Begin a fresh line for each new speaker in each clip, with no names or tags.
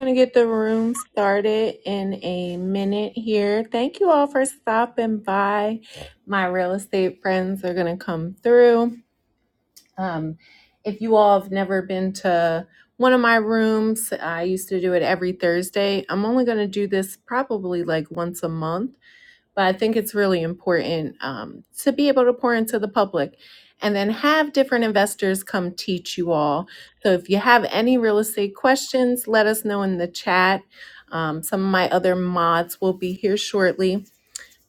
going to get the room started in a minute here. Thank you all for stopping by. My real estate friends are going to come through. Um, if you all have never been to one of my rooms, I used to do it every Thursday. I'm only going to do this probably like once a month but I think it's really important um, to be able to pour into the public and then have different investors come teach you all. So if you have any real estate questions, let us know in the chat. Um, some of my other mods will be here shortly,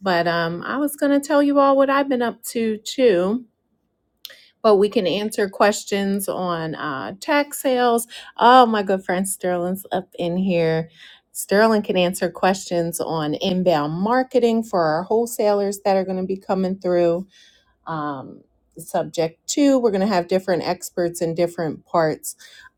but um, I was going to tell you all what I've been up to too but we can answer questions on uh, tax sales. Oh, my good friend Sterling's up in here. Sterling can answer questions on inbound marketing for our wholesalers that are going to be coming through um, subject two. We're going to have different experts in different parts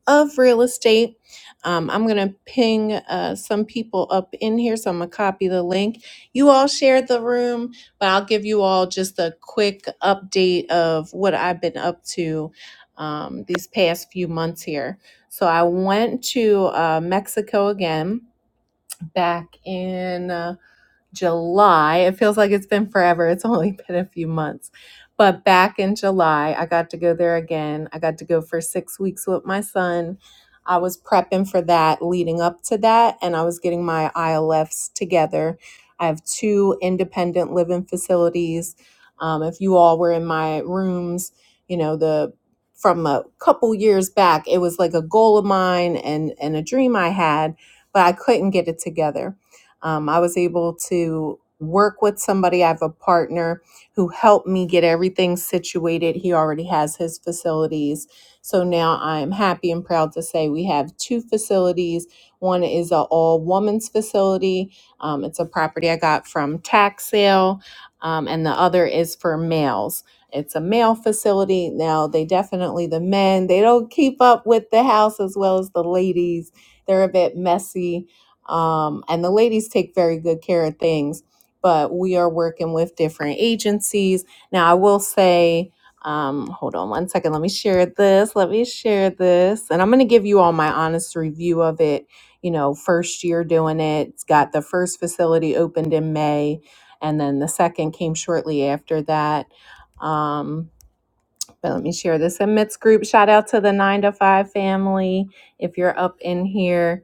of real estate. Um, I'm going to ping uh, some people up in here, so I'm going to copy the link. You all shared the room, but I'll give you all just a quick update of what I've been up to um, these past few months here. So I went to uh, Mexico again back in. uh, July. It feels like it's been forever. It's only been a few months. But back in July, I got to go there again. I got to go for six weeks with my son. I was prepping for that leading up to that, and I was getting my ILFs together. I have two independent living facilities. Um, if you all were in my rooms, you know, the from a couple years back, it was like a goal of mine and, and a dream I had, but I couldn't get it together. Um, I was able to work with somebody. I have a partner who helped me get everything situated. He already has his facilities. So now I'm happy and proud to say we have two facilities. One is an all woman's facility. Um, it's a property I got from tax sale, um, and the other is for males. It's a male facility. Now they definitely the men they don't keep up with the house as well as the ladies. They're a bit messy um, and the ladies take very good care of things but we are working with different agencies now i will say um, hold on one second let me share this let me share this and i'm going to give you all my honest review of it you know first year doing it it's got the first facility opened in may and then the second came shortly after that um, but let me share this in Mitts group shout out to the nine to five family if you're up in here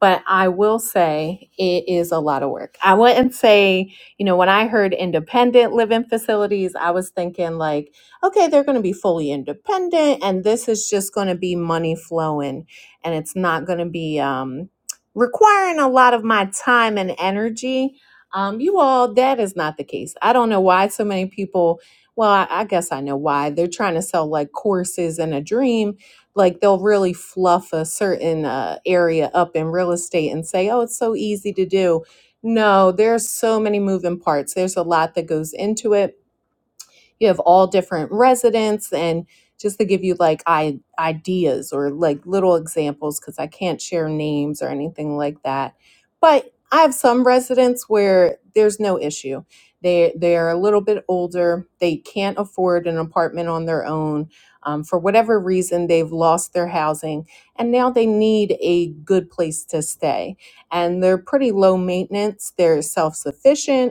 but I will say it is a lot of work. I wouldn't say, you know, when I heard independent living facilities, I was thinking like, okay, they're going to be fully independent and this is just going to be money flowing and it's not going to be um, requiring a lot of my time and energy. Um, you all, that is not the case. I don't know why so many people. Well, I, I guess I know why. They're trying to sell like courses and a dream like they'll really fluff a certain uh, area up in real estate and say oh it's so easy to do no there's so many moving parts there's a lot that goes into it you have all different residents and just to give you like I- ideas or like little examples because I can't share names or anything like that. But I have some residents where there's no issue. They they are a little bit older. They can't afford an apartment on their own. Um, for whatever reason, they've lost their housing and now they need a good place to stay. And they're pretty low maintenance. They're self sufficient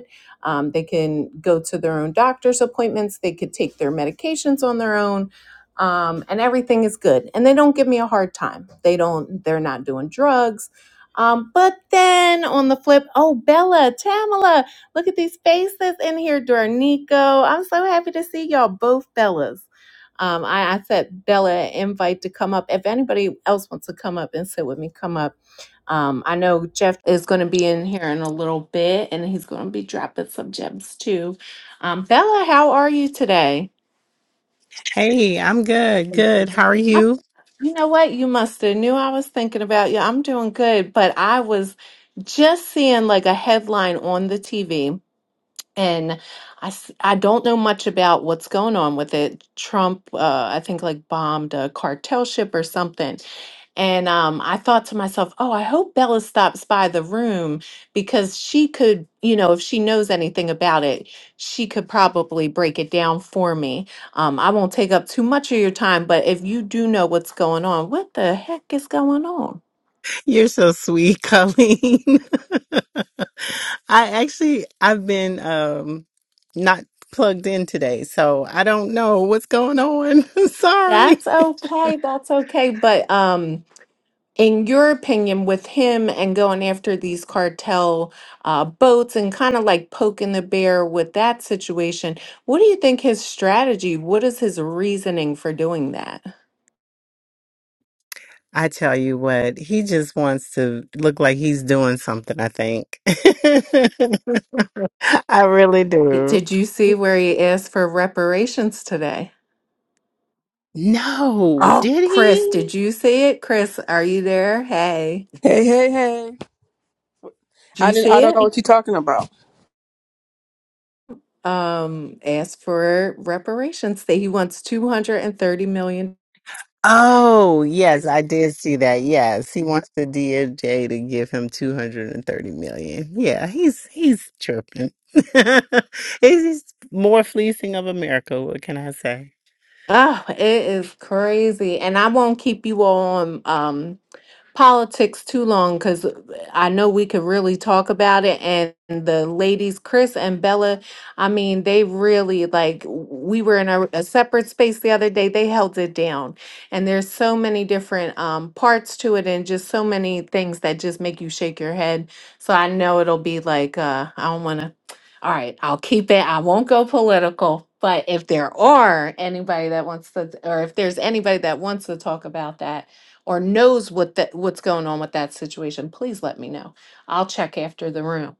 um, they can go to their own doctor's appointments. They could take their medications on their own, um, and everything is good. And they don't give me a hard time. They don't. They're not doing drugs. Um, but then on the flip, oh Bella, Tamala, look at these faces in here, Dornico. I'm so happy to see y'all both Bellas. Um, I, I said Bella invite to come up. If anybody else wants to come up and sit with me, come up um, I know Jeff is going to be in here in a little bit and he's going to be dropping some gems too. Um, Bella, how are you today?
Hey, I'm good. Good. How are
Uh,
you?
You know what? You must have knew I was thinking about you. I'm doing good, but I was just seeing like a headline on the TV And I, s- I don't know much about what's going on with it. Trump, uh, I think, like bombed a cartel ship or something. And um, I thought to myself, oh, I hope Bella stops by the room because she could, you know, if she knows anything about it, she could probably break it down for me. Um, I won't take up too much of your time, but if you do know what's going on, what the heck is going on?
You're so sweet, Colleen. I actually I've been um not plugged in today, so I don't know what's going on. Sorry.
That's okay. That's okay. But um, in your opinion, with him and going after these cartel uh, boats and kind of like poking the bear with that situation, what do you think his strategy? What is his reasoning for doing that?
I tell you what, he just wants to look like he's doing something, I think. I really
It-
do.
Did you see where he asked for reparations today?
No,
Oh,
did
Chris,
he?
did you see it? Chris, are you there? Hey,
Hey, hey, hey.
did
I
you
didn't, I
see
don't know
it?
what you're talking about.
Um, asked for reparations. That he wants $230 million. dollars.
Oh, yes, I did see that. Yes, he wants the DOJ to give him 230 million. Yeah, he's he's chirping. he's, he's more fleecing of America, what can I say?
Oh, it is crazy. And I won't keep you all on um, politics too long because I know we could really talk about it. And the ladies, Chris and Bella, I mean, they really like, we were in a, a separate space the other day. They held it down. And there's so many different um, parts to it and just so many things that just make you shake your head. So I know it'll be like, uh, I don't want to. All right, I'll keep it. I won't go political, but if there are anybody that wants to, or if there's anybody that wants to talk about that or knows what that what's going on with that situation, please let me know. I'll check after the room.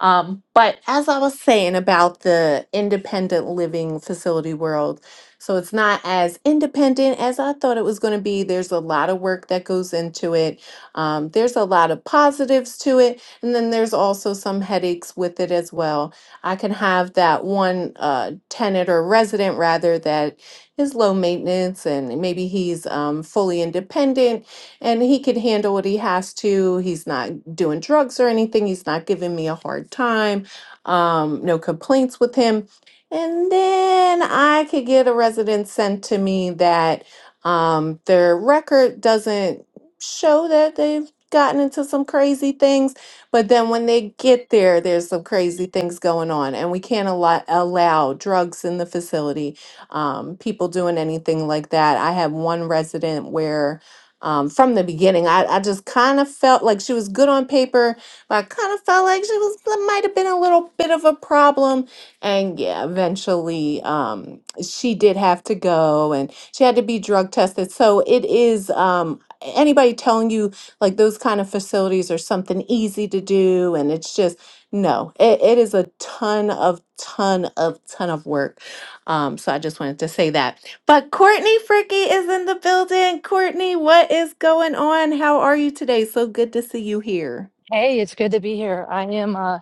Um, but as I was saying about the independent living facility world, so it's not as independent as I thought it was going to be. There's a lot of work that goes into it. Um, there's a lot of positives to it, and then there's also some headaches with it as well I can have that one uh, tenant or resident rather that is low maintenance and maybe he's um, fully independent and he can handle what he has to. He's not doing drugs or anything. He's not giving me a hard time. Um, no complaints with him. And then I could get a resident sent to me that um, their record doesn't show that they've gotten into some crazy things but then when they get there, there's some crazy things going on, and we can't allow, allow drugs in the facility, um, people doing anything like that. I had one resident where, um, from the beginning, I, I just kind of felt like she was good on paper, but I kind of felt like she was might have been a little bit of a problem. And yeah, eventually, um, she did have to go, and she had to be drug tested. So it is um, anybody telling you like those kind of facilities are something easy to do, and it's just no, it, it is a ton of ton of ton of work. Um, so I just wanted to say that. But Courtney Fricky is in the building. Courtney, what is going on? How are you today? So good to see you here.
Hey, it's good to be here. I am, uh,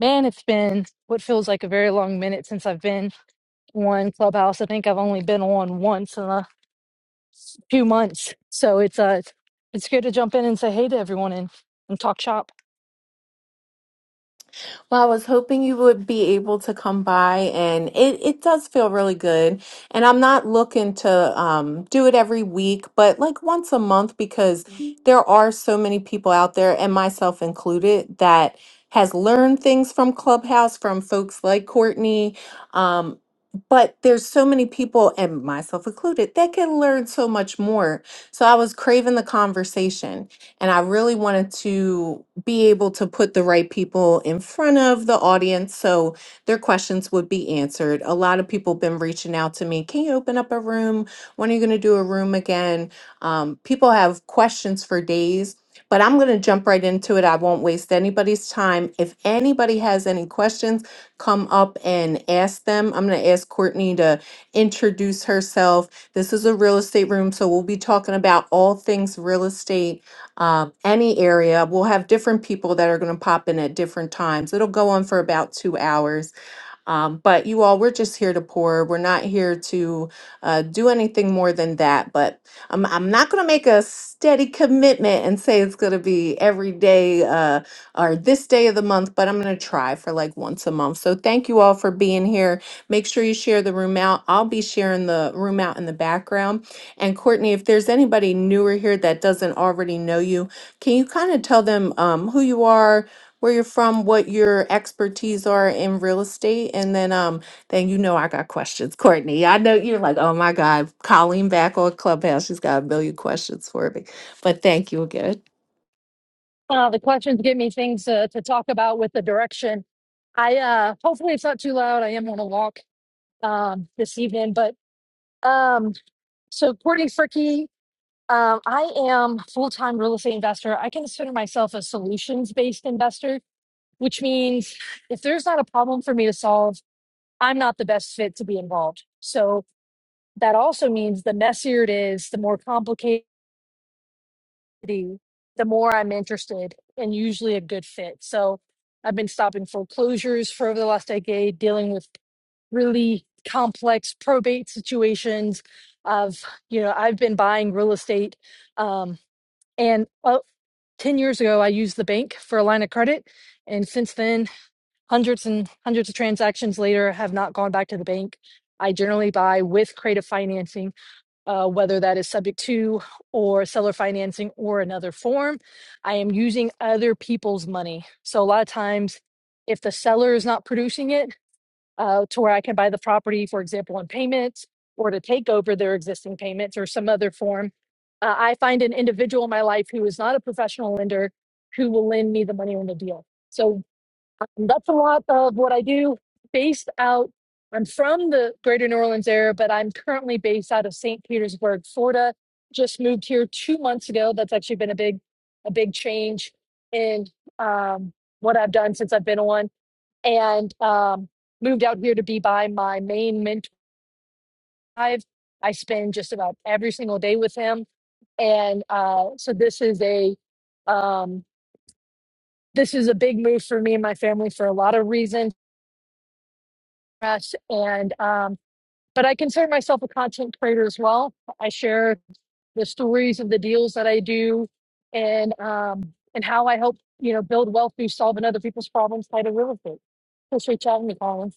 man, it's been what feels like a very long minute since I've been on Clubhouse. I think I've only been on once in a few months. So it's, uh, it's it's good to jump in and say hey to everyone and, and talk shop.
Well, I was hoping you would be able to come by, and it, it does feel really good. And I'm not looking to um, do it every week, but like once a month because Mhm. there are so many people out there, and myself included, that has learned things from Clubhouse, from folks like Courtney. Um, but there's so many people, and myself included, that can learn so much more. So I was craving the conversation. And I really wanted to be able to put the right people in front of the audience so their questions would be answered. A lot of people have been reaching out to me. Can you open up a room? When are you going to do a room again? Um, people have questions for days, but I'm going to jump right into it. I won't waste anybody's time. If anybody has any questions, come up and ask them. I'm going to ask Courtney to introduce herself. This is a real estate room, so we'll be talking about all things real estate um, any area. We'll have different people that are going to pop in at different times. It'll go on for about two hours. Um, but you all, we're just here to pour. We're not here to uh, do anything more than that. But I'm, I'm not going to make a steady commitment and say it's going to be every day uh, or this day of the month, but I'm going to try for like once a month. So thank you all for being here. Make sure you share the room out. I'll be sharing the room out in the background. And Courtney, if there's anybody newer here that doesn't already know you, can you kind of tell them um, who you are? where you're from, what your expertise are in real estate, and then um, then you know I got questions, Courtney. I know you're like, oh my God, Colleen back on Clubhouse, she's got a million questions for me. But thank you again.
Uh, the questions give me things uh, to talk about with the direction. I, uh, hopefully it's not too loud. I am on a walk, um, this evening, but, um, so Courtney Fricky, um, I am a full-time real estate investor. I consider myself a solutions-based investor which means if there's not a problem for me to solve, I'm not the best fit to be involved. So that also means the messier it is, the more complicated, the more I'm interested and usually a good fit. So I've been stopping foreclosures for over the last decade, dealing with really complex probate situations. Of you know, I've been buying real estate, um, and uh, 10 years ago, I used the bank for a line of credit. And since then, hundreds and hundreds of transactions later have not gone back to the bank. I generally buy with creative financing, uh, whether that is subject to or seller financing or another form. I am using other people's money. So a lot of times, if the seller is not producing it uh, to where I can buy the property, for example, on payments or to take over their existing payments or some other form, uh, I find an individual in my life who is not a professional lender who will lend me the money on the deal. So. Um, that's a lot of what I do based out. I'm from the greater New Orleans area, but I'm currently based out of St. Petersburg, Florida. Just moved here two months ago. That's actually been a big, a big change in um, what I've done since I've been on and um, moved out here to be by my main mentor. I've- I spend just about every single day with him. And uh, so this is a, um, this is a big move for me and my family for a lot of reasons press and um but i consider myself a content creator as well i share the stories of the deals that i do and um and how i help you know build wealth through solving other people's problems tied to real estate appreciate you having me colin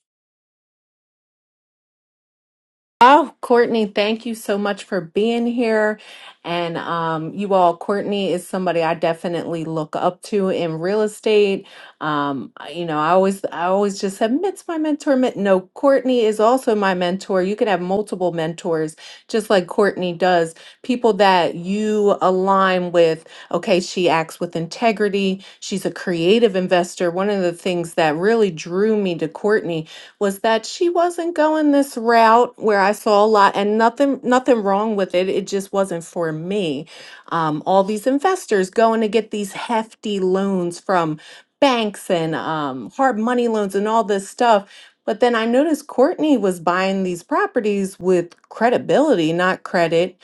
Oh, Courtney, thank you so much for being here. And um, you all, Courtney is somebody I definitely look up to in real estate. Um, I- you know, I always, I always just said, Mitt's my mentor. Mitt, no, Courtney is also my mentor. You can have multiple mentors, just like Courtney does. People that you align with. Okay, she acts with integrity. She's a creative investor. One of the things that really drew me to Courtney was that she wasn't going this route where I saw a lot and nothing nothing wrong with it. It just wasn't for me. Um, all these investors going to get these hefty loans from banks and um, hard money loans and all this stuff. But then I noticed Courtney was buying these properties with credibility, not credit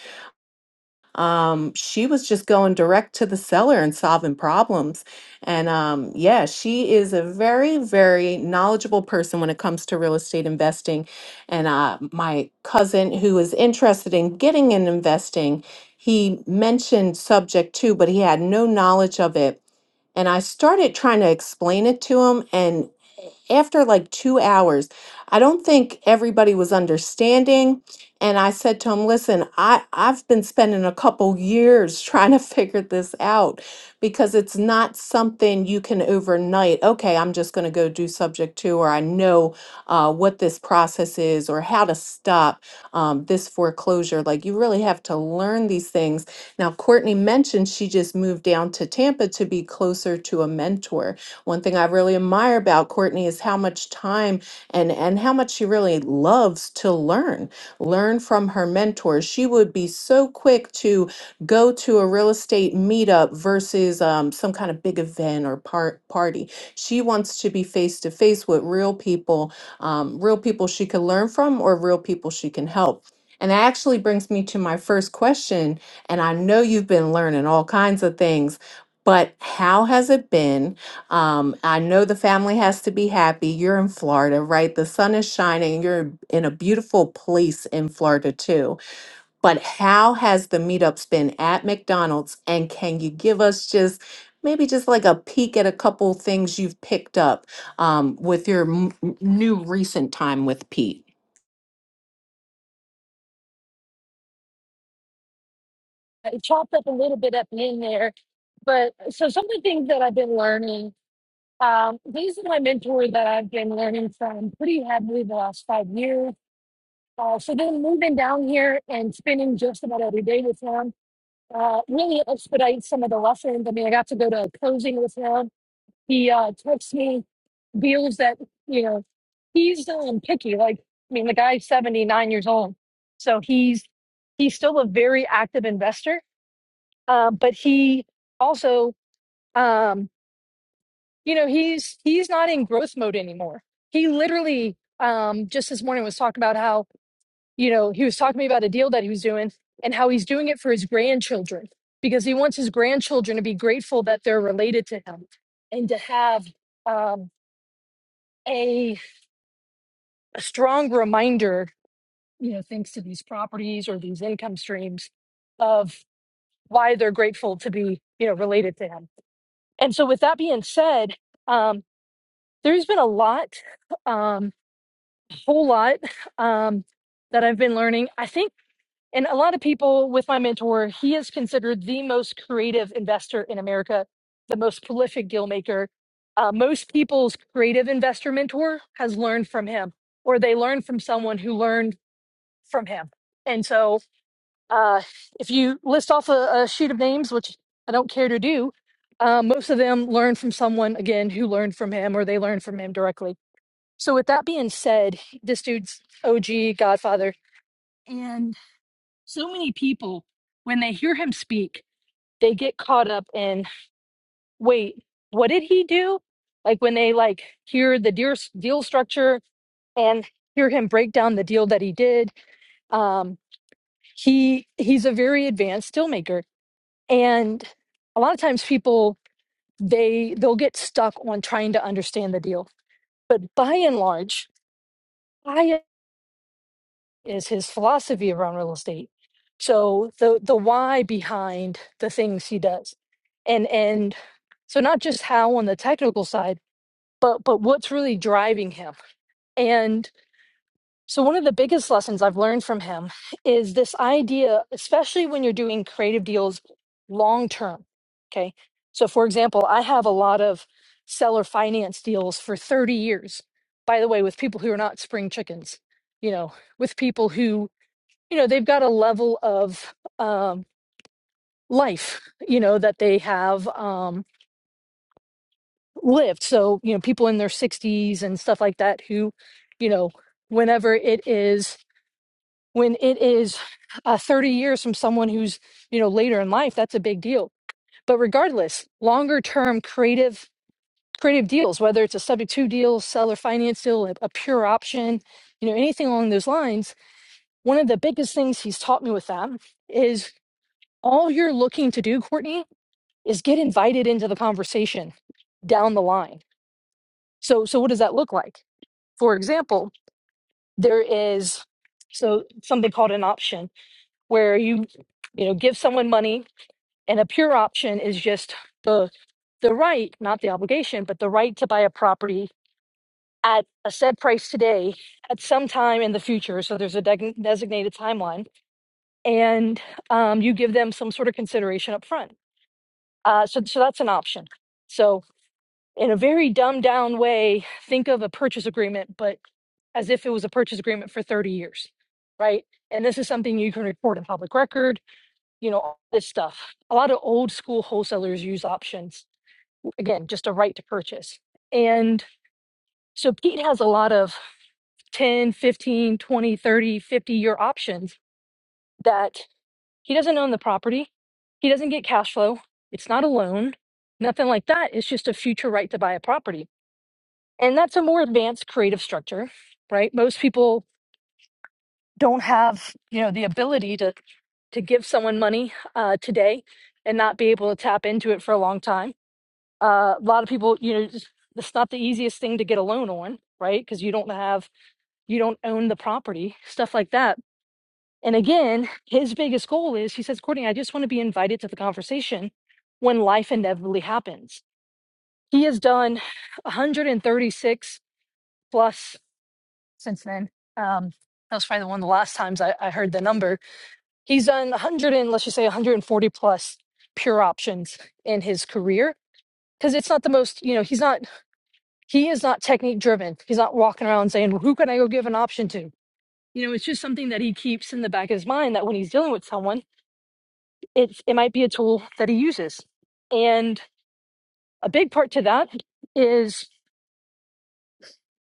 um she was just going direct to the seller and solving problems and um yeah she is a very very knowledgeable person when it comes to real estate investing and uh my cousin who is interested in getting in investing he mentioned subject two but he had no knowledge of it and I started trying to explain it to him and after like two hours, I don't think everybody was understanding. And I said to him, listen, I, I've been spending a couple years trying to figure this out because it's not something you can overnight, okay, I'm just going to go do subject two, or I know uh, what this process is, or how to stop um, this foreclosure. Like you really have to learn these things. Now, Courtney mentioned she just moved down to Tampa to be closer to a mentor. One thing I really admire about Courtney is how much time and and how much she really loves to learn. Learn from her mentors. She would be so quick to go to a real estate meetup versus um, some kind of big event or par- party. She wants to be face to face with real people, um, real people she can learn from, or real people she can help. And that actually brings me to my first question. And I know you've been learning all kinds of things, but how has it been? Um, I know the family has to be happy. You're in Florida, right? The sun is shining. You're in a beautiful place in Florida, too. But how has the meetups been at McDonald's? And can you give us just maybe just like a peek at a couple things you've picked up um, with your m- m- new recent time with Pete?
it chopped up a little bit at the end there but uh, so some of the things that i've been learning um these are my mentor that i've been learning from pretty heavily the last five years uh, so then moving down here and spending just about every day with him uh, really expedite some of the lessons. I mean, I got to go to a closing with him. He uh, texts me deals that, you know, he's um, picky. Like, I mean, the guy's 79 years old. So he's, he's still a very active investor. Uh, but he also, um, you know, he's, he's not in growth mode anymore. He literally um, just this morning was talking about how you know, he was talking to me about a deal that he was doing and how he's doing it for his grandchildren because he wants his grandchildren to be grateful that they're related to him and to have um, a, a strong reminder, you know, thanks to these properties or these income streams of why they're grateful to be, you know, related to him. And so, with that being said, um, there's been a lot, um, a whole lot um, that I've been learning. I think And a lot of people with my mentor, he is considered the most creative investor in America, the most prolific deal maker. Uh, most people's creative investor mentor has learned from him, or they learned from someone who learned from him. And so, uh, if you list off a, a sheet of names, which I don't care to do, uh, most of them learned from someone again who learned from him, or they learned from him directly. So, with that being said, this dude's OG godfather. and so many people when they hear him speak they get caught up in wait what did he do like when they like hear the deal, deal structure and hear him break down the deal that he did um he he's a very advanced deal maker and a lot of times people they they'll get stuck on trying to understand the deal but by and large by is his philosophy around real estate. So the the why behind the things he does, and and so not just how on the technical side, but but what's really driving him. And so one of the biggest lessons I've learned from him is this idea, especially when you're doing creative deals long term. Okay, so for example, I have a lot of seller finance deals for 30 years. By the way, with people who are not spring chickens, you know, with people who you know they've got a level of um, life you know that they have um, lived so you know people in their 60s and stuff like that who you know whenever it is when it is uh, 30 years from someone who's you know later in life that's a big deal but regardless longer term creative creative deals whether it's a subject to deal seller finance deal a, a pure option you know anything along those lines one of the biggest things he's taught me with that is all you're looking to do courtney is get invited into the conversation down the line. So, so what does that look like? For example, there is so something called an option where you, you know, give someone money, and a pure option is just the the right, not the obligation, but the right to buy a property at a set price today at some time in the future. So there's a deg- designated timeline, and um, you give them some sort of consideration up front. Uh, so, so that's an option. So in a very dumbed down way, think of a purchase agreement, but as if it was a purchase agreement for 30 years, right? And this is something you can report in public record, you know, all this stuff. A lot of old school wholesalers use options, again, just a right to purchase. And so Pete has a lot of 10, 15, 20, 30, 50 year options that he doesn't own the property, he doesn't get cash flow, it's not a loan, nothing like that. It's just a future right to buy a property and that's a more advanced creative structure right most people don't have you know the ability to to give someone money uh, today and not be able to tap into it for a long time uh, a lot of people you know just, it's not the easiest thing to get a loan on right because you don't have you don't own the property stuff like that and again his biggest goal is he says courtney i just want to be invited to the conversation when life inevitably happens he has done 136 plus since then. Um, that was probably one of the last times I, I heard the number. He's done 100 and let's just say 140 plus pure options in his career because it's not the most, you know, he's not, he is not technique driven. He's not walking around saying, well, who can I go give an option to? You know, it's just something that he keeps in the back of his mind that when he's dealing with someone, it's, it might be a tool that he uses. And a big part to that is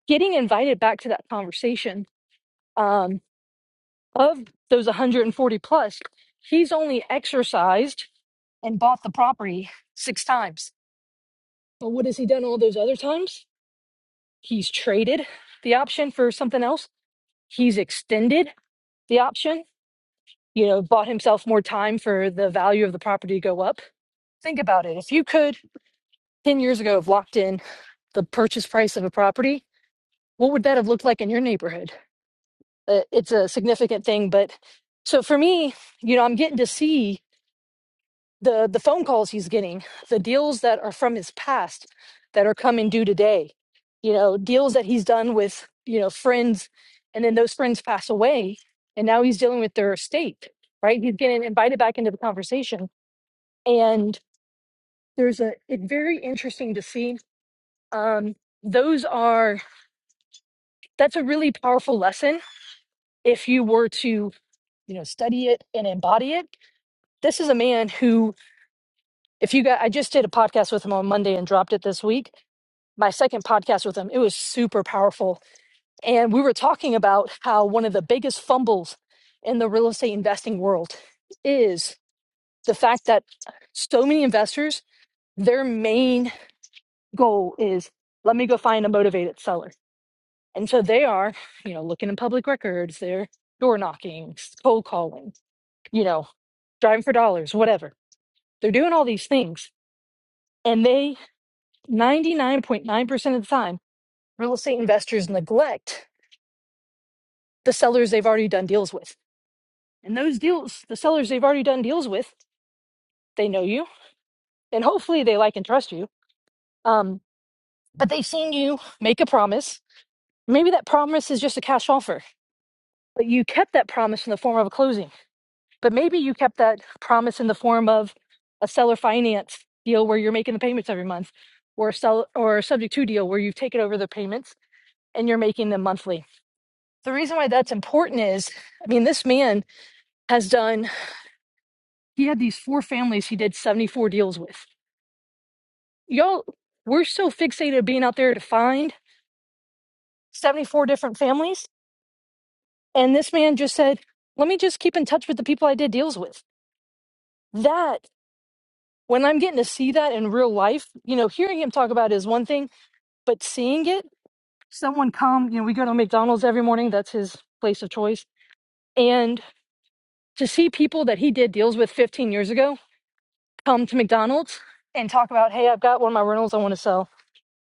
getting invited back to that conversation Um, of those 140 plus, he's only exercised and bought the property six times. But what has he done all those other times? He's traded the option for something else. He's extended the option, you know, bought himself more time for the value of the property to go up. Think about it. If you could 10 years ago have locked in the purchase price of a property, what would that have looked like in your neighborhood? Uh, It's a significant thing. But so for me, you know, I'm getting to see the the phone calls he's getting, the deals that are from his past that are coming due today, you know, deals that he's done with, you know, friends and then those friends pass away and now he's dealing with their estate, right? He's getting invited back into the conversation and there's a it's very interesting to see um those are that's a really powerful lesson if you were to you know study it and embody it this is a man who if you got i just did a podcast with him on monday and dropped it this week my second podcast with him. It was super powerful. And we were talking about how one of the biggest fumbles in the real estate investing world is the fact that so many investors, their main goal is let me go find a motivated seller. And so they are, you know, looking in public records, they're door knocking, cold calling, you know, driving for dollars, whatever. They're doing all these things. And they, 99.9% of the time, real estate investors neglect the sellers they've already done deals with. And those deals, the sellers they've already done deals with, they know you and hopefully they like and trust you. Um, but they've seen you make a promise. Maybe that promise is just a cash offer, but you kept that promise in the form of a closing. But maybe you kept that promise in the form of a seller finance deal where you're making the payments every month, or a sell or a subject to deal where you've taken over the payments and you're making them monthly. The reason why that's important is, I mean, this man has done He had these four families he did 74 deals with. Y'all, we're so fixated being out there to find 74 different families. And this man just said, let me just keep in touch with the people I did deals with. That, when I'm getting to see that in real life, you know, hearing him talk about it is one thing, but seeing it, someone come, you know, we go to McDonald's every morning. That's his place of choice. And to see people that he did deals with 15 years ago come to McDonald's and talk about, hey, I've got one of my rentals I want to sell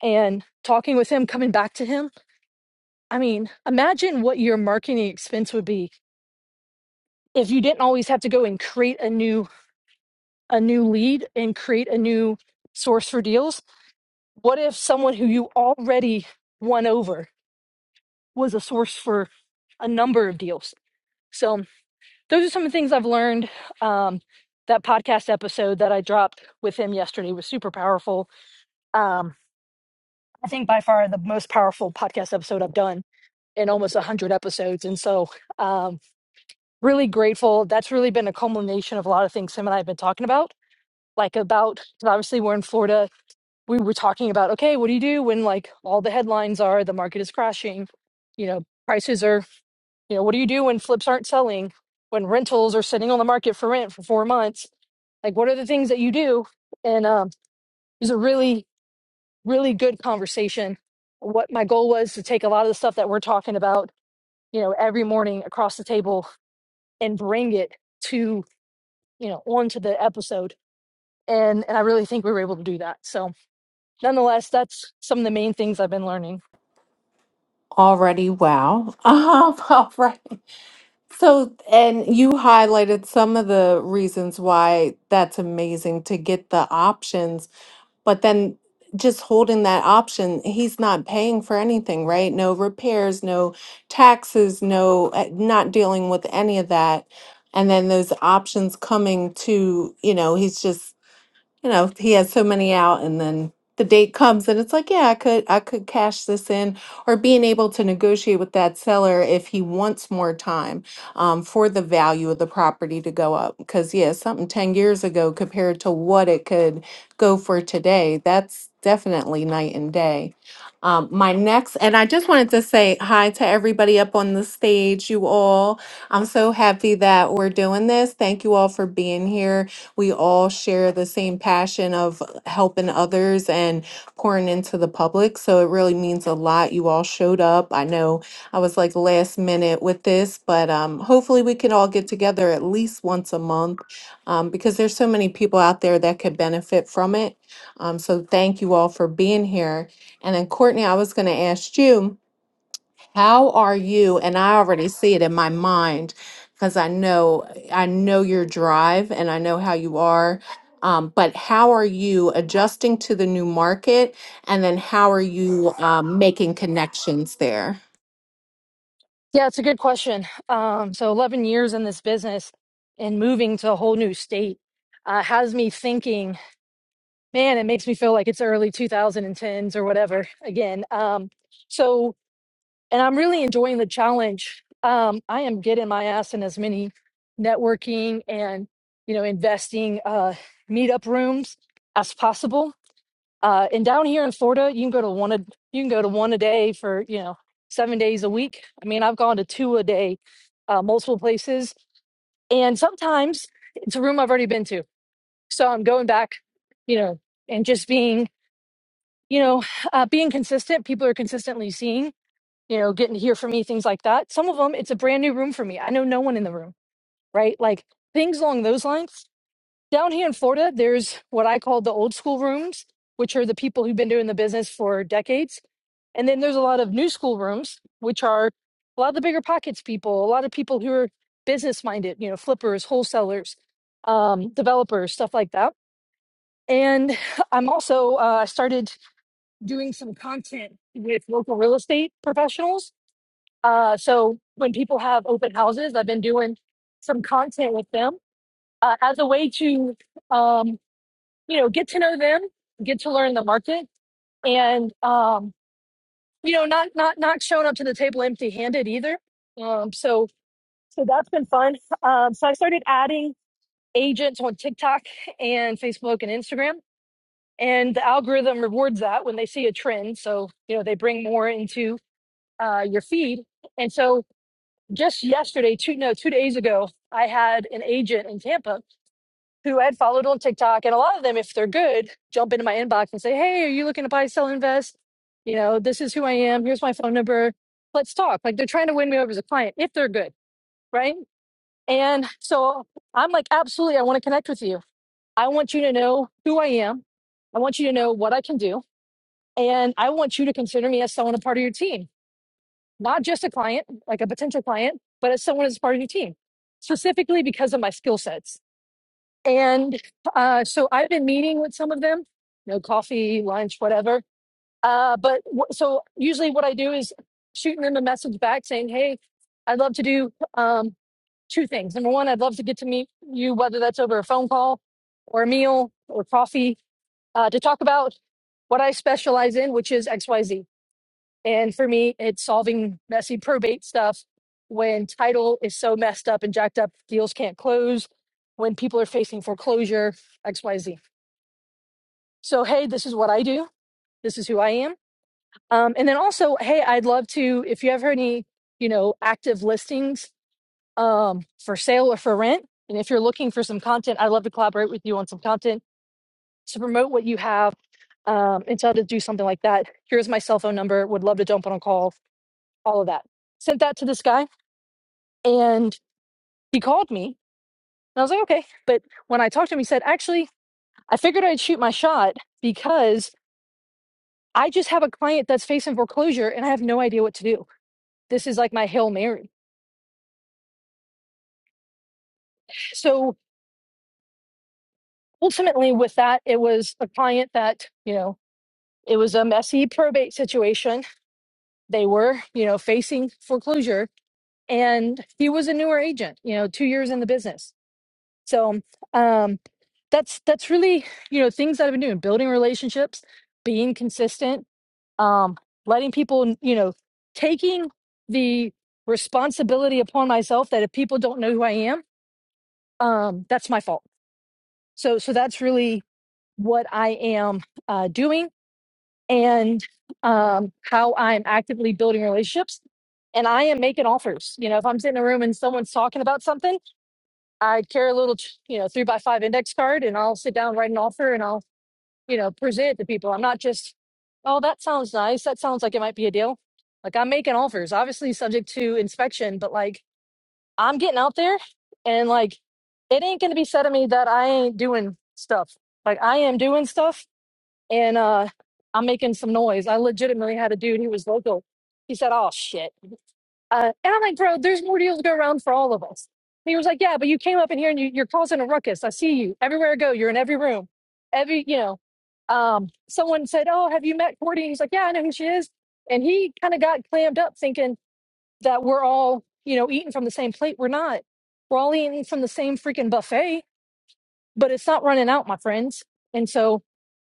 and talking with him, coming back to him. I mean, imagine what your marketing expense would be if you didn't always have to go and create a new a new lead and create a new source for deals. What if someone who you already won over was a source for a number of deals? So those are some of the things I've learned. Um, that podcast episode that I dropped with him yesterday was super powerful. Um, I think by far the most powerful podcast episode I've done in almost 100 episodes. And so, um, really grateful. That's really been a culmination of a lot of things Sam and I have been talking about. Like, about 'cause obviously, we're in Florida. We were talking about, okay, what do you do when like all the headlines are the market is crashing? You know, prices are, you know, what do you do when flips aren't selling? When rentals are sitting on the market for rent for four months? Like, what are the things that you do? And um, it was a really, really good conversation. What my goal was to take a lot of the stuff that we're talking about you know, every morning across the table and bring it to you know onto the episode and and i really think we were able to do that so nonetheless that's some of the main things i've been learning
Already, wow. Um, all right. So, and you highlighted some of the reasons why that's amazing to get the options, but then just holding that option, he's not paying for anything, right? No repairs, no taxes, no, uh, not dealing with any of that. And then those options coming to, you know, he's just you know he has so many out and then the date comes and it's like yeah i could i could cash this in or being able to negotiate with that seller if he wants more time um, for the value of the property to go up because yeah something 10 years ago compared to what it could go for today that's definitely night and day um, my next and i just wanted to say hi to everybody up on the stage you all i'm so happy that we're doing this thank you all for being here we all share the same passion of helping others and pouring into the public. So it really means a lot. You all showed up. I know I was like last minute with this, but um, hopefully we can all get together at least once a month um, because there's so many people out there that could benefit from it. Um, so thank you all for being here. And then Courtney, I was going to ask you. How are you? And I already see it in my mind because I know I know your drive and I know how you are. Um, but how are you adjusting to the new market? And then how are you um, making connections there?
yeah it's a good question um so 11 years in this business and moving to a whole new state uh, has me thinking man it makes me feel like it's early 2010s or whatever again um so and I'm really enjoying the challenge. Um, I am getting my ass in as many networking and you know investing uh, meetup rooms as possible. Uh, and down here in Florida, you can go to one a you can go to one a day for you know seven days a week. I mean, I've gone to two a day, uh, multiple places, and sometimes it's a room I've already been to. So I'm going back, you know, and just being you know uh, being consistent. People are consistently seeing you know, getting to hear from me, things like that. Some of them, it's a brand new room for me. I know no one in the room, right? Like things along those lines. Down here in Florida, there's what I call the old school rooms, which are the people who've been doing the business for decades. And then there's a lot of new school rooms, which are a lot of the bigger pockets people, a lot of people who are business minded, you know, flippers, wholesalers, um, developers, stuff like that. And I'm also, uh, I started doing some content with local real estate professionals uh, so when people have open houses, I've been doing some content with them uh, as a way to, um, you know, get to know them, get to learn the market, and um, you know, not not not showing up to the table empty-handed either. Um, so so that's been fun. Um, so I started adding agents on TikTok and Facebook and Instagram, and the algorithm rewards that when they see a trend. So you know, they bring more into uh, your feed, and so just yesterday, two no, two days ago, I had an agent in Tampa who I had followed on TikTok, and a lot of them, if they're good, jump into my inbox and say, "Hey, are you looking to buy, sell, invest? You know, this is who I am. Here's my phone number. Let's talk." Like they're trying to win me over as a client if they're good, right? And so I'm like, absolutely, I want to connect with you. I want you to know who I am. I want you to know what I can do, and I want you to consider me as someone a part of your team not just a client, like a potential client, but as someone as part of your team, specifically because of my skill sets. And uh, so I've been meeting with some of them, you know, coffee, lunch, whatever. Uh, but w- so usually what I do is shooting them a message back saying, hey, I'd love to do um, two things. Number one, I'd love to get to meet you, whether that's over a phone call or a meal or coffee, uh, to talk about what I specialize in, which is XYZ. And for me, it's solving messy probate stuff when title is so messed up and jacked up, deals can't close, when people are facing foreclosure, XYZ. So, hey, this is what I do. This is who I am. Um, and then also, hey, I'd love to, if you have any, you know, active listings um, for sale or for rent, and if you're looking for some content, I'd love to collaborate with you on some content to promote what you have um, and to how to do something like that. Here's my cell phone number. Would love to jump on a call, all of that sent that to this guy. and he called me and i was like okay but when i talked to him he said actually i figured i'd shoot my shot because i just have a client that's facing foreclosure and i have no idea what to do this is like my hail mary so ultimately with that it was a client that you know it was a messy probate situation they were you know facing foreclosure and he was a newer agent you know two years in the business so um that's that's really you know things that i've been doing building relationships being consistent um, letting people, you know, taking the responsibility upon myself that if people don't know who I am, um, that's my fault. So, so that's really what I am uh, doing and um, how I'm actively building relationships. And I am making offers. You know, if I'm sitting in a room and someone's talking about something, I carry a little, you know, three by five index card, and I'll sit down, write an offer, and I'll you know, present to people. I'm not just, oh, that sounds nice. That sounds like it might be a deal. Like I'm making offers, obviously subject to inspection, but like I'm getting out there and like it ain't gonna be said of me that I ain't doing stuff. Like I am doing stuff and uh I'm making some noise. I legitimately had a dude who was local. He said, Oh shit. Uh, and I'm like, bro, there's more deals to go around for all of us. And he was like, yeah, but you came up in here and you, you're causing a ruckus. I see you everywhere I go. You're in every room, every, you know. Um, someone said, oh, have you met Cordy? And he's like, yeah, I know who she is. And he kind of got clammed up thinking that we're all, you know, eating from the same plate. We're not. We're all eating from the same freaking buffet, but it's not running out, my friends. And so,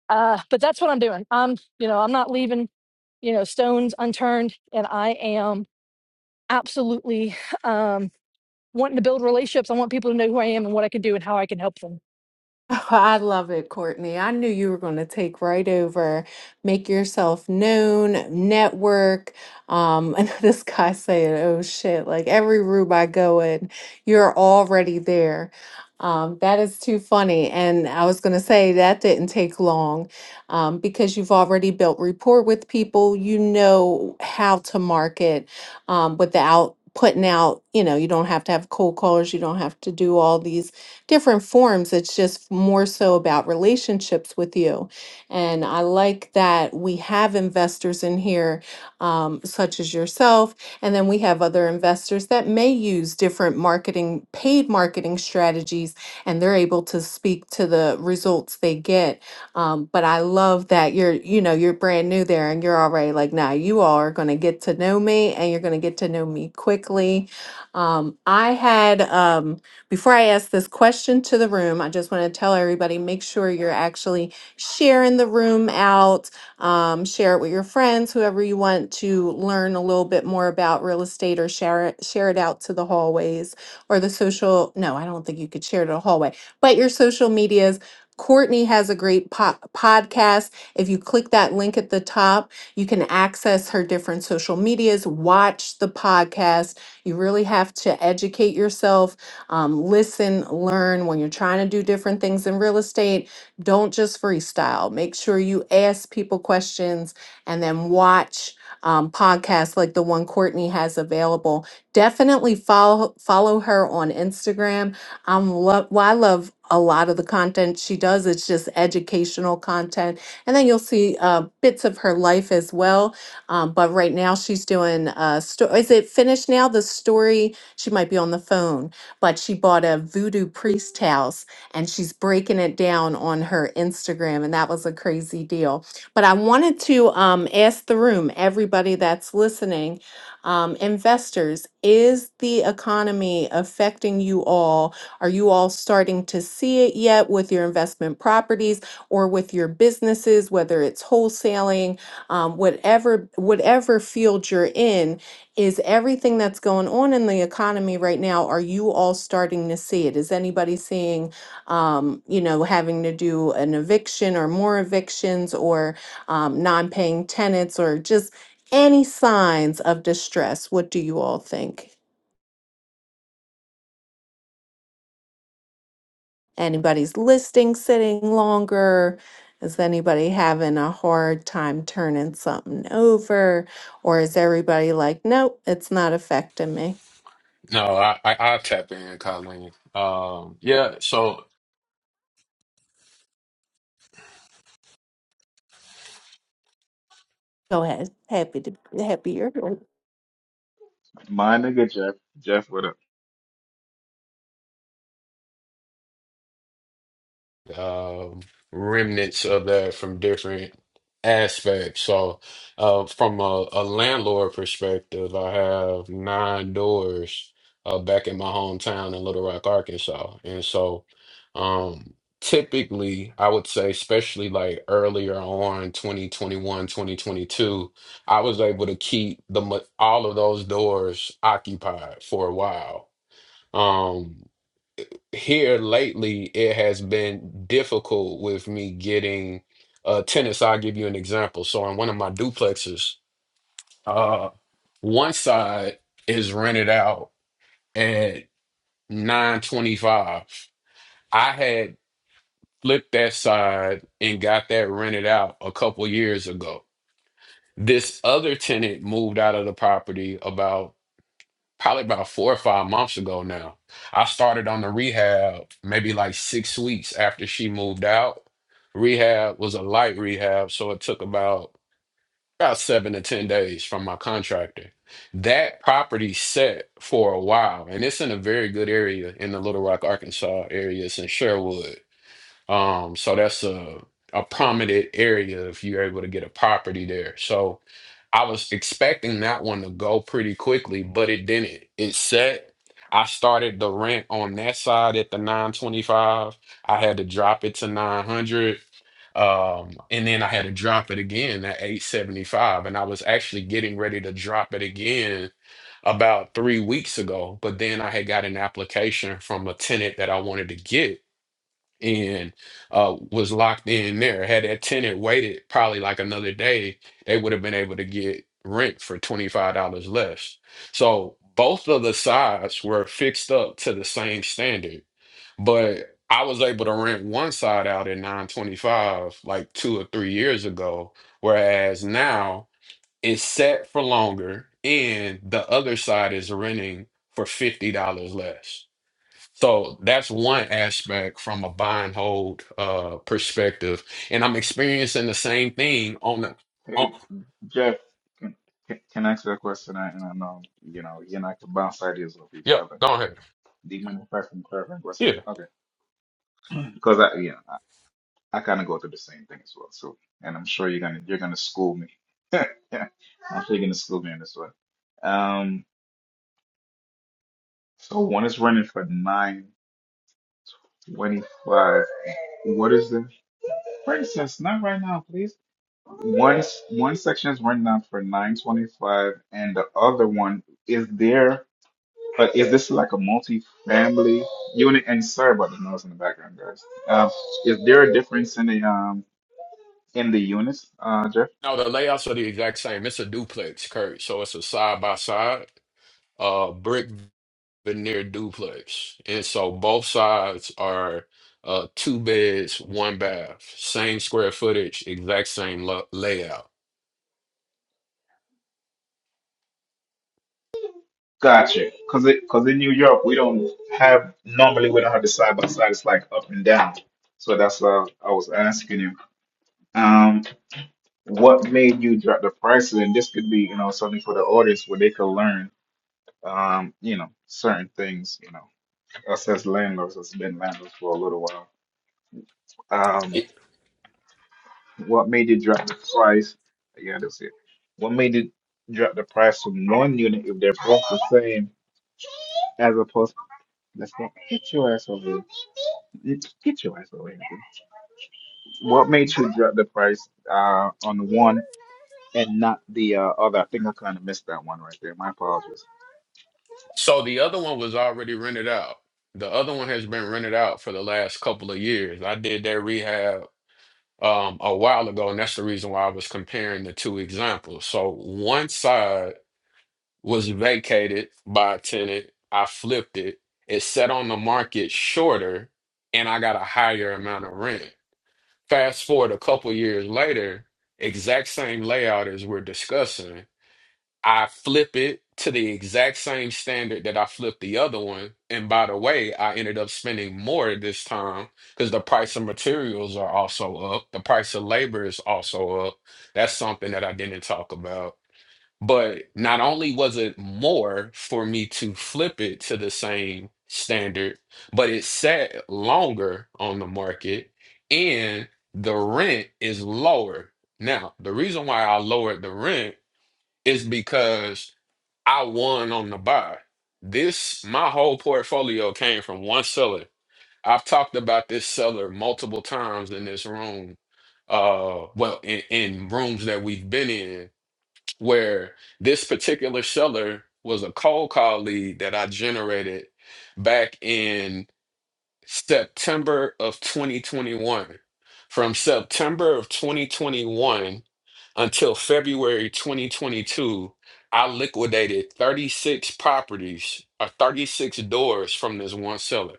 uh, but that's what I'm doing. I'm, you know, I'm not leaving, you know, stones unturned. And I am absolutely um, wanting to build relationships. I want people to know who I am and what I can do and how I can help them.
Oh, I love it, Courtney. I knew you were going to take right over, make yourself known, network. Um, and this guy saying, "Oh shit!" Like every room I go in, you're already there. Um, that is too funny. And I was going to say that didn't take long, um, because you've already built rapport with people. You know how to market, um, without putting out. You know, you don't have to have cold calls. You don't have to do all these different forms. It's just more so about relationships with you. And I like that we have investors in here, um, such as yourself, and then we have other investors that may use different marketing, paid marketing strategies, and they're able to speak to the results they get. Um, but I love that you're, you know, you're brand new there and you're already like, nah, you all are going to get to know me and you're going to get to know me quickly. Um, I had, um, before I ask this question to the room, I just want to tell everybody make sure you're actually sharing the room out. Um, share it with your friends, whoever you want to learn a little bit more about real estate, or share it, share it out to the hallways or the social. No, I don't think you could share it to the hallway, but your social medias. Courtney has a great po- podcast. If you click that link at the top, you can access her different social medias, watch the podcast. You really have to educate yourself um, listen, learn when you're trying to do different things in real estate. Don't just freestyle. Make sure you ask people questions and then watch um, podcasts like the one Courtney has available. Definitely follow follow her on Instagram. I'm love. Well, I love a lot of the content she does. It's just educational content, and then you'll see uh, bits of her life as well. Um, but right now she's doing. Uh, sto- is it finished now? The story. She might be on the phone but she bought a voodoo priest house and she's breaking it down on her Instagram. And that was a crazy deal. But I wanted to um, ask the room, everybody that's listening, um, investors, is the economy affecting you all? Are you all starting to see it yet with your investment properties or with your businesses, whether it's wholesaling, um, whatever whatever field you're in? is everything that's going on in the economy right now, are you all starting to see it? Is anybody seeing, um, you know, having to do an eviction or more evictions or um, non paying tenants or just any signs of distress? What do you all think? Anybody's listing sitting longer? Is anybody having a hard time turning something over? Or is everybody like, nope, it's not affecting me?
No, I, I I'll tap in, Colleen. Um, yeah, so
Go ahead. Happy to happy you're here.
My nigga Jeff, Jeff, what up?
um, remnants of that from different aspects. So, uh, from a, a landlord perspective, I have nine doors uh, back in my hometown in Little Rock, Arkansas, and so um, typically, I would say, especially like earlier on, 2021, 2022, I was able to keep the ma- all of those doors occupied for a while Um, here lately, it has been difficult with me getting uh, tenants. I'll give you an example. So, in one of my duplexes, uh, one side is rented out at 925. I had flipped that side and got that rented out a couple years ago. This other tenant moved out of the property about probably about four or five months ago now. I started on the rehab maybe like six weeks after she moved out. Rehab was a light rehab, so it took about about seven to ten days from my contractor. That property set for a while, and it's in a very good area in the Little Rock, Arkansas area. It's in Sherwood. Um, so that's a a prominent area if you're able to get a property there. So I was expecting that one to go pretty quickly, but it didn't. It set. I started the rent on that side at the 925. I had to drop it to 900. Um, and then I had to drop it again at 875. And I was actually getting ready to drop it again about three weeks ago. But then I had got an application from a tenant that I wanted to get and uh, was locked in there. Had that tenant waited probably like another day, they would have been able to get rent for $25 less. So both of the sides were fixed up to the same standard, but I was able to rent one side out at 925 like two or three years ago, whereas now it's set for longer and the other side is renting for $50 less. So that's one aspect from a buy and hold uh perspective. And I'm experiencing the same thing on the on
Hey, Jeff, can, can, can I ask you a question? I- And I know, you know, you and I can bounce ideas off each
yeah,
other.
go ahead.
Do you mind if I ask you a clarifying question?
Yeah.
Okay, because I, yeah, I, I kind of go through the same thing as well. So, and I'm sure you're gonna you're gonna school me. I'm sure you're gonna school me on this one. Um, so one is running for nine twenty five. What is the princess? Not right now, please. one s- one section is renting out for 925 and the other one is there but is this like a multi-family unit and sorry about the noise in the background guys um is there a difference in the um in the units uh Jeff
No, the layouts are the exact same. It's a duplex, Kurt. So it's a side by side, uh brick veneer duplex. And so both sides are uh two beds, one bath, same square footage, exact same lo- layout.
gotcha because it because in New York we don't have normally we don't have the side by side it's like up and down so that's why I was asking you um what made you drop the prices and this could be you know something for the audience where they could learn um, you know, certain things, you know, us as landlords, us been landlords for a little while. Um, what made you drop the price? Yeah, that's it. What made you drop the price from one unit if they're both the same as opposed let's go get your ass over here. Get get your ass over here. What made you drop the price uh on one and not the uh, other? I think I kind of missed that one right there. My apologies.
So the other one was already rented out. The other one has been rented out for the last couple of years. I did that rehab um, a while ago, and that's the reason why I was comparing the two examples. So one side was vacated by a tenant. I flipped it. It set on the market shorter, and I got a higher amount of rent. Fast forward a couple years later, exact same layout as we're discussing. I flip it to the exact same standard that I flipped the other one. And by the way, I ended up spending more this time because the price of materials are also up. The price of labor is also up. That's something that I didn't talk about. But not only was it more for me to flip it to the same standard, but it sat longer on the market and the rent is lower. Now, the reason why I lowered the rent is because I won on the buy. This, my whole portfolio came from one seller. I've talked about this seller multiple times in this room. Uh, well, in, in rooms that we've been in, where this particular seller was a cold call lead that I generated back in September of 2021. From September of 2021 until February 2022, I liquidated 36 properties or 36 doors from this one seller.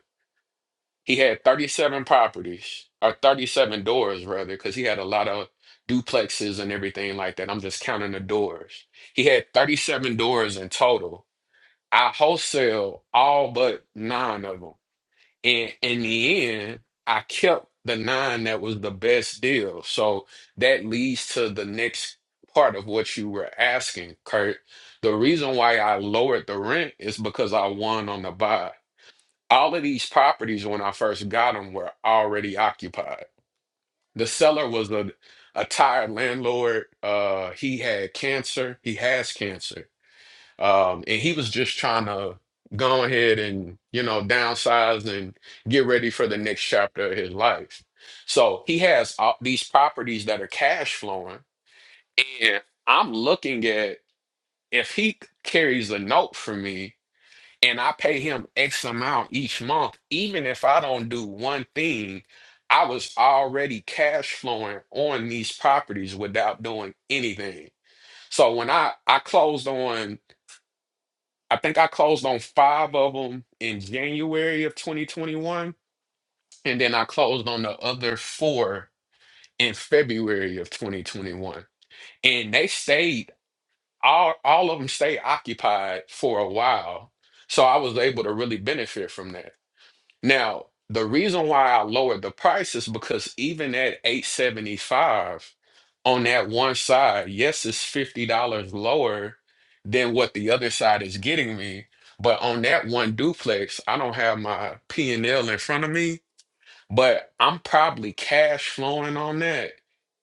He had 37 properties or 37 doors, rather, because he had a lot of duplexes and everything like that. I'm just counting the doors. He had 37 doors in total. I wholesale all but nine of them. And in the end, I kept the nine that was the best deal. So that leads to the next part of what you were asking, Kurt. The reason why I lowered the rent is because I won on the buy. All of these properties, when I first got them, were already occupied. The seller was a, a tired landlord. Uh, he had cancer. He has cancer um, and he was just trying to go ahead and, you know, downsize and get ready for the next chapter of his life. So he has all these properties that are cash flowing. And I'm looking at if he carries a note for me and I pay him X amount each month, even if I don't do one thing, I was already cash flowing on these properties without doing anything. So when I I closed on I think I closed on five of them in January of 2021, and then I closed on the other four in February of 2021. And they stayed all all of them stayed occupied for a while, so I was able to really benefit from that. Now, the reason why I lowered the price is because even at 875 on that one side, yes, it's $50 lower than what the other side is getting me. But on that one duplex, I don't have my P&L in front of me, but I'm probably cash flowing on that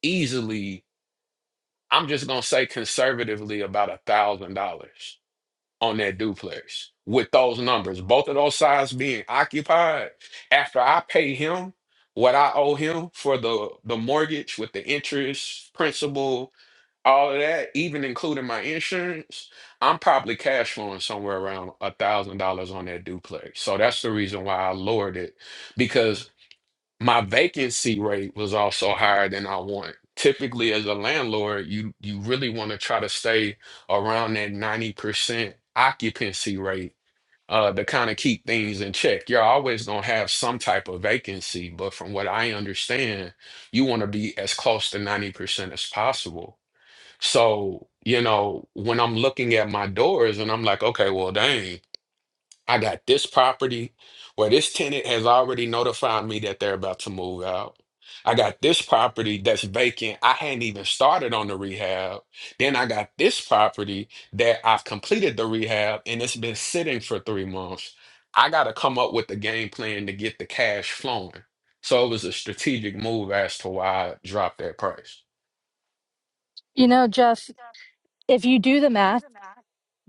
easily. I'm just gonna say conservatively about a thousand dollars on that duplex with those numbers, both of those sides being occupied. After I pay him what I owe him for the the mortgage with the interest, principal, all of that, even including my insurance, I'm probably cash flowing somewhere around a thousand dollars on that duplex. So that's the reason why I lowered it because my vacancy rate was also higher than I want. Typically, as a landlord, you you really want to try to stay around that 90% occupancy rate uh, to kind of keep things in check. You're always going to have some type of vacancy, but from what I understand, you want to be as close to 90% as possible. So, you know, when I'm looking at my doors and I'm like, okay, well, dang. I got this property where this tenant has already notified me that they're about to move out. I got this property that's vacant. I hadn't even started on the rehab. Then I got this property that I've completed the rehab and it's been sitting for three months. I got to come up with a game plan to get the cash flowing. So it was a strategic move as to why I dropped that price.
You know, Jeff, if you do the math,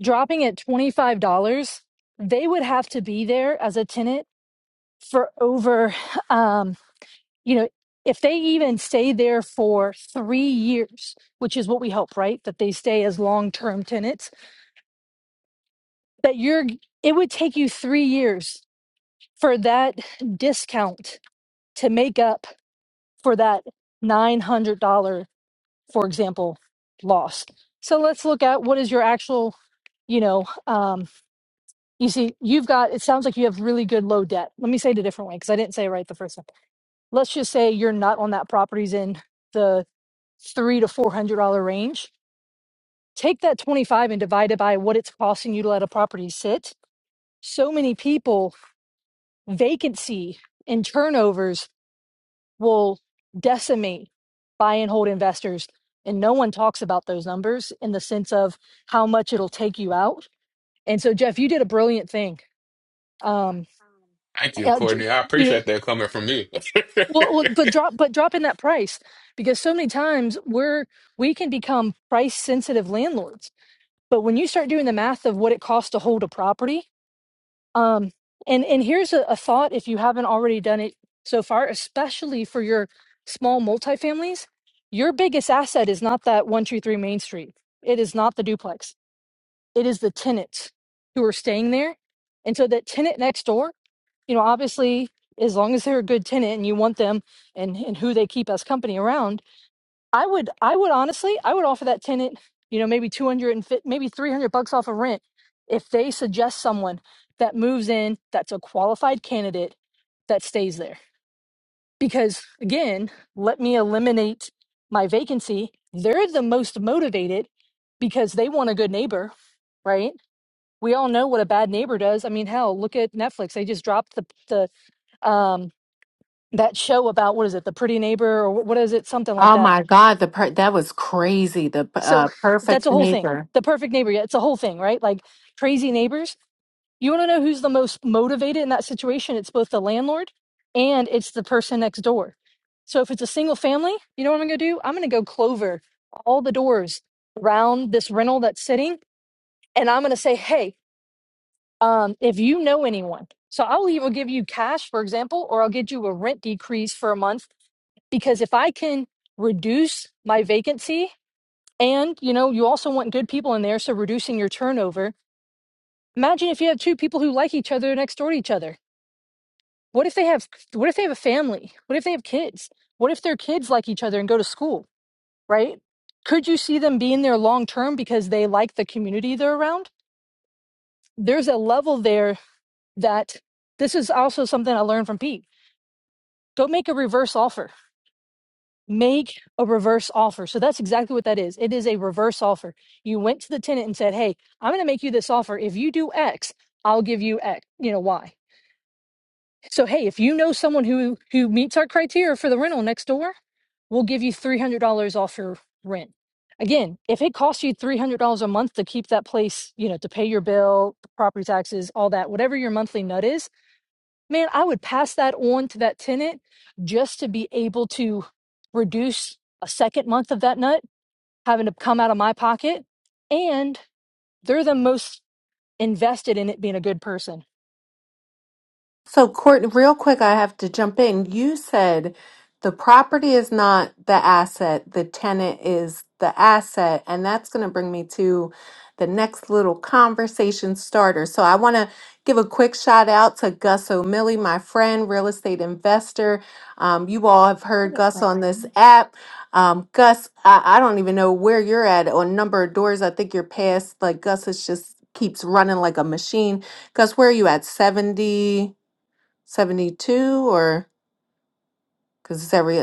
dropping at $25, they would have to be there as a tenant for over, um, you know, if they even stay there for three years, which is what we hope, right? That they stay as long term tenants, that you're, it would take you three years for that discount to make up for that $900 for example, loss. So let's look at what is your actual, you know, um, you see, you've got, it sounds like you have really good low debt. Let me say it a different way because I didn't say it right the first time. Let's just say you're not on that property's in the three to four hundred dollar range. Take that 25 and divide it by what it's costing you to let a property sit. So many people vacancy and turnovers will decimate buy and hold investors. And no one talks about those numbers in the sense of how much it'll take you out. And so, Jeff, you did a brilliant thing. Um,
Thank you,
yeah, j-
Courtney. I
you know,
appreciate that coming from you.
well, well, but drop, but drop in that price because so many times we're we can become price sensitive landlords. But when you start doing the math of what it costs to hold a property, Um, and and here's a, a thought if you haven't already done it so far, especially for your small multifamilies, your biggest asset is not that 123 Main Street. It is not the duplex. It is the tenants who are staying there. And so that tenant next door, you know, obviously, as long as they're a good tenant and you want them and, and who they keep as company around I would I would honestly I would offer that tenant, you know, maybe 200 and fifty, maybe 300 bucks off of rent if they suggest someone that moves in that's a qualified candidate that stays there. Because again, let me eliminate my vacancy. They're the most motivated because they want a good neighbor, right? We all know what a bad neighbor does. I mean, hell, look at Netflix. They just dropped the the um that show about what is it, the pretty neighbor or wh- what is it, something like
Oh
that
my God, the per that was crazy. The
So
uh,
that's
perfect
a whole thing.
neighbor.
The perfect neighbor, yeah, it's a whole thing, right? Like crazy neighbors. You want to know who's the most motivated in that situation? It's both the landlord and it's the person next door. So if it's a single family, you know what I'm going to do? I'm going to go clover all the doors around this rental that's sitting, and I'm going to say, hey, um, if you know anyone, so I'll either give you cash, for example, or I'll get you a rent decrease for a month because if I can reduce my vacancy and, you know, you also want good people in there, so reducing your turnover. Imagine if you have two people who like each other next door to each other. What if they have what if they have a family? What if they have kids? What if their kids like each other and go to school, right? Could you see them being there long term because they like the community they're around? There's a level there that this is also something I learned from Pete. Go make a reverse offer make a reverse offer. So that's exactly what that is. It is a reverse offer. You went to the tenant and said, "Hey, I'm going to make you this offer. If you do X, I'll give you X, you know, Y." So hey, if you know someone who who meets our criteria for the rental next door, we'll give you $300 off your rent. Again, if it costs you $300 a month to keep that place, you know, to pay your bill, property taxes, all that, whatever your monthly nut is, man, I would pass that on to that tenant just to be able to reduce a second month of that nut having to come out of my pocket. And they're the most invested in it being a good person.
So, Court, real quick, I have to jump in. You said the property is not the asset, the tenant is the asset. And that's going to bring me to the next little conversation starter. So, I want to give a quick shout out to Gus O'Malley, my friend, real estate investor. Um, you all have
I
heard
have a
Gus on this
question.
app. Um, Gus, I, I don't even know where you're at on number of doors. I think you're past, like, Gus is just keeps running like a machine. Gus, where are you at? 70? 72 or because it's every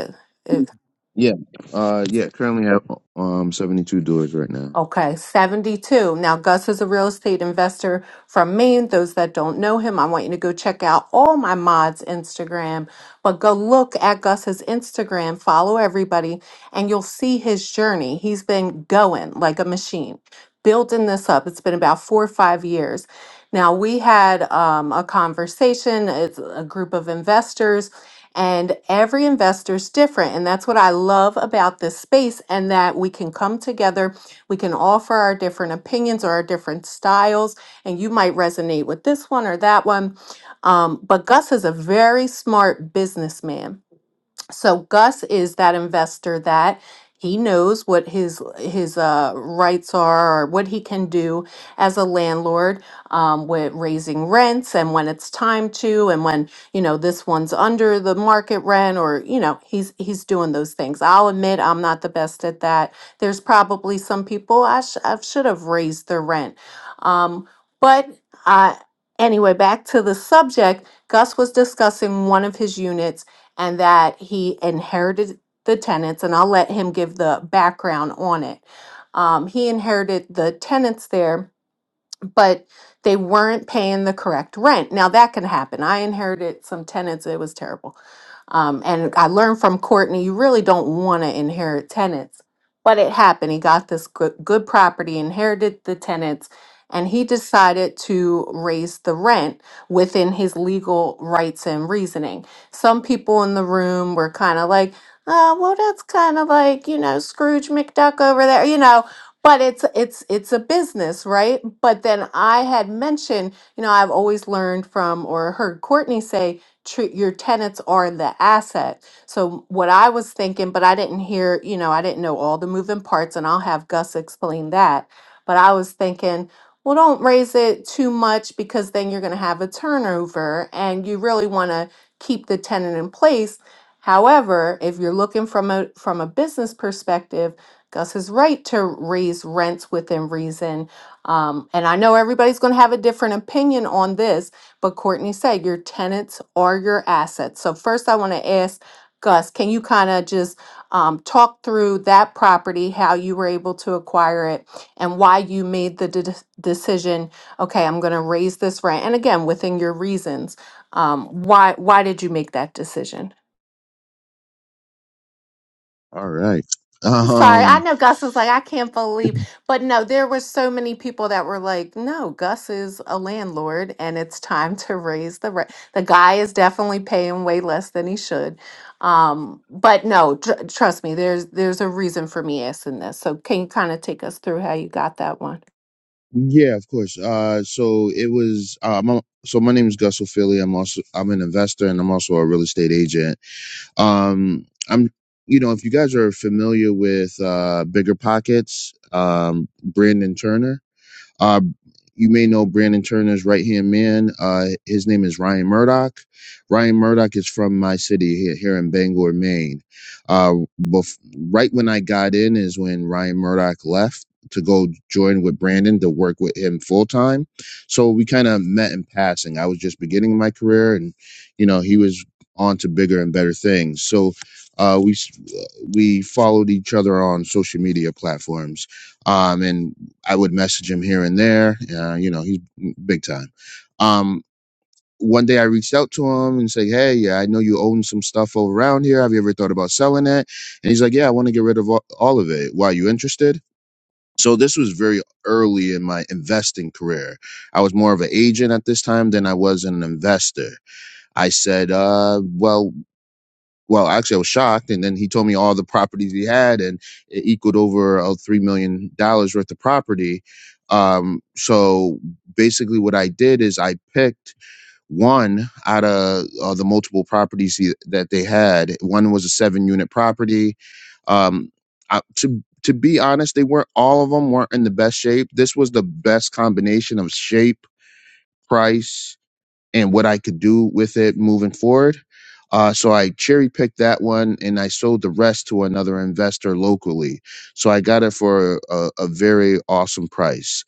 it,
Yeah. Uh yeah, currently have um 72 doors right now.
Okay, 72. Now, Gus is a real estate investor from Maine. Those that don't know him, I want you to go check out all my mods' Instagram, but go look at Gus's Instagram, follow everybody, and you'll see his journey. He's been going like a machine, building this up. It's been about four or five years. Now, we had um, a conversation, it's a group of investors. And every investor is different. And that's what I love about this space, and that we can come together we can offer our different opinions or our different styles, and you might resonate with this one or that one. Um, but Gus is a very smart businessman so Gus is that investor that he knows what his his uh, rights are or what he can do as a landlord um, with raising rents and when it's time to and when you know this one's under the market rent or you know he's he's doing those things. I'll admit I'm not the best at that. There's probably some people I, sh- I should have raised their rent, um, but I anyway back to the subject. Gus was discussing one of his units and that he inherited the tenants, and I'll let him give the background on it. Um, he inherited the tenants there, but they weren't paying the correct rent. Now that can happen. I inherited some tenants, it was terrible. Um, and I learned from Courtney, you really don't want to inherit tenants. But it happened. He got this good, good property, inherited the tenants, and he decided to raise the rent within his legal rights and reasoning. Some people in the room were kind of like, oh, well, that's kind of like, you know, Scrooge McDuck over there, you know. But it's it's it's a business, right? But then I had mentioned, you know, I've always learned from or heard Courtney say tr- your tenants are the asset. So what I was thinking, but I didn't hear, you know, I didn't know all the moving parts, and I'll have Gus explain that. But I was thinking, well, don't raise it too much because then you're going to have a turnover, and you really want to keep the tenant in place. However, if you're looking from a from a business perspective, Gus is right to raise rents within reason. Um, and I know everybody's going to have a different opinion on this, but Courtney said your tenants are your assets. So first I want to ask Gus, can you kind of just um, talk through that property, how you were able to acquire it and why you made the de- decision, okay, I'm going to raise this rent. And again, within your reasons, um, why, why did you make that decision?
All right.
I'm sorry. I
Um
know Gus was like, I can't believe, but no, there were so many people that were like, no, Gus is a landlord and it's time to raise the rent. The guy is definitely paying way less than he should. Um, but no, tr- trust me, there's there's a reason for me asking this. So can you kind of take us through how you got that one?
yeah, of course. Uh so it was uh my, so my name is Gus O'Philly. I'm also I'm an investor and I'm also a real estate agent. Um I'm you know, if you guys are familiar with uh Bigger Pockets, um Brandon Turner, Uh, you may know Brandon Turner's right hand man. Uh, his name is Ryan Murdoch. Ryan Murdoch is from my city here, here in Bangor, Maine. Uh, bef- right when I got in is when Ryan Murdoch left to go join with Brandon to work with him full time. So we kind of met in passing. I was just beginning my career, and you know he was on to bigger and better things. So uh, we s- we followed each other on social media platforms um, and I would message him here and there. Uh, you know, he's big time. Um, one day I reached out to him and say, "Hey, yeah, I know you own some stuff over around here. Have you ever thought about selling it?" And he's like, "Yeah, I want to get rid of all all of it. Why? You interested?" So this was very early in my investing career. I was more of an agent at this time than I was an investor. I said, uh, "Well." well, actually, I was shocked. And then he told me all the properties he had, and it equaled over uh, $3 million dollars worth of property. Um, so basically, what I did is I picked one out of uh, the multiple properties he, that they had. One was a seven unit property. Um, I, to to be honest, they weren't all of them weren't in the best shape. This was the best combination of shape, price, and what I could do with it moving forward. Uh, so I cherry picked that one and I sold the rest to another investor locally. So I got it for a, a very awesome price.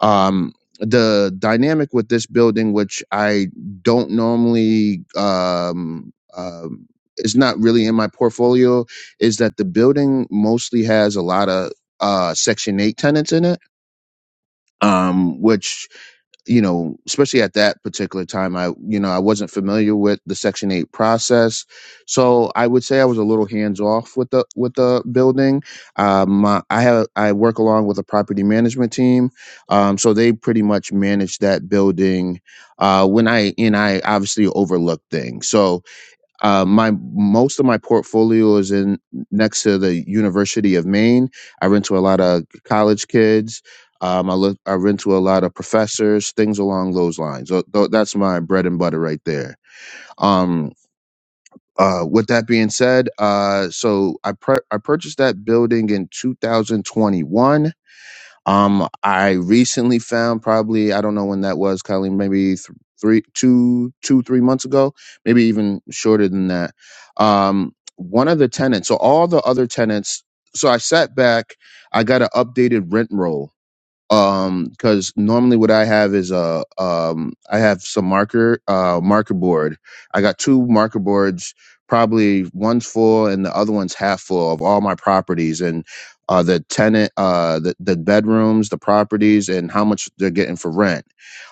Um, the dynamic with this building, which I don't normally, um, um, is not really in my portfolio, is that the building mostly has a lot of uh, Section 8 tenants in it, um, which you know, especially at that particular time, I, you know, I wasn't familiar with the Section 8 process. So I would say I was a little hands off with the, with the building. Um, uh, I have, I work along with a property management team. Um, so they pretty much manage that building, uh, when I, and I obviously overlooked things. So, uh, my most of my portfolio is in next to the University of Maine. I rent to a lot of college kids. Um, I look, I rent to a lot of professors, things along those lines. So tho- that's my bread and butter right there. Um, uh, with that being said, uh, so I pr- I purchased that building in 2021. Um, I recently found probably I don't know when that was, Colleen, maybe th- three, two, two, three months ago, maybe even shorter than that. Um, one of the tenants. So all the other tenants. So I sat back. I got an updated rent roll um because normally what i have is a um i have some marker uh marker board i got two marker boards probably one's full and the other one's half full of all my properties and uh the tenant uh the, the bedrooms the properties and how much they're getting for rent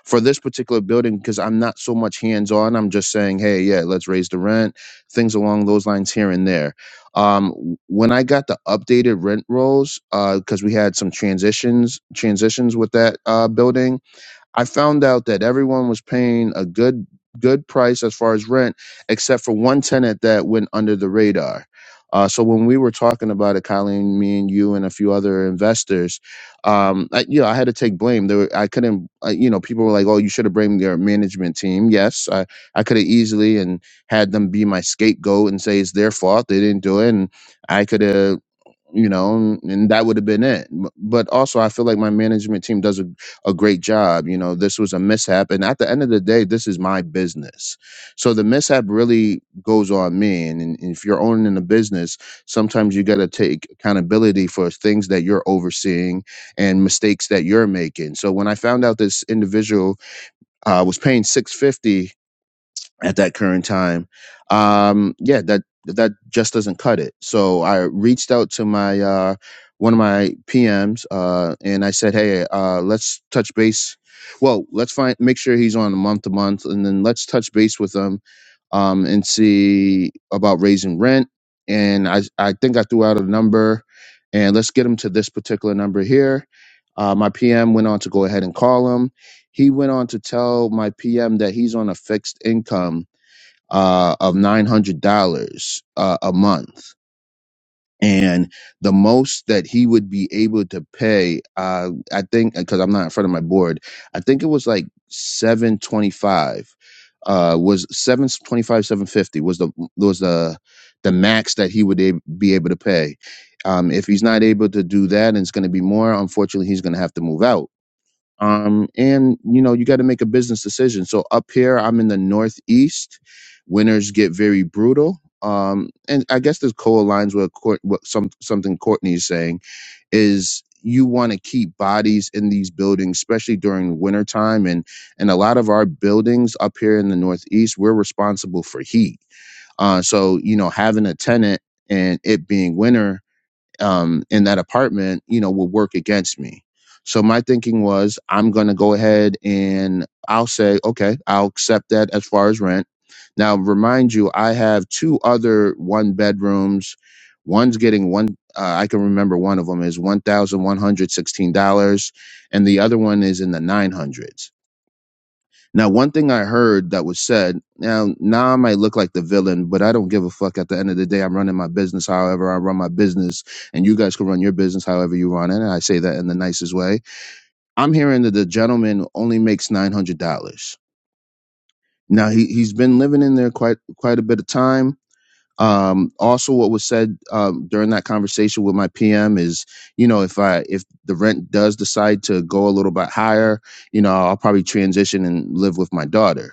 for this particular building because i'm not so much hands on i'm just saying hey yeah let's raise the rent things along those lines here and there um, when I got the updated rent rolls, because we had some transitions transitions with that uh, building, I found out that everyone was paying a good good price as far as rent, except for one tenant that went under the radar. Uh, so when we were talking about it, Colleen, me and you and a few other investors, um, I, you know, I had to take blame. There were, I couldn't, uh, you know, people were like, "Oh, you should have blamed your management team." Yes, I, I could have easily and had them be my scapegoat and say it's their fault they didn't do it, and I could have you know, and, and that would have been it. M- But also, I feel like my management team does a, a great job. You know, this was a mishap, and at the end of the day, this is my business. So the mishap really goes on me. And, and if you're owning a business, sometimes you got to take accountability for things that you're overseeing and mistakes that you're making. So when I found out this individual uh, was paying 650 at that current time um yeah that that just doesn't cut it so i reached out to my uh one of my pms uh and i said hey uh let's touch base well let's find make sure he's on a month to month and then let's touch base with him um and see about raising rent and i i think i threw out a number and let's get him to this particular number here uh, my pm went on to go ahead and call him he went on to tell my pm that he's on a fixed income uh, of $900 uh, a month. And the most that he would be able to pay, uh, I think, because I'm not in front of my board, I think it was like 725 uh was 725 750 was the was the the max that he would ab- be able to pay um if he's not able to do that and it's going to be more unfortunately he's going to have to move out um, and you know you got to make a business decision so up here i'm in the northeast winters get very brutal um, and i guess this co-aligns with Court, what some, something courtney is saying is you want to keep bodies in these buildings especially during wintertime and and a lot of our buildings up here in the northeast we're responsible for heat uh, so you know having a tenant and it being winter um, in that apartment, you know, will work against me. So my thinking was, I'm going to go ahead and I'll say, okay, I'll accept that as far as rent. Now, remind you, I have two other one bedrooms. One's getting one. Uh, I can remember one of them is one thousand one hundred sixteen dollars, and the other one is in the nine hundreds. Now, one thing I heard that was said, now, now I might look like the villain, but I don't give a fuck. At the end of the day, I'm running my business however I run my business, and you guys can run your business however you run it. And I say that in the nicest way. I'm hearing that the gentleman only makes $900. Now, he, he's been living in there quite, quite a bit of time. Um, also what was said, um, during that conversation with my PM is, you know, if I, if the rent does decide to go a little bit higher, you know, I'll probably transition and live with my daughter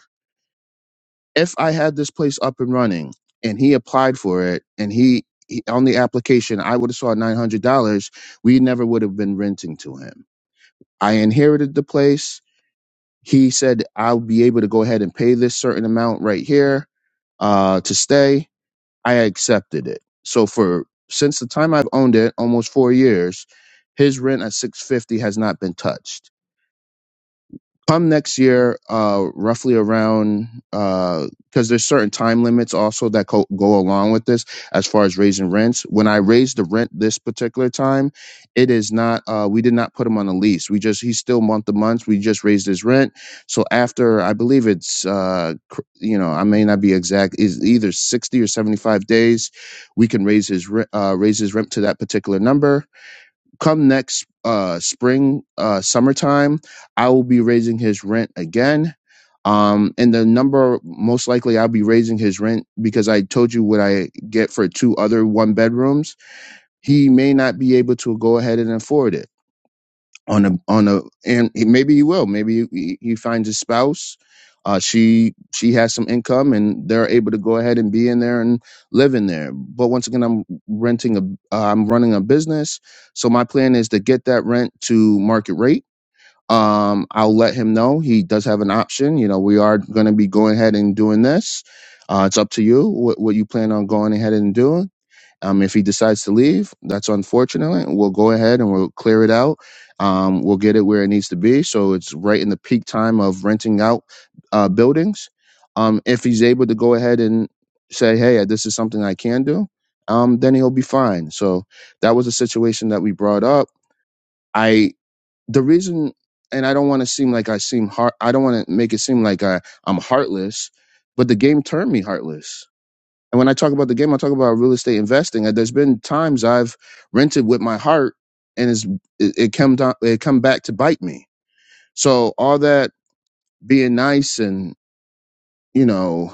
if I had this place up and running and he applied for it and he, he on the application I would have saw nine hundred dollars, we never would have been renting to him. I inherited the place. He said I'll be able to go ahead and pay this certain amount right here uh, to stay. I accepted it. So for since the time I've owned it, almost four years, his rent at six fifty has not been touched come next year, uh, roughly around, because there's certain time limits also that co- go along with this as far as raising rents. When I raised the rent this particular time, it is not, uh, we did not put him on a lease. We just, he's still month to month. We just raised his rent. So after, I believe it's, uh, cr- you know, I may not be exact, is either 60 or 75 days, we can raise his, re- uh, raise his rent to that particular number come next uh spring uh summertime i will be raising his rent again um and the number most likely i'll be raising his rent because i told you what i get for two other one bedrooms he may not be able to go ahead and afford it on a on a and he- maybe he will maybe he, he finds a spouse uh she she has some income and they're able to go ahead and be in there and live in there but once again i'm renting a uh, i'm running a business so my plan is to get that rent to market rate um i'll let him know he does have an option you know we are going to be going ahead and doing this uh it's up to you what, what you plan on going ahead and doing um, if he decides to leave, that's unfortunate. We'll go ahead and we'll clear it out. Um, we'll get it where it needs to be. So it's right in the peak time of renting out uh, buildings. Um, if he's able to go ahead and say, hey, this is something I can do, um, then he'll be fine. So that was a situation that we brought up. I, the reason, and I don't want to seem like I seem heart, I don't want to make it seem like I, I'm heartless, but the game turned me heartless and when I talk about the game, I talk about real estate investing. And there's been times I've rented with my heart, and it's, it, it come down, it come back to bite me. So all that being nice and you know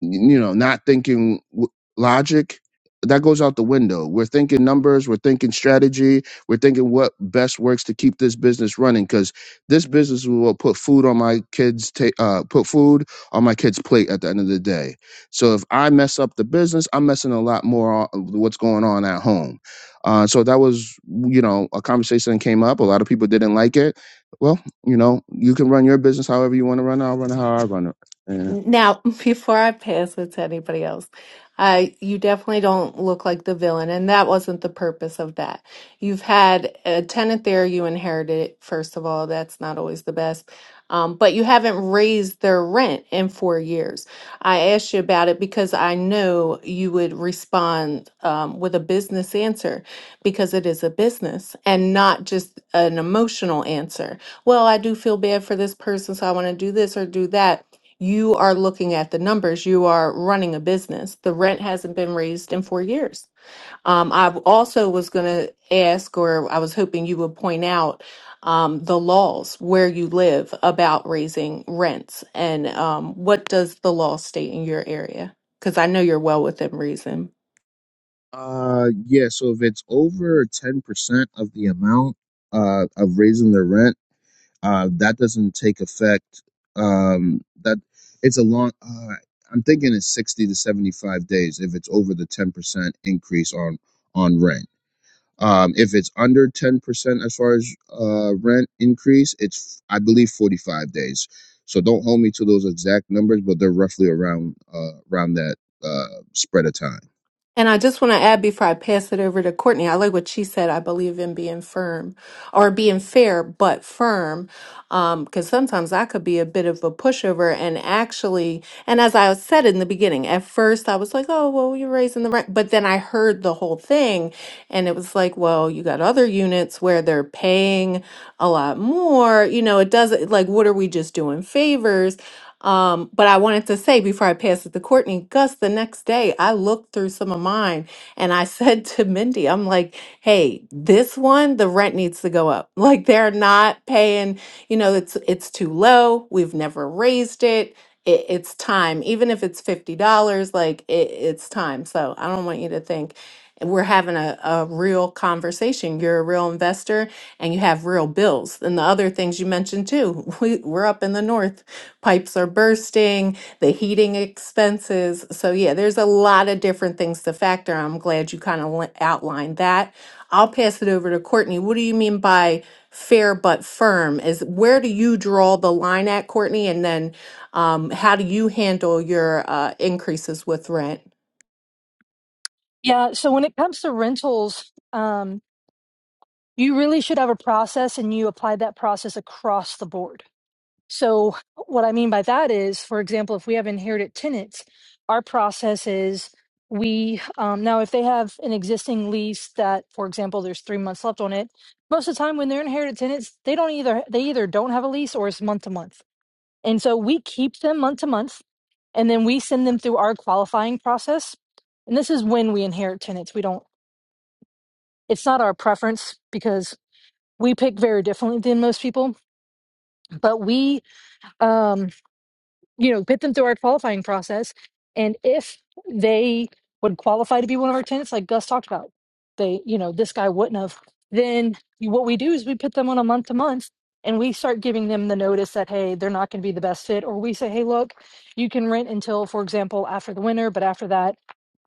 you know, not thinking w- logic, that goes out the window. We're thinking numbers, we're thinking strategy, we're thinking what best works to keep this business running because this business will put food on my kids' ta- uh, put food on my kids' plate at the end of the day. So if I mess up the business, I'm messing a lot more on what's going on at home. Uh, so that was, you know, a conversation that came up. A lot of people didn't like it. Well, you know, you can run your business however you want to run. it. I'll run it how I run it.
Now, before I pass it to anybody else, uh, you definitely don't look like the villain, and that wasn't the purpose of that. You've had a tenant there, you inherited it, first of all, that's not always the best. Um, but you haven't raised their rent in four years. I asked you about it because I know you would respond um, with a business answer because it is a business and not just an emotional answer. Well, I do feel bad for this person, so I want to do this or do that you are looking at the numbers. You are running a business. The rent hasn't been raised in four years. Um, I also was going to ask, or I was hoping you would point out um, the laws where you live about raising rents and um, what does the law state in your area? Because I know you're well within reason,
Uh, yeah. So if it's over ten percent of the amount uh of raising the rent, uh, that doesn't take effect. Um, that it's a long. Uh, I'm thinking it's sixty to seventy-five days if it's over the ten percent increase on on rent. Um, if it's under ten percent as far as uh rent increase, it's I believe forty-five days. So don't hold me to those exact numbers, but they're roughly around uh around that uh spread of time.
And I just want to add before I pass it over to Courtney, I like what she said. I believe in being firm or being fair, but firm. Um, because sometimes I could be a bit of a pushover and actually, and as I said in the beginning, at first I was like, oh, well, you're raising the rent. But then I heard the whole thing and it was like, well, you got other units where they're paying a lot more. You know, it doesn't like, what are we just doing favors? Um, but I wanted to say before I pass it to Courtney, Gus, the next day I looked through some of mine and I said to Mindy, I'm like, hey, this one, the rent needs to go up. Like they're not paying, you know, it's it's too low. We've never raised it. it it's time. Even if it's fifty dollars, like it, it's time. So I don't want you to think we're having a, a real conversation. You're a real investor and you have real bills. And the other things you mentioned too, we, we're up in the north pipes are bursting, the heating expenses. So, yeah, there's a lot of different things to factor. I'm glad you kind of outlined that. I'll pass it over to Courtney. What do you mean by fair but firm? Is where do you draw the line at, Courtney? And then um, how do you handle your uh, increases with rent?
Yeah. So when it comes to rentals, um, you really should have a process and you apply that process across the board. So, what I mean by that is, for example, if we have inherited tenants, our process is we um, now, if they have an existing lease that, for example, there's three months left on it, most of the time when they're inherited tenants, they don't either, they either don't have a lease or it's month to month. And so we keep them month to month and then we send them through our qualifying process. And this is when we inherit tenants. We don't, it's not our preference because we pick very differently than most people, but we, Um, you know, get them through our qualifying process. And if they would qualify to be one of our tenants, like Gus talked about, they, you know, this guy wouldn't have, then what we do is we put them on a month to month and we start giving them the notice that, hey, they're not going to be the best fit. Or we say, hey, look, you can rent until, for example, after the winter, but after that,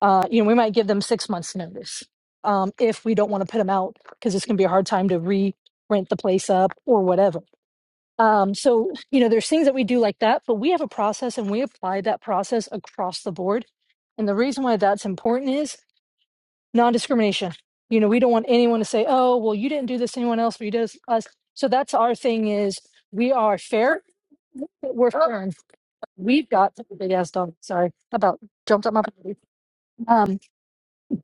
uh, you know, we might give them six months notice um, if we don't want to put them out because it's going to be a hard time to re rent the place up or whatever um, so, you know, there's things that we do like that, but we have a process and we apply that process across the board. And the reason why that's important is non discrimination. You know, we don't want anyone to say, oh, well, you didn't do this, to anyone else, but you did this to us. So that's our thing is we are fair. We're fair. and We've got a big ass dog. Sorry about jumped up my body. Um,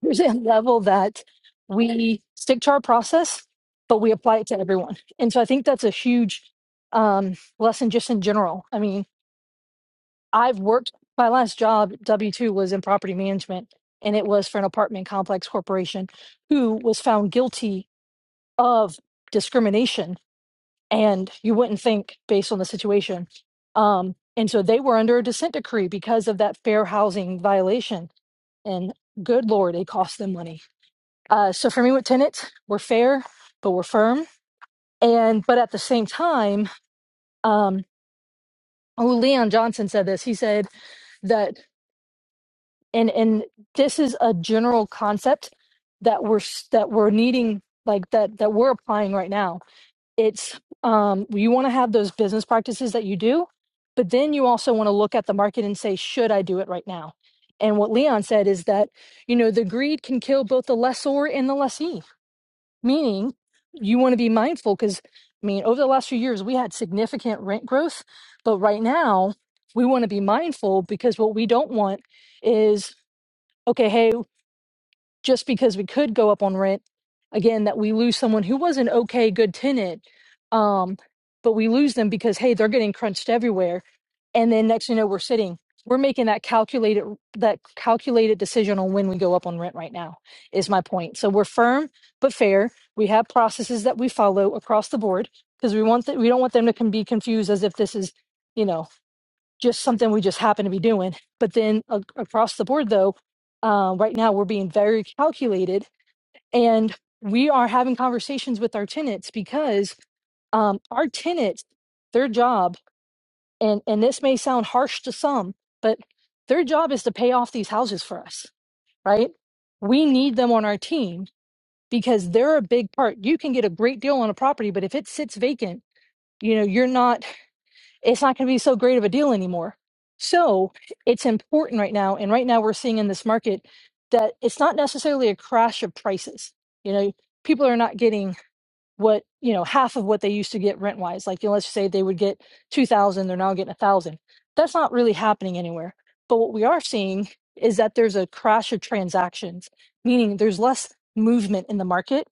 there's a level that we stick to our process, but we apply it to everyone. And so I think that's a huge um, lesson just in general. I mean, I've worked my last job W two was in property management, and it was for an apartment complex corporation who was found guilty of discrimination. And you wouldn't think based on the situation, um, and so they were under a dissent decree because of that fair housing violation. And good lord, it cost them money. Uh, so for me, with tenants, we're fair, but we're firm, and but at the same time, um, oh, Leon Johnson said this. He said that and and this is a general concept that we're s- that we're needing like that that we're applying right now it's um you want to have those business practices that you do but then you also want to look at the market and say should i do it right now and what leon said is that you know the greed can kill both the lessor and the lessee meaning you want to be mindful because i mean over the last few years we had significant rent growth but right now we want to be mindful because what we don't want is okay, hey, just because we could go up on rent, again, that we lose someone who was an okay, good tenant, um, but we lose them because, hey, they're getting crunched everywhere. And then next, thing you know, we're sitting, we're making that calculated, that calculated decision on when we go up on rent right now is my point. So we're firm, but fair. We have processes that we follow across the board because we want that, we don't want them to can be confused as if this is, you know, just something we just happen to be doing. But then a- across the board, though, uh, right now we're being very calculated and we are having conversations with our tenants because um, our tenants, their job, and, and this may sound harsh to some, but their job is to pay off these houses for us, right? We need them on our team because they're a big part. You can get a great deal on a property, but if it sits vacant, you know, you're not it's not going to be so great of a deal anymore. So it's important right now. And right now, we're seeing in this market that it's not necessarily a crash of prices. You know, people are not getting what, you know, half of what they used to get rent wise. Like, you know, let's say they would get 2000, they're now getting 1000. That's not really happening anywhere. But what we are seeing is that there's a crash of transactions, meaning there's less movement in the market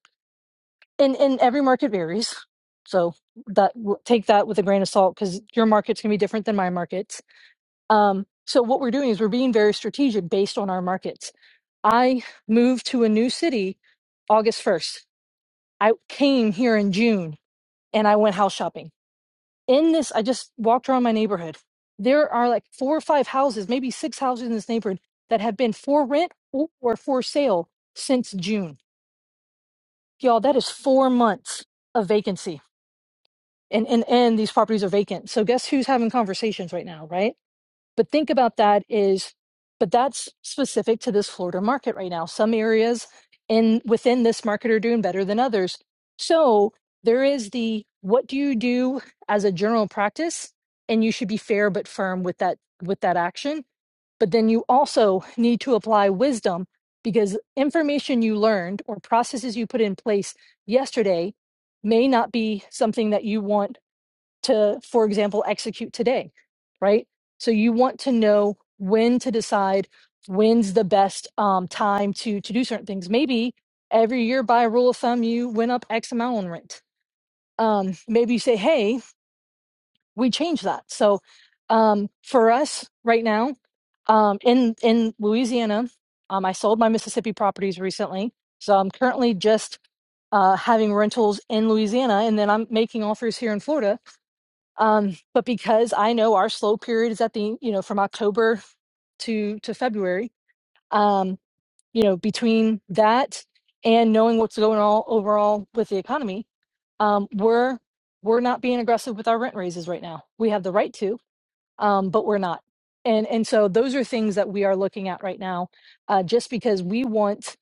and and every market varies so that w- take that with a grain of salt because your market's going to be different than my markets um, so what we're doing is we're being very strategic based on our markets i moved to a new city august 1st i came here in june and i went house shopping in this i just walked around my neighborhood there are like four or five houses maybe six houses in this neighborhood that have been for rent or for sale since june y'all that is four months of vacancy and and and these properties are vacant. So guess who's having conversations right now, right? But think about that is but that's specific to this Florida market right now. Some areas in within this market are doing better than others. So there is the what do you do as a general practice and you should be fair but firm with that with that action, but then you also need to apply wisdom because information you learned or processes you put in place yesterday may not be something that you want to, for example, execute today, right? So you want to know when to decide when's the best um, time to to do certain things. Maybe every year by a rule of thumb, you went up X amount on rent. Um, maybe you say, hey, we change that. So um, for us right now um, in in Louisiana, um, I sold my Mississippi properties recently, so I'm currently just uh, having rentals in Louisiana, and then I'm making offers here in Florida um, but because I know our slow period is at the, you know, from October to to February, um, you know, between that and knowing what's going on overall with the economy, um, we're we're not being aggressive with our rent raises right now. We have the right to, um, but we're not. And and so those are things that we are looking at right now, uh, just because we want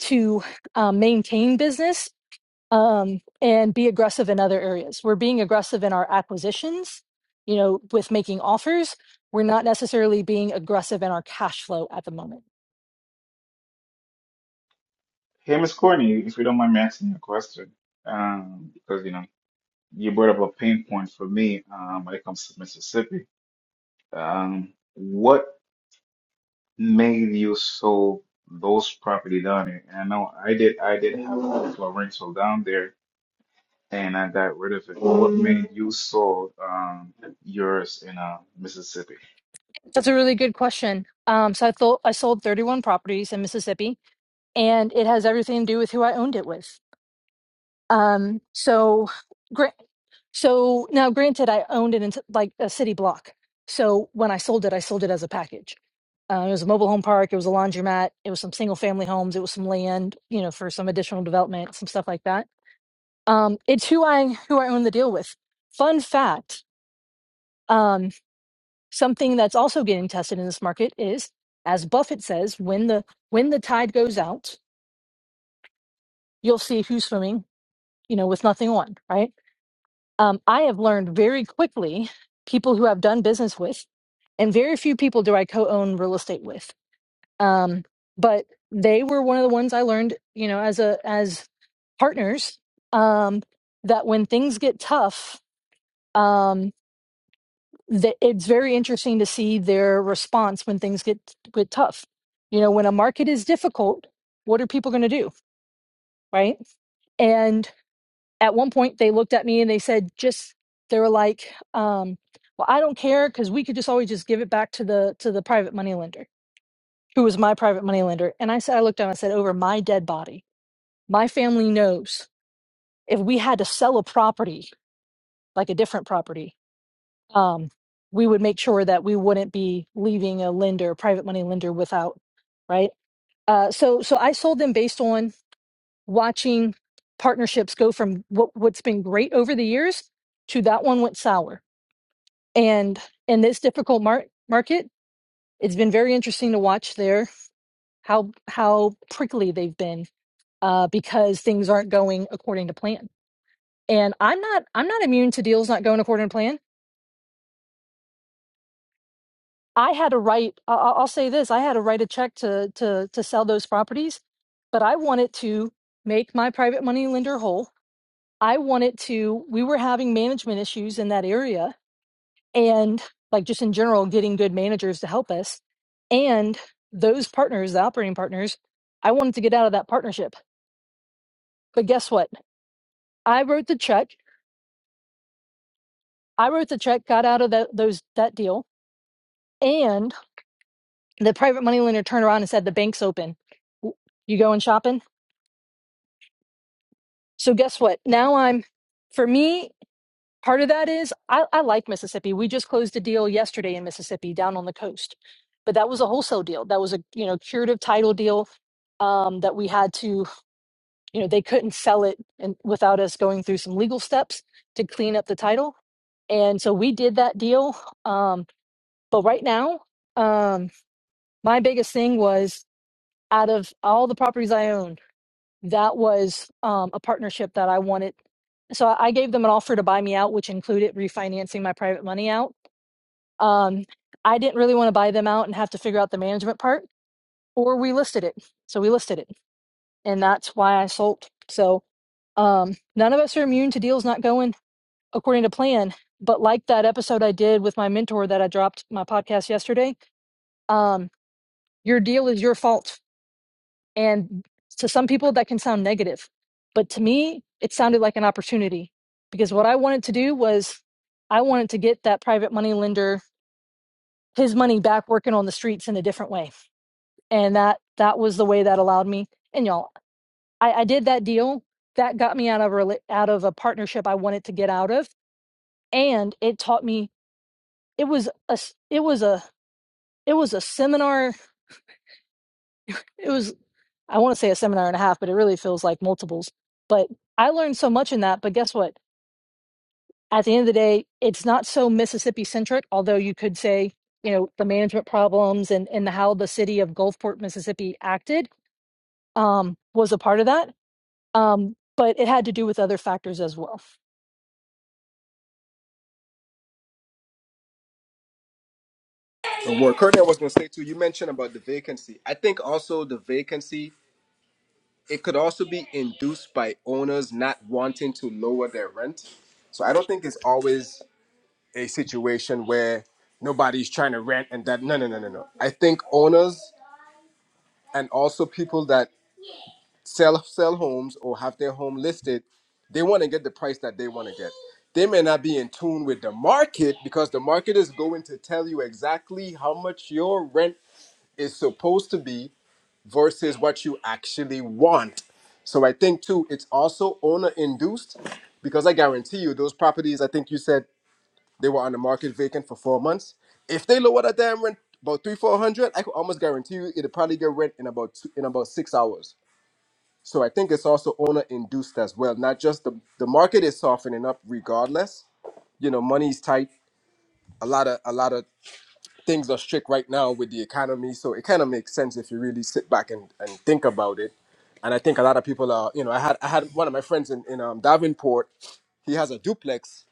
to um, maintain business um, and be aggressive in other areas. We're being aggressive in our acquisitions, you know, with making offers. We're not necessarily being aggressive in our cash flow at the moment.
Hey, Miss Courtney, if you don't mind me asking you a question, um, because you know. you brought up a pain point for me um, when it comes to Mississippi. Um, what made you sell those property down there? And I know I did. I did have a couple of rental down there, and I got rid of it. What made you sell um, yours in uh, Mississippi?
That's a really good question. Um, so I thought I sold 31 properties in Mississippi, and it has everything to do with who I owned it with. Um, so, gra- so now, granted, I owned it in t- like a city block. So when I sold it, I sold it as a package. Uh, it was a mobile home park. It was a laundromat. It was some single family homes. It was some land, you know, for some additional development, some stuff like that. Um, it's who I who I own the deal with. Fun fact: um, something that's also getting tested in this market is, as Buffett says, when the when the tide goes out, you'll see who's swimming, you know, with nothing on. Right? Um, I have learned very quickly people who I've done business with, and very few people do I co-own real estate with um, but they were one of the ones I learned, you know, as a as partners, um, that when things get tough, um, that it's very interesting to see their response when things get get tough. You know, when a market is difficult, what are people going to do, right? And at one point, they looked at me and they said, just they were like, um, "Well, I don't care because we could just always just give it back to the to the private money lender." Who was my private money lender? And I said, I looked down, I said, over my dead body my family knows if we had to sell a property, like a different property, um, we would make sure that we wouldn't be leaving a lender, private money lender, without, right? Uh, so, so I sold them based on watching partnerships go from what, what's been great over the years to that one went sour. And in this difficult mar- market, it's been very interesting to watch there how how prickly they've been uh, because things aren't going according to plan and i'm not i'm not immune to deals not going according to plan i had a right I- I- i'll say this i had to write a check to to to sell those properties but i wanted to make my private money lender whole i wanted to we were having management issues in that area and like just in general getting good managers to help us and those partners the operating partners i wanted to get out of that partnership but guess what i wrote the check i wrote the check got out of that those that deal and. the private money lender turned around and said the bank's open W- you going shopping so guess what now i'm for me part of that is I, I like mississippi we just closed a deal yesterday in mississippi down on the coast but that was a wholesale deal that was a you know curative title deal um, that we had to you know they couldn't sell it and without us going through some legal steps to clean up the title and so we did that deal um, but right now um, my biggest thing was out of all the properties I own. that was um, a partnership that I wanted. So I I gave them an offer to buy me out, which included refinancing my private money out. Um, I didn't really want to buy them out and have to figure out the management part, or we listed it. So we listed it, and that's why I sold. So um, none of us are immune to deals not going according to plan. But like that episode I did with my mentor that I dropped my podcast yesterday, um, your deal is your fault And to some people, that can sound negative. But to me, it sounded like an opportunity because what I wanted to do was I wanted to get that private money lender his money back working on the streets in a different way. And that that was the way that allowed me. And y'all, I, I did that deal. That got me out of a rela- out of a partnership I wanted to get out of. And it taught me it was a s- it was a it was a seminar. It was I want to say a seminar and a half, but it really feels like multiples. But I learned so much in that. But guess what? at the end of the day, it's not so Mississippi centric, although you could say, you know, the management problems and, and how the city of Gulfport, Mississippi acted um, was a part of that. Um, but it had to do with other factors as well.
And what Courtney was going to say too, you mentioned about the vacancy. I think also the vacancy, it could also be induced by owners not wanting to lower their rent. So I don't think it's always a situation where nobody's trying to rent and that. No, no, no, no, no. I think owners and also people that sell sell homes or have their home listed, they want to get the price that they want to get. They may not be in tune with the market because the market is going to tell you exactly how much your rent is supposed to be versus what you actually want. So I think too, it's also owner induced because I guarantee you those properties, I think you said they were on the market vacant for four months. If they lower that damn rent about three, four hundred, I could almost guarantee you it'll probably get rent in about two, in about six hours. So I think it's also owner induced as well. Not just the the market is softening up regardless. You know, money's tight. A lot of a lot of things are strict right now with the economy, so it kind of makes sense if you really sit back and, and think about it. And I think a lot of people are, you know, I had I had one of my friends in, in um, Davenport. He has a duplex,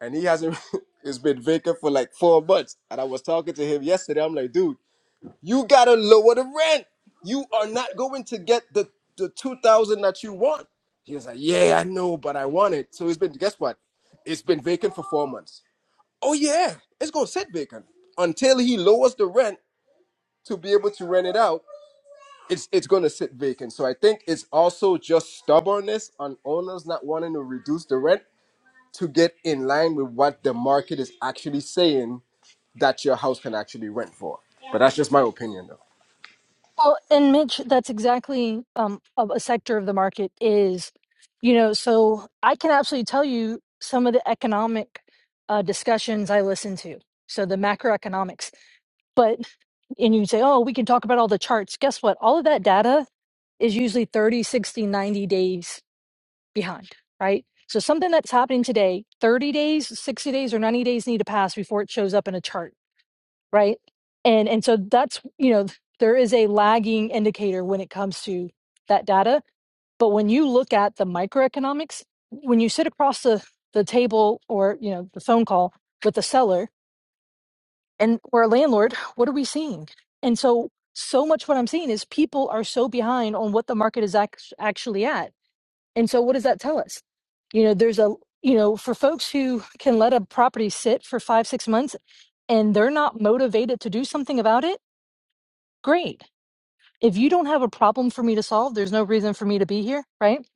and he hasn't. it's been vacant for like four months. And I was talking to him yesterday. I'm like, dude, you gotta lower the rent. You are not going to get the the two thousand that you want. He was like, yeah, I know, but I want it. So it's been. Guess what? It's been vacant for four months. Oh yeah, it's gonna sit vacant until he lowers the rent to be able to rent it out, it's it's going to sit vacant. So I think it's also just stubbornness on owners not wanting to reduce the rent to get in line with what the market is actually saying that your house can actually rent for. But that's just my opinion, though.
Well, and Mitch, that's exactly um, of a sector of the market is, you know, so I can absolutely tell you some of the economic uh, discussions I listen to. So the macroeconomics. but. and you say, oh, we can talk about all the charts. Guess what? All of that data is usually 30, 60, 90 days behind, right? So something that's happening today, 30 days, 60 days, or 90 days need to pass before it shows up in a chart, right? And and so that's, you know, there is a lagging indicator when it comes to that data. But when you look at the microeconomics, when you sit across the, the table or, you know, the phone call with the seller and we're a landlord what are we seeing and so so much what i'm seeing is people are so behind on what the market is act- actually at and so what does that tell us you know there's a you know for folks who can let a property sit for five six months and they're not motivated to do something about it great if you don't have a problem for me to solve there's no reason for me to be here right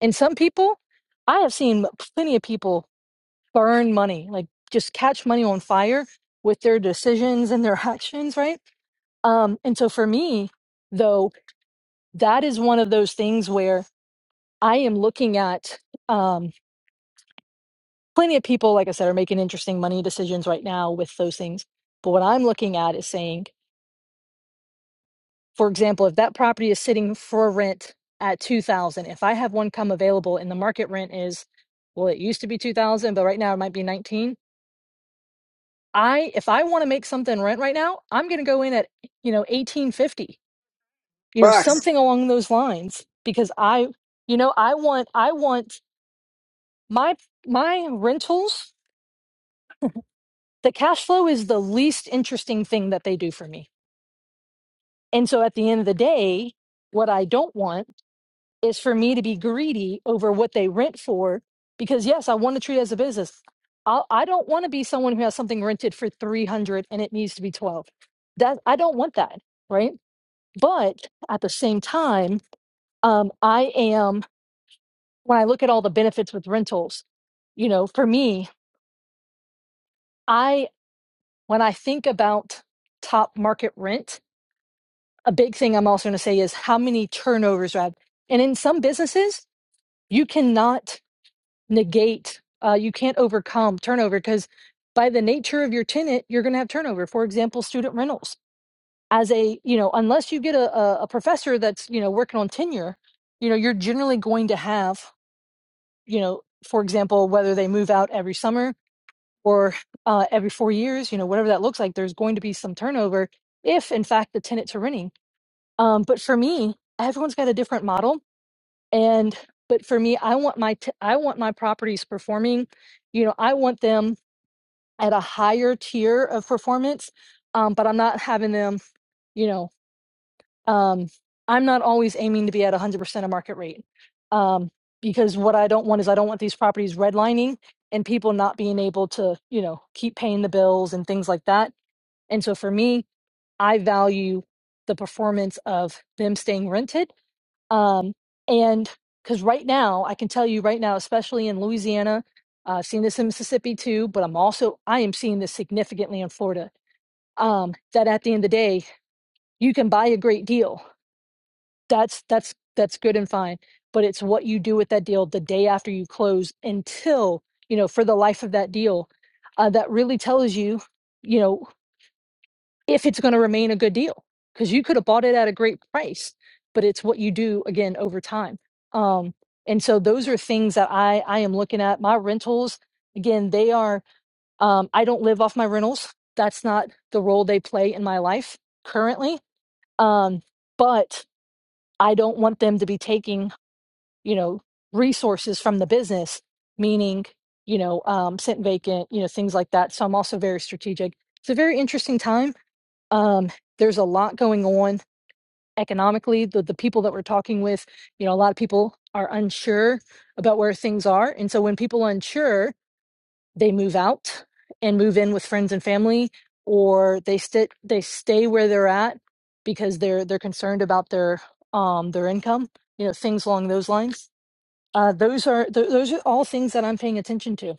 and some people i have seen plenty of people burn money like just catch money on fire with their decisions and their actions right Um, and so for me, though, that is one of those things where I am looking at um, plenty of people, like I said, are making interesting money decisions right now with those things. But what I'm looking at is saying, for example, if that property is sitting for rent at 2000 if I have one come available and the market rent is, well, it used to be 2000 but right now it might be 19 I, if I want to make something rent right now, I'm going to go in at, you know, 1850 you know
Facts.
something along those lines because i you know i want i want my my rentals the cash flow is the least interesting thing that they do for me and so at the end of the day what i don't want is for me to be greedy over what they rent for because yes i want to treat it as a business I'll, i do not want to be someone who has something rented for 300 and it needs to be 12 that i don't want that right but at the same time um, i am when I look at all the benefits with rentals, you know, for me, I when I think about top market rent, a big thing I'm also going to say is how many turnovers are. And in some businesses, you cannot negate, uh, you can't overcome turnover because by the nature of your tenant, you're going to have turnover. For example, student rentals. As a, you know, unless you get a, a a professor that's, you know, working on tenure, you know, you're generally going to have, you know, for example, whether they move out every summer or uh, every four years, you know, whatever that looks like, there's going to be some turnover if, in fact, the tenants are renting. Um, but for me, everyone's got a different model, and but for me, I want my t- I want my properties performing. You know, I want them at a higher tier of performance, um, but I'm not having them. You know um, I'm not always aiming to be at 100% of market rate um, because what I don't want is I don't want these properties redlining and people not being able to, you know, keep paying the bills and things like that. And so for me, I value the performance of them staying rented. Um, and because right now, I can tell you right now, especially in Louisiana, uh, I've seen this in Mississippi too, but I'm also, I am seeing this significantly in Florida, um, that at the end of the day, you can buy a great deal that's that's that's good and fine but it's what you do with that deal the day after you close until you know for the life of that deal uh, that really tells you you know if it's going to remain a good deal because you could have bought it at a great price but it's what you do again over time um, and so those are things that i i am looking at my rentals again they are um, i don't live off my rentals that's not the role they play in my life currently um, but i don't want them to be taking you know resources from the business meaning you know um sent vacant you know things like that so i'm also very strategic it's a very interesting time um there's a lot going on economically the, the people that we're talking with you know a lot of people are unsure about where things are and so when people are unsure they move out and move in with friends and family or they sit they stay where they're at because they're they're concerned about their um their income you know things along those lines uh, those are th- those are all things that I'm paying attention to.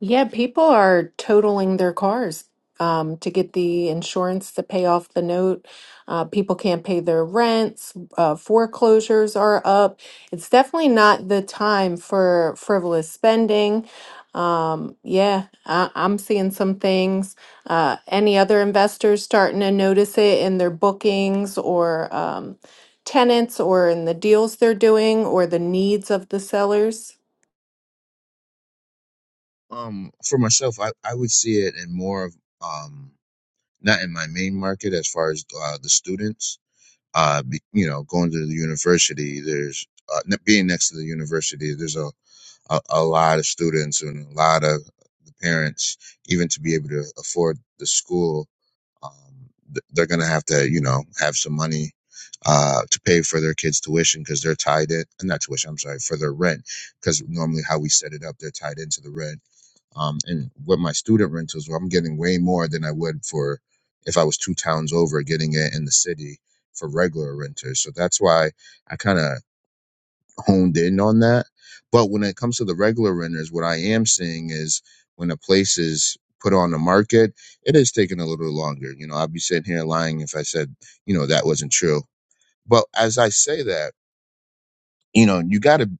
Yeah, people are totaling their cars um, to get the insurance to pay off the note. Uh, people can't pay their rents. Uh, foreclosures are up. It's definitely not the time for frivolous spending. Um, yeah, I, I'm seeing some things. Uh, any other investors starting to notice it in their bookings or um, tenants or in the deals they're doing or the needs of the sellers?
Um, for myself, I, I would see it in more of um not in my main market as far as uh, the students. Uh, be, you know, going to the university, there's uh, ne- being next to the university, there's a, a a lot of students and a lot of the parents, even to be able to afford the school, um, th- they're gonna have to you know have some money. Uh, to pay for their kids' tuition because they're tied in, not tuition, I'm sorry, for their rent because normally how we set it up, they're tied into the rent um, and with my student rentals where i'm getting way more than i would for if i was two towns over getting it in the city for regular renters so that's why i kind of honed in on that but when it comes to the regular renters what i am seeing is when a place is put on the market it is taking a little longer you know i'd be sitting here lying if i said you know that wasn't true but as i say that you know you got to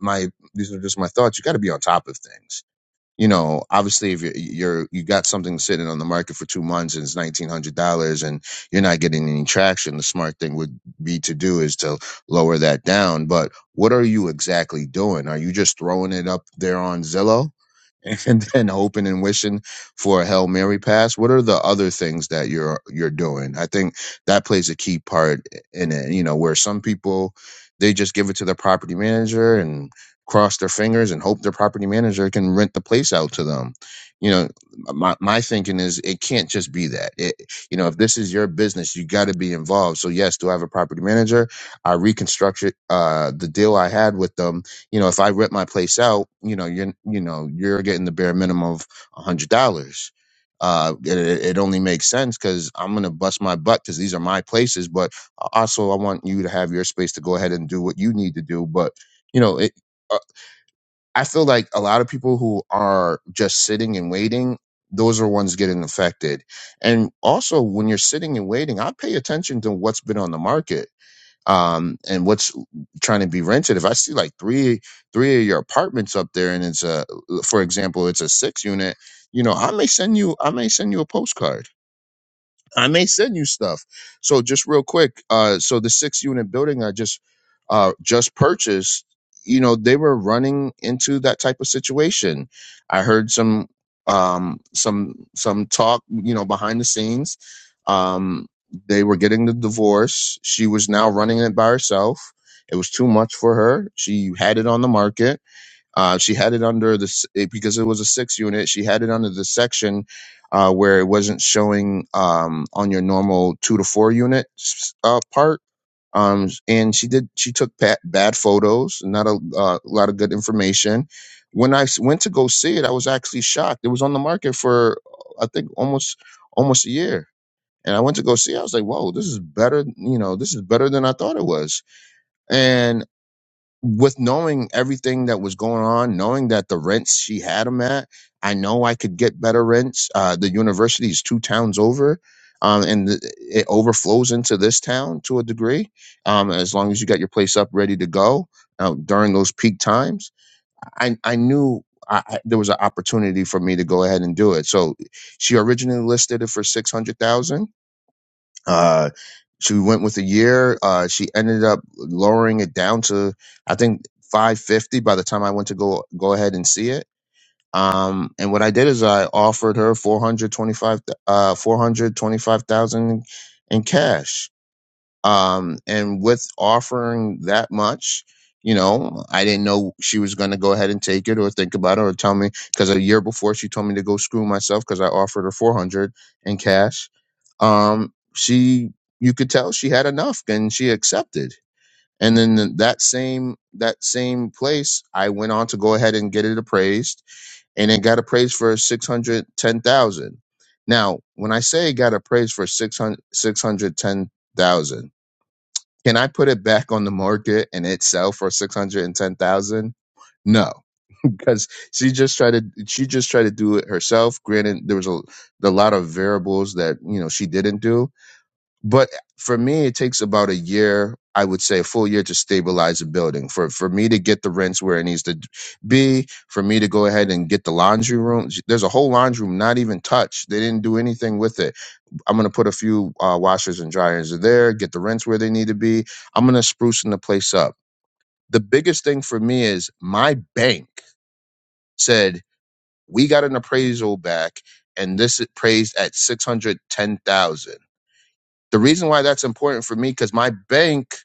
my these are just my thoughts you got to be on top of things you know, obviously if you're, you're you got something sitting on the market for two months and it's nineteen hundred dollars and you're not getting any traction, the smart thing would be to do is to lower that down. But what are you exactly doing? Are you just throwing it up there on Zillow? and then hoping and wishing for a Hail Mary pass? What are the other things that you're you're doing? I think that plays a key part in it, you know, where some people they just give it to their property manager and cross their fingers and hope their property manager can rent the place out to them. You know, my my thinking is it can't just be that. It you know, if this is your business, you got to be involved. So yes, do I have a property manager? I reconstructed uh the deal I had with them you know, if I rent my place out, you know, you're you know you're getting the bare minimum of a hundred dollars. Uh, it, it it only makes sense because I'm gonna bust my butt because these are my places. But a- also, I want you to have your space to go ahead and do what you need to do. But you know, it, uh, I feel like a lot of people who are just sitting and waiting, those are ones getting affected. And also, when you're sitting and waiting, I pay attention to what's been on the market um, and what's trying to be rented. If I see like three three of your apartments up there, and it's a for example, it's a six unit, you know, I may send you I may send you a postcard I may send you stuff. So just real quick, uh, so the six unit building I just uh just purchased, you know, they were running into that type of situation. I heard some um some some talk, you know, behind the scenes. Um they were getting the divorce. She was now running it by herself. It was too much for her. She had it on the market uh, she had it under the it, because it was a six unit. She had it under the section uh, where it wasn't showing um, on your normal two to four unit uh, part. Um, and she did she took bad, bad photos, not a uh, lot of good information. When I s- went to go see it, I was actually shocked. It was on the market for I think almost almost a year. And I went to go see. it. I was like, "Whoa, this is better! You know, this is better than I thought it was." And with knowing everything that was going on, knowing that the rents she had them at, I know I could get better rents. Uh, the university is two towns over, um, and th- it overflows into this town to a degree. Um, as long as you got your place up ready to go uh, during those peak times, I I knew. I, I, there was an opportunity for me to go ahead and do it. So she originally listed it for 600,000. Uh, she went with a year. Uh, she ended up lowering it down to I think 550 by the time I went to go go ahead and see it. Um, and what I did is I offered her 425 uh 425,000 in cash um, and with offering that much you know i didn't know she was going to go ahead and take it or think about it or tell me because a year before she told me to go screw myself because i offered her 400 in cash um, she you could tell she had enough and she accepted and then th- that same that same place i went on to go ahead and get it appraised and it got appraised for 610000 now when i say it got appraised for six hundred six hundred ten thousand. Can I put it back on the market and it sell for six hundred and ten thousand? No, because she just tried to she just tried to do it herself. Granted, there was a, a lot of variables that you know she didn't do, but for me, it takes about a year, I would say a full year to stabilize a building for for me to get the rents where it needs to be. For me to go ahead and get the laundry room, there's a whole laundry room not even touched. They didn't do anything with it I'm gonna put a few uh, washers and dryers in there, get the rents where they need to be. I'm gonna sprucing the place up. The biggest thing for me is my bank said we got an appraisal back, and this is praised at six hundred ten thousand. The reason why that's important for me because my bank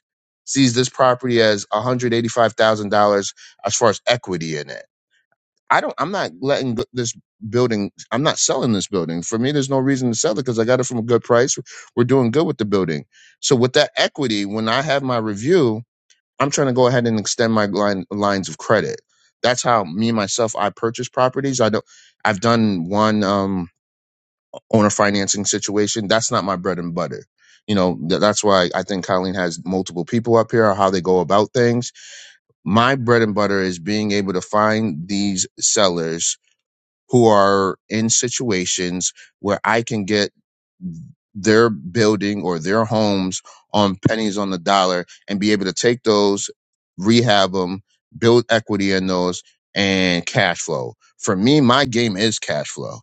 sees this property as one hundred eighty five thousand dollars as far as equity in it. I don't. I'm not letting th- this building. I'm not selling this building. For me, there's no reason to sell it because I got it from a good price. We're doing good with the building. So with that equity, when I have my review, I'm trying to go ahead and extend my line, lines of credit. That's how me myself I purchase properties. I don't. I've done one um, owner financing situation. That's not my bread and butter. You know th- that's why I think Colleen has multiple people up here. How they go about things. My bread and butter is being able to find these sellers who are in situations where I can get their building or their homes on pennies on the dollar and be able to take those, rehab them, build equity in those, and cash flow. For me, my game is cash flow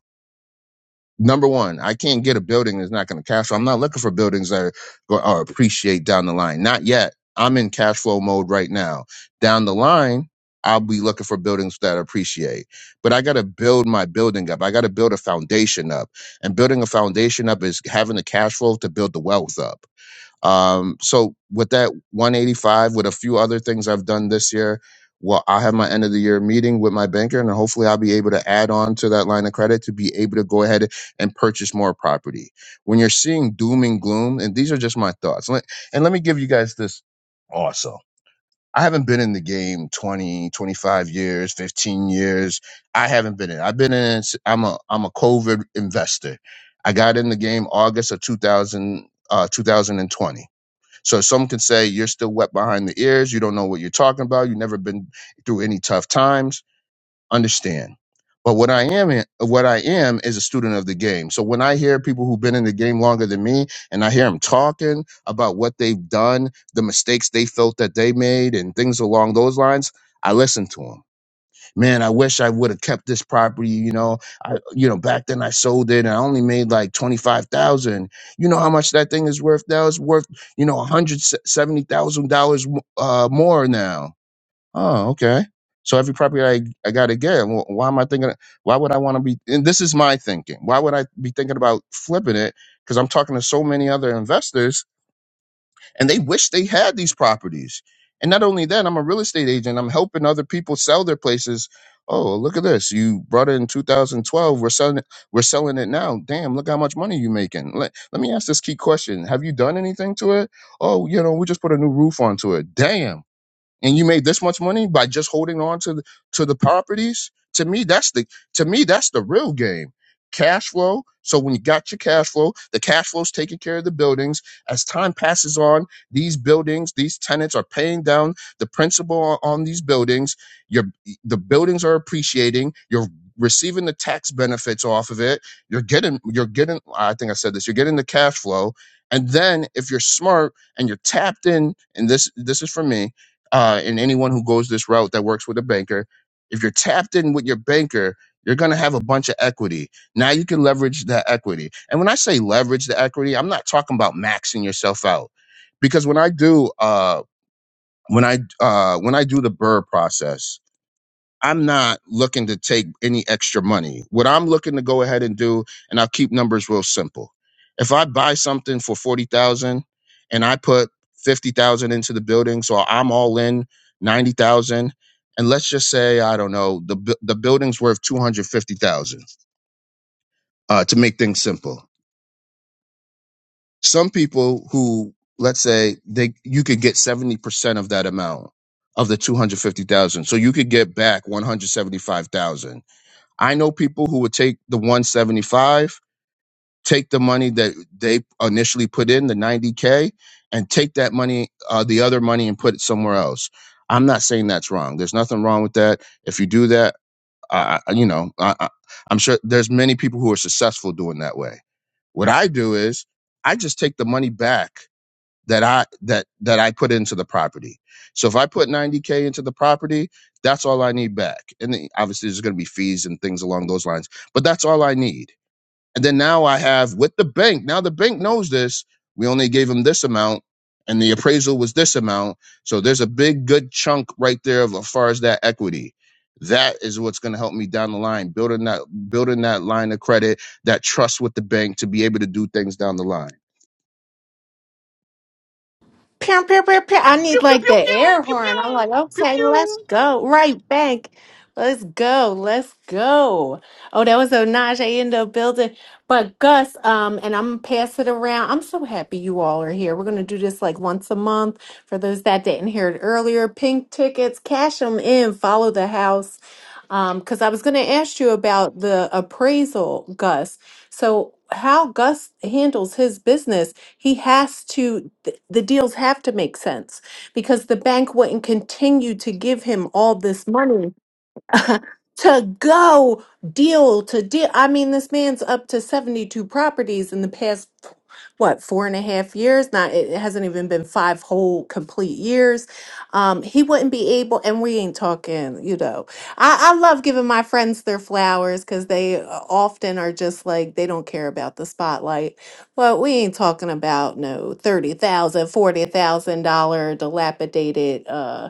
number one, I can't get a building that's not going to cash flow. I'm not looking for buildings that are, are appreciate down the line. Not yet. I'm in cash flow mode right now. Down the line, I'll be looking for buildings that appreciate. But I got to build my building up. I got to build a foundation up. And building a foundation up is having the cash flow to build the wealth up. Um, so with that 185, with a few other things I've done this year, well, I'll have my end of the year meeting with my banker and hopefully I'll be able to add on to that line of credit to be able to go ahead and purchase more property. When you're seeing doom and gloom, and these are just my thoughts. Let- And let me give you guys this also. I haven't been in the game 20, 25 years, 15 years. I haven't been in. I've been in, I'm a, I'm a COVID investor. I got in the game August of 2000, uh, 2020. So some can say you're still wet behind the ears. You don't know what you're talking about. You've never been through any tough times. Understand. But what I am, what I am is a student of the game. So when I hear people who've been in the game longer than me and I hear them talking about what they've done, the mistakes they felt that they made and things along those lines, I listen to them man, I wish I would have kept this property. You know, I, you know, back then I sold it and I only made like 25,000. You know how much that thing is worth now? It's worth, you know, $170,000 uh, more now. Oh, okay. So every property I, I got to get, wh- why am I thinking, why would I want to be, and this is my thinking. Why would I be thinking about flipping it? Because I'm talking to so many other investors and they wish they had these properties. And not only that, I'm a real estate agent. I'm helping other people sell their places. Oh, look at this! You brought it in 2012. We're selling. it. We're selling it now. Damn! Look how much money you are making. Let Let me ask this key question: Have you done anything to it? Oh, you know, we just put a new roof onto it. Damn! and you made this much money by just holding on to the, to the properties to me that's the to me that's the real game cash flow so when you got your cash flow the cash flow's taking care of the buildings as time passes on these buildings these tenants are paying down the principal on, on these buildings your the buildings are appreciating you're receiving the tax benefits off of it you're getting you're getting i think i said this you're getting the cash flow and then if you're smart and you're tapped in and this this is for me uh, and anyone who goes this route that works with a banker, if you're tapped in with your banker, you're going to have a bunch of equity. Now you can leverage that equity. And when I say leverage the equity, I'm not talking about maxing yourself out because when I do, uh, when I, uh, when I do the Burr process, I'm not looking to take any extra money. What I'm looking to go ahead and do, and I'll keep numbers real simple. If I buy something for forty thousand and I put fifty thousand into the building, so I'm all in ninety thousand, and let's just say I don't know the bu- the building's worth two hundred fifty thousand. Uh, to make things simple, some people who let's say they you could get seventy percent of that amount of the two hundred fifty thousand, so you could get back one hundred seventy five thousand I know people who would take the 175, take the money that they initially put in, the 90K, and take that money, uh, the other money, and put it somewhere else. I'm not saying that's wrong. There's nothing wrong with that. If you do that, I I- you know, I, I, I'm sure there's many people who are successful doing that way. What I do is I just take the money back that I that that I put into the property. So if I put 90k into the property, that's all I need back. And then obviously there's going to be fees and things along those lines, but that's all I need. And then now I have with the bank. Now the bank knows this. We only gave them this amount and the appraisal was this amount. So there's a big good chunk right there of as far as that equity. That is what's going to help me down the line, building that building that line of credit, that trust with the bank to be able to do things down the line.
pew, pew, pew, pew. I need
Pew pew
like
pew
the
pew
air
pew
horn. I'm
pew
like,
pew
okay, let's
pew.
go. Right back. Let's go. Let's go. Oh, that was a Najee in the building. But Gus, um, and I'm gonna pass it around. I'm so happy you all are here. We're gonna do this like once a month. For those that didn't hear it earlier, pink tickets, cash them in, follow the house. Um, because I was gonna ask you about the appraisal, Gus. So how Gus handles his business he has to, th- the deals have to make sense because the bank wouldn't continue to give him all this money to go deal to deal. I mean, this man's up to 72 properties in the past, what, four and a half years? Not, it it hasn't even been five whole complete years. Um, he wouldn't be able, and we ain't talking, you know. I, I love giving my friends their flowers because they uh, often are just like, they don't care about the spotlight. But we ain't talking about no thirty thousand, dollars dilapidated. uh,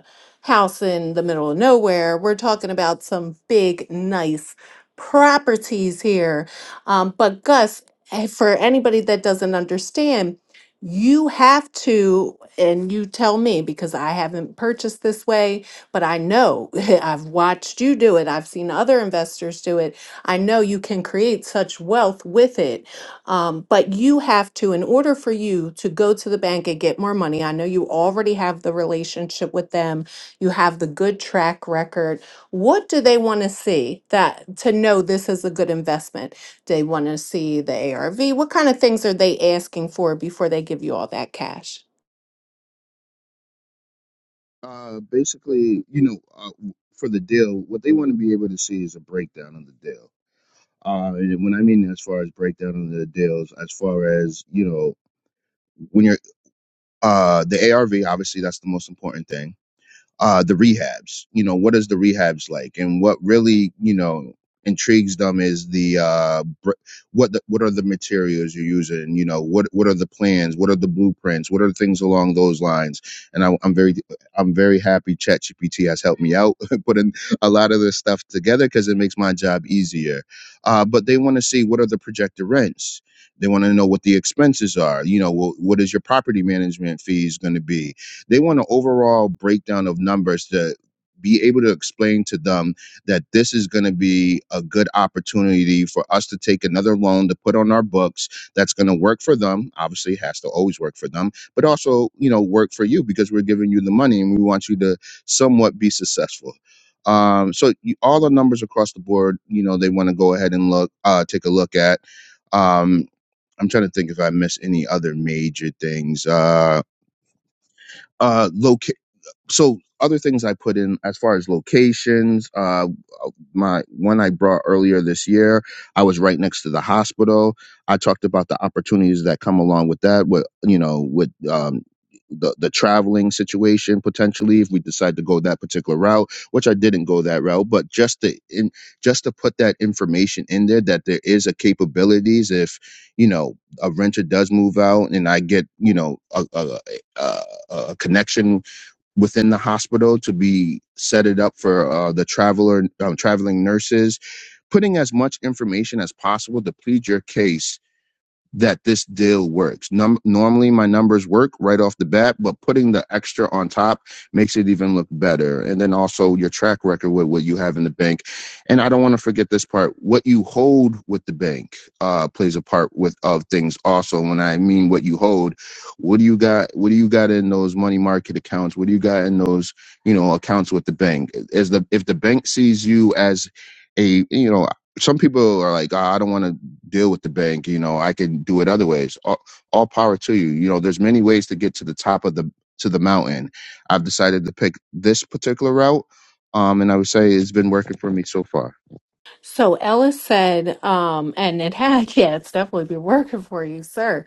house in the middle of nowhere. We're talking about some big, nice properties here. Um, but Gus, eh, for anybody that doesn't understand, you have to, and you tell me because I haven't purchased this way, but I know I've watched you do it. I've seen other investors do it. I know you can create such wealth with it. Um, but you have to, in order for you to go to the bank and get more money, I know you already have the relationship with them you have the good track record. What do they want to see that to know this is a good investment? They want to see the ARV. What kind of things are they asking for before they give you all that cash?
Uh, basically, you know, uh, for the deal, what they want to be able to see is a breakdown of the deal. Uh, and when I mean as far as breakdown of the deals, as far as you know, when you're uh the ARV, obviously that's the most important thing uh, the rehabs. You know, what is the rehabs like? And what really, you know, intrigues them is the uh, br- what the, what are the materials you're using? You know, what what are the plans? What are the blueprints? What are things along those lines? And I, I'm very I'm very happy ChatGPT has helped me out putting a lot of this stuff together because it makes my job easier. Uh, but they want to see what are the projected rents. They want to know what the expenses are. You know, wh- what is your property management fees going to be? They want an overall breakdown of numbers to be able to explain to them that this is going to be a good opportunity for us to take another loan to put on our books that's going to work for them obviously it has to always work for them but also you know work for you because we're giving you the money and we want you to somewhat be successful um, so you, all the numbers across the board, you know, they want to go ahead and look, uh, take a look at. Um, I'm trying to think if I miss any other major things. Uh, uh, loca- so other things I put in as far as locations, uh, my one I brought earlier this year, I was right next to the hospital. I talked about the opportunities that come along with that. With you know, with um, the the traveling situation potentially, if we decide to go that particular route, which I didn't go that route, but just to in just to put that information in there that there is a capabilities if you know a renter does move out and I get you know a, a, a, a a connection within the hospital to be set it up for uh, the traveler um, traveling nurses putting as much information as possible to plead your case that this deal works. Num- normally, my numbers work right off the bat, but putting the extra on top makes it even look better. And then also your track record with what you have in the bank. And I don't want to forget this part: what you hold with the bank uh, plays a part with of things. Also, when I mean what you hold, what do you got? What do you got in those money market accounts? What do you got in those you know accounts with the bank? Is the if the bank sees you as a you know some people are like, "Ah, I don't want to deal with the bank. You know, I can do it other ways. All, all power to you. You know, there's many ways to get to the top of the to the mountain. I've decided to pick this particular route, um, and I would say it's been working for me so far.
So Ellis said, um, and it had, yeah, it's definitely been working for you, sir.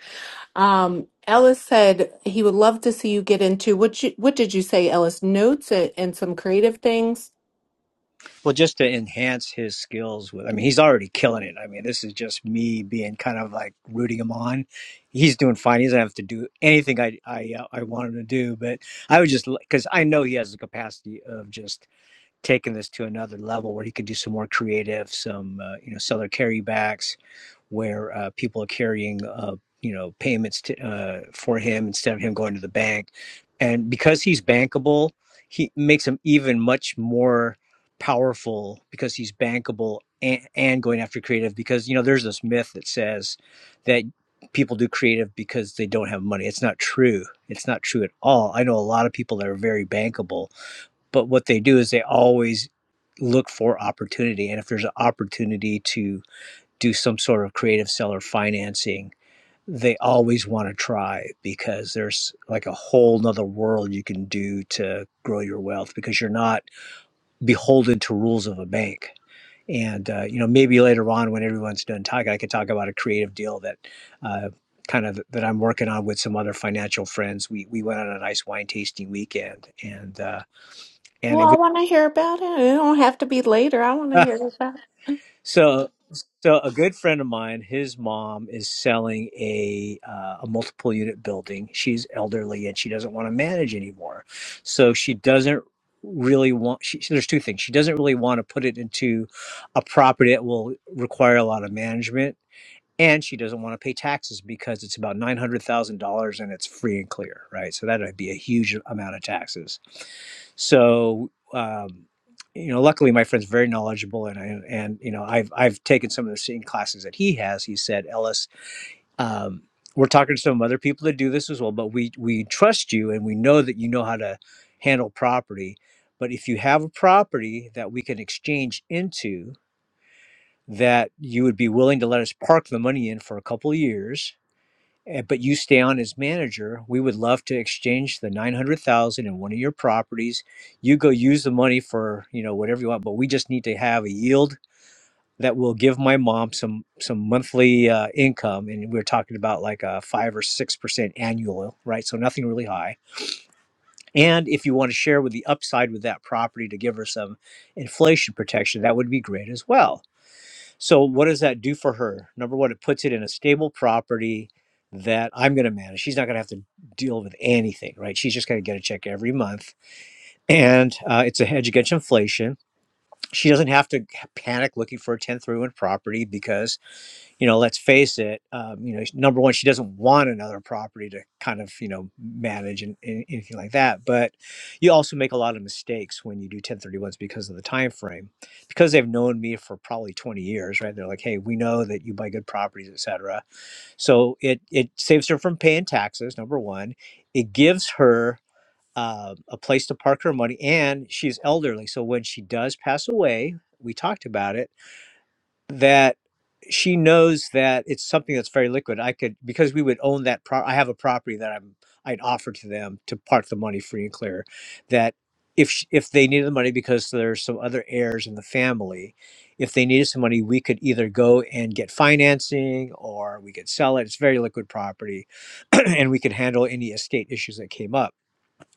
Um, Ellis said he would love to see you get into what you, what did you say, Ellis? Notes and, and some creative things.
Well, just to enhance his skills with, I mean, he's already killing it. I mean, this is just me being kind of like rooting him on. He's doing fine. He doesn't have to do anything I I uh, I want him to do. But I would just because I know he has the capacity of just taking this to another level where he could do some more creative, some uh, you know seller carrybacks, where uh, people are carrying uh, you know payments to, uh, for him instead of him going to the bank, and because he's bankable, he makes him even much more powerful because he's bankable and, and going after creative because you know there's this myth that says that people do creative because they don't have money it's not true it's not true at all i know a lot of people that are very bankable but what they do is they always look for opportunity and if there's an opportunity to do some sort of creative seller financing they always want to try because there's like a whole nother world you can do to grow your wealth because you're not beholden to rules of a bank and uh, you know maybe later on when everyone's done talking i could talk about a creative deal that uh, kind of that i'm working on with some other financial friends we we went on a nice wine tasting weekend and uh, and
Well,
it
I
was
want to hear about it. It don't have to be later. I want to hear about it.
So, so a good friend of mine, his mom is selling a uh, a multiple unit building. She's elderly and she doesn't want to manage anymore. So she doesn't really want. She, there's two things. She doesn't really want to put it into a property that will require a lot of management and she doesn't want to pay taxes because it's about $900,000 and it's free and clear, right? So that would be a huge amount of taxes. So, um, you know, luckily my friend's very knowledgeable and I, and you know, I've I've taken some of the same classes that he has. He said, "Ellis, um, we're talking to some other people that do this as well, but we we trust you and we know that you know how to handle property. But if you have a property that we can exchange into, that you would be willing to let us park the money in for a couple of years, eh, but you stay on as manager. We would love to exchange the 900,000 in one of your properties. You go use the money for, you know, whatever you want, but we just need to have a yield that will give my mom some some monthly uh, income and we're talking about like a 5 or 6% annual, right? So nothing really high. And if you want to share with the upside with that property to give her some inflation protection, that would be great as well so, what does that do for her? Number one, it puts it in a stable property that I'm going to manage. She's not going to have to deal with anything, right? She's just going to get a check every month. And uh, it's a hedge against inflation. She doesn't have to panic looking for a 10 through property because you know, let's face it, um, you know, number one, she doesn't want another property to kind of, you know, manage and, and anything like that. But you also make a lot of mistakes when you do 1031s because of the time frame. Because they've known me for probably 20 years, right? They're like, hey, we know that you buy good properties, et cetera. So it it saves her from paying taxes, number one. It gives her uh, a place to park her money, and she's elderly. So when she does pass away, we talked about it that she knows that it's something that's very liquid. I could because we would own that. Pro- I have a property that I'm I'd offer to them to part the money free and clear. That if sh- if they needed the money because there's some other heirs in the family, if they needed some money, we could either go and get financing or we could sell it. It's very liquid property, and we could handle any estate issues that came up.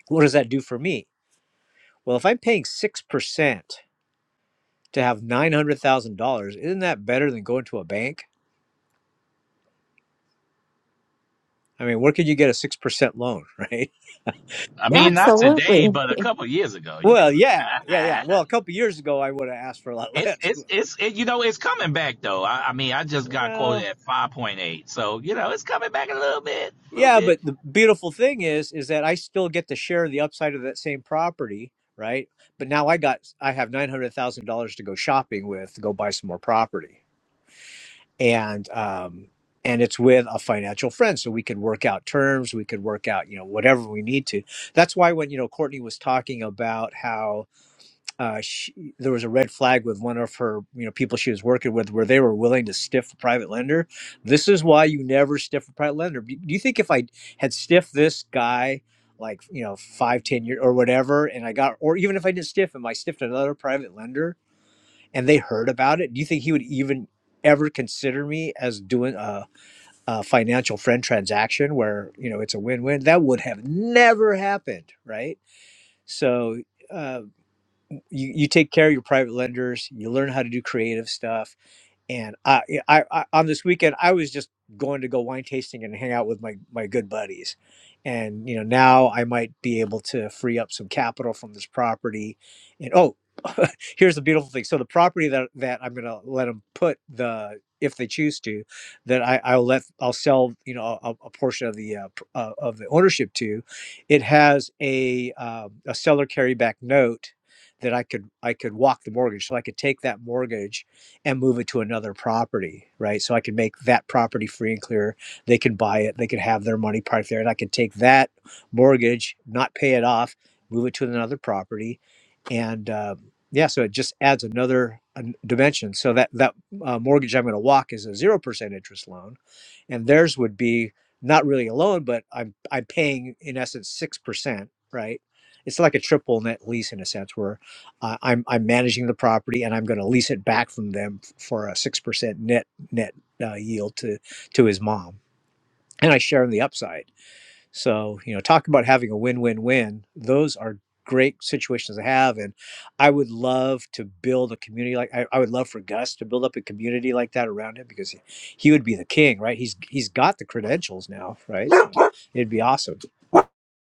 What does that do for me? Well, if I'm paying six percent to have nine hundred thousand dollars, isn't that better than going to a bank? I mean, where could you get a 6% loan, right?
I mean, not today,
Absolutely.
but a couple years ago, you could
Well, yeah, yeah, yeah.
have.
Well, a couple years ago, I would have asked for a lot
it's
less.
it's it's it, you know it's coming back though. I, I mean, I just got quoted
Well,
at five point eight, so you know it's coming back a little bit, a little
yeah,
bit.
but the beautiful thing is, is that I still get to share the upside of that same property, right? But now I got, I have $900,000 to go shopping with to go buy some more property. And, um, and it's with a financial friend. So we could work out terms. We could work out, you know, whatever we need to. That's why when, you know, Courtney was talking about how, uh, she, there was a red flag with one of her you know people she was working with where they were willing to stiff a private lender this is why you never stiff a private lender do do you think if i had stiffed this guy like you know five ten years or whatever and i got or even if i didn't stiff him i stiffed another private lender and they heard about it do you think he would even ever consider me as doing a, a financial friend transaction where you know it's a win-win that would have never happened right so uh, you, you take care of your private lenders you learn how to do creative stuff and I, yeah, I, I on this weekend I was just going to go wine tasting and hang out with my my good buddies, and you know now I might be able to free up some capital from this property, and oh, here's the beautiful thing. So the property that that I'm gonna let them put the if they choose to, that I, I'll let I'll sell you know a, a portion of the uh, p- uh, of the ownership to, it has a um, a seller carryback note that I could I could walk the mortgage, so I could take that mortgage and move it to another property, right? So I can make that property free and clear. They can buy it, they can have their money parked there, and I can take that mortgage, not pay it off, move it to another property, and uh, yeah, so it just adds another uh, dimension. So that that uh, mortgage I'm going to walk is a zero percent interest loan and theirs would be not really a loan, but I'm I'm paying in essence six percent, right? It's like a triple net lease in a sense, where uh, I'm I'm managing the property and I'm going to lease it back from them f- for a six percent net net uh, yield to to his mom, and I share in the upside so, you know, talk about having a win win win. Those are great situations to have. And I would love to build a community like I, I would love for Gus to build up a community like that around him because he, he would be the king, right? He's he's got the credentials now, right? So It'd be awesome.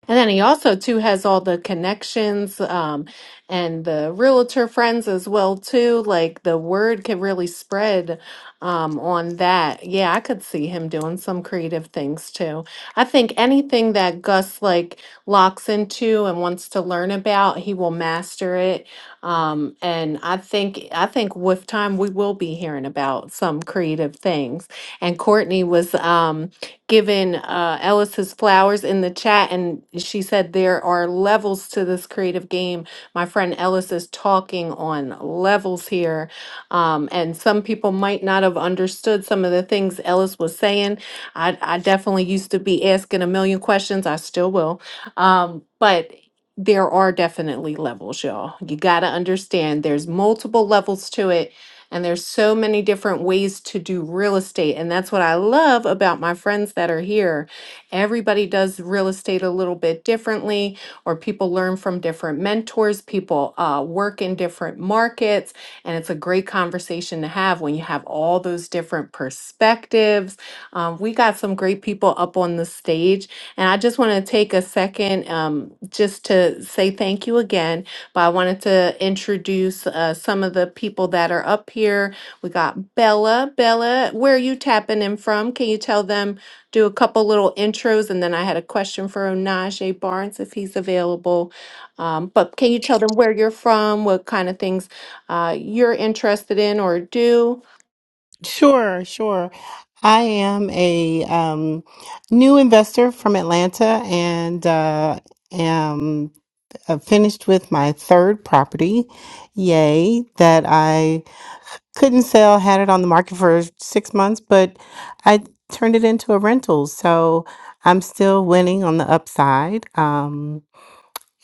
And then he also too has all the connections um, and the realtor friends as well too. Like the word can really spread um, on that. Yeah, I could see him doing some creative things too. I think anything that Gus like locks into and wants to learn about, he will master it. Um, and I think I think with time we will be hearing about some creative things. And Courtney was. Um, given uh, Ellis his flowers in the chat, and she said there are levels to this creative game. My friend Ellis is talking on levels here, um, and some people might not have understood some of the things Ellis was saying. I, I definitely used to be asking a million questions. I still will, um, but. There are definitely levels, y'all. You got to understand there's multiple levels to it and there's so many different ways to do real estate. And that's what I love about my friends that are here. Everybody does real estate a little bit differently, or people learn from different mentors, people uh, work in different markets. And it's a great conversation to have when you have all those different perspectives. Um, we got some great people up on the stage. And I just want to take a second um, just to say thank you again but I wanted to introduce uh, some of the people that are up here. We got Bella. Bella, where are you tapping in from? Can you tell them, do a couple little intros? And then I had a question for Najee Barnes if he's available. Um, but can you tell them where you're from, what kind of things uh, you're interested in or do?
Sure, sure. I am a um, new investor from Atlanta and uh, am uh, finished with my third property. Yay, that I. couldn't sell, had it on the market for six months, but I turned it into a rental. So I'm still winning on the upside. Um,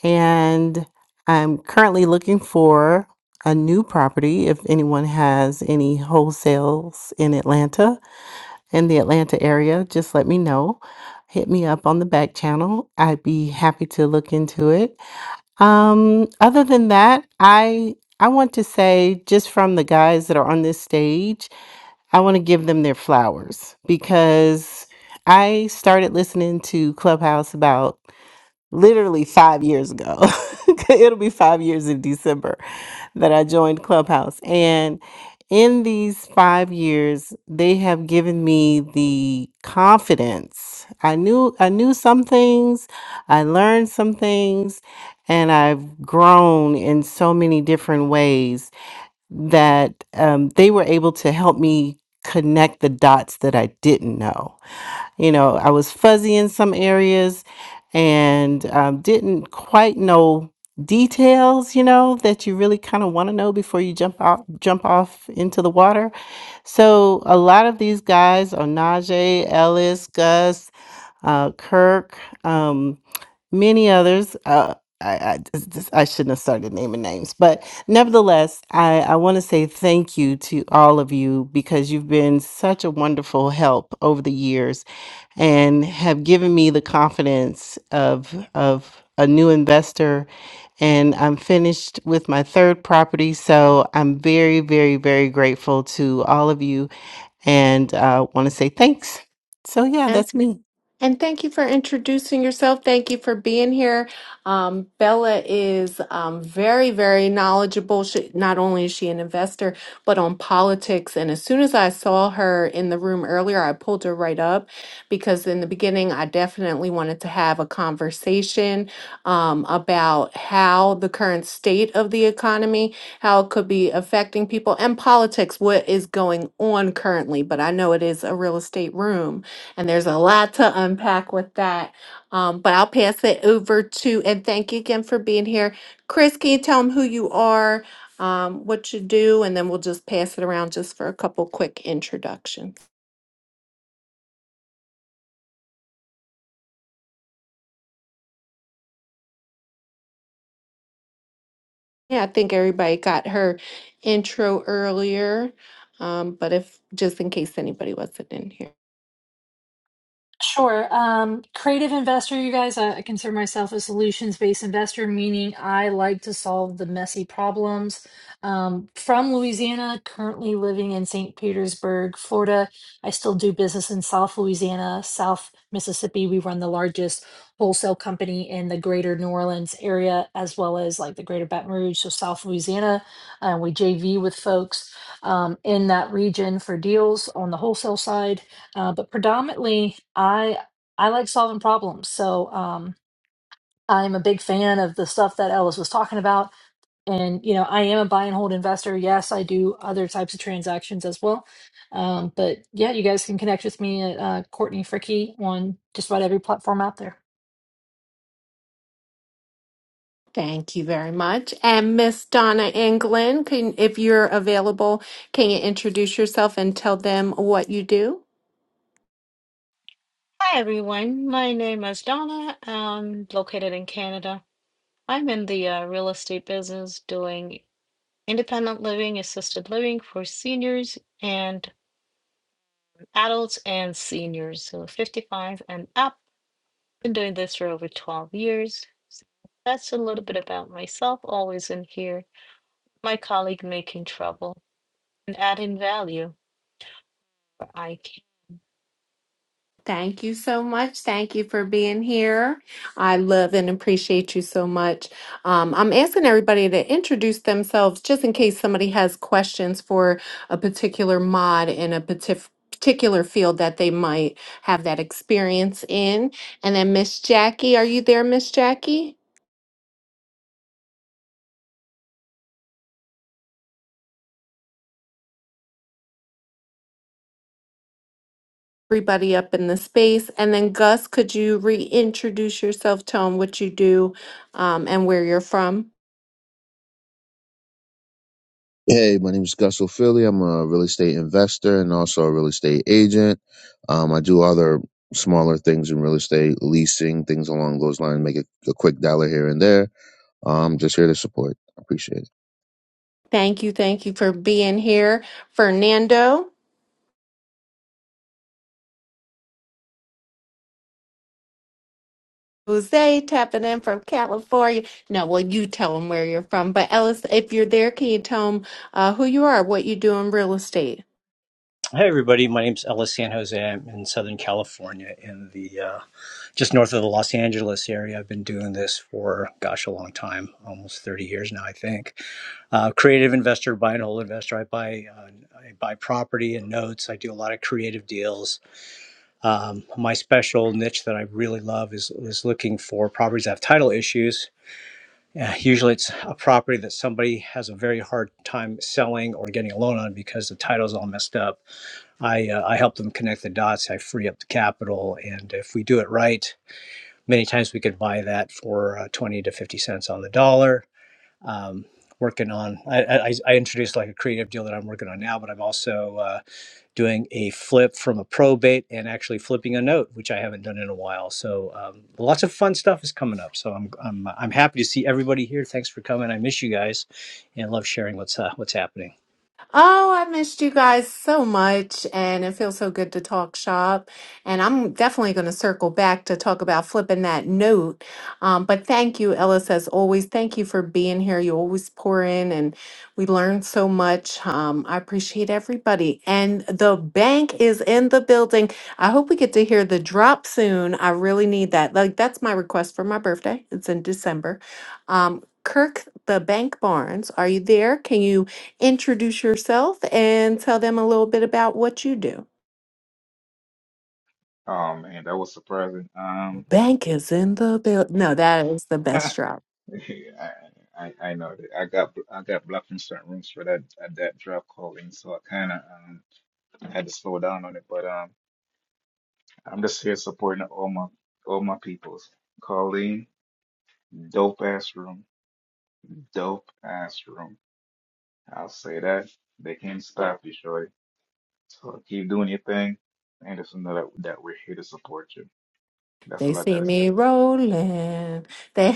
and I'm currently looking for a new property if anyone has any wholesales in Atlanta, in the Atlanta area, just let me know. Hit me up on the back channel. I'd be happy to look into it. Um, other than that, I I want to say just from the guys that are on this stage, I want to give them their flowers because I started listening to Clubhouse about literally five years ago. It'll be five years in December that I joined Clubhouse. And in these five years, they have given me the confidence. I knew I knew some things, I learned some things, and I've grown in so many different ways that um, they were able to help me connect the dots that I didn't know. You know, I was fuzzy in some areas and um, didn't quite know details you know that you really kind of want to know before you jump off jump off into the water so a lot of these guys onaje ellis gus uh, kirk um, many others. Uh, I, I, this- I shouldn't have started naming names, but nevertheless, I, I want to say thank you to all of you because you've been such a wonderful help over the years and have given me the confidence of, of a new investor. And I'm finished with my third property. So I'm very, very, very grateful to all of you and uh, want to say thanks. So, yeah, that's me.
And thank you for introducing yourself. Thank you for being here. Um, Bella is um, very, very knowledgeable. She, not only is she an investor, but on politics. And as soon as I saw her in the room earlier, I pulled her right up because in the beginning, I definitely wanted to have a conversation um, about how the current state of the economy, how it could be affecting people, and politics, what is going on currently. But I know it is a real estate room. And there's a lot to unpack with that. Um, but I'll pass it over to, and thank you again for being here. Chris, can you tell them who you are, um, what you do, and then we'll just pass it around just for a couple quick introductions. Yeah, I think everybody got her intro earlier, um, but if just in case anybody wasn't in here.
Sure. Um, creative investor, you guys, I, I consider myself a solutions-based investor, meaning I like to solve the messy problems. Um, from Louisiana, currently living in St. Petersburg, Florida. I still do business in South Louisiana, South Mississippi. We run the largest wholesale company in the greater New Orleans area, as well as like the greater Baton Rouge, so South Louisiana. Uh, we JV with folks um, in that region for deals on the wholesale side uh, but predominantly i i like solving problems so um, i'm a big fan of the stuff that ellis was talking about and you know i am a buy and hold investor yes i do other types of transactions as well um, but yeah you guys can connect with me at uh, courtney fricky on just about every platform out there
Thank you very much. And Miss Donna England, can, if you're available, can you introduce yourself and tell them what you do?
Hi everyone, my name is Donna. I'm located in Canada. I'm in the uh, real estate business doing independent living, assisted living for seniors and adults and seniors, so 55 and up. Been doing this for over 12 years. So that's a little bit about myself, always in here. My colleague making trouble and adding value for IQ.
Thank you so much. Thank you for being here. I love and appreciate you so much. Um, I'm asking everybody to introduce themselves just in case somebody has questions for a particular mod in a partif- particular field that they might have that experience in. And then, Miss Jackie, are you there, Miss Jackie? Everybody up in the space. And then, Gus, could you reintroduce yourself, tell them what you do um, and where you're from?
Hey, my name is Gus O'Philly. I'm a real estate investor and also a real estate agent. Um, I do other smaller things in real estate, leasing things along those lines, make a, a quick dollar here and there. Um, just here to support. I Appreciate it.
Thank you. Thank you for being here. Fernando, Jose tapping in from California. No, well, you tell them where you're from. But Ellis, if you're there, can you tell them uh, who you are, what you do in real estate?
Hi, everybody. My name's Ellis San Jose. I'm in Southern California, in the uh, just north of the Los Angeles area. I've been doing this for gosh, a long time, almost 30 years now, I think. uh, creative investor, buy and hold investor. I buy uh, I buy property and notes. I do a lot of creative deals. Um, my special niche that I really love is is looking for properties that have title issues. Uh, usually, it's a property that somebody has a very hard time selling or getting a loan on because the title's all messed up. I uh, I help them connect the dots. I free up the capital, and if we do it right, many times we could buy that for uh, twenty to fifty cents on the dollar um, working on. I, I, I introduced like a creative deal that I'm working on now, but I'm also uh, doing a flip from a probate and actually flipping a note, which I haven't done in a while. So um, lots of fun stuff is coming up. So I'm, I'm I'm happy to see everybody here. Thanks for coming. I miss you guys, and love sharing what's uh, what's happening.
Oh, I missed you guys so much, and it feels so good to talk shop. And I'm definitely going to circle back to talk about flipping that note. Um, but thank you, Ellis, as always. Thank you for being here. You always pour in, and we learn so much. Um, I appreciate everybody. And the bank is in the building. I hope we get to hear the drop soon. I really need that. Like, that's my request for my birthday. It's in December. Um, Kirk, the bank Barnes, are you there? Can you? introduce yourself and tell them a little bit about what you do.
Oh man, that was surprising. Um,
Bank is in the build. No, that is the
I,
best job.
I I know that I got I got blocked from certain rooms for that at that drop calling, so I kind of um, had to slow down on it. But um. I'm just here supporting all my all my peoples. Colleen, dope ass room, dope ass room. I'll say that they can't stop you, Shorty. So keep doing your thing, and just know that that we're here to support you. That's
They
all I
see
gotta say.
me rolling. They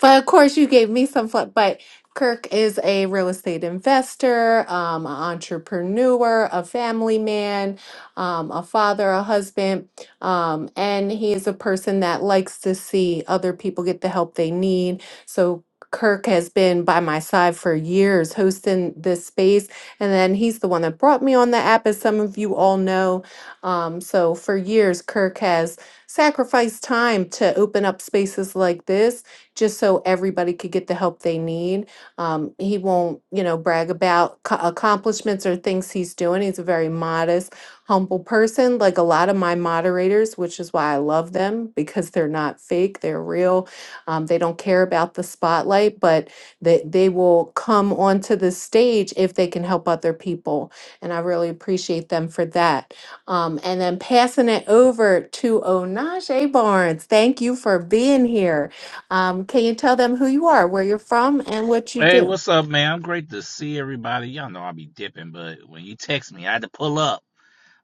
But of course, you gave me some fun. But Kirk is a real estate investor, um, an entrepreneur, a family man, um, a father, a husband. Um, and he is a person that likes to see other people get the help they need. So Kirk has been by my side for years hosting this space. And then he's the one that brought me on the app, as some of you all know. Um, so for years, Kirk has sacrifice time to open up spaces like this just so everybody could get the help they need. Um, he won't, you know, brag about co- accomplishments or things he's doing. He's a very modest, humble person, like a lot of my moderators, which is why I love them because they're not fake, they're real. Um, they don't care about the spotlight, but they, they will come onto the stage if they can help other people. And I really appreciate them for that. Um, and then passing it over to Onaje Barnes. Thank you for being here. Um, can you tell them who you are, where you're from, and what you
Hey,
do?
what's up, man? I'm great to see everybody. Y'all know I be dipping, but when you text me, I had to pull up.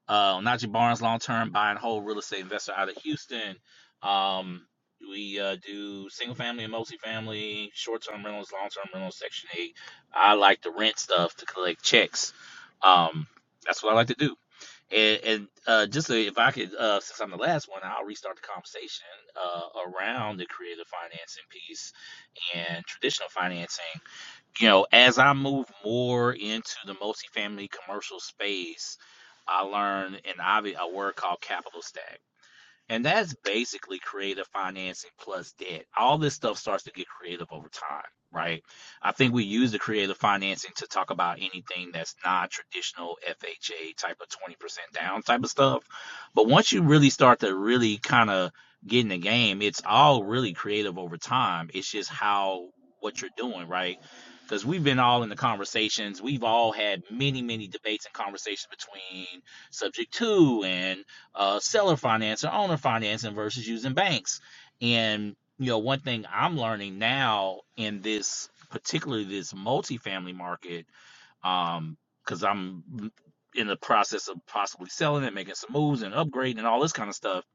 Uh, Najee Barnes, long term buy and hold real estate investor out of Houston. Um, we uh, do single family and multifamily, short term rentals, long term rentals, Section 8. I like to rent stuff to collect checks. Um, that's what I like to do. And, and uh, just so if I could, uh, since I'm the last one, I'll restart the conversation uh, around the creative financing piece and traditional financing you know, as I move more into the multifamily commercial space, I learned an obvi- a word called capital stack. And that's basically creative financing plus debt. All this stuff starts to get creative over time, right? I think we use the creative financing to talk about anything that's not traditional FHA type of 20% down type of stuff. But once you really start to really kind of get in the game, it's all really creative over time. It's just how what you're doing, right? Because we've been all in the conversations. We've all had many, many debates and conversations between subject two and uh, seller finance or owner financing versus using banks. And you know, one thing I'm learning now in this, particularly this multifamily market, um, because I'm in the process of possibly selling it, making some moves and upgrading and all this kind of stuff.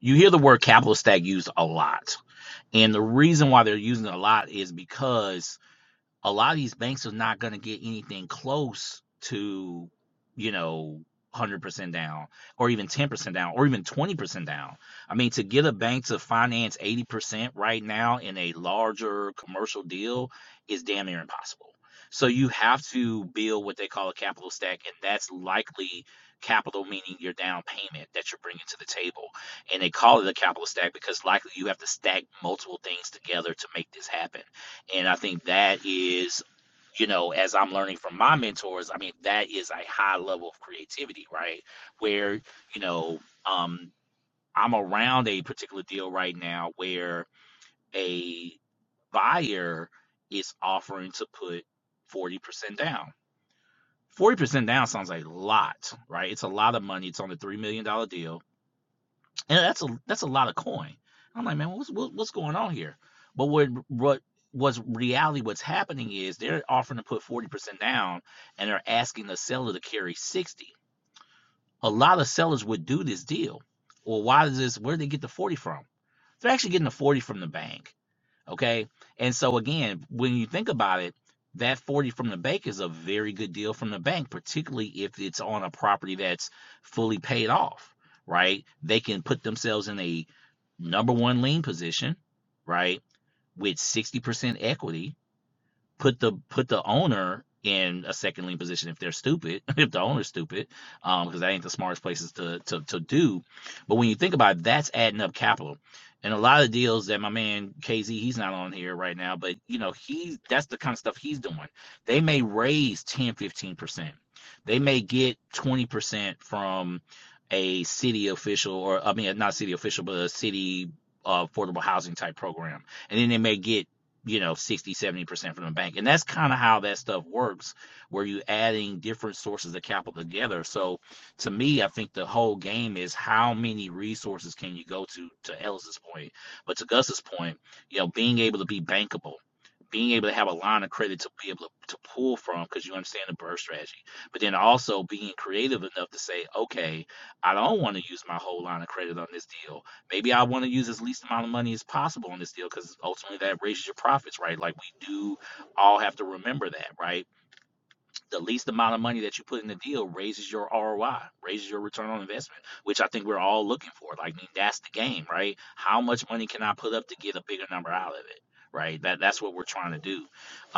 You hear the word capital stack used a lot, and the reason why they're using it a lot is because a lot of these banks are not going to get anything close to, you know, 100% down or even 10% down or even 20% down. I mean, to get a bank to finance 80% right now in a larger commercial deal is damn near impossible. So you have to build what they call a capital stack, and that's likely capital meaning your down payment that you're bringing to the table. And they call it a capital stack because likely you have to stack multiple things together to make this happen and I think that is, you know, as I'm learning from my mentors, I mean, that is a high level of creativity, right? Where, you know, um, I'm around a particular deal right now where a buyer is offering to put 40% down. 40% down sounds like a lot, right? It's a lot of money. It's on a $3 million dollar deal and that's a that's a lot of coin. I'm like, man, what's what's going on here? But what what was reality? What's happening is they're offering to put forty percent down, and they're asking the seller to carry sixty. A lot of sellers would do this deal. Well, why does this? Where would they get the forty from? They're actually getting the forty from the bank. Okay. And so again, when you think about it, that 40 from the bank is a very good deal from the bank, particularly if it's on a property that's fully paid off, right? They can put themselves in a number one lien position, right? With 60% equity, put the put the owner in a second lien position if they're stupid, if the owner's stupid, um, because that ain't the smartest places to, to to do. But when you think about it, that's adding up capital. And a lot of deals that my man KZ, he's not on here right now, but you know, he that's the kind of stuff he's doing. They may raise ten fifteen percent They may get 20% from a city official or I mean not city official, but a city uh, affordable housing type program. And then they may get you know sixty, seventy percent from the bank and that's kind of how that stuff works where you adding different sources of capital together so to me i think the whole game is how many resources can you go to to ellis's point but to gus's point you know being able to be bankable being able to have a line of credit to be able to, to pull from because you understand the burst strategy but then also being creative enough to say okay i don't want to use my whole line of credit on this deal maybe I want to use as least amount of money as possible on this deal because ultimately that raises your profits, right? Like we do all have to remember that, right? the least amount of money that you put in the deal raises your ROI, raises your return on investment, which I think we're all looking for. Like I mean, that's the game, right? How much money can I put up to get a bigger number out of it? Right. That that's what we're trying to do.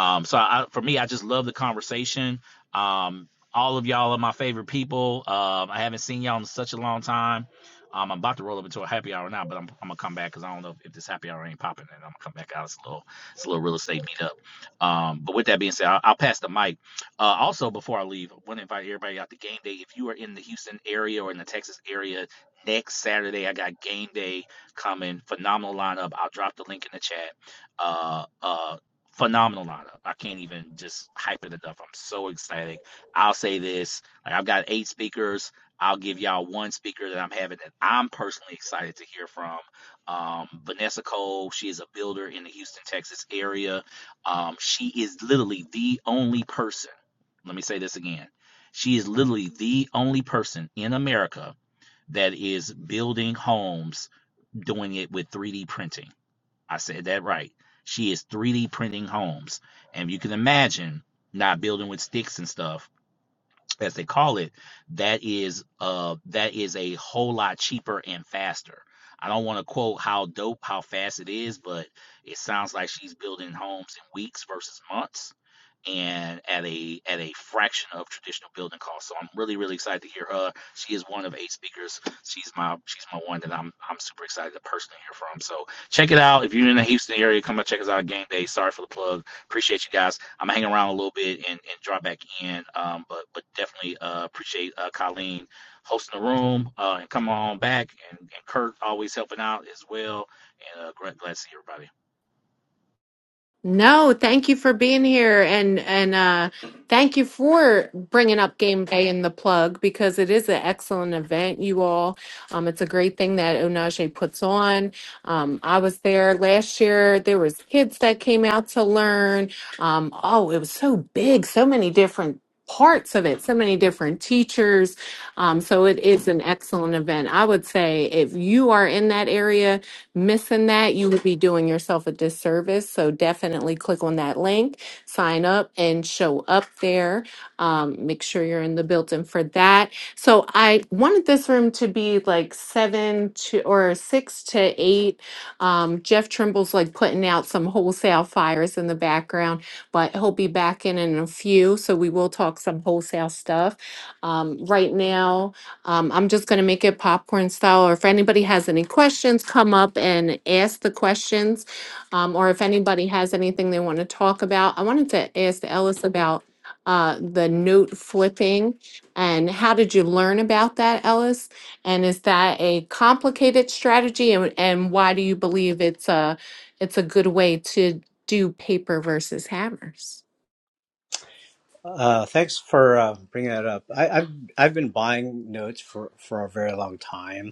Um, so I, for me, I just love the conversation. Um, all of y'all are my favorite people. Um, I haven't seen y'all in such a long time. Um, I'm about to roll up into a happy hour now, but I'm, I'm gonna come back because I don't know if, if this happy hour ain't popping, and I'm gonna come back out. It's a little, it's a little real estate meetup. Um, but with that being said, I'll, I'll pass the mic. Uh, also, before I leave, I want to invite everybody out to game day. If you are in the Houston area or in the Texas area next Saturday, I got game day coming. Phenomenal lineup. I'll drop the link in the chat. Uh, uh, phenomenal lineup. I can't even just hype it enough. I'm so excited. I'll say this: like I've got eight speakers. I'll give y'all one speaker that I'm having that I'm personally excited to hear from. Um, Vanessa Cole, she is a builder in the Houston, Texas area. Um, she is literally the only person let me say this again. She is literally the only person in America that is building homes doing it with 3D printing. I said that right. She is 3D printing homes. And you can imagine not building with sticks and stuff as they call it that is uh that is a whole lot cheaper and faster. I don't want to quote how dope how fast it is, but it sounds like she's building homes in weeks versus months and at a at a fraction of traditional building costs. So I'm really really excited to hear her. She is one of eight speakers. She's my she's my one that I'm I'm super excited to personally hear from. So check it out if you're in the Houston area. Come out check us out on game day. Sorry for the plug. Appreciate you guys. I'm hanging around a little bit and, and drop back in. Um, but but definitely uh, appreciate uh, Colleen hosting the room uh, and coming on back and, and Kurt always helping out as well. And uh, glad, glad to see everybody.
No, thank you for being here and and uh thank you for bringing up game day in the plug because it is an excellent event you all. Um it's a great thing that Onaje puts on. Um I was there last year. There was kids that came out to learn. Um oh, it was so big, so many different parts of it, so many different teachers. Um so it is an excellent event. I would say if you are in that area missing that, you would be doing yourself a disservice. So definitely click on that link, sign up, and show up there. Um, make sure you're in the building for that. So I wanted this room to be like seven to or six to eight. Um, Jeff Trimble's like putting out some wholesale fires in the background, but he'll be back in in a few. So we will talk some wholesale stuff. Um, right now, um, I'm just gonna make it popcorn style, or if anybody has any questions, come up and ask the questions. Um, or if anybody has anything they want to talk about, I wanted to ask Ellis about uh, the note flipping and how did you learn about that, Ellis? And is that a complicated strategy and, and why do you believe it's a, it's a good way to do paper versus hammers?
Uh, thanks for uh, bringing that up. I, I've I've been buying notes for for a very long time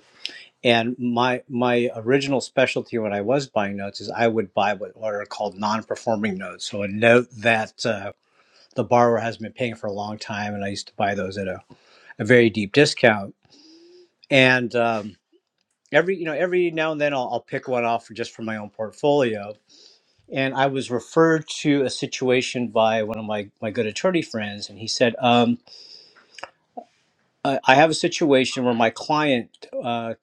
And my my original specialty when I was buying notes is I would buy what, are called non-performing notes, so a note that uh, the borrower has been paying for a long time, and I used to buy those at a, a very deep discount. And um, every you know every now and then I'll, I'll pick one off just for my own portfolio. And I was referred to a situation by one of my my good attorney friends, and he said, um, I, "I have a situation where my client uh,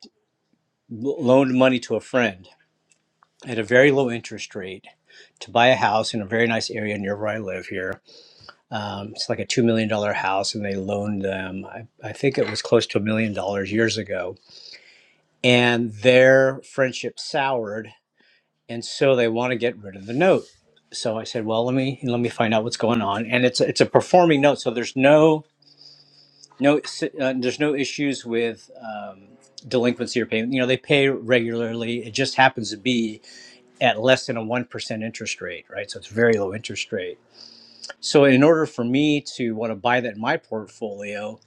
loaned money to a friend." at a very low interest rate to buy a house in a very nice area near where I live here. Um, it's like a $2 million dollar house, and they loaned them, I, I think it was close to a million dollars years ago. And their friendship soured, and so they want to get rid of the note. So I said, well, let me let me find out what's going on. And it's a- it's a performing note, so there's no no uh, there's no issues with um, delinquency or payment. You know, they pay regularly. It just happens to be at less than a 1% interest rate, right? So it's very low interest rate. So in order for me to want to buy that in my portfolio,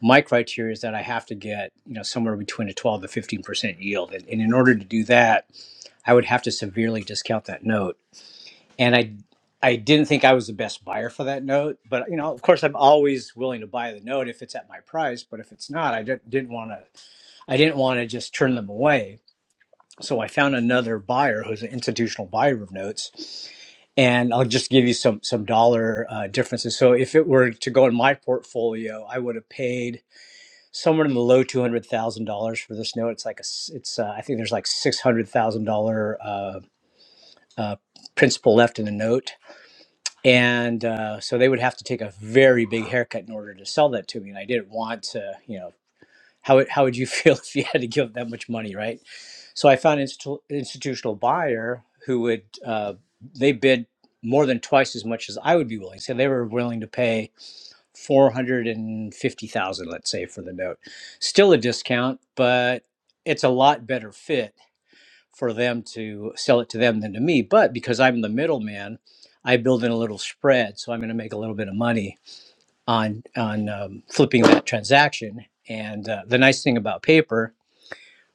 my criteria is that I have to get, you know, somewhere between a 12 to 15% yield. And, and in order to do that, I would have to severely discount that note. And I I didn't think I was the best buyer for that note, but you know, of course I'm always willing to buy the note if it's at my price, but if it's not, I didn't, didn't want to I didn't want to just turn them away. So I found another buyer who's an institutional buyer of notes, and I'll just give you some some dollar uh, differences. So if it were to go in my portfolio, I would have paid somewhere in the low two hundred thousand dollars for this note. It's like a s- it's uh, I think there's like six hundred thousand thousand dollar uh, uh, principal left in the note, and uh, so they would have to take a very big haircut in order to sell that to me, and I didn't want to you know how would, how would you feel if you had to give that much money, right? So I found an institu- institutional buyer who would, uh, they bid more than twice as much as I would be willing. So they were willing to pay 450,000, let's say, for the note. Still a discount, but it's a lot better fit for them to sell it to them than to me. But because I'm the middleman, I build in a little spread. So I'm going to make a little bit of money on, on um, flipping that transaction. And uh, the nice thing about paper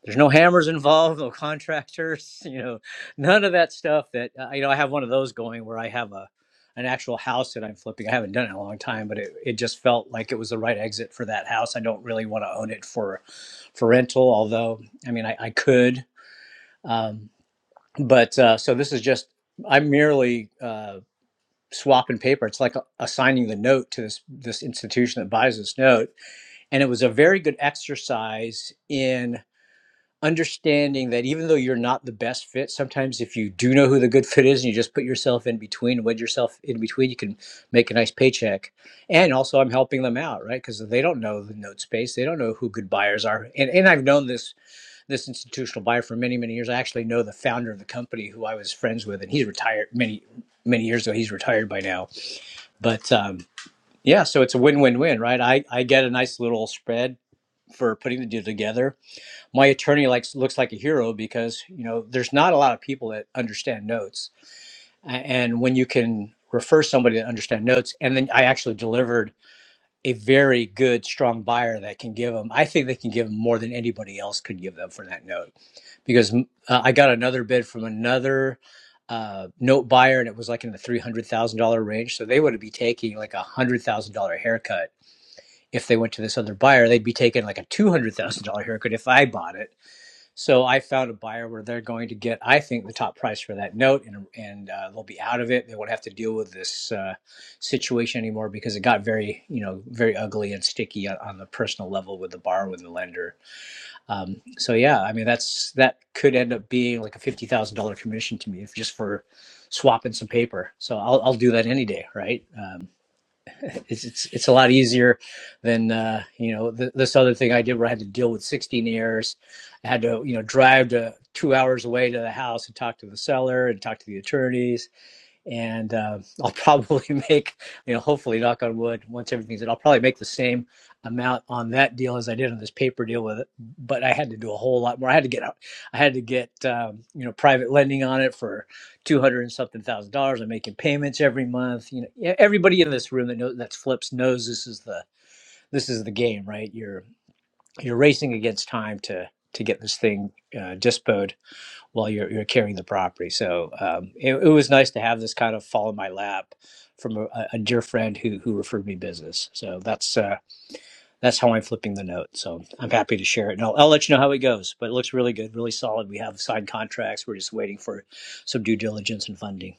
there's no hammers involved, no contractors, you know, none of that stuff. That uh, you know, I have one of those going where I have a an actual house that I'm flipping. I haven't done it in a long time, but it, it just felt like it was the right exit for that house. I don't really want to own it for for rental, although I mean I, I could. Um, but uh, so this is just I'm merely uh, swapping paper. It's like uh, assigning the note to this this institution that buys this note, and it was a very good exercise in understanding that even though you're not the best fit, sometimes if you do know who the good fit is and you just put yourself in between, wedge yourself in between, you can make a nice paycheck. And also, I'm helping them out, right? Because they don't know the note space, they don't know who good buyers are. And and I've known this this institutional buyer for many many years. I actually know the founder of the company who I was friends with, and he's retired many many years ago. He's retired by now, but. um yeah, so it's a win-win-win, right? I, I get a nice little spread for putting the deal together my attorney likes looks like a hero because you know there's not a lot of people that understand notes and when you can refer somebody that understand notes and then i actually delivered a very good strong buyer that can give them i think they can give them more than anybody else could give them for that note because mm, uh, i got another bid from another uh, note buyer and it was like in the $300000 range so they would be taking like a $100000 haircut if they went to this other buyer they'd be taking like a $200000 haircut if i bought it so I found a buyer where they're going to get, I think, the top price for that note, and and uh, they'll be out of it. They won't have to deal with this uh, situation anymore because it got very, you know, very ugly and sticky on, on the personal level with the borrower with the lender. Um, so yeah, I mean, that's that could end up being like a fifty thousand dollar commission to me if just for swapping some paper. So I'll I'll do that any day, right? Um, it's it's, it's a lot easier than uh, you know th- this other thing I did where I had to deal with 16 errors. I had to you know drive to two hours away to the house and talk to the seller and talk to the attorneys and uh, I'll probably make, you know, hopefully, knock on wood, once everything's in, I'll probably make the same amount on that deal as I did on this paper deal with it. But I had to do a whole lot more. I had to get, I had to get, um, you know, private lending on it for two hundred and something thousand dollars. I'm making payments every month. You know, yeah, everybody in this room that knows that flips knows this is the this is the game, right? You're you're racing against time to to get this thing uh, dispoed while you're you're carrying the property. So um, it, it was nice to have this kind of fall in my lap from a, a dear friend who who referred me business. So that's uh, that's how I'm flipping the note. So I'm happy to share it, and I'll, I'll let you know how it goes. But it looks really good, really solid. We have signed contracts. We're just waiting for some due diligence and funding.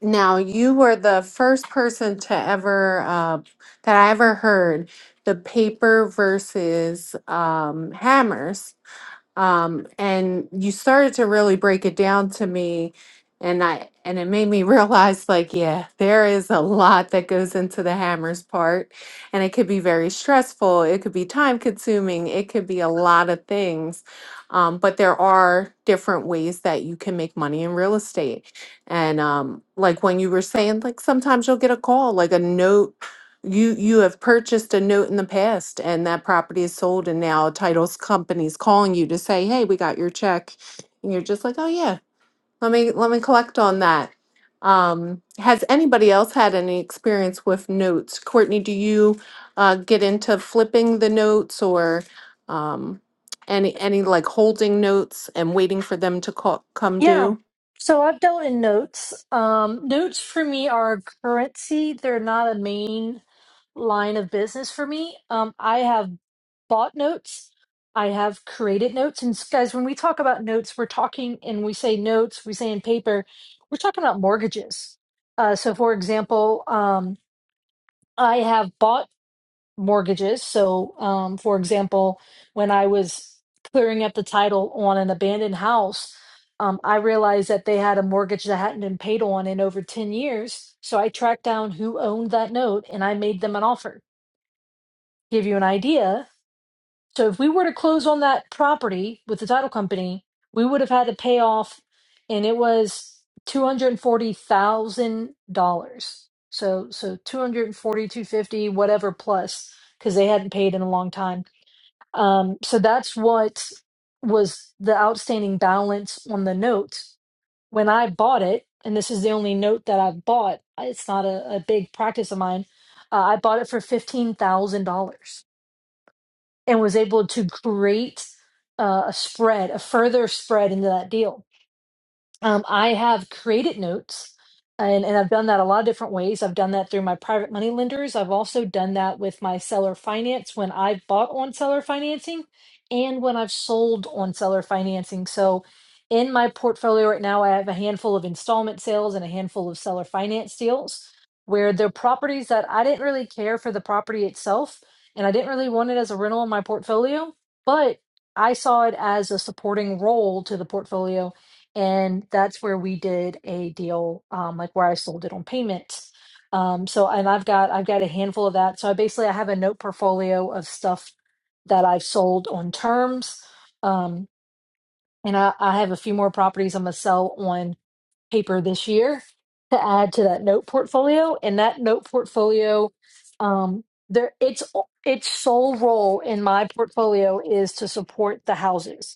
Now, you were the first person to ever uh, that I ever heard the paper versus um, hammers um, and you started to really break it down to me and i and it made me realize like yeah there is a lot that goes into the hammers part and it could be very stressful it could be time consuming it could be a lot of things um, but there are different ways that you can make money in real estate and um, like when you were saying like sometimes you'll get a call like a note you you have purchased a note in the past and that property is sold and now a titles company is calling you to say, "Hey, we got your check." And you're just like, "Oh yeah, let me let me collect on that." Um, has anybody else had any experience with notes? Courtney, do you uh, get into flipping the notes or um, any any like holding notes and waiting for them to call, come
Yeah.
due?
So I've dealt in notes. Um, notes for me are a currency. They're not a main line of business for me. Um, I have bought notes. I have created notes. And s- guys, when we talk about notes, we're talking and we say notes, we say in paper, we're talking about mortgages. Uh, so, for example, um, I have bought mortgages. So, um, for example, when I was clearing up the title on an abandoned house, um, I realized that they had a mortgage that hadn't been paid on in over 10 years. So I tracked down who owned that note and I made them an offer. Give you an idea. So if we were to close on that property with the title company, we would have had to pay off, and it was two hundred and forty thousand dollars. So so two hundred and forty, two fifty, whatever plus, because they hadn't paid in a long time. Um, so that's what was the outstanding balance on the note when I bought it, and this is the only note that I've bought. It's not a, a big practice of mine. Uh, I bought it for fifteen thousand dollars and was able to create uh, a spread, a further spread into that deal. Um, I have created notes and, and I've done that a lot of different ways. I've done that through my private money lenders. I've also done that with my seller finance when I've bought on seller financing and when I've sold on seller financing. So in my portfolio right now, I have a handful of installment sales and a handful of seller finance deals where they're properties that I didn't really care for the property itself and I didn't really want it as a rental in my portfolio, but I saw it as a supporting role to the portfolio and that's where we did a deal um like where I sold it on payments. Um so and I've got I've got a handful of that. So I basically I have a note portfolio of stuff that I've sold on terms. Um and I, I have a few more properties I'm gonna sell on paper this year to add to that note portfolio. And that note portfolio um there it's its sole role in my portfolio is to support the houses.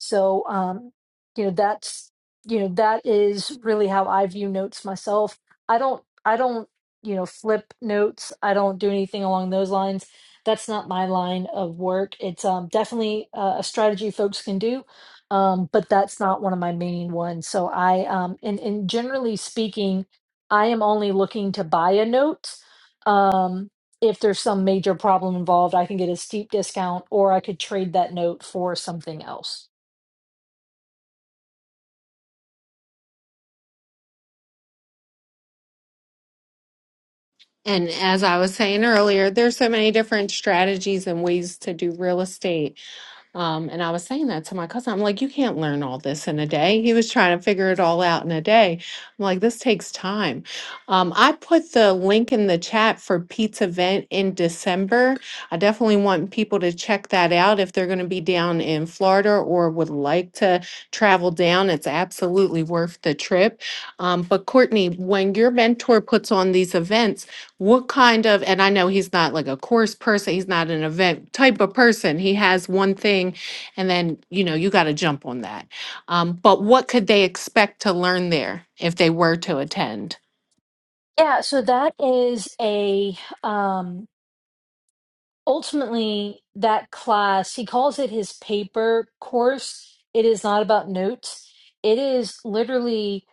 So, um, you know, that's, you know, that is really how I view notes myself. I don't, I don't, you know, flip notes. I don't do anything along those lines. That's not my line of work. It's um, definitely uh, a strategy folks can do, um, but that's not one of my main ones. So I, um, and, and generally speaking, I am only looking to buy a note. Um, if there's some major problem involved, I can get a steep discount or I could trade that note for something else.
And as I was saying earlier, there's so many different strategies and ways to do real estate Um, and I was saying that to my cousin. I'm like, you can't learn all this in a day. He was trying to figure it all out in a day. I'm like, this takes time. Um, I put the link in the chat for Pete's event in December. I definitely want people to check that out if they're going to be down in Florida or would like to travel down. It's absolutely worth the trip. Um, but Courtney, when your mentor puts on these events, what kind of, and I know he's not like a course person, he's not an event type of person. He has one thing and then, you know, you got to jump on that. Um, but what could they expect to learn there if they were to attend?
Yeah, so that is a um ultimately that class, he calls it his paper course. It is not about notes. It is literally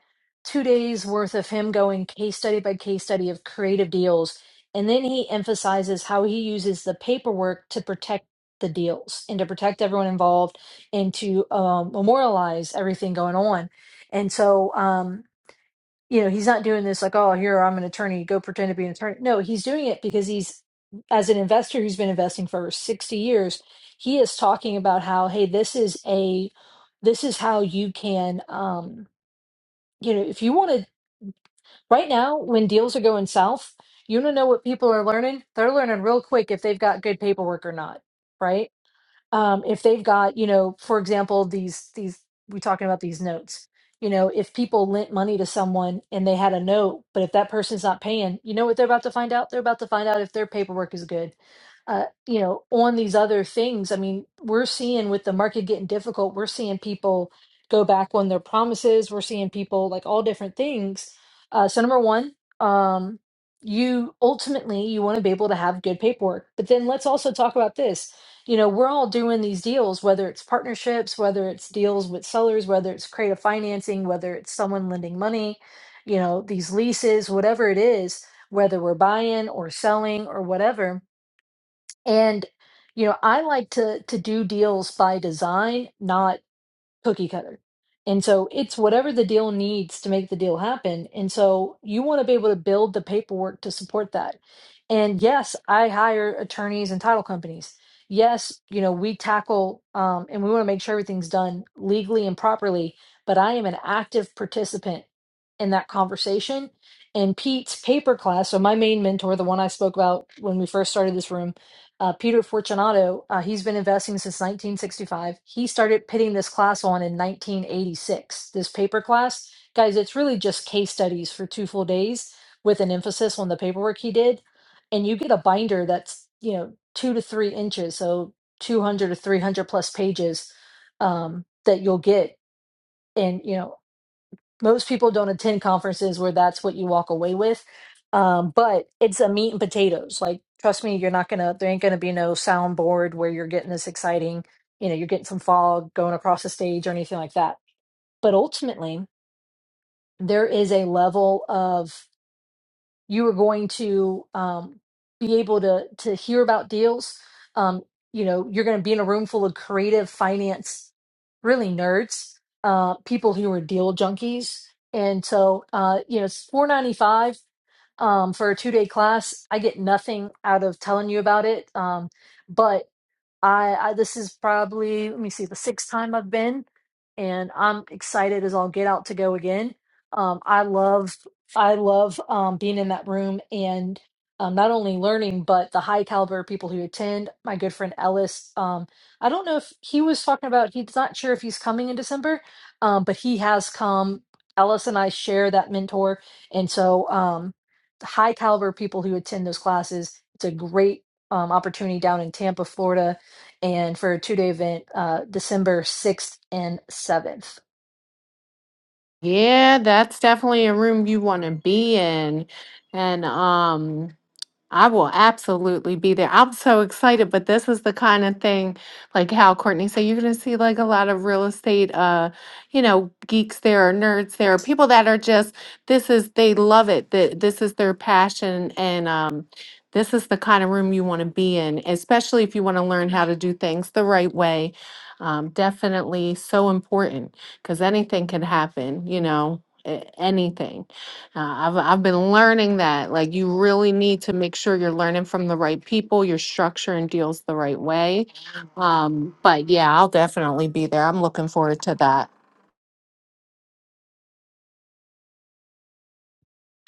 two days worth of him going case study by case study of creative deals. And then he emphasizes how he uses the paperwork to protect the deals and to protect everyone involved and to um, memorialize everything going on. And so, um, you know he's not doing this like oh here i'm an attorney go pretend to be an attorney no he's doing it because he's as an investor who's been investing for 60 years he is talking about how hey this is a this is how you can um you know if you want to right now when deals are going south you want to know what people are learning they're learning real quick if they've got good paperwork or not right um, if they've got you know for example these these we talking about these notes you know if people lent money to someone and they had a note but if that person's not paying you know what they're about to find out they're about to find out if their paperwork is good uh, you know on these other things i mean we're seeing with the market getting difficult we're seeing people go back on their promises we're seeing people like all different things uh, so number one um, you ultimately you want to be able to have good paperwork but then let's also talk about this you know, we're all doing these deals, whether it's partnerships, whether it's deals with sellers, whether it's creative financing, whether it's someone lending money, you know, these leases, whatever it is, whether we're buying or selling or whatever. And, you know, I like to to do deals by design, not cookie cutter. And so it's whatever the deal needs to make the deal happen. And so you want to be able to build the paperwork to support that. And yes, I hire attorneys and title companies. Yes, you know, we tackle um, and we want to make sure everything's done legally and properly, but I am an active participant in that conversation. And Pete's paper class, so my main mentor, the one I spoke about when we first started this room, uh, Peter Fortunato, uh, he's been investing since 1965. He started putting this class on in 1986, this paper class. Guys, it's really just case studies for two full days with an emphasis on the paperwork he did. And you get a binder that's, you know, two to three inches, so 200 to 300 plus pages um, that you'll get. And, you know, most people don't attend conferences where that's what you walk away with um, but it's a meat and potatoes like trust me you're not gonna there ain't gonna be no soundboard where you're getting this exciting you know you're getting some fog going across the stage or anything like that but ultimately there is a level of you are going to um, be able to to hear about deals. Um, you know, you're going to be in a room full of creative finance, really nerds, uh, people who are deal junkies, and so uh, you know it's four ninety five um, for a two day class. I get nothing out of telling you about it, um, but I, I this is probably let me see the sixth time I've been, and I'm excited as I'll get out to go again. Um, I love I love um, being in that room and um, not only learning but the high caliber people who attend. My good friend Ellis, um, I don't know if he was talking about he's not sure if he's coming in December, um, but he has come. Ellis and I share that mentor, and so um, the high caliber people who attend those classes. It's a great um, opportunity down in Tampa, Florida and for a two day event, uh, December 6th and 7th.
Yeah, that's definitely a room you want to be in. And um I will absolutely be there. I'm so excited, but this is the kind of thing like how Courtney said you're gonna see like a lot of real estate uh, you know, geeks there or nerds there, or people that are just this is they love it, that this is their passion and um this is the kind of room you want to be in, especially if you want to learn how to do things the right way. Um, definitely so important because anything can happen, you know, a- anything. Uh, I've I've been learning that like you really need to make sure you're learning from the right people, your structure and deals the right way. Um, but yeah, I'll definitely be there. I'm looking forward to that.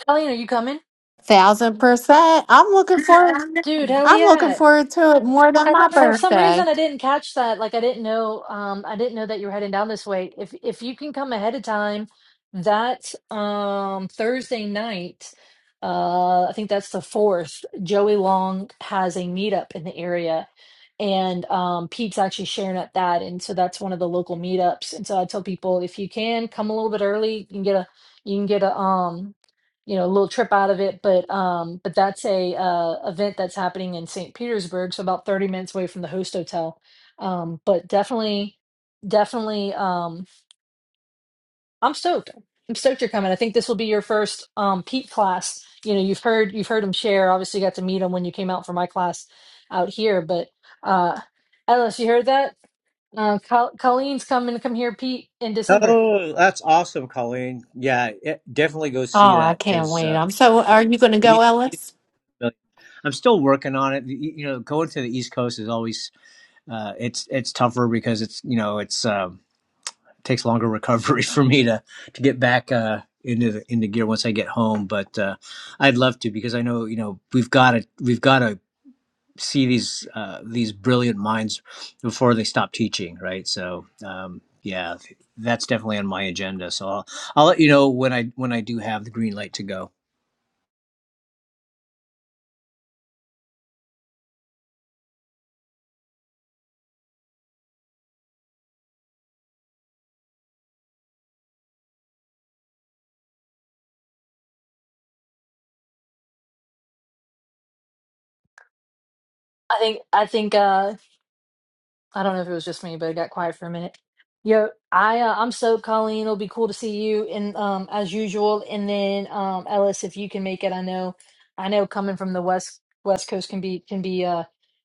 Colleen, are you coming?
Thousand percent. I'm looking forward.
Dude, hell
I'm looking
yeah.
forward to it more than
I,
my
for some
birthday.
reason, I didn't catch that. Like, I didn't know. Um, I didn't know that you were heading down this way. If if you can come ahead of time, that um Thursday night, uh, I think that's the fourth. Joey Long has a meetup in the area, and um, Pete's actually sharing at that, and so that's one of the local meetups. And so I tell people if you can come a little bit early, you can get a you can get a um you know, a little trip out of it, but um, but that's a uh, event that's happening in St. Petersburg, so about 30 minutes away from the host hotel. Um, but definitely, definitely, um, I'm stoked. I'm stoked you're coming. I think this will be your first um, Pete class. You know, you've heard you've heard him share. Obviously, you got to meet him when you came out for my class out here. But uh, Ellis, you heard that? Uh, Col- Colleen's coming to come here, Pete, in December.
Oh, that's awesome, Colleen. Yeah, it, definitely go
Oh,
see
I
that
can't
because
wait.
uh,
I'm so. Are you going to go,
he, he's,
Ellis?
I'm still working on it. You you know, going to the East Coast is always uh, it's it's tougher because it's you know it's um, takes longer recovery for me to to get back uh, into the, into gear once I get home. But uh, I'd love to because I know you know we've got to we've got to see these uh, these brilliant minds before they stop teaching, right? So um, yeah, that's definitely on my agenda. So I'll I'll let you know when I when I do have the green light to go.
I think I think uh, I don't know if it was just me, but it got quiet for a minute. Yo, I uh, I'm so Colleen. It'll be cool to see you and um as usual. And then um Ellis, if you can make it, I know I know coming from the west west coast can be can be uh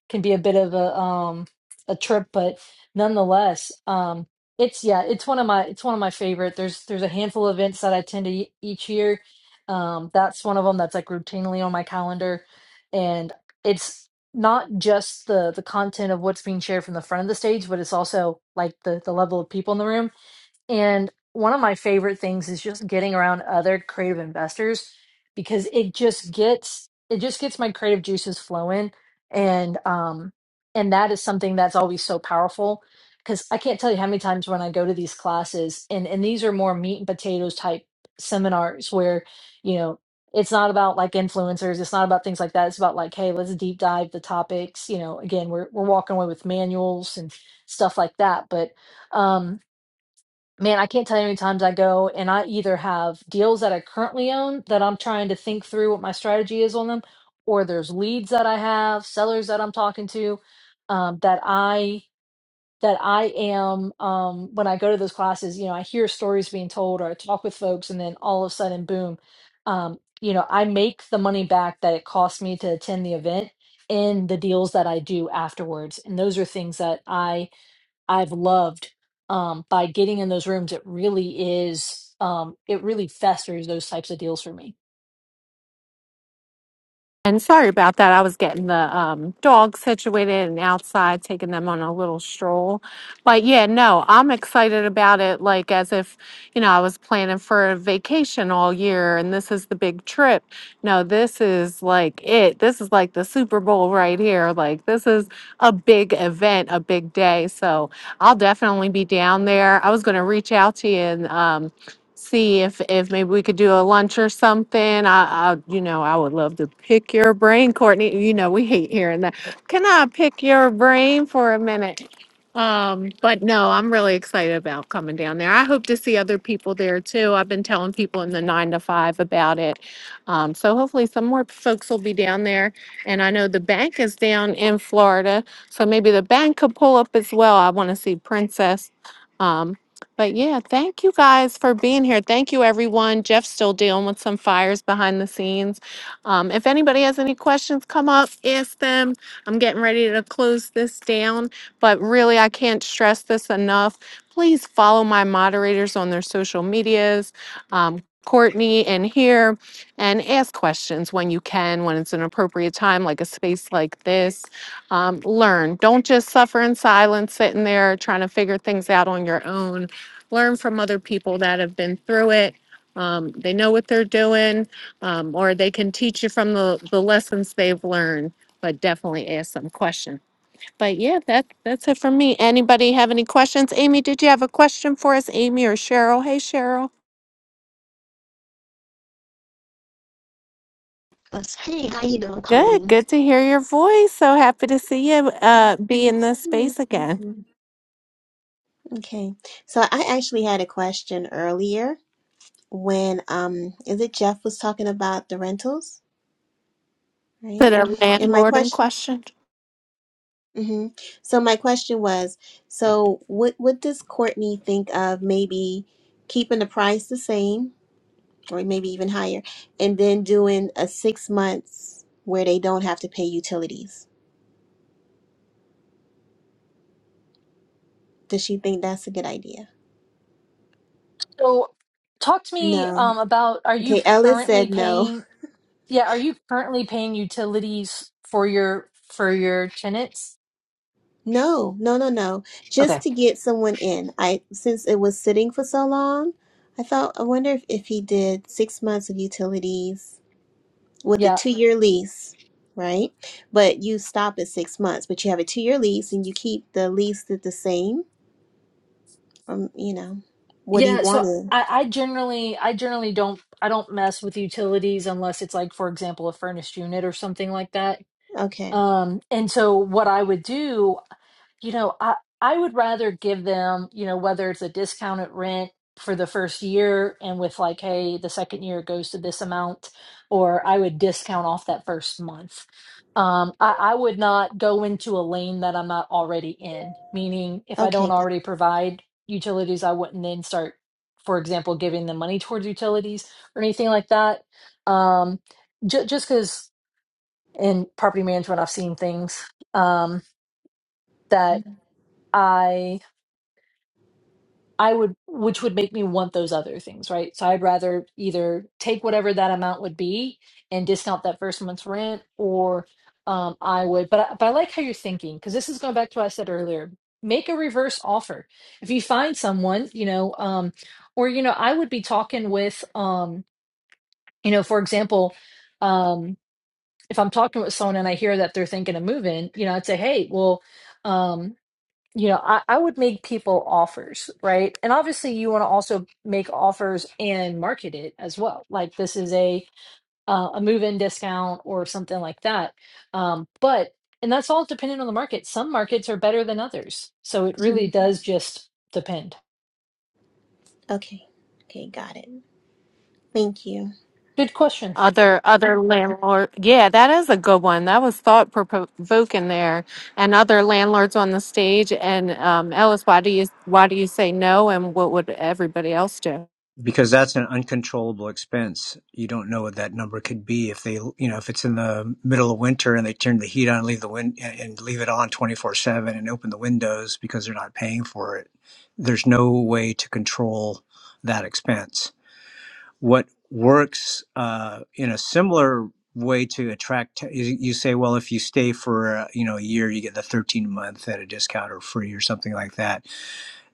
can be a bit of a um a trip, but nonetheless, um it's yeah it's one of my it's one of my favorite. There's there's a handful of events that I attend to each year. Um, that's one of them that's like routinely on my calendar, and it's not just the the content of what's being shared from the front of the stage, but it's also like the the level of people in the room. And one of my favorite things is just getting around other creative investors because it just gets it just gets my creative juices flowing and um and that is something that's always so powerful because I can't tell you how many times when I go to these classes and and these are more meat and potatoes type seminars where you know it's not about like influencers it's not about things like that it's about like hey let's deep dive the topics you know again we're we're walking away with manuals and stuff like that but um man, I can't tell you how many times I go and I either have deals that I currently own that I'm trying to think through what my strategy is on them, or there's leads that I have, sellers that I'm talking to, um, that I that I am um, when I go to those classes. You know, I hear stories being told, or I talk with folks, and then all of a sudden, boom, um, you know, I make the money back that it cost me to attend the event in the deals that I do afterwards, and those are things that I I've loved um, by getting in those rooms. It really is, um, it really festers those types of deals for me.
And sorry about that. I was getting the um, dogs situated and outside, taking them on a little stroll. But yeah, no, I'm excited about it. Like as if, you know, I was planning for a vacation all year and this is the big trip. No, this is like it. This is like the Super Bowl right here. Like this is a big event, a big day. So I'll definitely be down there. I was going to reach out to you and um, see if, if maybe we could do a lunch or something. I, I, you know, I would love to pick your brain, Courtney. You know, we hate hearing that. Can I pick your brain for a minute? Um, but no, I'm really excited about coming down there. I hope to see other people there too. I've been telling people in the nine to five about it. Um, so hopefully some more folks will be down there. And I know the bank is down in Florida, so maybe the bank could pull up as well. I want to see Princess. Um, but yeah, thank you guys for being here. Thank you, everyone. Jeff's still dealing with some fires behind the scenes. Um, if anybody has any questions, come up, ask them. I'm getting ready to close this down, but really, I can't stress this enough. Please follow my moderators on their social medias, um, Courtney and here, and ask questions when you can, when it's an appropriate time, like a space like this. Um, learn. Don't just suffer in silence, sitting there trying to figure things out on your own learn from other people that have been through it. Um, they know what they're doing, um, or they can teach you from the, the lessons they've learned, but definitely ask some questions. But yeah, that, that's it for me. Anybody have any questions? Amy, did you have a question for us, Amy or Cheryl? Hey, Cheryl.
Yes. Hey, how you doing,
Good,
Colleen?
good to hear your voice. So happy to see you, uh,
Um,
be in
it's
this
you.
space
Thank
again.
you. Okay, so I actually had a question earlier when um, is it Jeff was talking about the rentals,
Is
right?
it a
And my
landlord in
question,
question?
hmm so my question was, so what what does Courtney think of maybe keeping the price the same or maybe even higher, and then doing a six months where they don't have to pay utilities? Does she think that's a good idea?
So, talk to me
No.
um, about are you
Okay, Ellis said
currently
no.
paying? Yeah, are you currently paying utilities for your for your tenants?
No, no, no, no.
Okay,
Just to get someone in. I since it was sitting for so long, I thought I wonder if, if he did six months of utilities with a
yeah,
two year lease, right? But you stop at six months, but you have a two year lease and you keep the lease the, the same. Um, you know, what he
yeah. So
wanted.
I, I generally, I generally don't, I don't mess with utilities unless it's like, for example, a furnished unit or something like that.
Okay.
Um, and so what I would do you know, I I would rather give them, you know, whether it's a discounted rent for the first year and with like, hey, the second year goes to this amount, or I would discount off that first month. Um, I, I would not go into a lane that I'm not already in, meaning if I
Okay,
don't
got
already provide utilities, I wouldn't then start, for example, giving them money towards utilities or anything like that. Um, ju- just because in property management, I've seen things um, that. I I would, which would make me want those other things, right? So I'd rather either take whatever that amount would be and discount that first month's rent, or um, I would. But I, but I like how you're thinking because this is going back to what I said earlier. Make a reverse offer if you find someone, you know, um, or you know, I would be talking with, um, you know, for example, um, if I'm talking with someone and I hear that they're thinking of moving, you know, I'd say, hey, well. um, you know I, I would make people offers right and obviously you want to also make offers and market it as well like this is a uh, a move in discount or something like that um, but and that's all dependent on the market some markets are better than others so it really
Mhm.
does just depend
Okay. Okay, got it. Thank you.
good question
Other other landlord, yeah, that is a good one. That was thought provoking there. And other landlords on the stage. And um, Ellis, why do you why do you say no? And what would everybody else do?
because that's an uncontrollable expense. You don't know what that number could be if they, you know, if it's in the middle of winter and they turn the heat on, leave the wind and leave it on 24 seven and open the windows because they're not paying for it. There's no way to control that expense. What works uh, in a similar way to attract is you say well if you stay for uh, you know a year you get the 13 month at a discount or free or something like that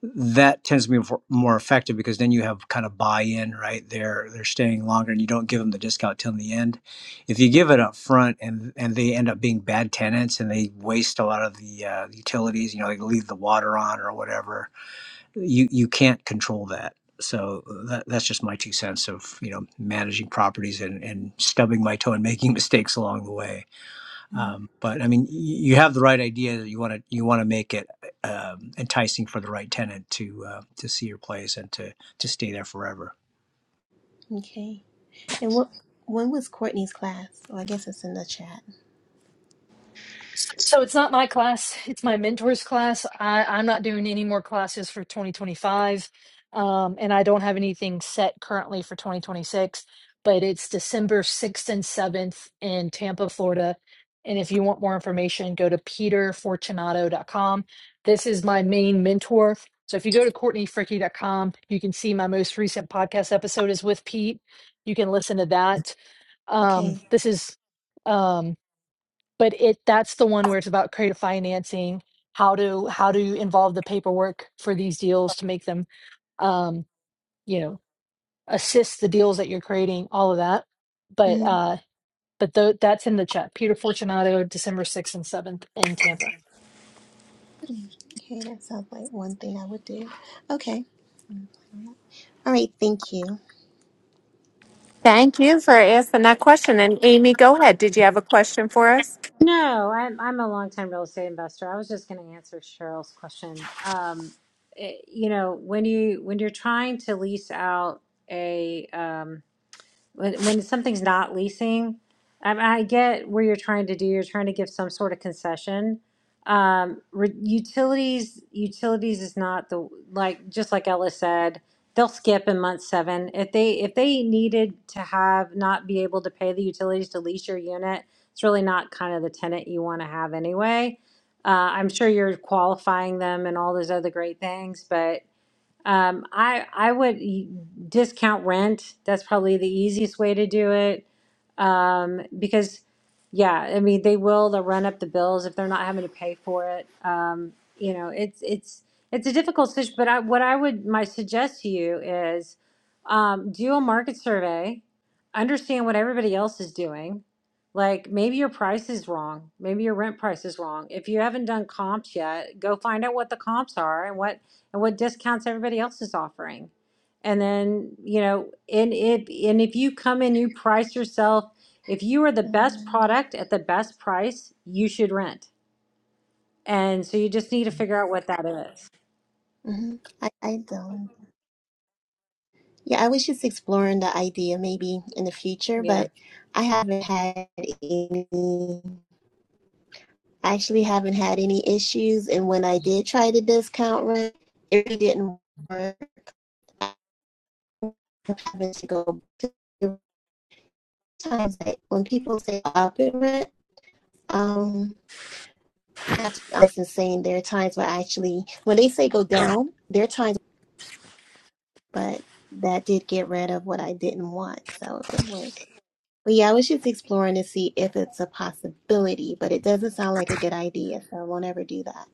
that tends to be more effective because then you have kind of buy-in right they're they're staying longer and you don't give them the discount till the end if you give it up front and and they end up being bad tenants and they waste a lot of the uh, utilities you know they leave the water on or whatever you you can't control that so uh, that, that's just my two cents of you know managing properties and and stubbing my toe and making mistakes along the way
Mm,
um, but I mean, y- you have the right idea that you want to you want to make it um, enticing for the right tenant to uh, to see your place and to to stay there forever.
Okay. And what when was Courtney's class? Oh, I guess it's in the chat.
So, so it's not my class; it's my mentor's class. I, I'm not doing any more classes for 2025, um, and I don't have anything set currently for 2026. But it's December 6th and 7th in Tampa, Florida. And if you want more information, go to peterfortunato.com. This is my main mentor. So if you go to courtneyfricky.com, you can see my most recent podcast episode is with Pete. You can listen to that. Um,
Okay.
this is. um, but it that's the one where it's about creative financing how to how to involve the paperwork for these deals to make them um you know assist the deals that you're creating all of that but
hmm
uh but tho- that's in the chat peter fortunato december 6th and 7th in tampa
Okay, that sounds like one thing I would do. Okay. All right. Thank you.
Thank you for asking that question. And Amy, go ahead. Did you have a question for us?
No, I'm I'm a longtime real estate investor. I was just going to answer Cheryl's question. Um, it- you know, when you when you're trying to lease out a um, when when something's not leasing, I, I get where you're trying to do. You're trying to give some sort of concession. Um, re- utilities, utilities is not the like just like Ella said. They'll skip in month seven if they if they needed to have not be able to pay the utilities to lease your unit. It's really not kind of the tenant you want to have anyway. Uh, I'm sure you're qualifying them and all those other great things, but um, I I would y- discount rent. That's probably the easiest way to do it. Um, because yeah, I mean they will they'll run up the bills if they're not having to pay for it. Um, you know, it's it's it's a difficult situation, but I, what I would my suggest to you is um, do a market survey, understand what everybody else is doing. Like maybe your price is wrong, maybe your rent price is wrong. If you haven't done comps yet, go find out what the comps are and what and what discounts everybody else is offering. And then, you know, and if and if you come and you price yourself, if you are the best
Um,
product at the best price, you should rent. And so you just need to figure out what that is.
mhm. I, I don't. Yeah, I was just exploring the idea maybe in the future,
Yeah.
but I haven't had any. I actually haven't had any issues, and when I did try the discount rent, it really didn't work. I'm having to go. Times that when people say up in rent, um, That's Johnson saying there are times where I actually, when they say go down, there are times, but that did get rid of what I didn't want. So it worked. But yeah, I was just exploring to see if it's a possibility, but it doesn't sound like a good idea. So I won't ever do that.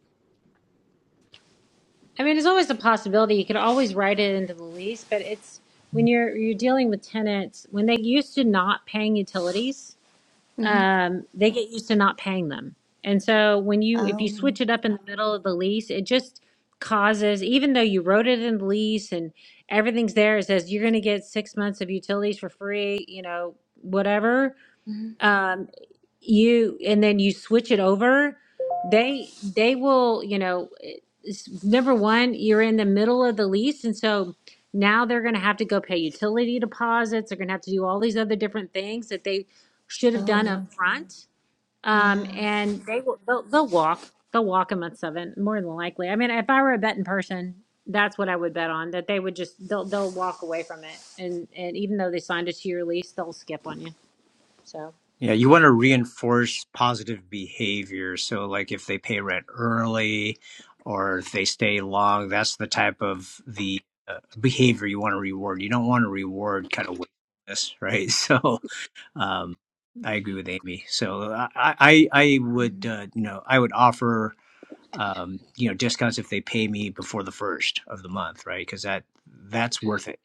I mean, it's always a possibility. You could always write it into the lease, but it's when you're you're dealing with tenants when they used to not paying utilities.
hmm
um, they get used to not paying them. And so when you if you
Oh,
switch it up in the middle of the lease, it just causes even though you wrote it in the lease and everything's there, it says you're going to get six months of utilities for free, you know, whatever.
hmm
Um, you and then you switch it over they they will you know it's, number one you're in the middle of the lease and so now they're going to have to go pay utility deposits they're going to have to do all these other different things that they should have done
oh,
up front um,
yeah.
and they will they'll, they'll walk they'll walk a month seven more than likely i mean if i were a betting person that's what i would bet on that they would just they'll, they'll walk away from it and and even though they signed a two year lease they'll skip on you so
Yeah, you want to reinforce positive behavior. So, like if they pay rent early or if they stay long, that's the type of the uh, behavior you want to reward. You don't want to reward kind of wastefulness, right? So, um, I agree with Amy. So, I I, I would
Mm.
uh, you know I would offer um, you know, discounts if they pay me before the first of the month, right? Because that that's worth it,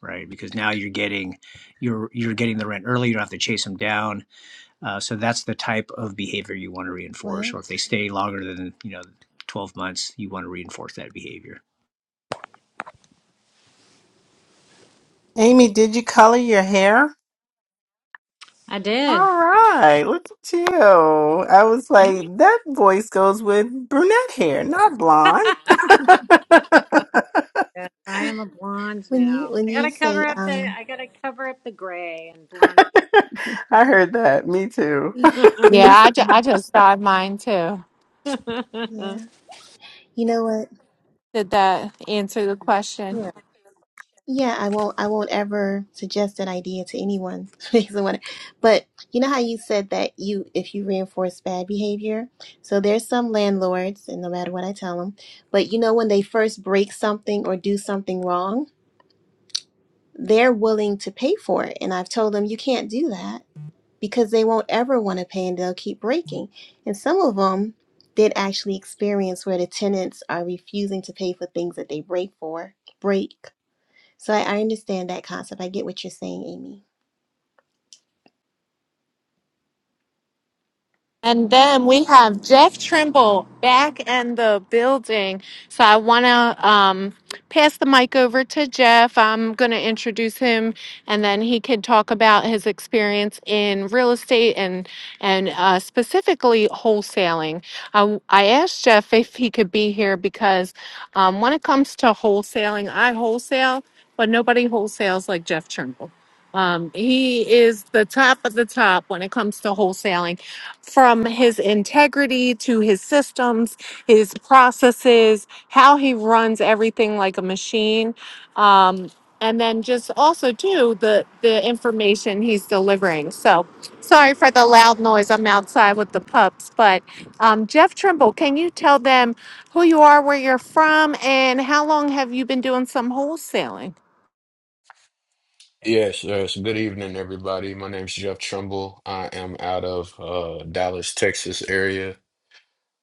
right? Because now you're getting you're you're getting the rent early. You don't have to chase them down. Uh, so that's the type of behavior you want to reinforce.
What?
Or if they stay longer than you know twelve months, you want to reinforce that behavior.
Amy, did you color your hair?
i
All
did
right, look at you. I was like, that voice goes with brunette hair, not
Yes,
blonde.
I am a blonde
When you,
now.
when
I
you
gotta
say,
cover up the
um,
I gotta cover up the gray and blonde.
I heard that. Me too.
when
Yeah,
you, s-
I, ju- I just thought of mine too.
yeah, you know what?
Did that answer the question?
Yeah, I won't I won't ever suggest that idea to anyone. Because I want but you know how you said that you if you reinforce bad behavior? So there's some landlords and no matter what I tell them, but you know when they first break something or do something wrong, they're willing to pay for it. And I've told them you can't do that because they won't ever want to pay and they'll keep breaking. And some of them did actually experience where the tenants are refusing to pay for things that they break for, break. So I, I understand that concept. I get what you're saying, Amy.
And then we have Jeff Trimble back in the building. So I want to um, pass the mic over to Jeff. I'm going to introduce him, and then he can talk about his experience in real estate and and uh, specifically wholesaling. I, I asked Jeff if he could be here because um, when it comes to wholesaling, I wholesale, but nobody wholesales like Jeff Trimble. Um, he is the top of the top when it comes to wholesaling from his integrity to his systems, his processes, how he runs everything like a machine. Um, and then just also too the the information he's delivering. So sorry for the loud noise. I'm outside with the pups. But um, Jeff Trimble, can you tell them who you are, where you're from, and how long have you been doing some wholesaling?
Yes, yes. Good evening, everybody. My name's Jeff Trumbull. I am out of uh, Dallas, Texas area.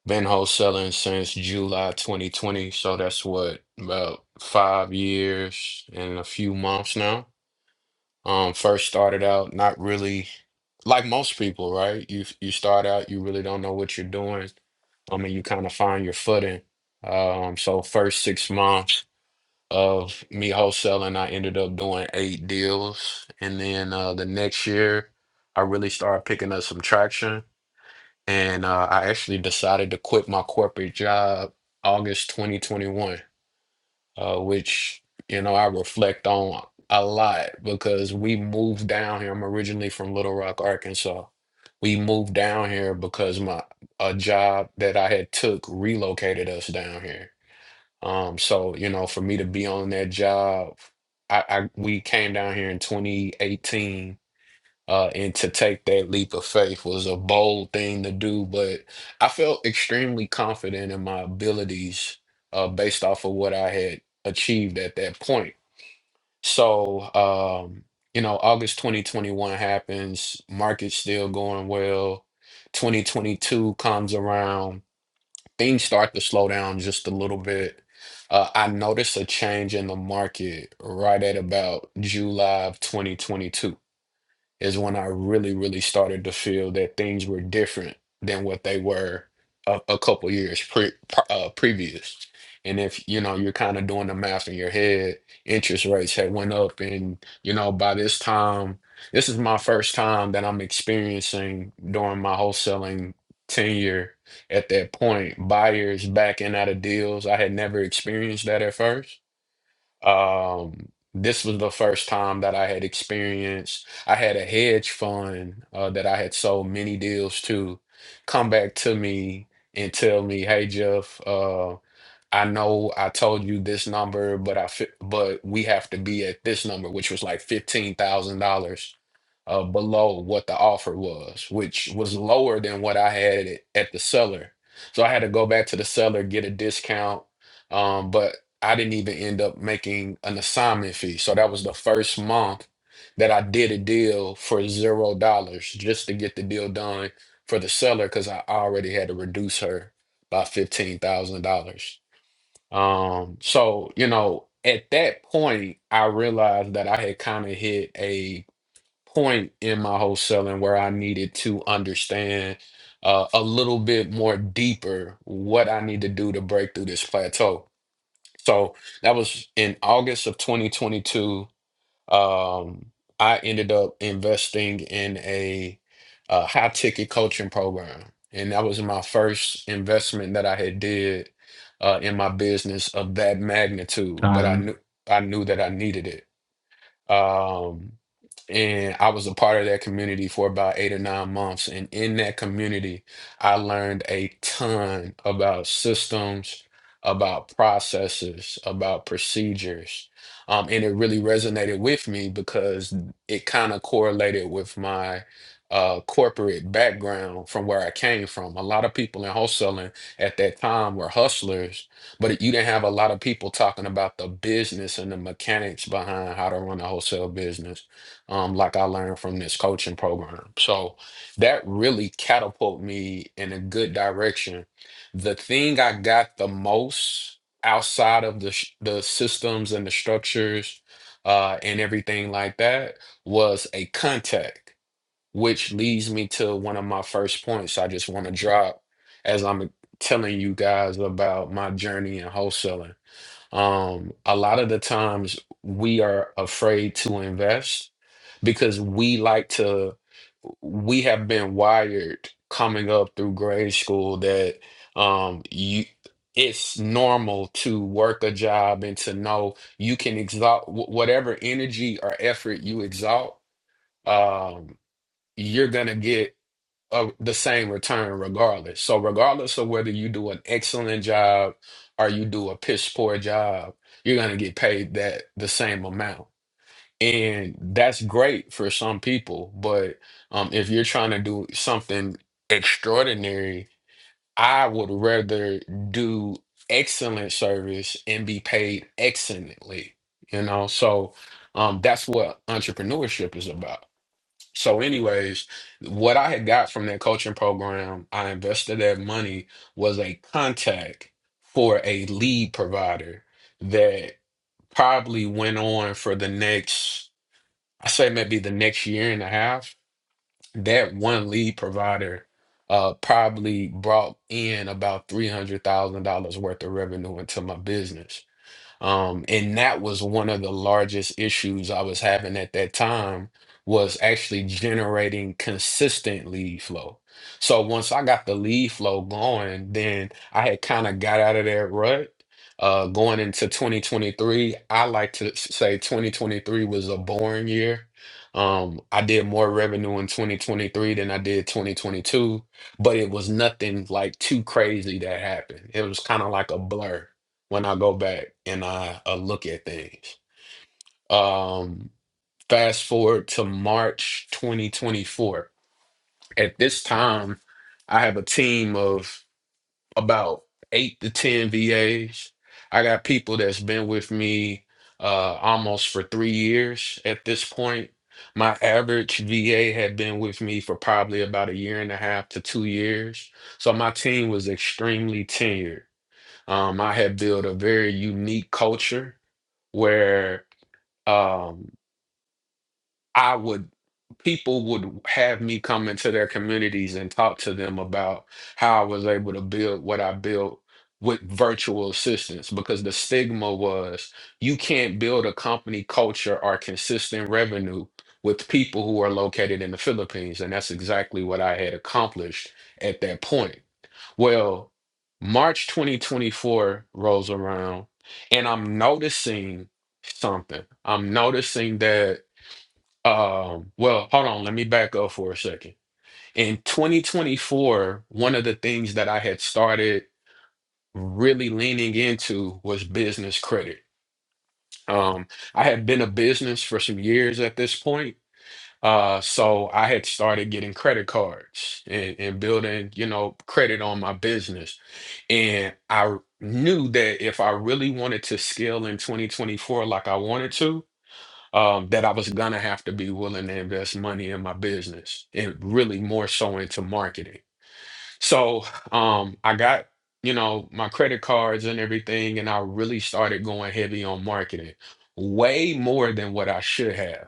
Been wholesaling since July 2020, so that's what about five years and a few months now. Um, first started out not really like most people, right? You you start out, you really don't know what you're doing. I mean, you kind of find your footing. Um, so first six months of me wholesaling. I ended up doing eight deals. And then uh, the next year, I really started picking up some traction. And uh, I actually decided to quit my corporate job August 2021, uh, which, you know, I reflect on a lot because we moved down here. I'm originally from Little Rock, Arkansas. We moved down here because my a job that I had took relocated us down here. Um, so you know, for me to be on that job, I, I we came down here in 2018, uh, and to take that leap of faith was a bold thing to do, but I felt extremely confident in my abilities, uh, based off of what I had achieved at that point. So, um, you know, August 2021 happens, market's still going well. 2022 comes around things start to slow down just a little bit. Uh, I noticed a change in the market right at about July of 2022 is when I really, really started to feel that things were different than what they were a, a couple years pre, pr- uh, previous. And if you know you're kind of doing the math in your head, interest rates had went up, and you know by this time, this is my first time that I'm experiencing during my wholesaling tenure. At that point, buyers backing out of deals. I had never experienced that at first um, this was the first time that I had experienced. I had a hedge fund uh, that I had sold many deals to come back to me and tell me, "Hey, Jeff." Uh. I know I told you this number, but I fi- but we have to be at this number, which was like fifteen thousand dollars uh below what the offer was, which was lower than what I had it at the seller. So I had to go back to the seller, get a discount. Um, but I didn't even end up making an assignment fee. So that was the first month that I did a deal for zero dollars just to get the deal done for the seller because I already had to reduce her by fifteen thousand dollars. Um, so, you know, at that point, I realized that I had kind of hit a point in my wholesaling where I needed to understand uh, a little bit more deeper what I need to do to break through this plateau. So that was in August of 2022. Um, I ended up investing in a, uh high ticket coaching program, and that was my first investment that I had did uh, in my business of that magnitude. But I
Um,
knew I knew that I needed it. Um, and I was a part of that community for about eight or nine months. And in that community, I learned a ton about systems, about processes, about procedures. Um, and it really resonated with me because it kind of correlated with my uh, corporate background from where I came from. A lot of people in wholesaling at that time were hustlers but you didn't have a lot of people talking about the business and the mechanics behind how to run a wholesale business, um, like I learned from this coaching program. So that really catapulted me in a good direction. The thing I got the most outside of the sh- the systems and the structures uh, and everything like that was a contact which leads me to one of my first points I just want to drop as I'm telling you guys about my journey in wholesaling. Um, a lot of the times we are afraid to invest because we like to, we have been wired coming up through grade school that um, you, it's normal to work a job and to know you can exalt wh- whatever energy or effort you exalt. Um, you're gonna get uh the same return regardless. So regardless of whether you do an excellent job or you do a piss poor job, you're gonna get paid that the same amount. And that's great for some people, but um, if you're trying to do something extraordinary, I would rather do excellent service and be paid excellently, you know? So um, that's what entrepreneurship is about so, anyways, what I had got from that coaching program, I invested that money was a contact for a lead provider that probably went on for the next, I say maybe the next year and a half. That one lead provider uh, probably brought in about $300,000 worth of revenue into my business. Um, and that was one of the largest issues I was having at that time was actually generating consistent lead flow. So once I got the lead flow going, then I had kind of got out of that rut. Uh, going into 2023, I like to s- say 2023 was a boring year. Um, I did more revenue in 2023 than I did 2022, but it was nothing like too crazy that happened. It was kind of like a blur when I go back and I uh, look at things. Um, fast forward to March 2024. At this time, I have a team of about eight to 10 VAs. I got people that's been with me uh, almost for three years at this point. My average VA had been with me for probably about a year and a half to two years. So my team was extremely tenured. Um, I had built a very unique culture where um I would people would have me come into their communities and talk to them about how I was able to build what I built with virtual assistants because the stigma was you can't build a company culture or consistent revenue with people who are located in the Philippines and that's exactly what I had accomplished at that point. Well, March 2024 rolls around and I'm noticing something. I'm noticing that um, well, hold on, let me back up for a second. In 2024, one of the things that I had started really leaning into was business credit. Um, I had been a business for some years at this point. Uh, so I had started getting credit cards and, and building, you know, credit on my business. And I knew that if I really wanted to scale in 2024 like I wanted to, um, that I was gonna have to be willing to invest money in my business and really more so into marketing. So um, I got, you know, my credit cards and everything, and I really started going heavy on marketing, way more than what I should have.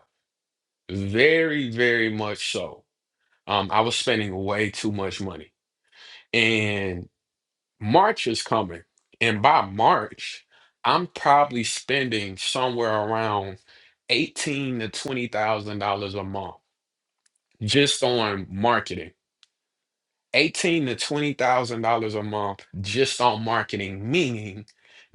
Very, very much so. Um, I was spending way too much money. and. March is coming, and by March, I'm probably spending somewhere around eighteen to twenty thousand dollars a month just on marketing eighteen to twenty thousand dollars a month just on marketing, meaning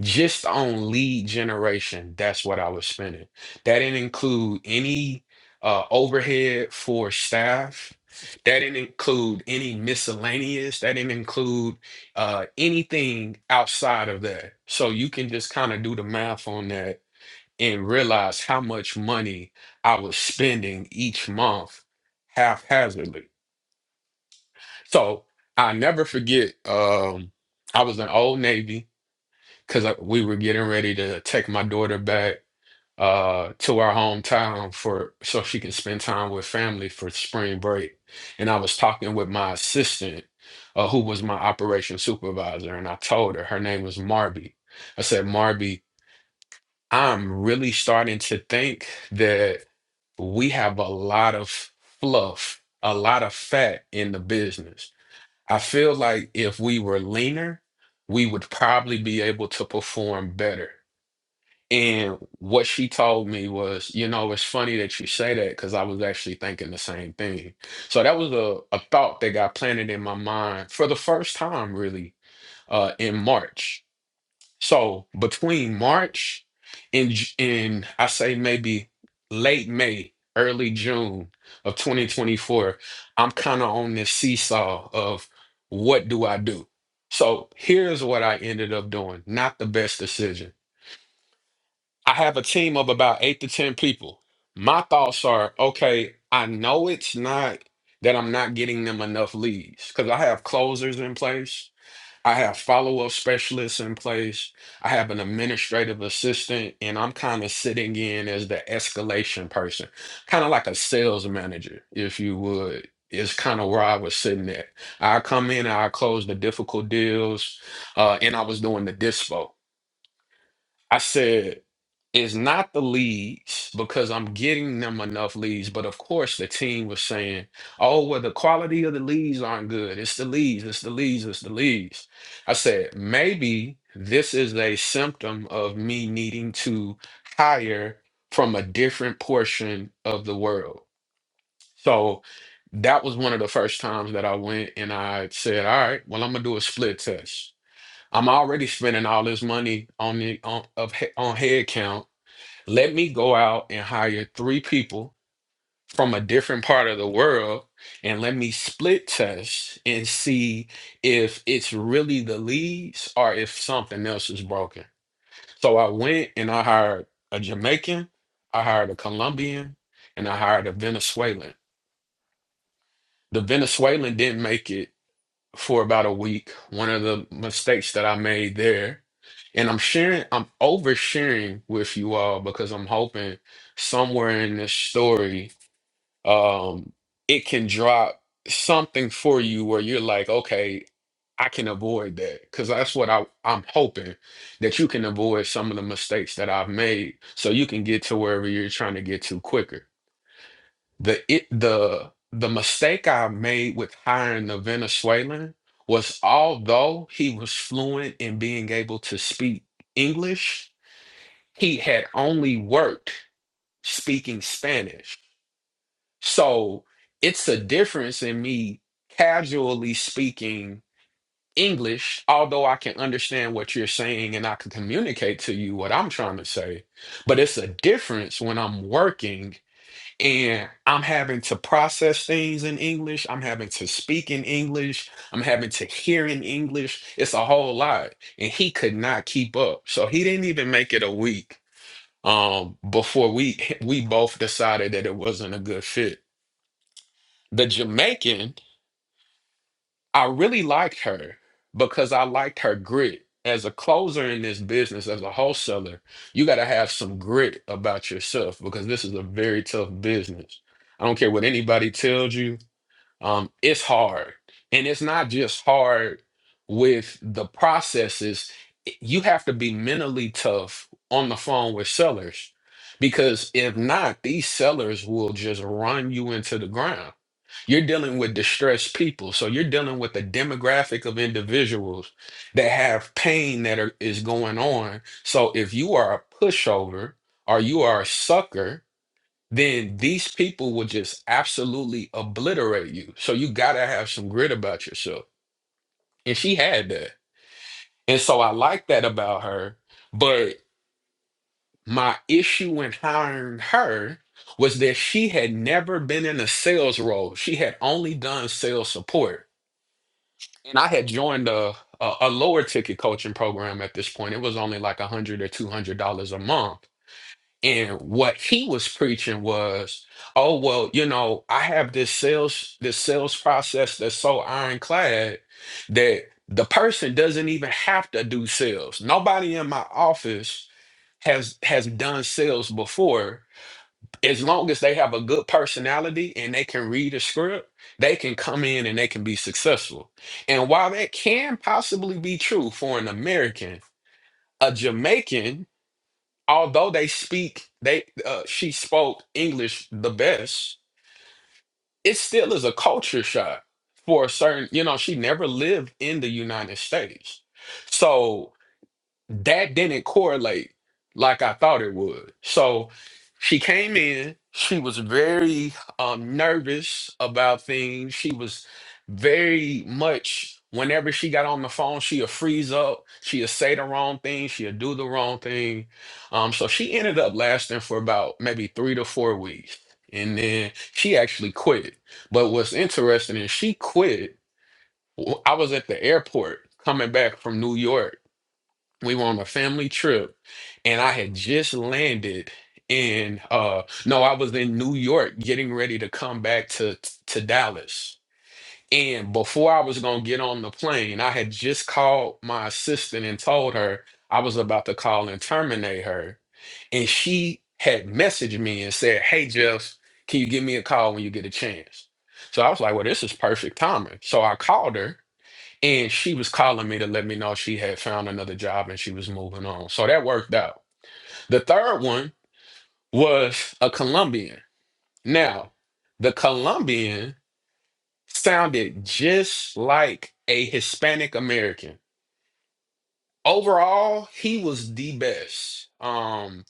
just on lead generation. That's what I was spending. That didn't include any uh, overhead for staff. That didn't include any miscellaneous. That didn't include uh, anything outside of that. So you can just kind of do the math on that and realize how much money I was spending each month haphazardly. So I never forget. Um, I was in Old Navy because we were getting ready to take my daughter back uh, to our hometown for so she can spend time with family for spring break. And I was talking with my assistant, uh, who was my operations supervisor, and I told her her name was Marby. I said, Marby, I'm really starting to think that we have a lot of fluff, a lot of fat in the business I feel like if we were leaner, we would probably be able to perform better. And what she told me was, you know, it's funny that you say that because I was actually thinking the same thing. So that was a, a thought that got planted in my mind for the first time, really, uh, in March so between March and J- and I say maybe late May, early June of 2024, I'm kind of on this seesaw of what do I do? So here's what I ended up doing. Not the best decision. I have a team of about eight to 10 people. My thoughts are, okay, I know it's not that I'm not getting them enough leads because I have closers in place. I have follow-up specialists in place. I have an administrative assistant, and I'm kind of sitting in as the escalation person, kind of like a sales manager, if you would. Is kind of where I was sitting at. I come in, I close the difficult deals, uh, and I was doing the dispo. I said, it's not the leads because I'm getting them enough leads. But of course, the team was saying, oh, well, the quality of the leads aren't good. It's the leads, it's the leads, it's the leads. I said, maybe this is a symptom of me needing to hire from a different portion of the world. So that was one of the first times that I went and I said, all right, well, I'm going to do a split test. I'm already spending all this money on the on of he- on head count. Let me go out and hire three people from a different part of the world and let me split test and see if it's really the leads or if something else is broken. So I went and I hired a Jamaican, I hired a Colombian, and I hired a Venezuelan. The Venezuelan didn't make it for about a week. One of the mistakes that I made there. And I'm sharing, I'm oversharing with you all because I'm hoping somewhere in this story, um, it can drop something for you where you're like, okay, I can avoid that. Because that's what I, I'm hoping that you can avoid some of the mistakes that I've made so you can get to wherever you're trying to get to quicker. The it the the mistake I made with hiring the Venezuelan was although he was fluent in being able to speak English, he had only worked speaking Spanish. So it's a difference in me casually speaking English, although I can understand what you're saying and I can communicate to you what I'm trying to say. But it's a difference when I'm working and I'm having to process things in English. I'm having to speak in English. I'm having to hear in English. It's a whole lot. And he could not keep up. So he didn't even make it a week um, before we we both decided that it wasn't a good fit. The Jamaican, I really liked her because I liked her grit. As a closer in this business, as a wholesaler, you got to have some grit about yourself because this is a very tough business. I don't care what anybody tells you um, it's hard. And it's not just hard with the processes. It- You have to be mentally tough on the phone with sellers because if not, these sellers will just run you into the ground. You're dealing with distressed people. So you're dealing with a demographic of individuals that have pain that are, is going on. So if you are a pushover or you are a sucker, then these people will just absolutely obliterate you. So you gotta have some grit about yourself. And she had that. And so I like that about her. But my issue in hiring her was that she had never been in a sales role. She had only done sales support. And I had joined a, a, a lower ticket coaching program at this point. It was only like a hundred or two hundred dollars a month. And what he was preaching was, oh well, you know, I have this sales this sales process that's so ironclad that the person doesn't even have to do sales. Nobody in my office has has done sales before. As long as they have a good personality and they can read a script, they can come in and they can be successful. And while that can possibly be true for an American, a Jamaican although they speak they uh, she spoke english the best it still is a culture shock for a certain you know she never lived in the united states so that didn't correlate like I thought it would. So she came in, she was very um, nervous about things. She was very much, whenever she got on the phone, she'll freeze up, she'll say the wrong thing, she'll do the wrong thing. Um, so she ended up lasting for about maybe three to four weeks. And then she actually quit. But what's interesting is she quit. w- I was at the airport coming back from New York we were on a family trip and i had just landed in uh no i was in new york getting ready to come back to to dallas and before i was going to get on the plane i had just called my assistant and told her i was about to call and terminate her and she had messaged me and said hey jeff can you give me a call when you get a chance so i was like well this is perfect timing so i called her and she was calling me to let me know she had found another job and she was moving on. So that worked out. The third one was a Colombian. Now, the Colombian sounded just like a Hispanic American. Overall, he was the best. Um,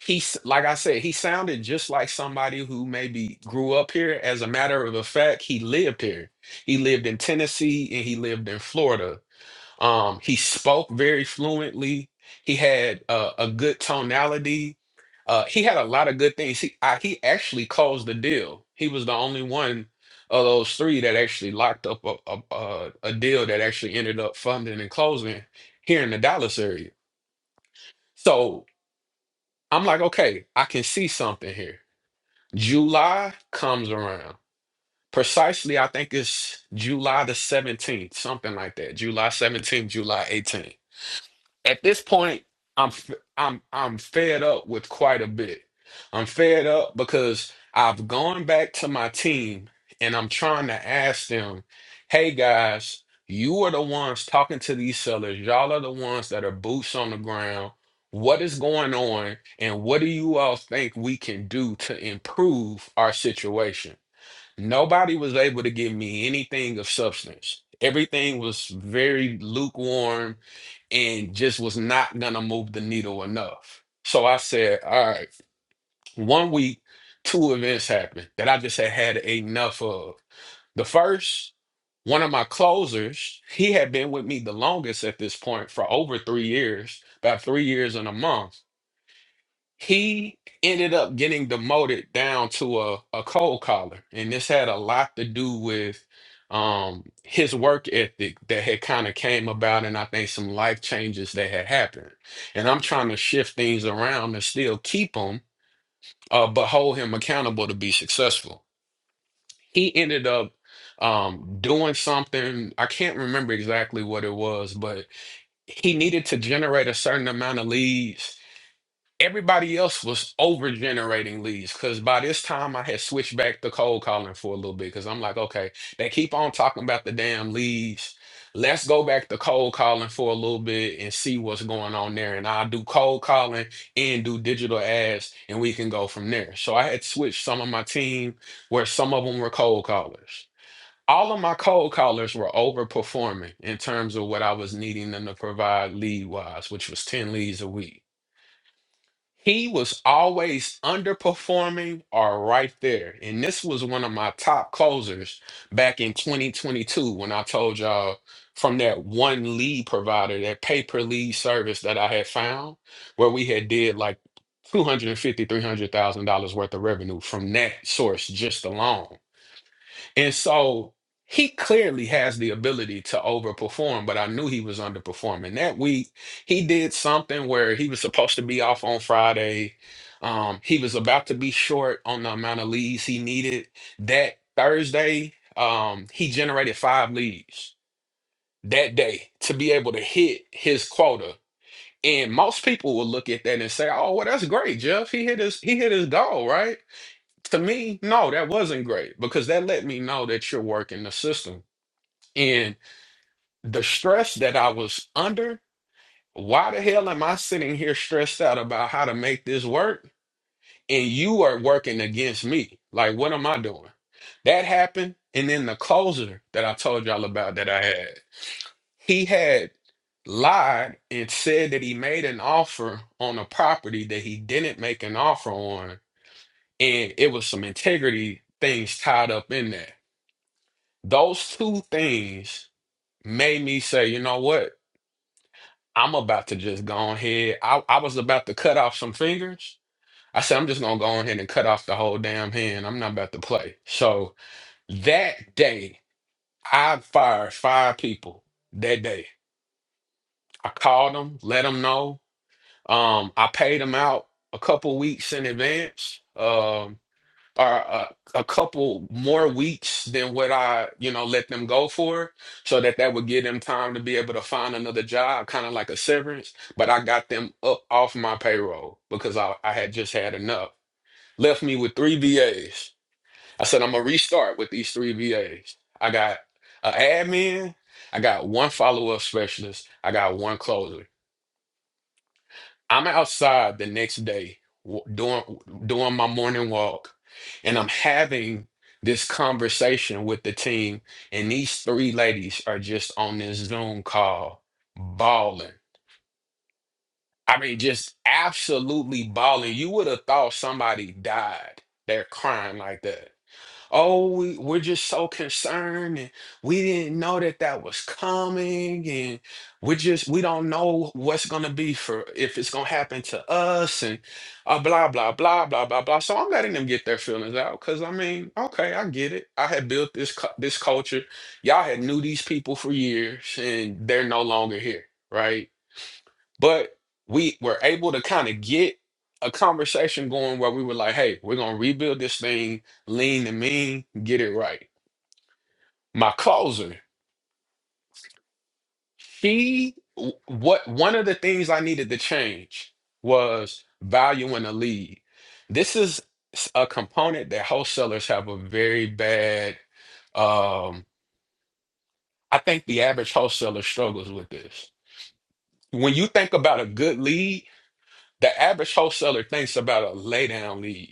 he s- like I said, he sounded just like somebody who maybe grew up here. As a matter of fact, he lived here. He lived in Tennessee and he lived in Florida Um, he spoke very fluently. He had uh, a good tonality. Uh, he had a lot of good things. He I, he actually closed the deal. He was the only one of those three that actually locked up a, a, a, a deal that actually ended up funding and closing here in the Dallas area. So I'm like, okay, I can see something here. July comes around. Precisely, I think it's July the 17th, something like that. July 17th, July 18th at this point i'm i i'm i'm fed up with quite a bit i'm fed up because i've gone back to my team and i'm trying to ask them hey guys you are the ones talking to these sellers y'all are the ones that are boots on the ground what is going on and what do you all think we can do to improve our situation nobody was able to give me anything of substance everything was very lukewarm and just was not gonna move the needle enough. So I said, all right, one week, two events happened that I just had had enough of. The first, one of my closers, he had been with me the longest at this point for over three years, about three years and a month he ended up getting demoted down to a, a cold collar and this had a lot to do with um his work ethic that had kind of came about and i think some life changes that had happened and i'm trying to shift things around and still keep him uh but hold him accountable to be successful he ended up um doing something i can't remember exactly what it was but he needed to generate a certain amount of leads Everybody else was over generating leads because by this time I had switched back to cold calling for a little bit because I'm like, okay, they keep on talking about the damn leads. Let's go back to cold calling for a little bit and see what's going on there. And I'll do cold calling and do digital ads and we can go from there. So I had switched some of my team where some of them were cold callers. All of my cold callers were overperforming in terms of what I was needing them to provide lead wise, which was 10 leads a week. He was always underperforming or right there. And this was one of my top closers back in 2022 when I told y'all from that one lead provider, that pay-per lead service that I had found, where we had did like two hundred and fifty, three hundred thousand dollars worth of revenue from that source just alone. And so he clearly has the ability to overperform, but I knew he was underperforming. That week, he did something where he was supposed to be off on Friday. Um, he was about to be short on the amount of leads he needed. That Thursday, um, he generated five leads that day to be able to hit his quota. And most people will look at that and say, "Oh, well, that's great, Jeff. He hit his he hit his goal, right?" to me, no, that wasn't great because that let me know that you're working the system. And the stress that I was under, why the hell am I sitting here stressed out about how to make this work? And you are working against me. Like, what am I doing? That happened. And then the closer that I told y'all about that I had, he had lied and said that he made an offer on a property that he didn't make an offer on. And it was some integrity things tied up in that. Those two things made me say, you know what? I'm about to just go on ahead. I, I was about to cut off some fingers. I said, I'm just gonna go on ahead and cut off the whole damn hand. I'm not about to play. So that day, I fired five people that day. I called them, let them know. Um, I paid them out a couple weeks in advance. Um, are a, a couple more weeks than what I, you know, let them go for, so that that would give them time to be able to find another job, kind of like a severance. But I got them up off my payroll because I, I had just had enough. Left me with three VAs. I said, I'm gonna restart with these three VAs. I got an admin, I got one follow-up specialist, I got one closer. I'm outside the next day w- doing doing my morning walk, and I'm having this conversation with the team, and these three ladies are just on this Zoom call bawling. I mean, just absolutely bawling. You would have thought somebody died. They're crying like that oh, we, we're just so concerned and we didn't know that that was coming and we just, we don't know what's going to be for, if it's going to happen to us and uh, blah, blah, blah, blah, blah, blah. So I'm letting them get their feelings out because I mean, okay, I get it. I had built this, cu- this culture. Y'all had knew these people for years and they're no longer here, right? but we were able to kind of get a conversation going where we were like, hey, we're gonna rebuild this thing, lean and mean, get it right. My closer, she w- what one of the things I needed to change was valuing a lead. This is s- a component that wholesalers have a very bad um, I think the average wholesaler struggles with this. When you think about a good lead, the average wholesaler thinks about a lay down lead.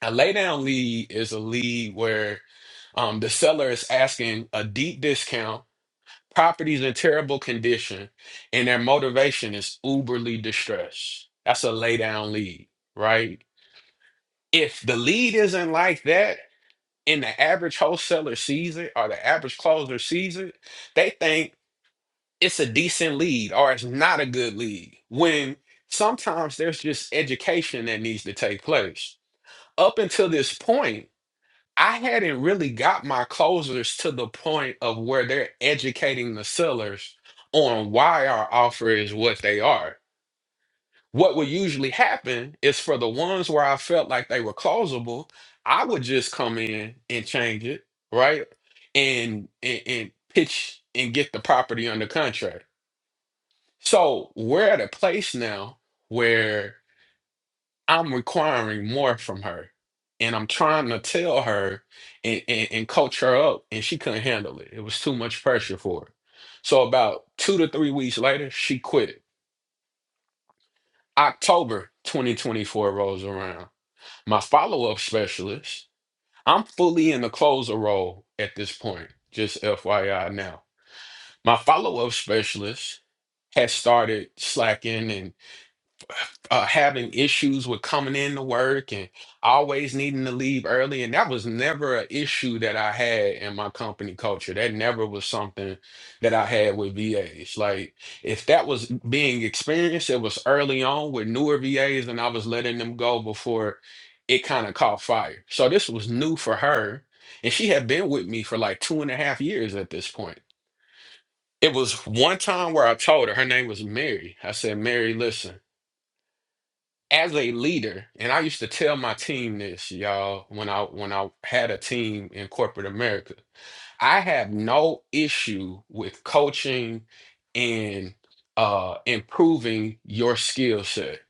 A lay down lead is a lead where um, the seller is asking a deep discount, property's in terrible condition, and their motivation is uberly distressed. That's a lay down lead, right? If the lead isn't like that, and the average wholesaler sees it or the average closer sees it, they think it's a decent lead or it's not a good lead. When sometimes there's just education that needs to take place. Up until this point, I hadn't really got my closers to the point of where they're educating the sellers on why our offer is what they are. What would usually happen is for the ones where I felt like they were closable, I would just come in and change it, right? And and, and pitch and get the property under contract. So we're at a place now where. I'm requiring more from her. And I'm trying to tell her and, and, and coach her up, and she couldn't handle it. It was too much pressure for her. So, about two to three weeks later, she quit. October 2024 rolls around. My follow up specialist, I'm fully in the closer role at this point, just FYI now. My follow up specialist has started slacking and. uh, having issues with coming into work and always needing to leave early. And that was never an issue that I had in my company culture. That never was something that I had with VAs. Like, if that was being experienced, it was early on with newer VAs, and I was letting them go before it kind of caught fire. So, this was new for her. And she had been with me for like two and a half years at this point. It was one time where I told her, her name was Mary. I said, Mary, listen as a leader, and I used to tell my team this, y'all, when I when I had a team in corporate America, I have no issue with coaching and uh improving your skill set.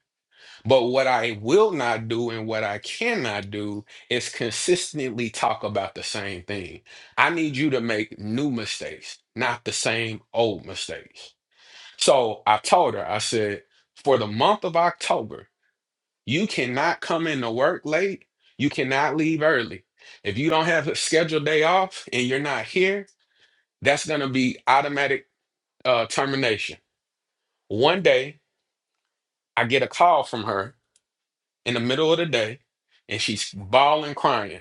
But what I will not do and what I cannot do is consistently talk about the same thing. I need you to make new mistakes, not the same old mistakes. So I told her, I said, for the month of October, you cannot come into work late. You cannot leave early. If you don't have a scheduled day off and you're not here, that's going to be automatic uh, termination. One day, I get a call from her in the middle of the day, and she's bawling, crying,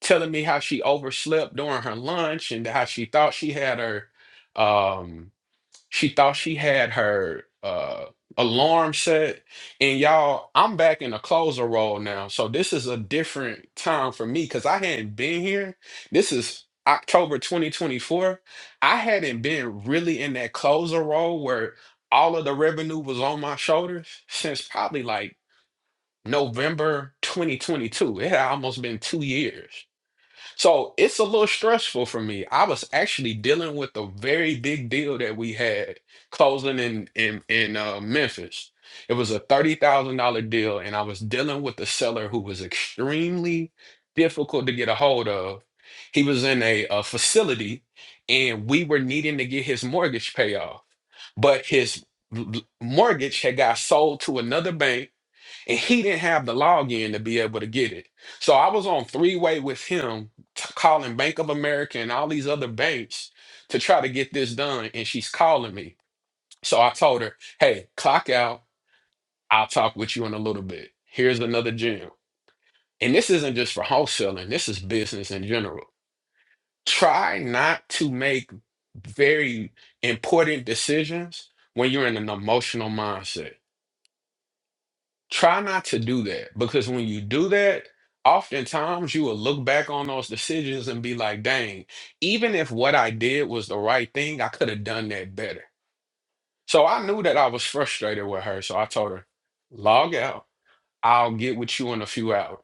telling me how she overslept during her lunch and how she thought she had her. Um, She thought she had her uh alarm set. And y'all, I'm back in a closer role now. So this is a different time for me because I hadn't been here. This is October 2024. I hadn't been really in that closer role where all of the revenue was on my shoulders since probably like November 2022. It had almost been two years. So it's a little stressful for me. I was actually dealing with a very big deal that we had closing in in in uh, Memphis. It was a thirty thousand dollar deal, and I was dealing with the seller who was extremely difficult to get a hold of. He was in a, a facility, and we were needing to get his mortgage payoff, but his l- l- mortgage had got sold to another bank and he didn't have the login to be able to get it. So I was on three way with him, t- calling Bank of America and all these other banks to try to get this done. And she's calling me. So I told her, hey, clock out. I'll talk with you in a little bit. Here's another gem. And this isn't just for wholesaling, this is business in general. Try not to make very important decisions when you're in an emotional mindset try not to do that because when you do that, oftentimes you will look back on those decisions and be like, dang, even if what I did was the right thing, I could have done that better. So I knew that I was frustrated with her. So I told her, log out. I'll get with you in a few hours.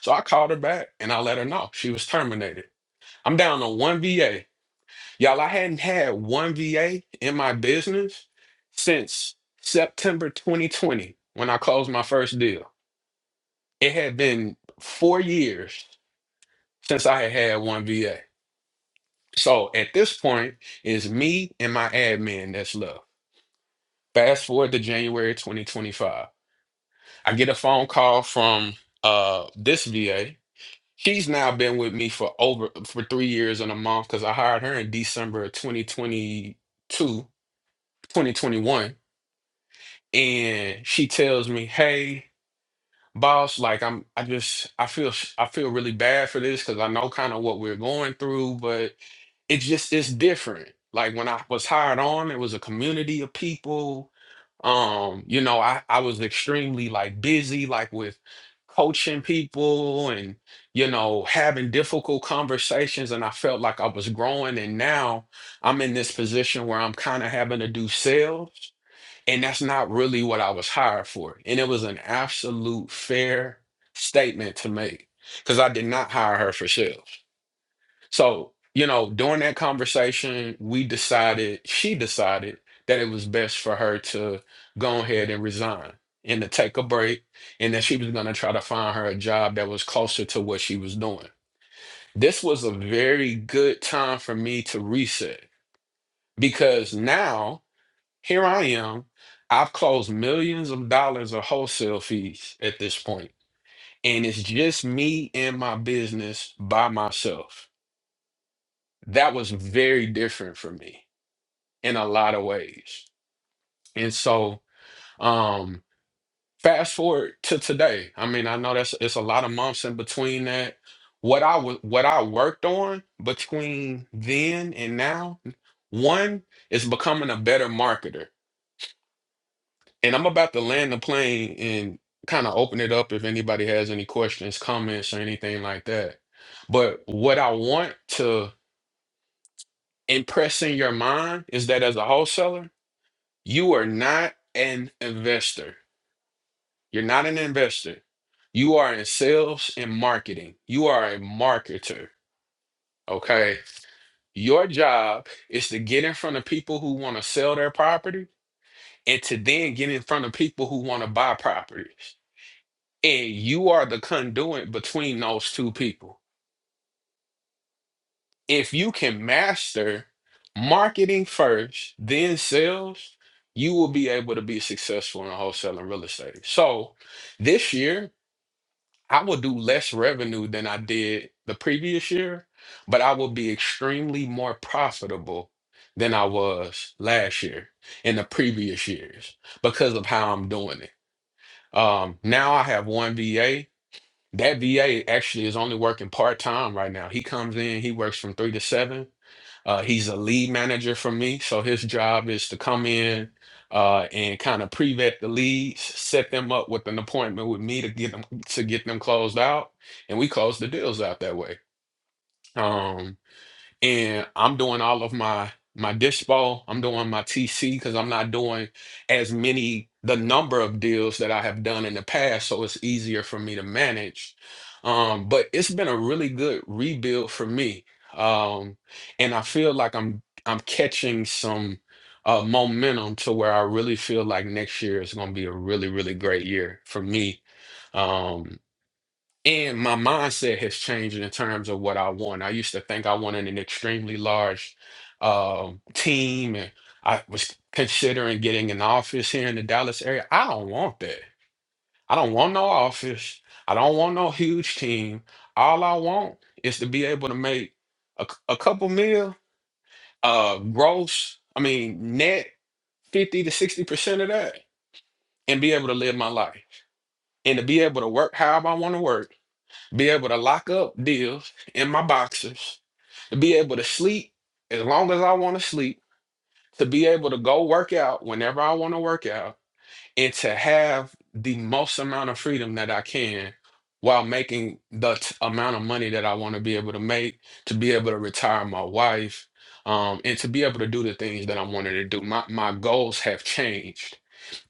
So I called her back and I let her know she was terminated. I'm down to one VA. Y'all, I hadn't had one VA in my business since September 2020 when I closed my first deal. It had been four years since I had had one VA. So at this point, it's me and my admin that's left. Fast forward to January 2025. I get a phone call from uh this VA. She's now been with me for over for three years and a month because I hired her in December of 2022, 2021. And she tells me, hey, boss, like I'm I just I feel sh- I feel really bad for this because I know kind of what we're going through, but It's just it's different. Like when I was hired on, it was a community of people. Um, you know, I I was extremely like busy, like with coaching people and you know having difficult conversations, and I felt like I was growing. And now I'm in this position where I'm kind of having to do sales, and that's not really what I was hired for. And it was an absolute fair statement to make because I did not hire her for sales. So, you know, during that conversation, we decided, she decided that it was best for her to go ahead and resign and to take a break and that she was going to try to find her a job that was closer to what she was doing. This was a very good time for me to reset because now here I am. I've closed millions of dollars of wholesale fees at this point, and it's just me and my business by myself. that was very different for me in a lot of ways. And so, um, fast forward to today. I mean, I know that's it's a lot of months in between that. What I was what I worked on between then and now, one is becoming a better marketer. And I'm about to land the plane and kind of open it up if anybody has any questions, comments, or anything like that. But what I want to impress in your mind is that as a wholesaler, You are not an investor. You're not an investor. You are in sales and marketing. You are a marketer. Okay. Your job is to get in front of people who want to sell their property and to then get in front of people who want to buy properties. And you are the conduit between those two people. If you can master marketing first, then sales, you will be able to be successful in wholesaling real estate. So, this year I will do less revenue than I did the previous year, but I will be extremely more profitable than I was last year in the previous years because of how I'm doing it. Um, now I have one VA. That VA actually is only working part time right now. He comes in, he works from three to seven uh, he's a lead manager for me, so his job is to come in uh, and kind of pre-vet the leads, set them up with an appointment with me to get them to get them closed out, and we close the deals out that way. Um, and I'm doing all of my my dish ball. I'm doing my TC because I'm not doing as many the number of deals that I have done in the past, so it's easier for me to manage. Um, but it's been a really good rebuild for me, um, and I feel like I'm I'm catching some uh, momentum to where I really feel like next year is going to be a really really great year for me. Um, and my mindset has changed in terms of what I want. I used to think I wanted an extremely large um, team, and I was considering getting an office here in the Dallas area. I don't want that. I don't want no office. I don't want no huge team. All I want is to be able to make a, c- a couple mil, uh, gross. I mean, net fifty to sixty percent of that, and be able to live my life and to be able to work however I want to work be able to lock up deals in my boxers, to be able to sleep as long as I want to sleep, to be able to go work out whenever I want to work out, and to have the most amount of freedom that I can while making the t- amount of money that I want to be able to make, to be able to retire my wife, um, and to be able to do the things that I wanted to do. My, my goals have changed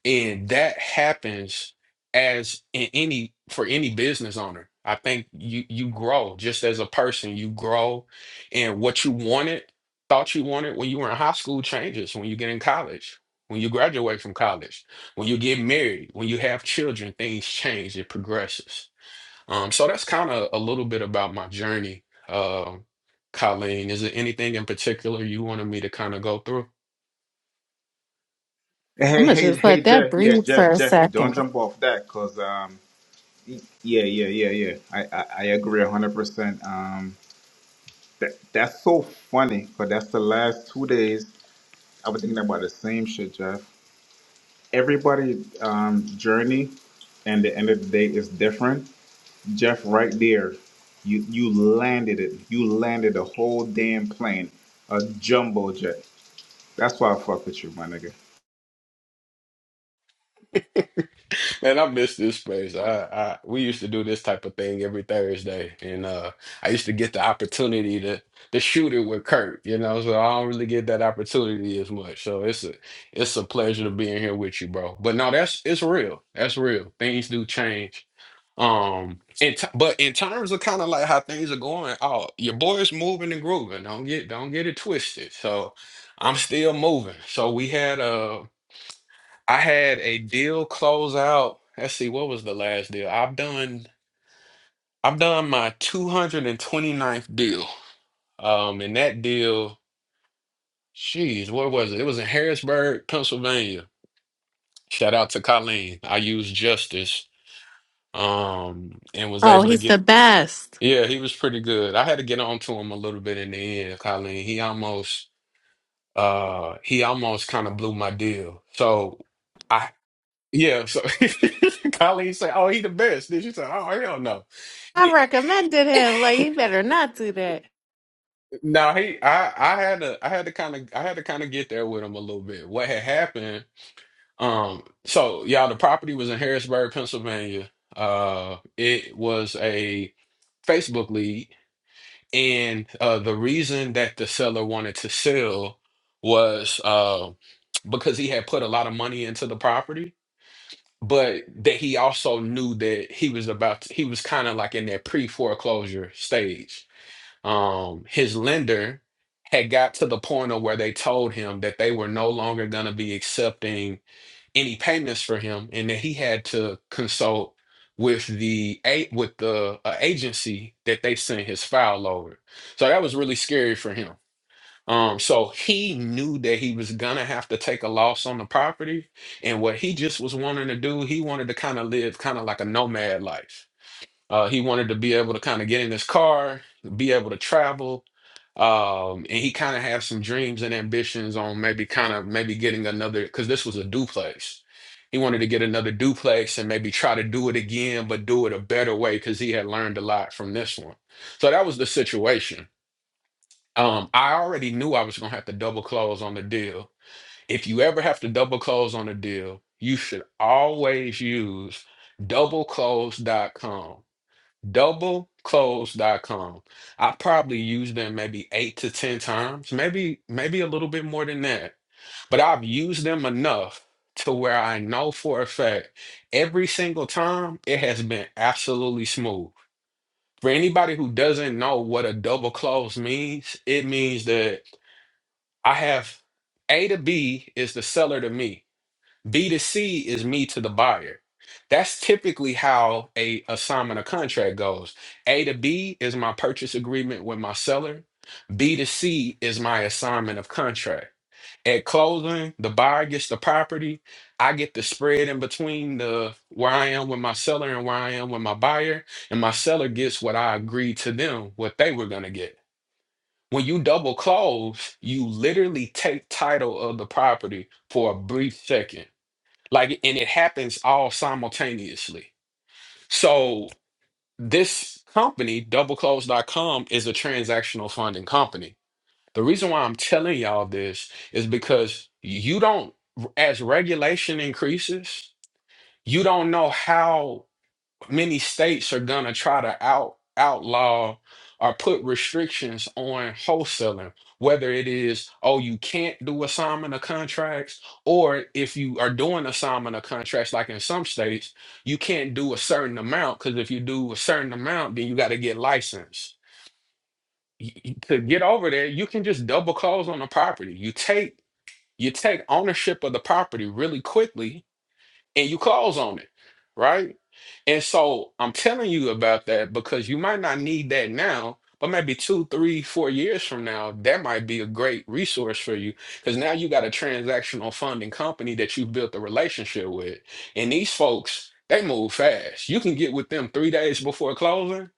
and that happens as in any for any business owner. I think you you grow just as a person, you grow and what you wanted, thought you wanted when you were in high school changes when you get in college, when you graduate from college, when you get married, when you have children, things change, it progresses. Um, so that's kind of a little bit about my journey. Um, Colleen, is there anything in particular you wanted me to kind of go through?
I'm
Hey,
gonna
hey,
just
hey,
let that
Jeff. Yeah,
breathe for
Jeff,
a
Jeff, don't
second.
jump off that because, um, yeah, yeah, yeah, yeah. I, I, I agree 100%. Um, that, that's so funny because that's the last two days I was thinking about the same shit, Jeff. Everybody's um, journey and the end of the day is different. Jeff, right there, you you landed it. You landed a whole damn plane, a jumbo jet. That's why I fuck with you, my nigga.
Man, I miss this space. I, I we used to do this type of thing every Thursday, and uh, I used to get the opportunity to to shoot it with Kurt. You know, so I don't really get that opportunity as much. So it's a it's a pleasure to be in here with you, bro. But no, that's it's real. That's real. Things do change. Um, and t but in terms of kind of like how things are going, oh, your boy is moving and grooving. Don't get don't get it twisted. So I'm still moving. So we had I had a deal close out. Let's see, what was the last deal? I've done I've done my two hundred and twenty ninth deal. Um, and that deal, jeez, what was it? It was in Harrisburg, Pennsylvania. Shout out to Colleen. I used Justice um and was
Oh,
able to
he's the
get
best.
yeah, he was pretty good. I had to get on to him a little bit in the end, Colleen. He almost uh he almost kind of blew my deal. So I. Yeah, so Colleen said, "Oh, he the best." Then she said, "Oh, hell no."
I recommended him. Like, you better not do that.
Now he, I, I had to, I had to kind of, I had to kind of get there with him a little bit. What had happened? Um, so y'all, the property was in Harrisburg, Pennsylvania. Uh, it was a Facebook lead, and uh, the reason that the seller wanted to sell was uh because he had put a lot of money into the property but that he also knew that he was about to, he was kind of like in that pre-foreclosure stage. Um, his lender had got to the point of where they told him that they were no longer going to be accepting any payments for him, and that he had to consult with the a with the uh, agency that they sent his file over. So that was really scary for him um, so he knew that he was gonna have to take a loss on the property, and what he just was wanting to do, he wanted to kind of live kind of like a nomad life. Uh, he wanted to be able to kind of get in his car, be able to travel, um, and he kind of had some dreams and ambitions on maybe kind of maybe getting another because this was a duplex. He wanted to get another duplex and maybe try to do it again, but do it a better way because he had learned a lot from this one. So that was the situation. Um, I already knew I was gonna have to double close on the deal. If you ever have to double close on a deal, you should always use doubleclose.com. Doubleclose.com. I probably used them maybe eight to ten times, maybe maybe a little bit more than that. But I've used them enough to where I know for a fact every single time it has been absolutely smooth. For anybody who doesn't know what a double close means, it means that I have A to B is the seller to me. B to C is me to the buyer. That's typically how a assignment of contract goes. A to B is my purchase agreement with my seller. B to C is my assignment of contract. At closing, the buyer gets the property. I get the spread in between the where I am with my seller and where I am with my buyer, and my seller gets what I agreed to them, what they were gonna get. When you double close, you literally take title of the property for a brief second. Like, and it happens all simultaneously. So this company, double close dot com is a transactional funding company. The reason why I'm telling y'all this is because you don't, as regulation increases, you don't know how many states are gonna try to out outlaw or put restrictions on wholesaling, whether it is, oh, you can't do assignment of contracts, or if you are doing assignment of contracts, like in some states, you can't do a certain amount because if you do a certain amount, then you got to get licensed. Y- y- To get over there, you can just double close on the property. You take you take ownership of the property really quickly and you close on it, right? And so I'm telling you about that because you might not need that now, but maybe two, three, four years from now, that might be a great resource for you because now you got a transactional funding company that you built a relationship with. And these folks, they move fast. You can get with them three days before closing.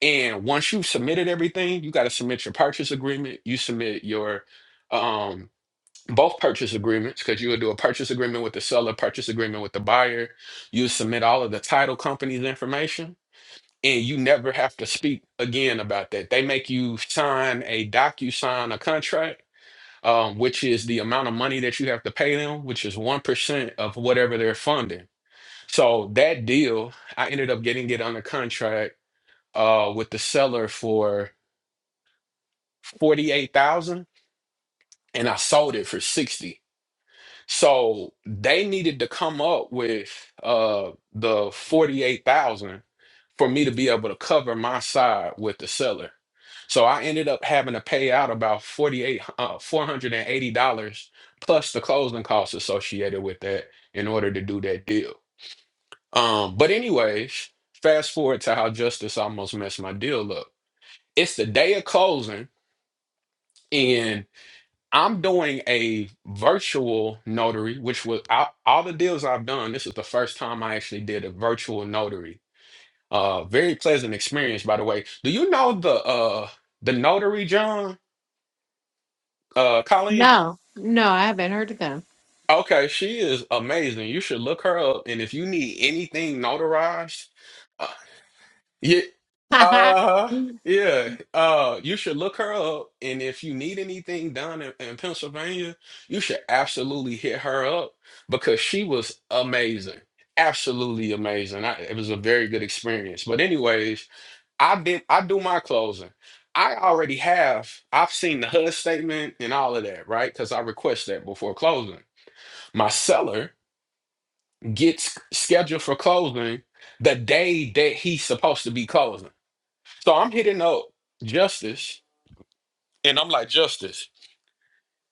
And once you've submitted everything, you got to submit your purchase agreement, you submit your um both purchase agreements because you would do a purchase agreement with the seller, purchase agreement with the buyer. You submit all of the title company's information, and you never have to speak again about that. They make you sign a docu sign a contract, um, which is the amount of money that you have to pay them, which is one percent of whatever they're funding. So that deal, I ended up getting it under contract uh, with the seller for forty eight thousand, and I sold it for sixty. So they needed to come up with uh the 48,000 for me to be able to cover my side with the seller. So I ended up having to pay out about 48 uh, $480 plus the closing costs associated with that in order to do that deal. Um but anyways, fast forward to how justice almost messed my deal up. It's the day of closing and. I'm doing a virtual notary, which was I, all the deals I've done. This is the first time I actually did a virtual notary. Uh, very pleasant experience, by the way. Do you know the uh the notary John uh Colleen?
No, no, I haven't heard of them.
Okay, she is amazing. You should look her up, and if you need anything notarized, uh, yeah, Uh-huh. Yeah. Uh, you should look her up. And if you need anything done in, in Pennsylvania, you should absolutely hit her up because she was amazing. Absolutely amazing. I, it was a very good experience. But anyways, I did I do my closing. I already have, I've seen the HUD statement and all of that, right? Because I request that before closing. My seller gets scheduled for closing the day that he's supposed to be closing. So I'm hitting up Justice, and I'm like, Justice,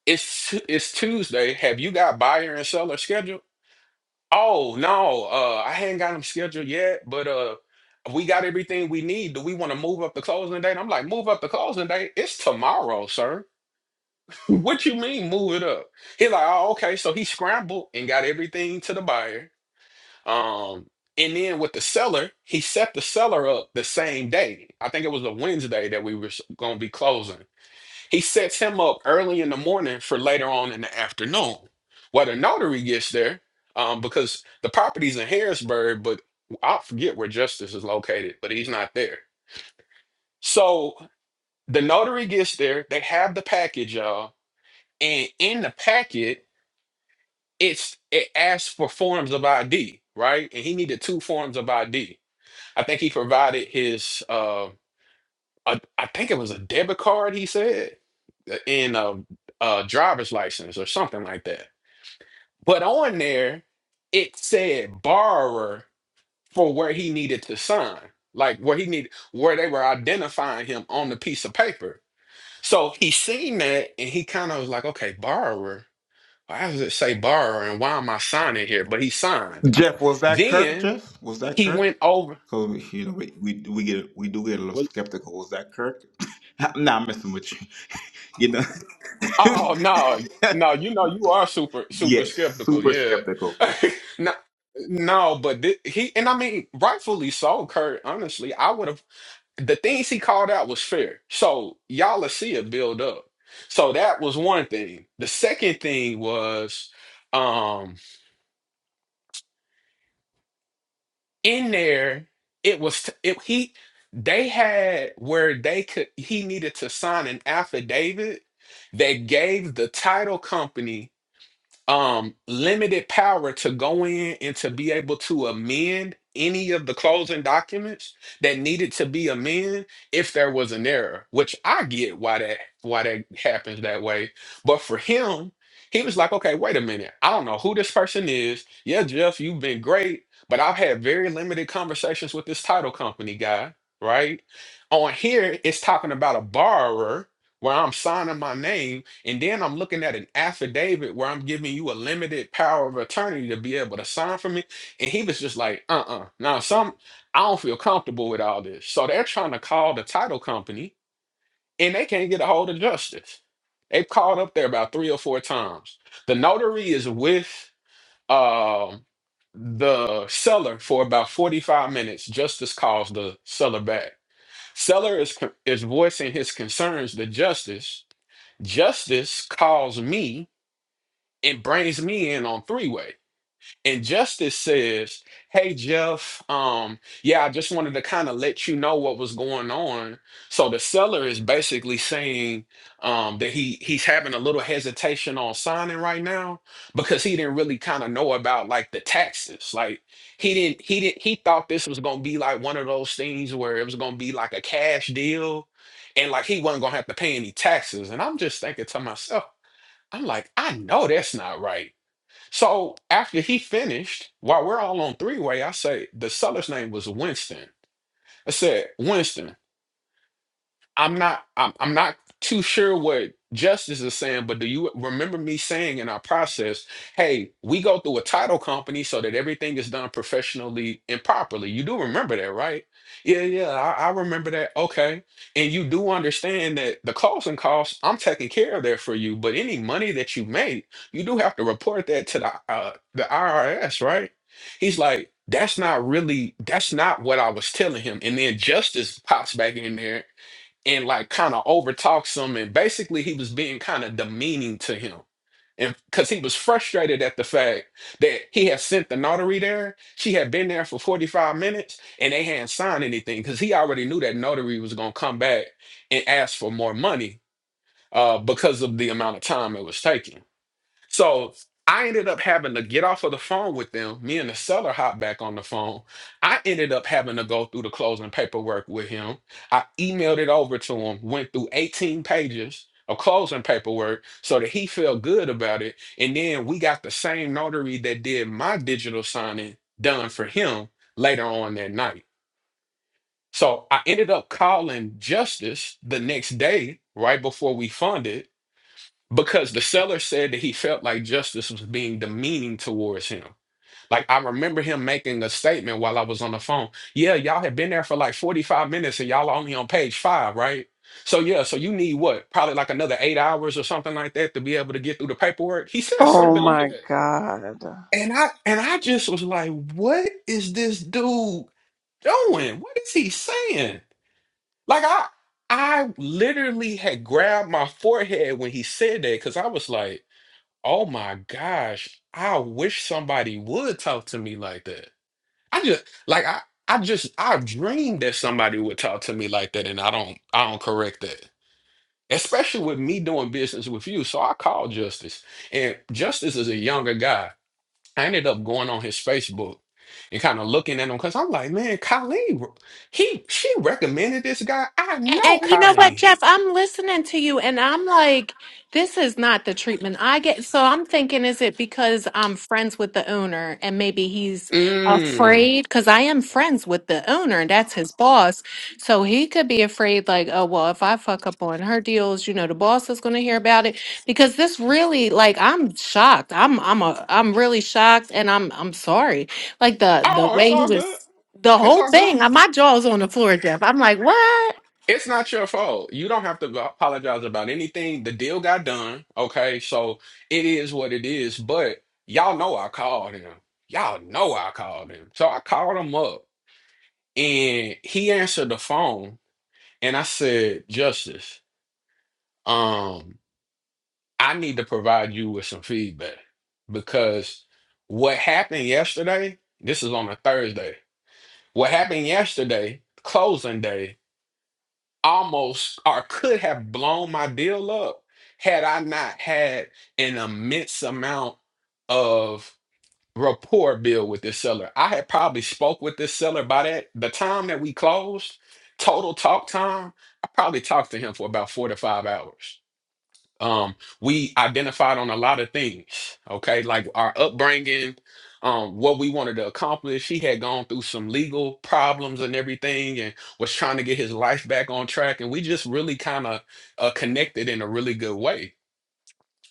it's it's Tuesday. Have you got buyer and seller scheduled? Oh no, uh, I hadn't got them scheduled yet, but uh, we got everything we need. Do we want to move up the closing date? I'm like, move up the closing date. It's tomorrow, sir. What you mean move it up? He's like, oh, okay. So he scrambled and got everything to the buyer. Um, and then with the seller, he set the seller up the same day. I think it was a Wednesday that we were going to be closing. He sets him up early in the morning for later on in the afternoon. Well, the notary gets there um, because the property's in Harrisburg, but I forget where Justice is located, but he's not there. So the notary gets there. They have the package, y'all, and in the packet, it's it asks for forms of ID, right? And he needed two forms of ID. I think he provided his. uh, I, I think it was a debit card, he said, uh, in a, a driver's license or something like that. But on there, it said borrower for where he needed to sign, like where he needed, where they were identifying him on the piece of paper. So he seen that and he kind of was like, okay, borrower. Why does it say borrower and why am I signing here? But he signed.
Jeff, was that Kirk?
Then
Jeff, was that
he
Kirk?
went over.
Cause you know we, we we get we do get a little skeptical. Was that Kirk? I'm not messing with you. You know.
Oh no, no, you know you are super super
yeah,
skeptical,
super
yeah.
skeptical.
No, no, but thi- he and I mean rightfully so, Kurt. Honestly, I would have the things he called out was fair. So y'all will see it build up. So that was one thing. The second thing was um in there it was t- it he they had where they could he needed to sign an affidavit that gave the title company um limited power to go in and to be able to amend any of the closing documents that needed to be amended if there was an error which i get why that why that happens that way but for him he was like okay wait a minute i don't know who this person is yeah jeff you've been great but i've had very limited conversations with this title company guy right on here it's talking about a borrower where i'm signing my name and then I'm looking at an affidavit where I'm giving you a limited power of attorney to be able to sign for me. And he was just like, uh uh Now, some, I don't feel comfortable with all this. So they're trying to call the title company and they can't get a hold of justice. They've called up there about three or four times. The notary is with um, the seller for about 45 minutes. Justice calls the seller back. Seller is, co- is voicing his concerns to justice. Justice calls me and brings me in on three way. And Justice says, Hey Jeff, um, yeah, I just wanted to kind of let you know what was going on. So the seller is basically saying um that he he's having a little hesitation on signing right now because he didn't really kind of know about like the taxes. Like he didn't he didn't he thought this was gonna be like one of those things where it was gonna be like a cash deal and like he wasn't gonna have to pay any taxes. And I'm just thinking to myself, I'm like, I know that's not right so after he finished, while we're all on three way, I say the seller's name was Winston. I said, Winston, I'm not I'm, I'm not too sure what justice is saying, but do you remember me saying in our process, hey, we go through a title company so that everything is done professionally and properly? You do remember that, right? Yeah, yeah, I, I remember that. Okay. And you do understand that the costs and costs, I'm taking care of that for you, but any money that you make, you do have to report that to the uh, the IRS, right? He's like, that's not really, that's not what I was telling him. And then justice pops back in there and like kind of overtalked some and basically he was being kind of demeaning to him and because he was frustrated at the fact that he had sent the notary there she had been there for 45 minutes and they hadn't signed anything because he already knew that notary was going to come back and ask for more money uh, because of the amount of time it was taking so I ended up having to get off of the phone with them. Me and the seller hopped back on the phone. I ended up having to go through the closing paperwork with him. I emailed it over to him, went through 18 pages of closing paperwork so that he felt good about it. And then we got the same notary that did my digital signing done for him later on that night. So I ended up calling Justice the next day, right before we funded because the seller said that he felt like justice was being demeaning towards him. Like I remember him making a statement while I was on the phone. Yeah, y'all have been there for like 45 minutes and y'all are only on page five, right? So yeah, so you need what? Probably like another eight hours or something like that to be able to get through the paperwork. He said
Oh
something like
my
that.
God.
And I and I just was like, what is this dude doing? What is he saying? Like I I literally had grabbed my forehead when he said that because I was like, Oh my gosh, I wish somebody would talk to me like that. I just like I I just I dream that somebody would talk to me like that and I don't I don't correct that. Especially with me doing business with you. So I called Justice. And Justice is a younger guy. I ended up going on his Facebook and kind of looking at him because I'm like, man, Colleen, he she recommended this guy. I know
And, and you know what,
Colleen.
Jeff, I'm listening to you and I'm like, this is not the treatment I get. So I'm thinking, is it because I'm friends with the owner and maybe he's
Mm.
afraid? Because I am friends with the owner and that's his boss. So he could be afraid, like, oh, well, if I fuck up on her deals, you know, the boss is going to hear about it. Because this really, like, I'm shocked. I'm, I'm, a, I'm really shocked and I'm, I'm sorry. Like the, the
Oh, it's
way he
all good.
was. The
It's
whole
all good.
thing, uh, my jaw's on the floor, Jeff. I'm like, what?
It's not your fault. You don't have to go- apologize about anything. The deal got done. Okay. So it is what it is. But y'all know I called him. Y'all know I called him. So I called him up and he answered the phone. And I said, Justice, um, I need to provide you with some feedback because what happened yesterday, this is on a Thursday. What happened yesterday, closing day, almost or could have blown my deal up had I not had an immense amount of rapport build with this seller. I had probably spoke with this seller by that the time that we closed, total talk time, I probably talked to him for about four to five hours um we identified on a lot of things okay like our upbringing um what we wanted to accomplish he had gone through some legal problems and everything and was trying to get his life back on track and we just really kind of uh, connected in a really good way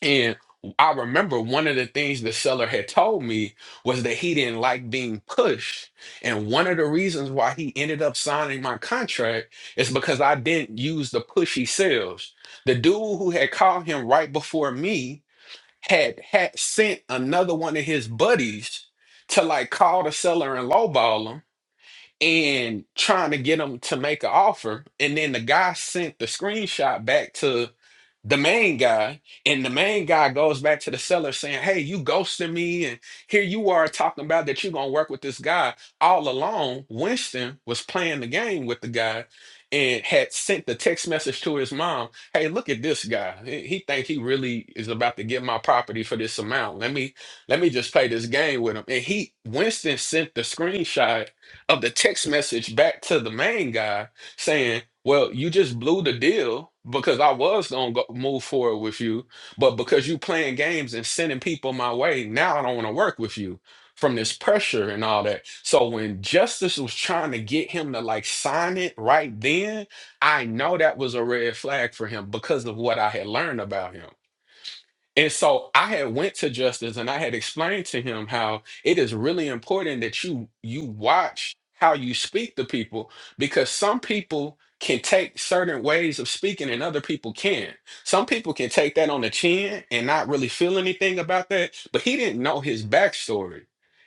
and I remember one of the things the seller had told me was that he didn't like being pushed. And one of the reasons why he ended up signing my contract is because I didn't use the pushy sales. The dude who had called him right before me had, had sent another one of his buddies to like call the seller and lowball him and trying to get him to make an offer. And then the guy sent the screenshot back to the main guy, and the main guy goes back to the seller saying, Hey, you ghosted me, and here you are talking about that you're gonna work with this guy. All along, Winston was playing the game with the guy and had sent the text message to his mom, Hey, look at this guy. He he think he really is about to get my property for this amount. Let me let me just play this game with him. And he Winston sent the screenshot of the text message back to the main guy saying, "Well, you just blew the deal because I was gonna move forward with you, but because you playing games and sending people my way, now I don't want to work with you." From this pressure and all that. So when Justice was trying to get him to like sign it right then, I know that was a red flag for him because of what I had learned about him. And so I had went to Justice and I had explained to him how it is really important that you you watch how you speak to people because some people can take certain ways of speaking and other people can. Some people can take that on the chin and not really feel anything about that, but he didn't know his backstory.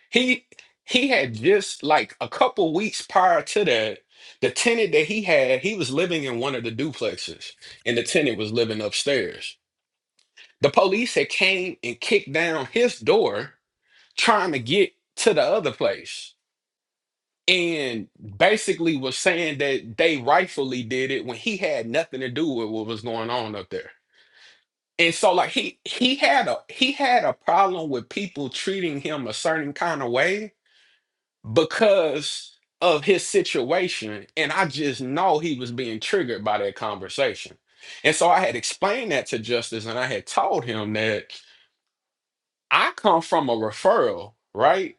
He he had just like a couple weeks prior to that, the tenant that he had, he was living in one of the duplexes and the tenant was living upstairs. The police had came and kicked down his door trying to get to the other place and basically was saying that they rightfully did it when he had nothing to do with what was going on up there. And so like he he had a he had a problem with people treating him a certain kind of way because of his situation and I just know he was being triggered by that conversation. And so I had explained that to Justice and I had told him that I come from a referral, right?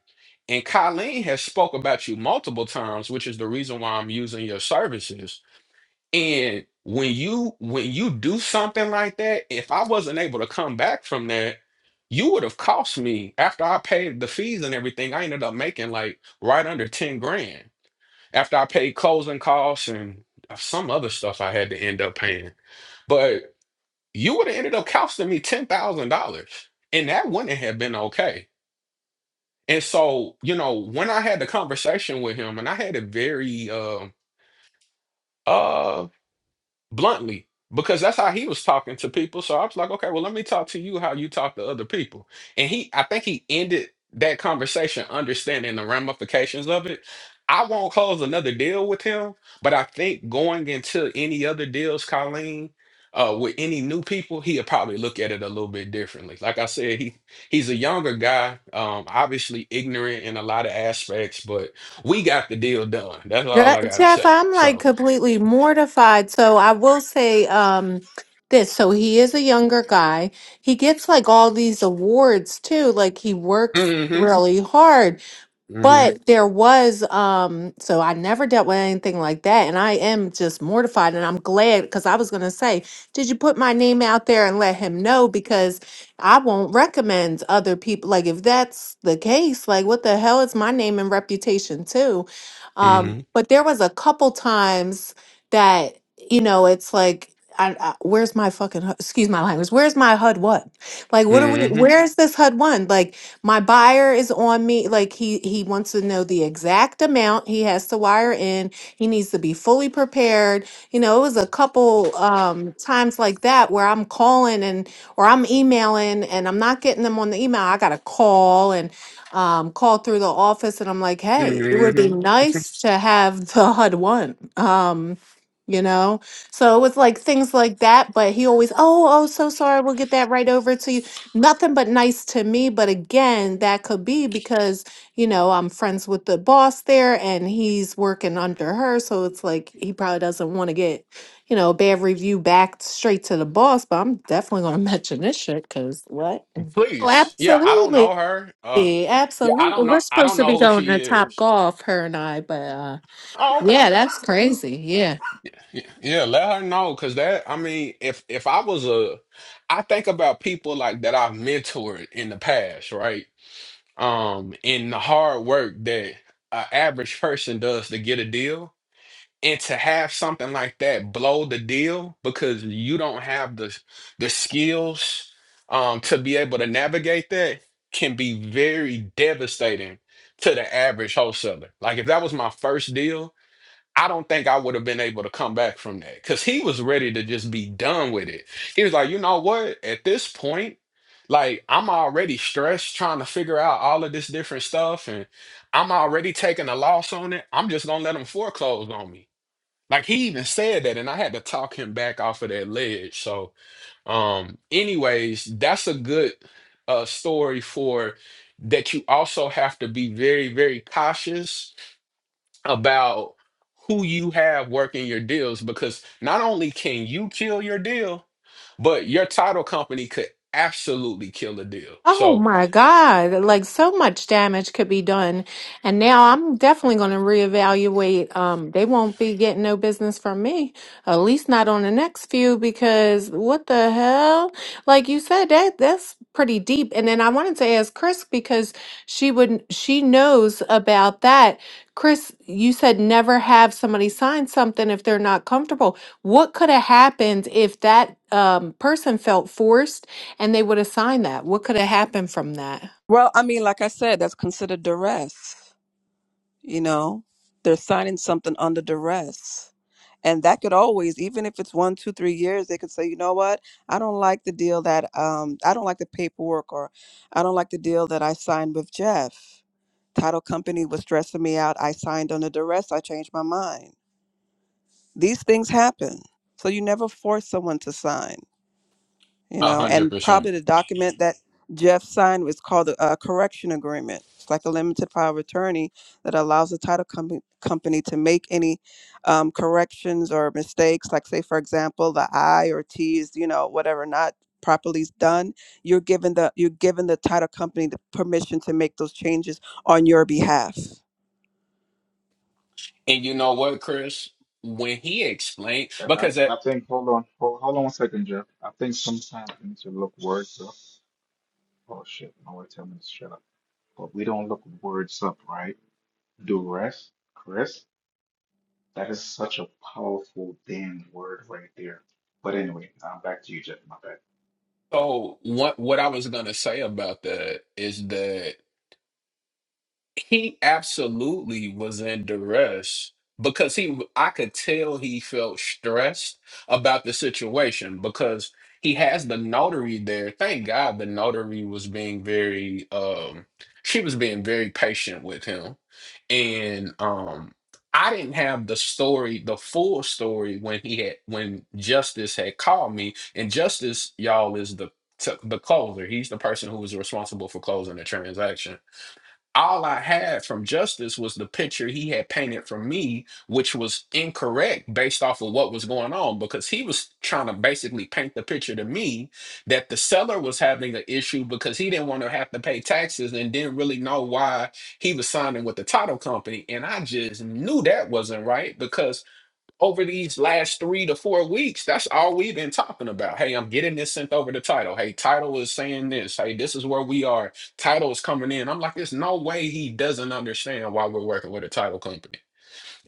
And Colleen has spoke about you multiple times, which is the reason why I'm using your services. And when you when you do something like that, if I wasn't able to come back from that, you would have cost me after I paid the fees and everything. I ended up making like right under 10 grand after I paid closing costs and uh, some other stuff I had to end up paying. But you would have ended up costing me $10,000 and that wouldn't have been okay and so, you know, when I had the conversation with him, and I had a very um bluntly because that's how he was talking to people. So I was like, okay, well, let me talk to you how you talk to other people. And he, I think he ended that conversation understanding the ramifications of it. I won't close another deal with him, but I think going into any other deals, Colleen, uh, with any new people, he'll probably look at it a little bit differently. Like I said, he he's a younger guy, um, obviously ignorant in a lot of aspects, but we got the deal done. That's all
Je-
I gotta
Jeff,
say.
I'm like
So,
completely mortified. So I will say um this. So he is a younger guy. He gets like all these awards too. Like he works
mm-hmm,
really hard. But there was, um, so I never dealt with anything like that. And I am just mortified. And I'm glad because I was going to say, did you put my name out there and let him know? Because I won't recommend other people. Like, if that's the case, like, what the hell is my name and reputation too? Um,
hmm
but there was a couple times that, you know, it's like, I, I, where's my fucking, hu- excuse my language, where's my HUD one? Like, what are we,
hmm
where's this HUD one? Like, my buyer is on me. Like he he wants to know the exact amount he has to wire in. He needs to be fully prepared. You know, it was a couple um times like that where I'm calling and or I'm emailing and I'm not getting them on the email. I gotta call and um call through the office and I'm like, hey, it would be
hmm
nice to have the HUD one. Um, you know? So it was like things like that, but he always, oh, oh, so sorry, we'll get that right over to you nothing but nice to me but again that could be because you know i'm friends with the boss there and he's working under her so it's like he probably doesn't want to get you know a bad review back straight to the boss but i'm definitely going to mention this shit because what oh
Please. Yeah, I don't
absolutely
know her. Uh yeah, I
absolutely
don't
we're
know I
supposed
don't
to be
know who
going
she
to top
is.
golf her and i but uh
Oh, okay.
yeah that's crazy Yeah.
Y- Yeah, let her know because that I mean, if if I was a I think about people like that I've mentored in the past, right? Um, in the hard work that an average person does to get a deal. And to have something like that blow the deal because you don't have the the skills um, to be able to navigate that can be very devastating to the average wholesaler. Like if that was my first deal, I don't think I would have been able to come back from that because he was ready to just be done with it. He was like, you know what? At this point, like I'm already stressed trying to figure out all of this different stuff and I'm already taking a loss on it. I'm just gonna let them foreclose on me. Like he even said that, and I had to talk him back off of that ledge. So, um, anyways, that's a good uh story for that you also have to be very, very cautious about who you have working your deals because not only can you kill your deal, but your title company could absolutely kill a deal.
Oh
So,
my God, like so much damage could be done. And now I'm definitely going to reevaluate. Um, they won't be getting no business from me, at least not on the next few, because what the hell? Like you said, that that's pretty deep. And then I wanted to ask Chris because she would, she knows about that. Chris, you said never have somebody sign something if they're not comfortable. What could have happened if that um, person felt forced? and they would have signed that. What could have happened from that?
Well, I mean, like I said, that's considered duress. You know, they're signing something under duress. And that could always, even if it's one, two, three years, they could say, you know what? I don't like the deal that, um, I don't like the paperwork or I don't like the deal that I signed with Jeff. Title company was stressing me out. I signed under duress. I changed my mind. These things happen. So you never force someone to sign. you
a
know
hundred
and probably
percent.
the document that jeff signed was called a, a correction agreement it's like a limited power of attorney that allows the title com- company to make any um, corrections or mistakes like say for example the i or t is you know whatever not properly is done you're given the you're given the title company the permission to make those changes on your behalf
And you know what, Chris? When he explained,
I, I
because uh,
I think hold on hold, hold on one second, Jeff. I think sometimes we need to look words up. Oh shit! My wife tell me to shut up. but we don't look words up, right? Duress, Chris, that is such a powerful damn word right there. But anyway, um, back to you, Jeff. My bad.
So what what I was gonna say about that is that he absolutely was in duress because he I could tell he felt stressed about the situation because he has the notary there. Thank God the notary was being very um she was being very patient with him. And um I didn't have the story, the full story when he had when Justice had called me. And Justice, y'all, is the the closer. He's the person who was responsible for closing the transaction all I had from Justice was the picture he had painted for me, which was incorrect based off of what was going on, because he was trying to basically paint the picture to me that the seller was having an issue because he didn't want to have to pay taxes and didn't really know why he was signing with the title company. And I just knew that wasn't right because over these last three to four weeks, that's all we've been talking about. Hey, I'm getting this sent over to title. Hey, title is saying this. Hey, this is where we are. Title is coming in. I'm like, there's no way he doesn't understand why we're working with a title company.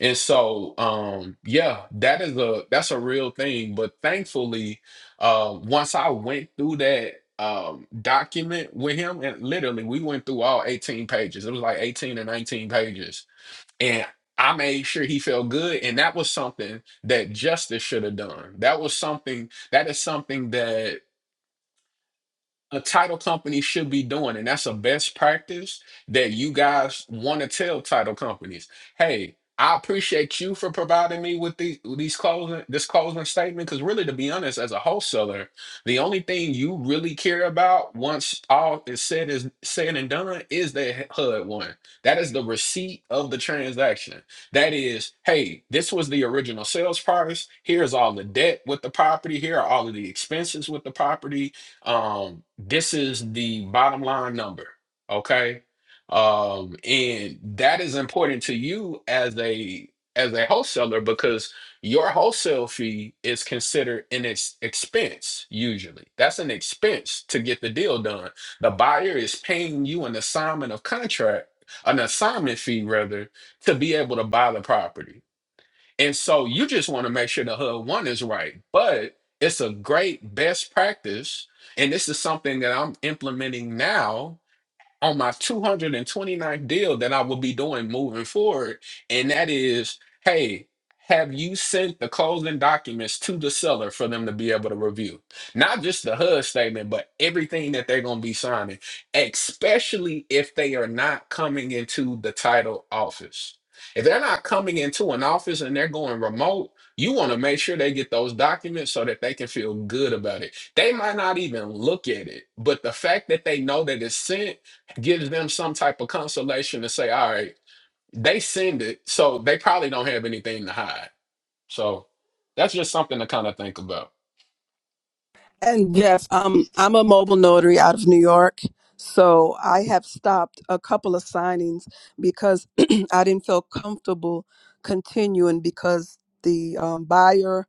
And so, um, yeah, that is a that's a real thing. But thankfully, uh, once I went through that um document with him, and literally we went through all 18 pages. It was like 18 or 19 pages and I made sure he felt good. And that was something that justice should have done. That was something that is something that a title company should be doing, and that's a best practice that you guys want to tell title companies. Hey, I appreciate you for providing me with these these closing this closing statement. Because really, to be honest, as a wholesaler, the only thing you really care about once all is said is said and done is that HUD one. That is the receipt of the transaction. That is, hey, this was the original sales price. Here's all the debt with the property. Here are all of the expenses with the property Um this is the bottom line number okay um and that is important to you as a as a wholesaler because your wholesale fee is considered an ex- expense usually that's an expense to get the deal done the buyer is paying you an assignment of contract an assignment fee rather to be able to buy the property and so you just want to make sure the HUD one is right. But it's a great best practice. And this is something that I'm implementing now on my two hundred and twenty ninth deal that I will be doing moving forward. And that is, hey, have you sent the closing documents to the seller for them to be able to review? Not just the HUD statement, but everything that they're going to be signing, especially if they are not coming into the title office. If they're not coming into an office and they're going remote, you want to make sure they get those documents so that they can feel good about it. They might not even look at it, but the fact that they know that it's sent gives them some type of consolation to say, all right, they send it, so they probably don't have anything to hide. So that's just something to kind of think about.
And yes, um, I'm a mobile notary out of New York. So I have stopped a couple of signings because I didn't feel comfortable continuing because the um, buyer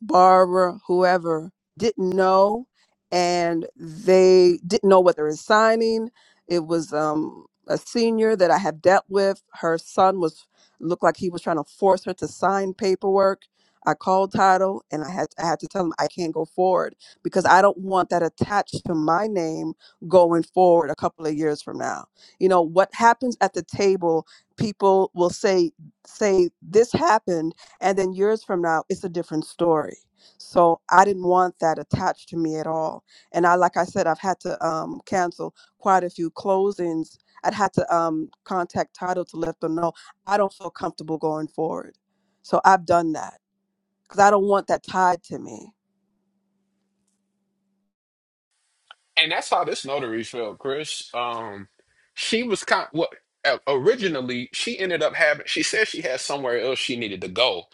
Barbara, whoever didn't know, and they didn't know what they were signing. It was um, a senior that I have dealt with. Her son was looked like he was trying to force her to sign paperwork. I called title and I had I had to tell him I can't go forward because I don't want that attached to my name going forward a couple of years from now. You know what happens at the table, people will say say this happened and then years from now it's a different story so i didn't want that attached to me at all and i like i said i've had to um, cancel quite a few closings i'd had to um, contact title to let them know i don't feel comfortable going forward so i've done that because i don't want that tied to me
And that's how this notary felt, Chris. Um, she was kind what o- originally she ended up having. She said she had somewhere else she needed to go.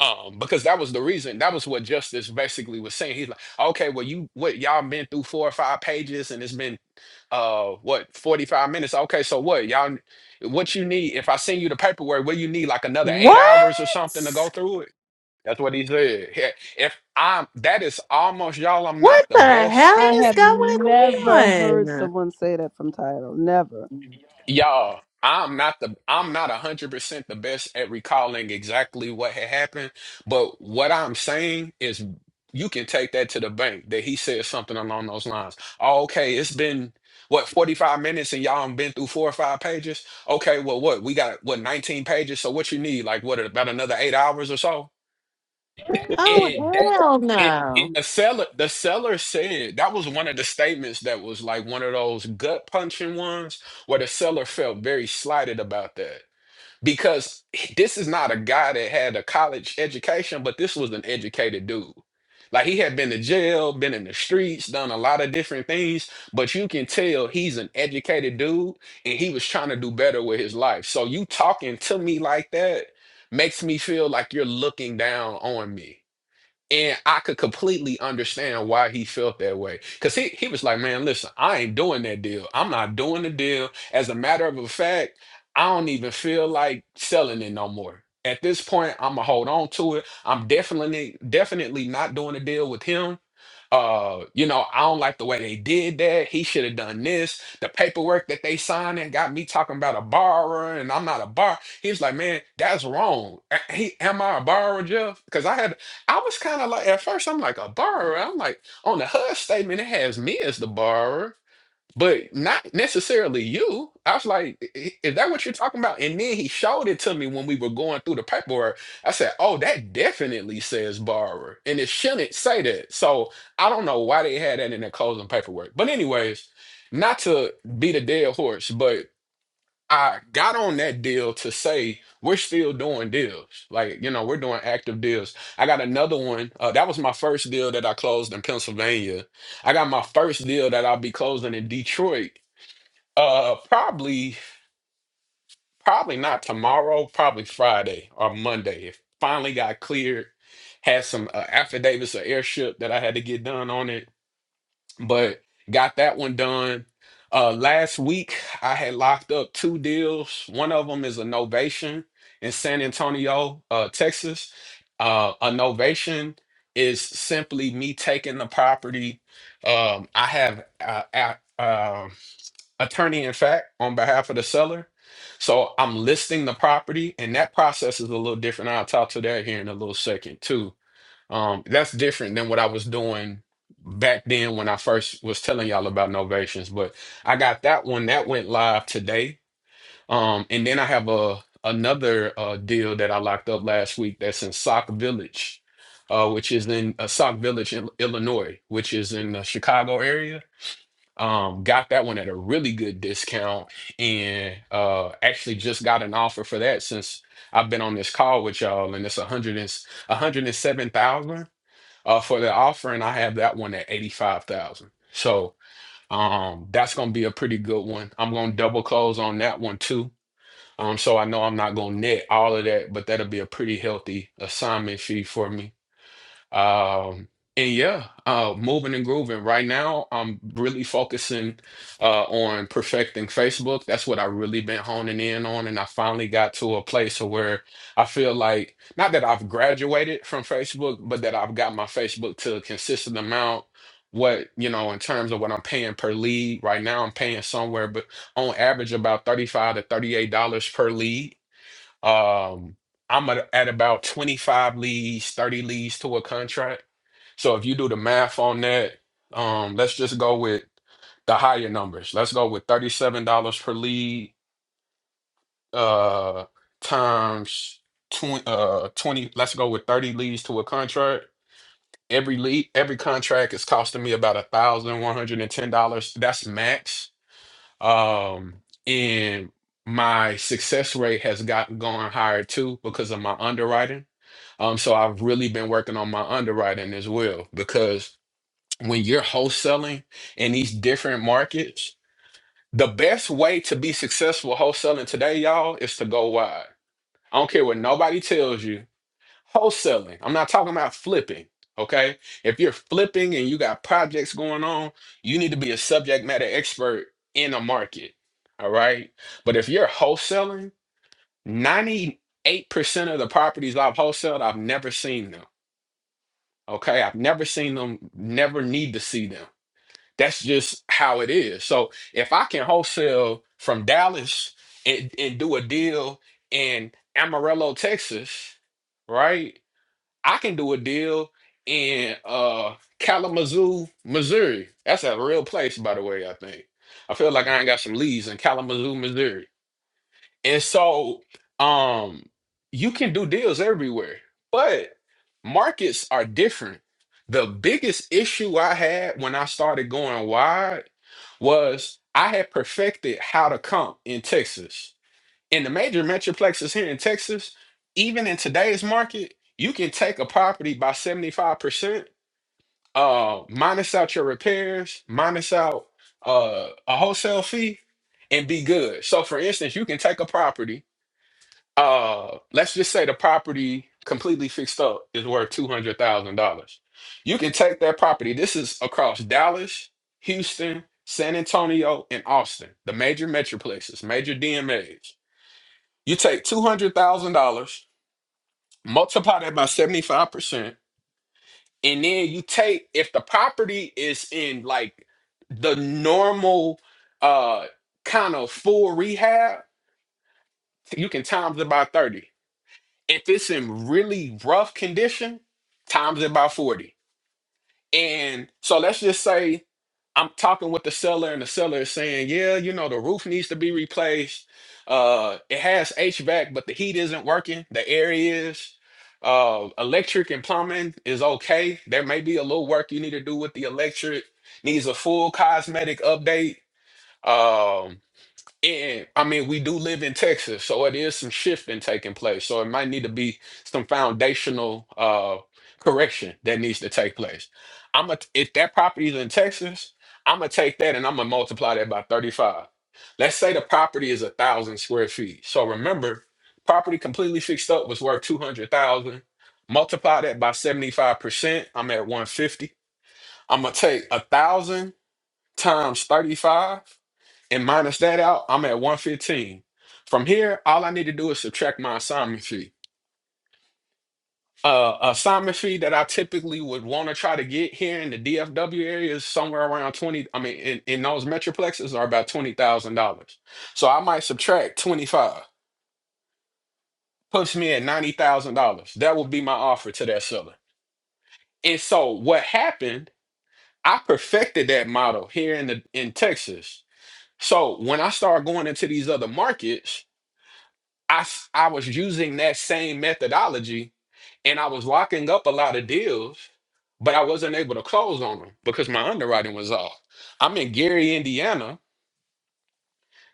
Um, because that was the reason. That was what justice basically was saying. He's like, okay, well, you what y'all been through four or five pages, and it's been uh what 45 minutes okay so what y'all what you need if i send you the paperwork what you need like another eight
What?
hours or something to go through it that's what he said He- if i'm that is almost y'all i'm
What
not the
the
best
hell
i
at
is
have
going
never heard
on?
someone say that from title never
Y'all, I'm not the I'm not a hundred percent the best at recalling exactly what had happened, but what I'm saying is you can take that to the bank that he said something along those lines. Oh, okay, it's been what 45 minutes and y'all done been through four or five pages. Okay, well what we got what 19 pages. So what you need? Like what about another eight hours or so?
Oh,
And that
hell
and,
no.
and the seller the seller said that was one of the statements that was like one of those gut punching ones where the seller felt very slighted about that. Because this is not a guy that had a college education, but this was an educated dude. Like he had been to jail, been in the streets, done a lot of different things, but you can tell he's an educated dude and he was trying to do better with his life. So you talking to me like that makes me feel like you're looking down on me and I could completely understand why he felt that way. Because he, he was like, man, listen, I ain't doing that deal. I'm not doing the deal. As a matter of fact, I don't even feel like selling it no more. At this point, I'm gonna hold on to it. I'm definitely definitely not doing a deal with him uh, you know, I don't like the way they did that. He should have done this. The paperwork that they signed and got me talking about a borrower and I'm not a borrower. He was like, man, that's wrong. A- He, am I a borrower, Jeff? Because I had, I was kind of like, at first, I'm like, a borrower. I'm like, on the HUD statement, it has me as the borrower but not necessarily you. I was like, "I- is that what you're talking about? And then he showed it to me when we were going through the paperwork. I said, oh, that definitely says borrower, and it shouldn't say that. So I don't know why they had that in their closing paperwork. But anyways, not to beat a dead horse, but I got on that deal to say we're still doing deals. Like, you know, we're doing active deals. I got another one. Uh, that was my first deal that I closed in Pennsylvania. I got my first deal that I'll be closing in Detroit uh, probably, probably not tomorrow. Probably Friday or Monday. It finally got cleared. Had some uh, affidavits of airship that I had to get done on it, but got that one done. Uh, last week I had locked up two deals. One of them is a novation in San Antonio, uh, Texas. Uh, a novation is simply me taking the property. Um, I have uh, a- um attorney in fact on behalf of the seller. So I'm listing the property and that process is a little different. I'll talk to that here in a little second too. Um, that's different than what I was doing back then when I first was telling y'all about novations, but I got that one that went live today. Um, and then I have a another uh deal that I locked up last week that's in Sock Village, uh, which is in uh, Sock Village, Ill- Illinois, which is in the Chicago area um got that one at a really good discount and uh actually just got an offer for that since I've been on this call with y'all and it's a hundred and s- a hundred and seven thousand uh for the offer and I have that one at eighty five thousand so um that's gonna be a pretty good one I'm gonna double close on that one too um so I know I'm not gonna net all of that but that'll be a pretty healthy assignment fee for me um, and yeah, uh, moving and grooving. Right now, I'm really focusing uh, on perfecting Facebook. That's what I really been honing in on, and I finally got to a place where I feel like not that I've graduated from Facebook, but that I've got my Facebook to a consistent amount. What you know, in terms of what I'm paying per lead right now, I'm paying somewhere, but on average about thirty-five to thirty-eight dollars per lead um, I'm at, at about 25 leads, 30 leads to a contract. So if you do the math on that, um, let's just go with the higher numbers. Let's go with $37 per lead uh times 20 uh 20 let's go with 30 leads to a contract. Every lead every contract is costing me about a $1,110. That's max um and my success rate has gotten gone higher too because of my underwriting um so i've really been working on my underwriting as well because when you're wholesaling in these different markets the best way to be successful wholesaling today y'all is to go wide i don't care what nobody tells you Wholesaling. I'm not talking about flipping. Okay. If you're flipping and you got projects going on, you need to be a subject matter expert in a market. All right. But if you're wholesaling, 98% of the properties I've wholesaled, I've never seen them. Okay. I've never seen them, never need to see them. That's just how it is. So if I can wholesale from Dallas and, and do a deal in Amarillo, Texas, right? I can do a deal in uh Kalamazoo, Missouri. That's a real place, by the way, I think. I feel like I ain't got some leads in Kalamazoo, Missouri. And so um you can do deals everywhere, but markets are different. The biggest issue I had when I started going wide was I had perfected how to comp in Texas in the major metroplexes here in Texas, even in today's market, you can take a property by 75%, uh, minus out your repairs, minus out uh, a wholesale fee, and be good. So, for instance, you can take a property, uh, let's just say the property completely fixed up is worth $200,000. You can take that property, this is across Dallas, Houston, San Antonio, and Austin, the major metroplexes, major DMAs you take two hundred thousand dollars, multiply that by seventy five percent, and then you take if the property is in like the normal uh kind of full rehab, you can times it by thirty. If it's in really rough condition, times it by forty. And so let's just say I'm talking with the seller, and the seller is saying, "Yeah, you know, the roof needs to be replaced. Uh, it has HVAC, but the heat isn't working. The air is. Uh, electric and plumbing is okay. There may be a little work you need to do with the electric. Needs a full cosmetic update. Um, and I mean, we do live in Texas, so it is some shifting taking place. So it might need to be some foundational uh correction that needs to take place. I'm gonna if that property is in Texas, I'm gonna take that and I'm gonna multiply that by 35. Let's say the property is a thousand square feet. So remember, property completely fixed up was worth 200,000. Multiply that by 75%, I'm at 150. I'm gonna take a thousand times 35 and minus that out, I'm at 115. From here, all I need to do is subtract my assignment fee. Uh, assignment fee that I typically would want to try to get here in the DFW area is somewhere around 20. I mean, in, in those metroplexes are about $20,000. So I might subtract 25, puts me at $90,000. That would be my offer to that seller. And so what happened, I perfected that model here in the in Texas. So when I started going into these other markets, I s- I was using that same methodology and I was locking up a lot of deals, but I wasn't able to close on them because my underwriting was off. I'm in Gary, Indiana.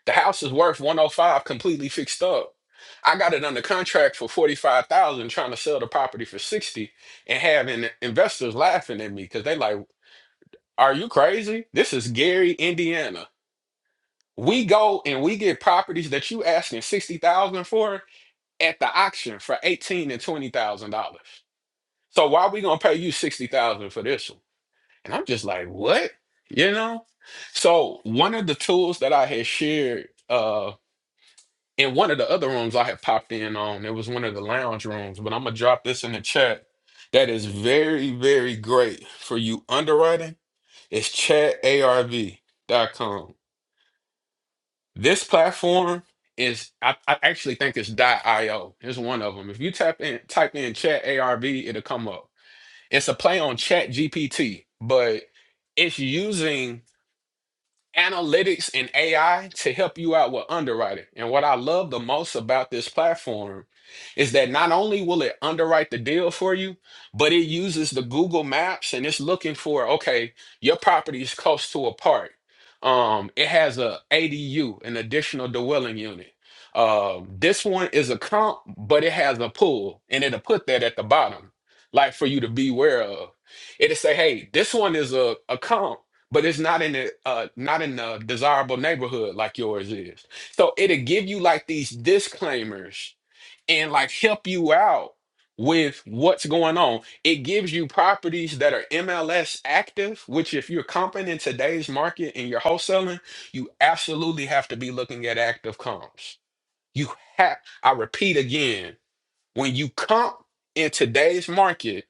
The house is worth 105 completely fixed up. I got it under contract for 45,000 trying to sell the property for 60 and having investors laughing at me cuz they like, "Are you crazy? This is Gary, Indiana. We go and we get properties that you asking 60,000 for at the auction for eighteen and twenty thousand dollars. So why are we gonna pay you sixty thousand for this one? And I'm just like, what? You know? So one of the tools that I had shared uh in one of the other rooms I had popped in on, it was one of the lounge rooms, but I'm gonna drop this in the chat. That is very, very great for you underwriting. It's chatarv.com. This platform is I, I actually think it's .io. It's one of them. If you tap in type in chat ARV, it'll come up. It's a play on chat GPT, but it's using analytics and AI to help you out with underwriting. And what I love the most about this platform is that not only will it underwrite the deal for you, but it uses the Google Maps and it's looking for, okay, your property is close to a park. Um, it has a ADU, an additional dwelling unit. Uh, this one is a comp, but it has a pool, and it'll put that at the bottom, like for you to beware of. It'll say, hey, this one is a, a comp but it's not in the uh not in the desirable neighborhood like yours is so it'll give you like these disclaimers and like help you out with what's going on it gives you properties that are mls active which if you're comping in today's market and you're wholesaling you absolutely have to be looking at active comps you have i repeat again when you comp in today's market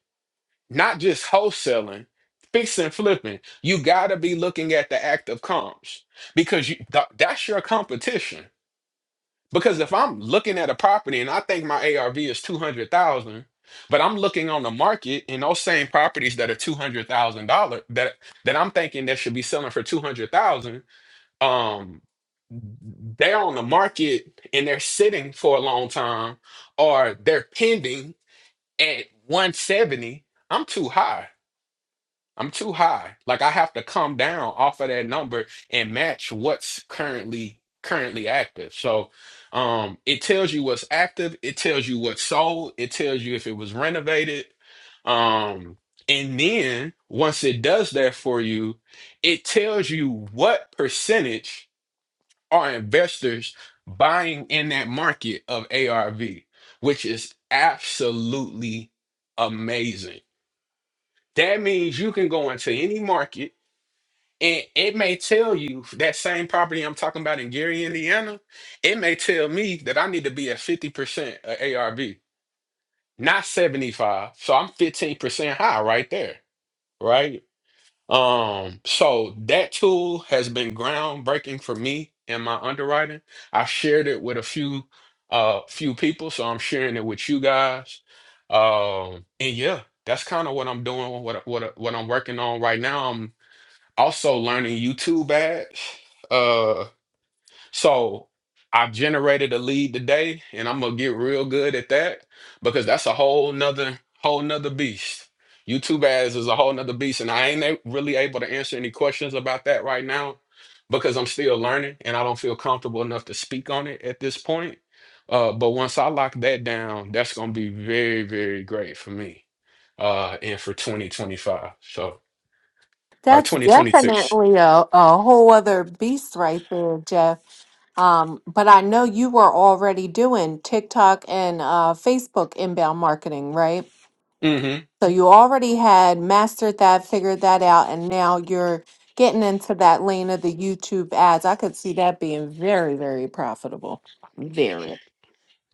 not just wholesaling, fixing and flipping. You got to be looking at the act of comps because you, th- that's your competition. Because if I'm looking at a property and I think my ARV is 200,000, but I'm looking on the market and those same properties that are $200,000 that that I'm thinking that should be selling for 200,000, um they're on the market and they're sitting for a long time or they're pending at 170, I'm too high. I'm too high. Like I have to come down off of that number and match what's currently currently active. So um it tells you what's active, it tells you what's sold, it tells you if it was renovated. Um and then once it does that for you, it tells you what percentage are investors buying in that market of ARV, which is absolutely amazing. That means you can go into any market and it may tell you that same property I'm talking about in Gary, Indiana. It may tell me that I need to be at 50% of ARV, not 75. So I'm 15% high right there. Right. Um, so that tool has been groundbreaking for me in my underwriting. I've shared it with a few uh few people, so I'm sharing it with you guys. Um, and yeah, that's kind of what I'm doing, what I- what I- what I'm working on right now also learning YouTube ads. Uh, so I've generated a lead today, and I'm gonna get real good at that because that's a whole nother whole nother beast. YouTube ads is a whole nother beast, and I ain't a- really able to answer any questions about that right now because I'm still learning and I don't feel comfortable enough to speak on it at this point. Uh, but once I lock that down, that's gonna be very, very great for me uh, and for 2025. So or
That's
2026.
definitely a, a whole other beast right there, Jeff. Um, but I know you were already doing TikTok and uh, Facebook inbound marketing, right? So you already had mastered that, figured that out, and now you're getting into that lane of the YouTube ads. I could see that being very, very profitable. Very.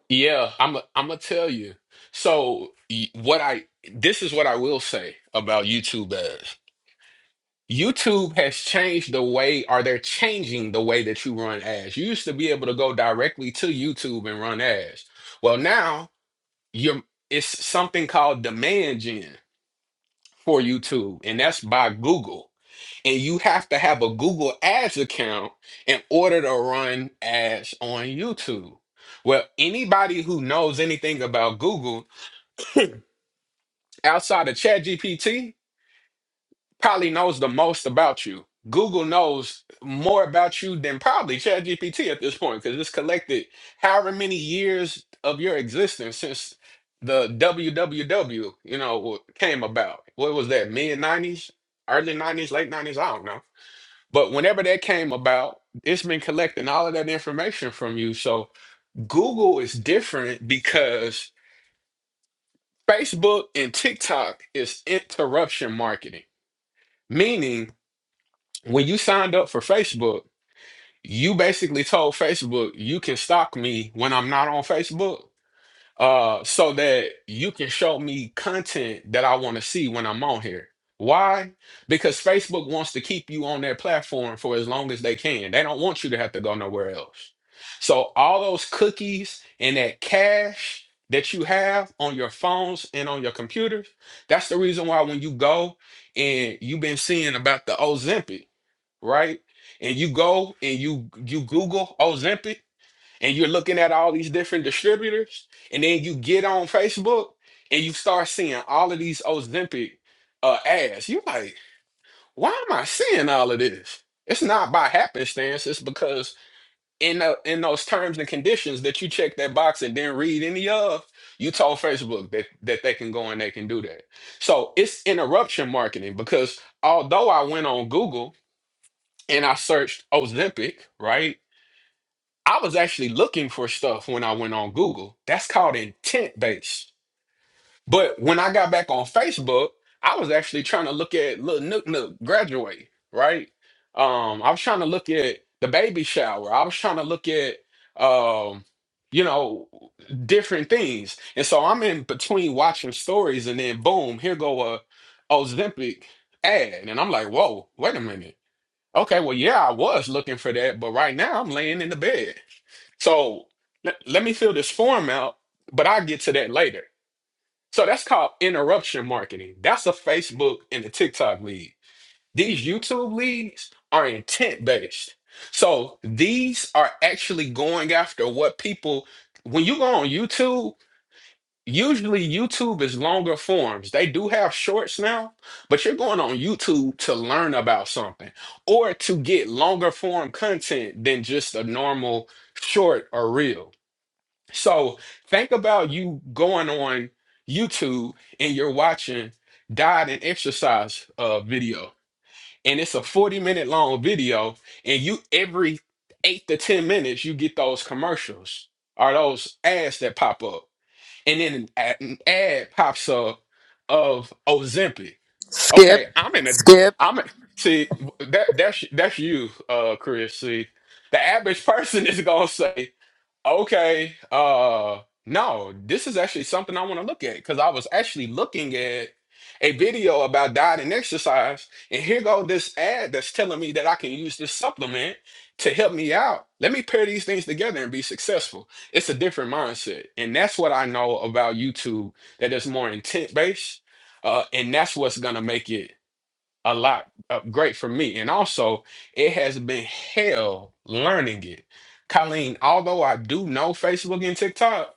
Yeah, I'm I'm gonna tell you. So y- what I this is what I will say about YouTube ads. YouTube has changed the way, or they're changing the way that you run ads. You used to be able to go directly to YouTube and run ads. Well, now you're it's something called demand gen for YouTube, and that's by Google. And you have to have a Google Ads account in order to run ads on YouTube. Well, anybody who knows anything about Google outside of ChatGPT probably knows the most about you. Google knows more about you than probably ChatGPT at this point because it's collected however many years of your existence since the WWW, you know, w- came about. What was that? Mid 90s, early 90s, late 90s, I don't know. But whenever that came about, it's been collecting all of that information from you. So Google is different because Facebook and TikTok is interruption marketing Meaning, when you signed up for Facebook, you basically told Facebook you can stalk me when I'm not on Facebook, uh, so that you can show me content that I want to see when I'm on here. Why? Because Facebook wants to keep you on their platform for as long as they can. They don't want you to have to go nowhere else. So all those cookies and that cache that you have on your phones and on your computers, that's the reason why when you go and you've been seeing about the Ozempic right? And you go and you you Google Ozempic and you're looking at all these different distributors, and then you get on Facebook and you start seeing all of these Ozempic uh, ads. You're like, why am I seeing all of this? It's not by happenstance. It's because in the, in those terms and conditions that you check that box and didn't read any of, you told Facebook that that they can go and they can do that. So it's interruption marketing because although I went on Google and I searched Ozempic, right? I was actually looking for stuff when I went on Google. That's called intent based. But when I got back on Facebook, I was actually trying to look at Lil Nook Nook graduate, right? Um, I was trying to look at the baby shower. I was trying to look at, um, you know, different things. And so I'm in between watching stories, and then boom, here go a Ozempic ad, and I'm like, whoa, wait a minute Okay, well, yeah, I was looking for that, but right now I'm laying in the bed. So let, let me fill this form out, but I'll get to that later. So that's called interruption marketing. That's a Facebook and a TikTok lead. These YouTube leads are intent based. So these are actually going after what people, when you go on YouTube usually YouTube is longer forms. They do have shorts now, but you're going on YouTube to learn about something or to get longer form content than just a normal short or reel. So think about you going on YouTube and you're watching diet and exercise uh, video, and it's a 40 minute long video, and you every eight to 10 minutes you get those commercials or those ads that pop up and then an ad, an ad pops up of Ozempic. Okay, I'm in a I'm in, see that that's that's you, uh, Chris. See, the average person is gonna say. Okay. Uh no, this is actually something I want to look at because I was actually looking at a video about diet and exercise, and here go this ad that's telling me that I can use this supplement to help me out. Let me pair these things together and be successful. It's a different mindset. And that's what I know about YouTube that is more intent based. Uh, and that's what's gonna make it a lot uh, great for me. And also, it has been hell learning it. Colleen, although I do know Facebook and TikTok,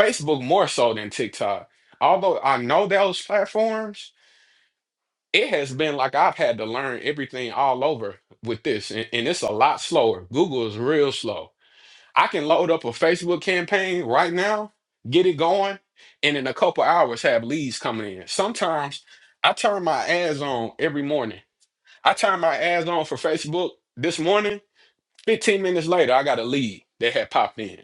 Facebook more so than TikTok, although I know those platforms, it has been like I've had to learn everything all over with this. And, and it's a lot slower. Google is real slow. I can load up a Facebook campaign right now, get it going, and in a couple hours have leads coming in. Sometimes I turn my ads on every morning I turned my ads on for Facebook this morning. 15 minutes later, I got a lead that had popped in.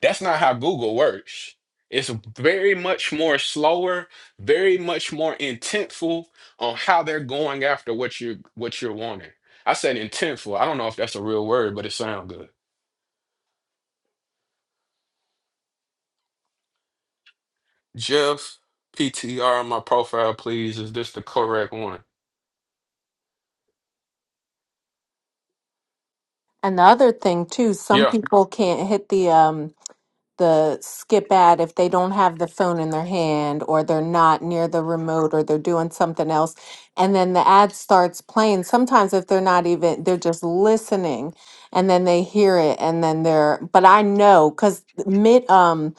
That's not how Google works. It's very much more slower, very much more intentful on how they're going after what you what you're wanting. I said intentful. I don't know if that's a real word, but it sounds good. Jeff PTR on my profile, please. Is this the correct one?
And the other thing too, some
Yeah.
people can't hit the um the skip ad if they don't have the phone in their hand or they're not near the remote or they're doing something else and then the ad starts playing sometimes if they're not even they're just listening and then they hear it and then they're but I know cuz mid um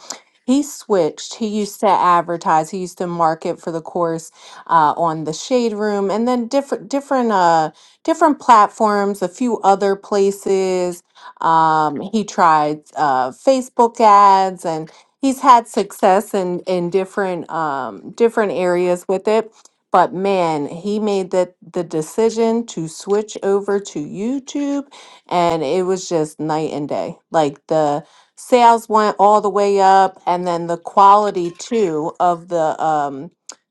he switched he used to advertise he used to market for the course uh, on the shade room and then different different uh different platforms a few other places um, he tried uh, Facebook ads, and he's had success in in different um, different areas with it. But man, he made the, the decision to switch over to YouTube, and it was just night and day. Like the sales went all the way up, and then the quality too of the um,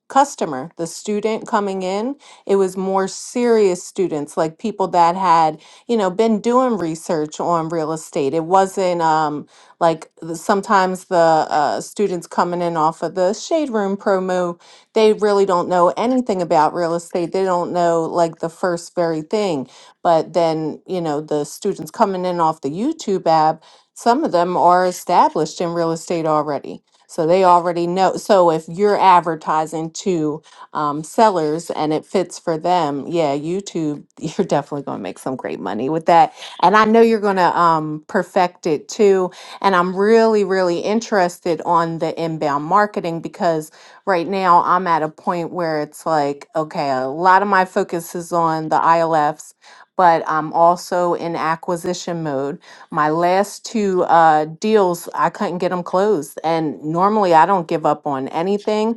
customer, the student coming in, it was more serious students, like people that had you know, been doing research on real estate. It wasn't um, like the- sometimes the uh, students coming in off of the Shade Room promo, they really don't know anything about real estate. They don't know like the first very thing. But then, you know, the students coming in off the YouTube app, some of them are established in real estate already. So they already know. So if you're advertising to um, sellers and it fits for them, yeah, YouTube, you're definitely going to make some great money with that. And I know you're going to um, perfect it too. And I'm really, really interested on the inbound marketing because right now I'm at a point where it's like, okay, a lot of my focus is on the ILFs. But I'm also in acquisition mode. My last two uh, deals, I couldn't get them closed. And normally I don't give up on anything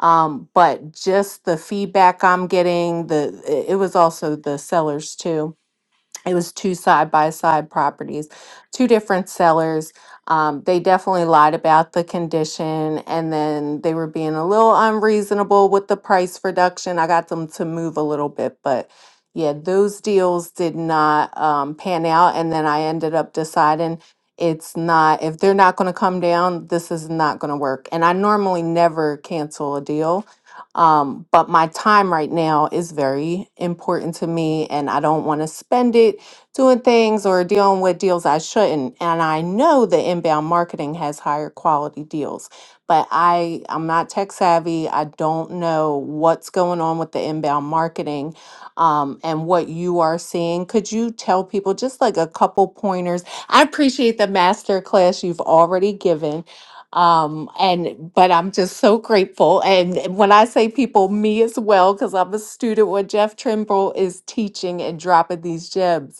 um, but just the feedback I'm getting, the it it was also the sellers too. It was two side by side properties, two different sellers. Um, they definitely lied about the condition, and then they were being a little unreasonable with the price reduction. I got them to move a little bit, but yeah, those deals did not um, pan out. And then I ended up deciding it's not if they're not going to come down this is not going to work and i normally never cancel a deal um, but my time right now is very important to me, and I don't want to spend it doing things or dealing with deals I shouldn't. And I know that inbound marketing has higher quality deals, but I I'm not tech savvy. I don't know what's going on with the inbound marketing, um, and what you are seeing. Could you tell people just like a couple pointers? I appreciate the master class you've already given um and but i'm just so grateful and and when i say people me as well because i'm a student what jeff trimble is teaching and dropping these gems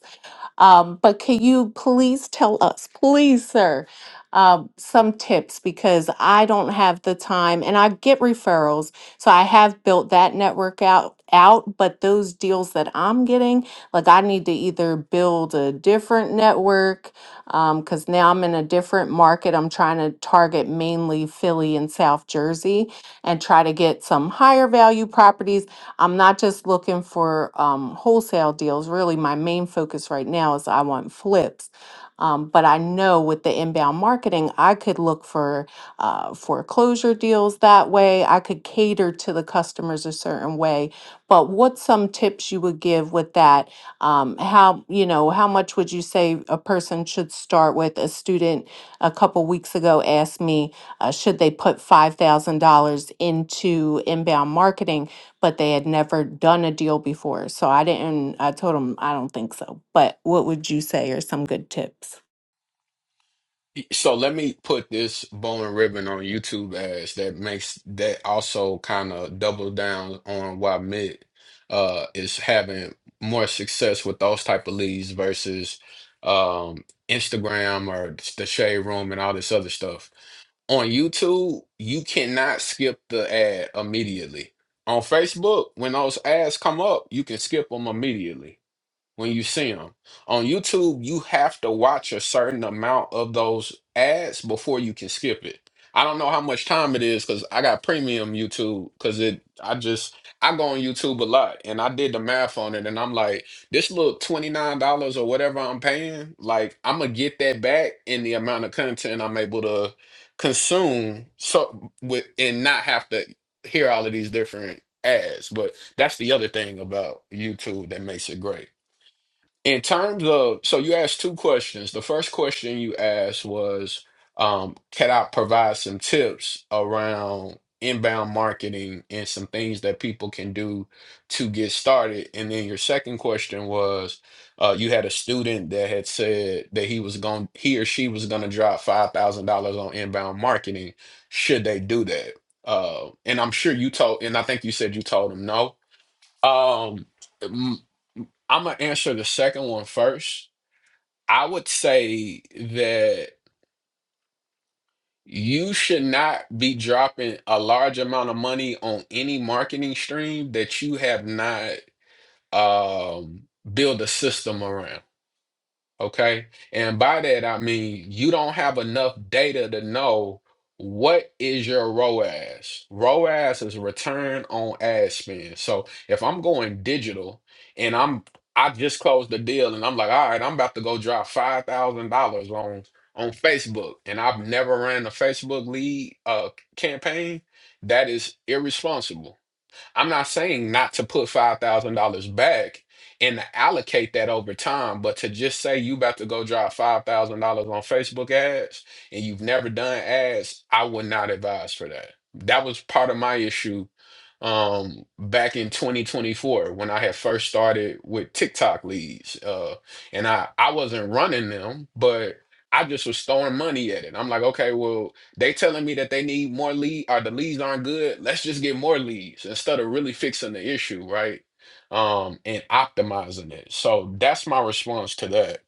um, but can you please tell us, please, sir, um, some tips because I don't have the time and I get referrals. So I have built that network out out, but those deals that I'm getting, like I need to either build a different network, um, because now I'm in a different market. I'm trying to target mainly Philly and South Jersey and try to get some higher value properties I'm not just looking for um, wholesale deals. Really, my main focus right now is I want flips. Um, but I know with the inbound marketing, I could look for uh, foreclosure deals that way. I could cater to the customers a certain way. But what some tips you would give with that? Um, how you know how much would you say a person should start with? A student a couple weeks ago asked me, uh, should they put five thousand dollars into inbound marketing? but they had never done a deal before. So I didn't, I told them, I don't think so. But what would you say are some good tips?
So let me put this bow and ribbon on YouTube as that makes that also kind of double down on why Mitt uh is having more success with those type of leads versus um Instagram or the shade room and all this other stuff. On YouTube, you cannot skip the ad immediately. On Facebook, when those ads come up, you can skip them immediately when you see them. On YouTube, you have to watch a certain amount of those ads before you can skip it. I don't know how much time it is because I got premium YouTube because it I just I go on YouTube a lot and I did the math on it and I'm like, this little $29 or whatever I'm paying, like I'm gonna get that back in the amount of content I'm able to consume so with and not have to hear all of these different ads. But that's the other thing about YouTube that makes it great. In terms of, so you asked two questions. The first question you asked was, um, can I provide some tips around inbound marketing and some things that people can do to get started? And then your second question was, uh, you had a student that had said that he was going, he or she was going to drop $5,000 on inbound marketing. Should they do that? Uh, and I'm sure you told, and I think you said you told them no. Um, I'm gonna answer the second one first. I would say that you should not be dropping a large amount of money on any marketing stream that you have not um, built a system around. Okay. And by that, I mean, you don't have enough data to know what is your ROAS. ROAS is return on ad spend. So if I'm going digital and I'm, I just closed the deal and I'm like, all right, I'm about to go drop $5,000 on, on Facebook and I've never ran a Facebook lead uh, campaign. That is irresponsible I'm not saying not to put five thousand dollars back and to allocate that over time, but to just say you about to go drop five thousand dollars on Facebook ads and you've never done ads, I would not advise for that. That was part of my issue um back in 2024 when I had first started with TikTok leads. Uh and I I wasn't running them, but I just was throwing money at it. I'm like, okay, well, they telling me that they need more lead or the leads aren't good. Let's just get more leads instead of really fixing the issue, right? Um, and optimizing it. So that's my response to that.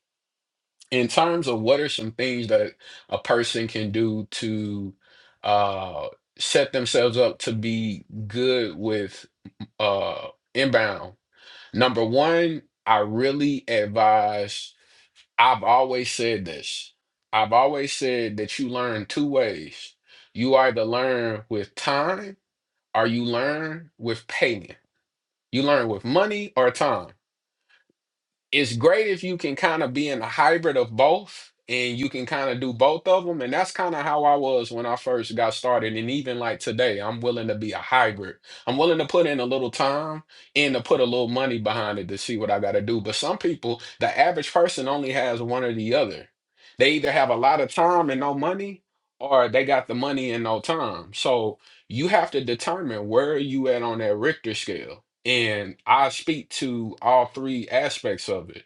In terms of what are some things that a person can do to uh set themselves up to be good with uh inbound. Number one, I really advise I've always said this. I've always said that you learn two ways. You either learn with time or you learn with payment. You learn with money or time it's great if you can kind of be in a hybrid of both and you can kind of do both of them and that's kind of how i was when i first got started and even like today i'm willing to be a hybrid i'm willing to put in a little time and to put a little money behind it to see what i got to do but some people the average person only has one or the other they either have a lot of time and no money or they got the money and no time so you have to determine where are you at on that richter scale and I speak to all three aspects of it.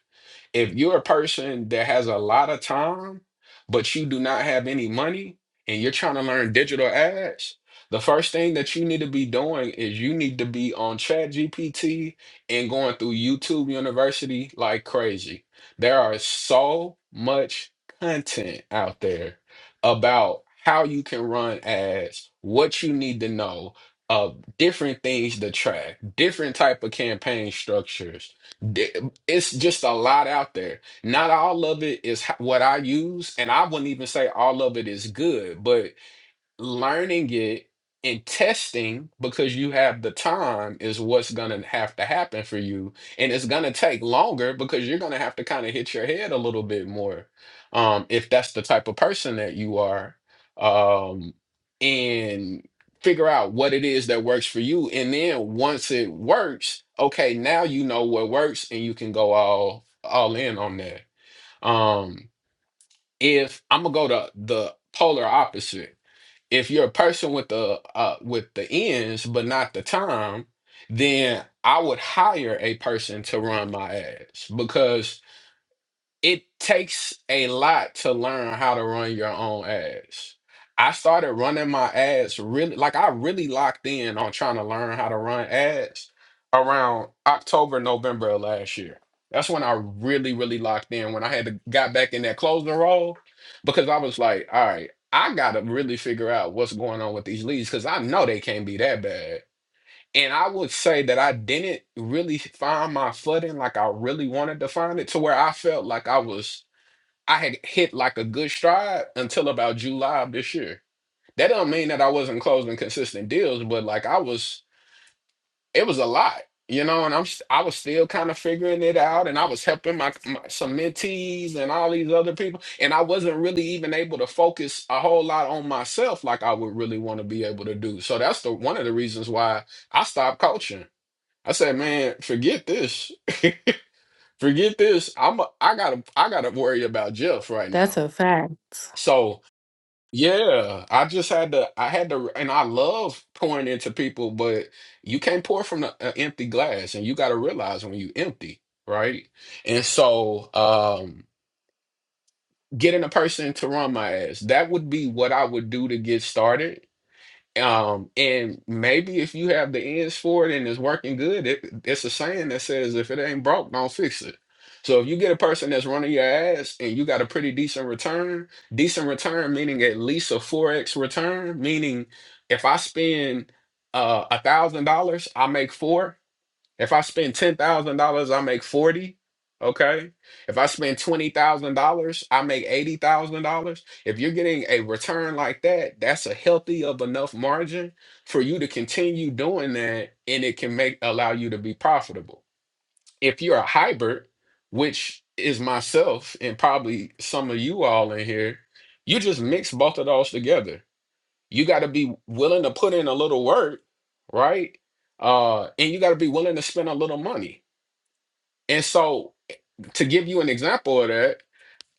If you're a person that has a lot of time, but you do not have any money and you're trying to learn digital ads, the first thing that you need to be doing is you need to be on ChatGPT and going through YouTube University like crazy. There are so much content out there about how you can run ads, what you need to know, of different things to track, different type of campaign structures it's just a lot out there. Not all of it is h- what I use, and I wouldn't even say all of it is good, but learning it and testing because you have the time is what's going to have to happen for you and it's going to take longer because you're going to have to kind of hit your head a little bit more um if that's the type of person that you are um and figure out what it is that works for you and then once it works okay now you know what works and you can go all all in on that um if I'm gonna go to the polar opposite if you're a person with the uh, with the ends but not the time, then I would hire a person to run my ads because it takes a lot to learn how to run your own ads. I started running my ads really like I really locked in on trying to learn how to run ads around October, November of last year. That's when I really, really locked in when I had to got back in that closing role because I was like, all right, I gotta really figure out what's going on with these leads because I know they can't be that bad. And I would say that I didn't really find my footing like I really wanted to find it to where I felt like I was, I had hit like a good stride until about July of this year. That don't mean that I wasn't closing consistent deals, but like I was, it was a lot, you know, and I'm, s- I was still kind of figuring it out and I was helping my, my some mentees and all these other people. And I wasn't really even able to focus a whole lot on myself like I would really want to be able to do. So that's the, one of the reasons why I stopped coaching I said, man, forget this. Forget this. I'm a, I gotta I gotta worry about Jeff right
That's
now.
a fact.
So yeah, I just had to I had to and I love pouring into people, but you can't pour from the- an empty glass and you gotta realize when you empty, right? And so um getting a person to run my ass, that would be what I would do to get started. Um, and maybe if you have the ends for it and it's working good, it, it's a saying that says if it ain't broke, don't fix it. So if you get a person that's running your ass and you got a pretty decent return, decent return meaning at least a 4x return, meaning if I spend uh a thousand dollars, I make four. If I spend ten thousand dollars, I make forty. Okay. If I spend twenty thousand dollars, I make eighty thousand dollars. If you're getting a return like that, that's a healthy of enough margin for you to continue doing that, and it can make allow you to be profitable. If you're a hybrid, which is myself and probably some of you all in here, you just mix both of those together you got to be willing to put in a little work right uh and you got to be willing to spend a little money and so to give you an example of that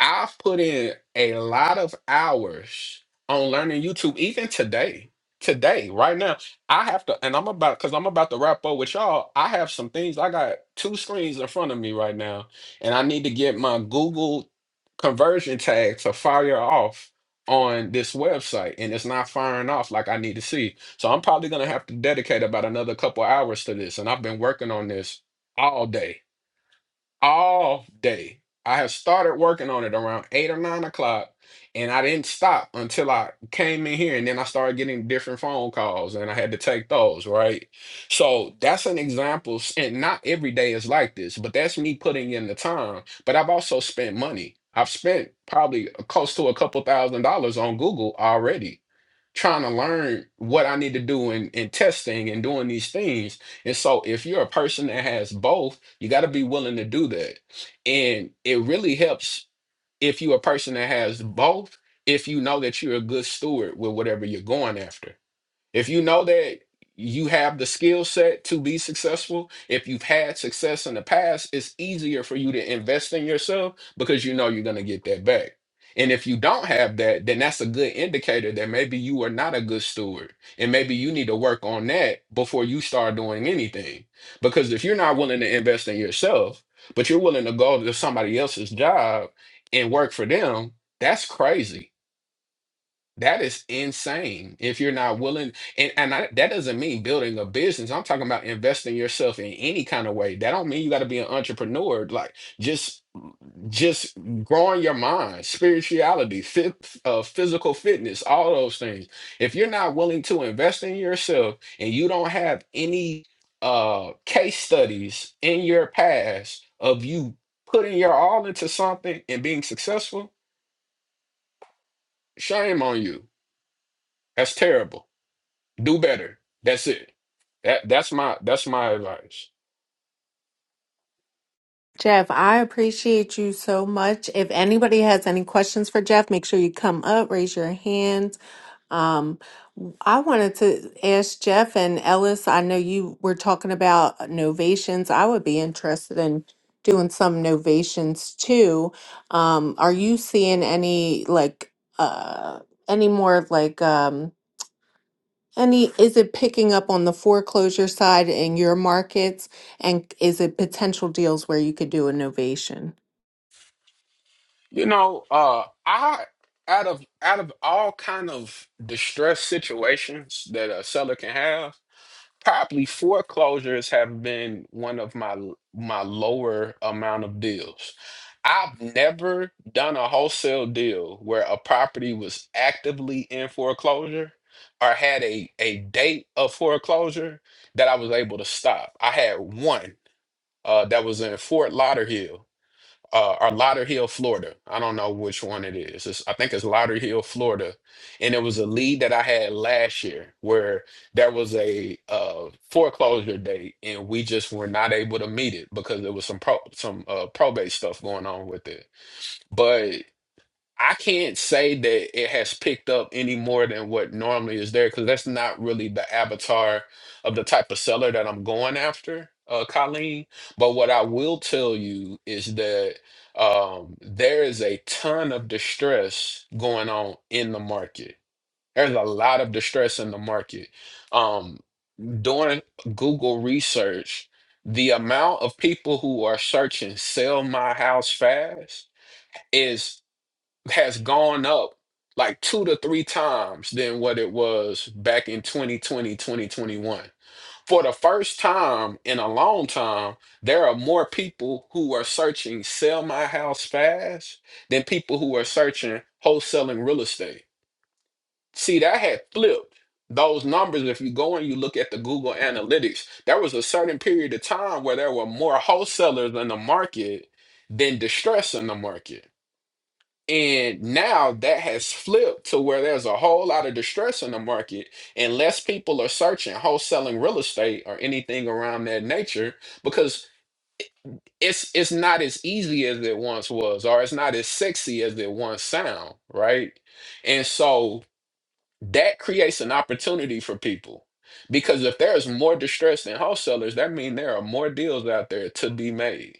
I've put in a lot of hours on learning YouTube, even today. Today, right now, I have to, and I'm about because I'm about to wrap up with y'all. I have some things. I got two screens in front of me right now, and I need to get my Google conversion tag to fire off on this website, and it's not firing off like I need to see. So I'm probably gonna have to dedicate about another couple hours to this, and I've been working on this all day all day. I have started working on it around eight or nine o'clock, and I didn't stop until I came in here. And then I started getting different phone calls, and I had to take those, right? So that's an example. s- And not every day is like this, but that's me putting in the time. But I've also spent money. I've spent probably close to a couple thousand dollars on Google already, trying to learn what I need to do in, in testing and doing these things and so if you're a person that has both, you got to be willing to do that. And it really helps if you're a person that has both, if you know that you're a good steward with whatever you're going after. If you know that you have the skill set to be successful, if you've had success in the past, it's easier for you to invest in yourself because you know you're going to get that back. And if you don't have that, then that's a good indicator that maybe you are not a good steward. And maybe you need to work on that before you start doing anything. Because if you're not willing to invest in yourself, but you're willing to go to somebody else's job and work for them, that's crazy that is insane. If you're not willing, and and I, that doesn't mean building a business. I'm talking about investing yourself in any kind of way. That don't mean you got to be an entrepreneur. Like just just growing your mind, spirituality, fit, uh, physical fitness, all those things. If you're not willing to invest in yourself, and you don't have any uh case studies in your past of you putting your all into something and being successful, shame on you. That's terrible. Do better. That's it. That that's my that's my advice.
Jeff, I appreciate you so much. If anybody has any questions for Jeff, make sure you come up, raise your hand. Um, I wanted to ask Jeff and Ellis, I know you were talking about uh, novations. I would be interested in doing some novations too. Um, are you seeing any like uh any more like um any is it picking up on the foreclosure side in your markets and is it potential deals where you could do a novation?
You know, uh I out of out of all kind of distress situations that a seller can have, probably foreclosures have been one of my my lower amount of deals. I've never done a wholesale deal where a property was actively in foreclosure or had a a date of foreclosure that I was able to stop. I had one uh, that was in Fort Lauderdale uh, or Lauderdale, Florida. I don't know which one it is. It's, I think it's Lauderdale, Florida. And it was a lead that I had last year where there was a uh, foreclosure date and we just were not able to meet it because there was some pro- some uh, probate stuff going on with it. but. I can't say that it has picked up any more than what normally is there because that's not really the avatar of the type of seller that I'm going after, uh, Colleen. But what I will tell you is that um, there is a ton of distress going on in the market. There's a lot of distress in the market. Um, during Google research, the amount of people who are searching sell my house fast. is has gone up like two to three times than what it was back in 2020, 2021. For the first time in a long time, there are more people who are searching sell my house fast than people who are searching wholesaling real estate. See, that had flipped those numbers. If you go and you look at the Google Analytics, there was a certain period of time where there were more wholesalers in the market than distress in the market. And now that has flipped to where there's a whole lot of distress in the market, and less people are searching wholesaling real estate or anything around that nature because it's it's not as easy as it once was, or it's not as sexy as it once sound, right? And so that creates an opportunity for people because if there's more distress than wholesalers, that means there are more deals out there to be made.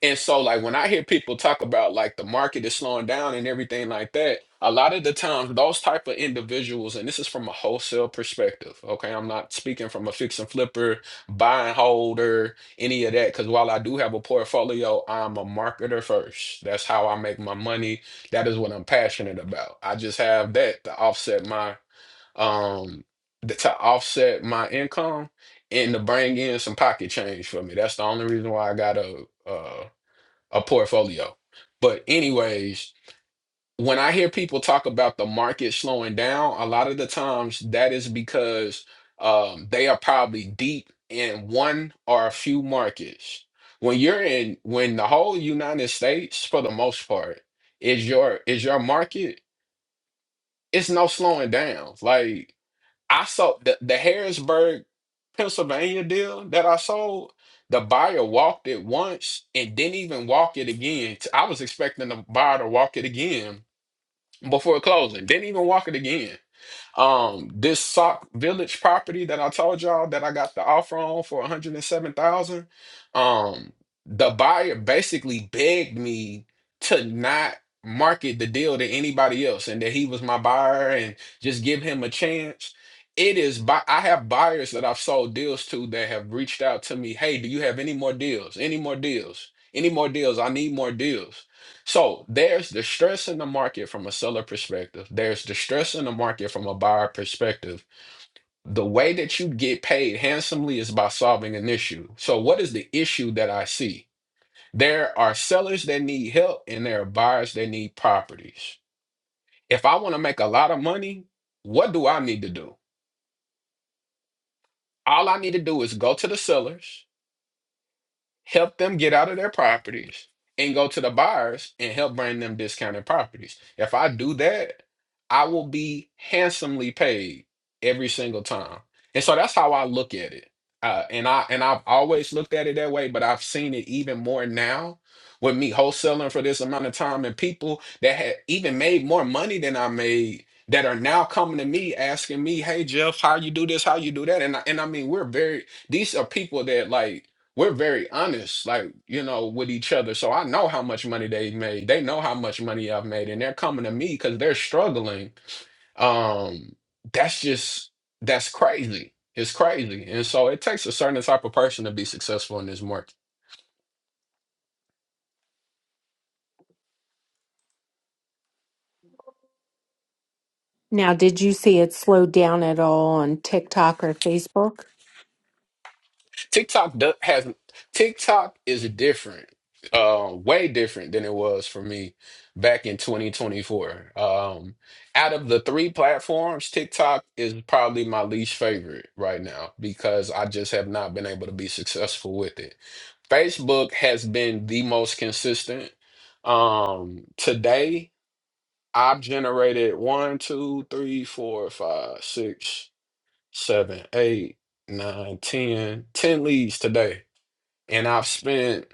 And so, like, when I hear people talk about like the market is slowing down and everything like that, a lot of the times those type of individuals, and this is from a wholesale perspective, okay? I'm not speaking from a fix and flipper, buy and holder, any of that, because while I do have a portfolio, I'm a marketer first. That's how I make my money. That is what I'm passionate about. I just have that to offset my um th- to offset my income and to bring in some pocket change for me. That's the only reason why I got a uh a portfolio. But anyways, when I hear people talk about the market slowing down, a lot of the times that is because um, they are probably deep in one or a few markets. When you're in, when the whole United States, for the most part, is your is your market, it's no slowing down. Like I sold the, the Harrisburg, Pennsylvania deal that I sold. The buyer walked it once and didn't even walk it again. I was expecting the buyer to walk it again before closing. Didn't even walk it again. Um, this Sock Village property that I told y'all that I got the offer on for 107,000, um, the buyer basically begged me to not market the deal to anybody else and that he was my buyer and just give him a chance. It is by I have buyers that I've sold deals to that have reached out to me, "Hey, do you have any more deals? Any more deals? Any more deals? I need more deals." So there's distress in the market from a seller perspective. There's distress in the market from a buyer perspective. The way that you get paid handsomely is by solving an issue. So what is the issue that I see? There are sellers that need help and there are buyers that need properties. If I want to make a lot of money, what do I need to do? All I need to do is go to the sellers. help them get out of their properties and go to the buyers and help bring them discounted properties. If I do that, I will be handsomely paid every single time. And so that's how I look at it. Uh, and I and I've always looked at it that way, but I've seen it even more now with me wholesaling for this amount of time and people that had even made more money than I made that are now coming to me asking me, "Hey Jeff, how you do this? How you do that?" And I, and I mean, we're very these are people that like we're very honest, like, you know, with each other. So I know how much money they made. They know how much money I've made. And they're coming to me because they're struggling. Um, that's just that's crazy. It's crazy. And so it takes a certain type of person to be successful in this market.
Now, did you see it slowed down at all on TikTok or Facebook?
TikTok do- has TikTok is different, uh, way different than it was for me back in 2024. Um, out of the three platforms, TikTok is probably my least favorite right now because I just have not been able to be successful with it. Facebook has been the most consistent. Um, today I've generated one, two, three, four, five, six, seven, eight, nine, ten, ten leads today and I've spent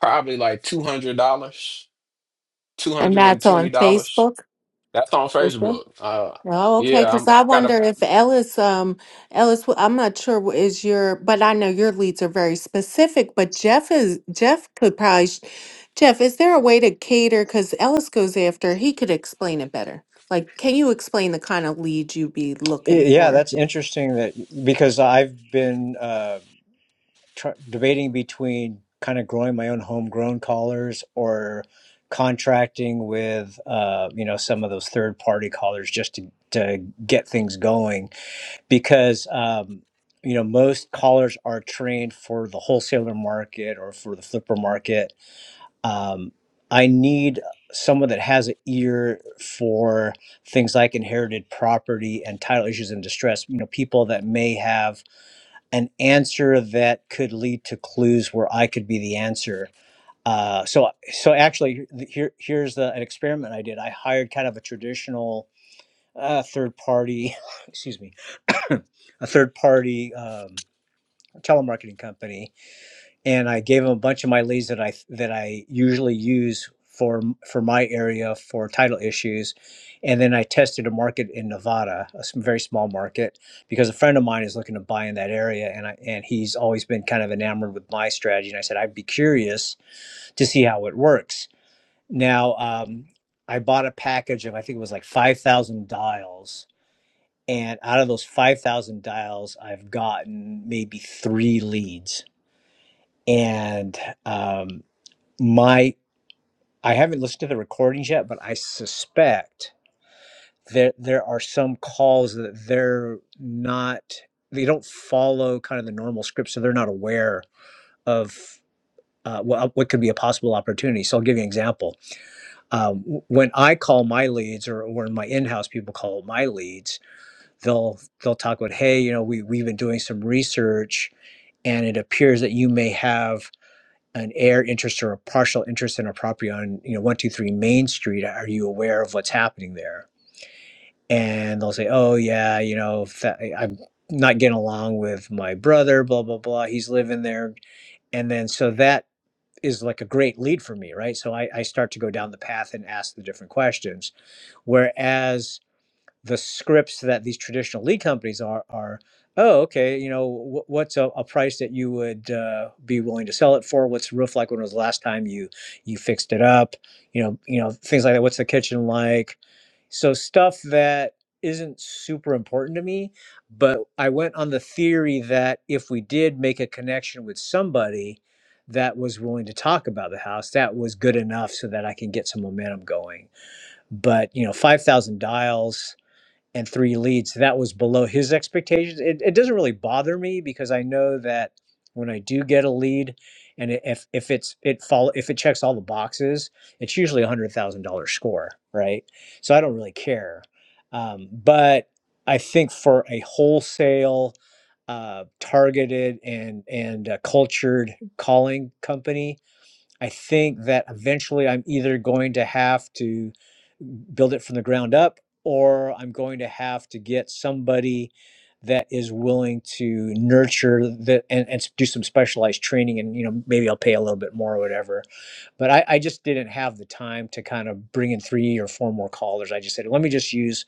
probably like two hundred dollars, two
And
hundred and
that's
twenty
on
dollars.
Facebook?
That's on Facebook. Uh,
Oh, okay.
yeah, I'm,
Because I
I got a.
wonder if Ellis, um, Ellis, wh- I'm not sure wh- is your, but I know your leads are very specific. But Jeff is Jeff could probably sh- Jeff. Is there a way to cater? Because Ellis goes after, he could explain it better. Like, can you explain the kind of lead you'd be looking
Yeah,
for?
that's interesting that because I've been uh, tr- debating between kind of growing my own homegrown collars or contracting with uh, you know some of those third party collars just to to get things going because um, you know most collars are trained for the wholesaler market or for the flipper market. Um, I need someone that has an ear for things like inherited property and title issues and distress. You know, people that may have an answer that could lead to clues where I could be the answer. Uh, so, so actually, here here's the, an experiment I did. I hired kind of a traditional uh, third party, excuse me, a third party um, telemarketing company and I gave him a bunch of my leads that I that I usually use for for my area for title issues, and then I tested a market in Nevada, a s- very small market, because a friend of mine is looking to buy in that area, and I and he's always been kind of enamored with my strategy, and I said I'd be curious to see how it works. Now um, I bought a package of I think it was like five thousand dials. And out of those 5,000 dials, I've gotten maybe three leads. And um, my I haven't listened to the recordings yet, but I suspect that there are some calls that they're not they don't follow kind of the normal script, so they're not aware of uh, what uh, what could be a possible opportunity. So I'll give you an example. Um, w- when I call my leads, or when my in-house people call my leads, they'll they'll talk about, hey, you know, we we've been doing some research, and it appears that you may have an air interest or a partial interest in a property on you know 123 main street are you aware of what's happening there and they'll say oh yeah you know if that, i'm not getting along with my brother blah blah blah he's living there and then so that is like a great lead for me right so i, I start to go down the path and ask the different questions whereas the scripts that these traditional lead companies are are oh okay you know wh- what's a, a price that you would uh, be willing to sell it for what's the roof like when was the last time you you fixed it up you know you know things like that what's the kitchen like so stuff that isn't super important to me but i went on the theory that if we did make a connection with somebody that was willing to talk about the house that was good enough so that i can get some momentum going but you know 5000 dials and three leads. That was below his expectations. It, it doesn't really bother me because I know that when I do get a lead, and i- if if it's it follow if it checks all the boxes, it's usually a hundred thousand dollar score, right? So I don't really care. Um, but I think for a wholesale, uh, targeted and and uh, cultured calling company, I think that eventually I'm either going to have to build it from the ground up or I'm going to have to get somebody that is willing to nurture the and, and do some specialized training and you know maybe I'll pay a little bit more or whatever. But I, I just didn't have the time to kind of bring in three or four more callers. I just said let me just use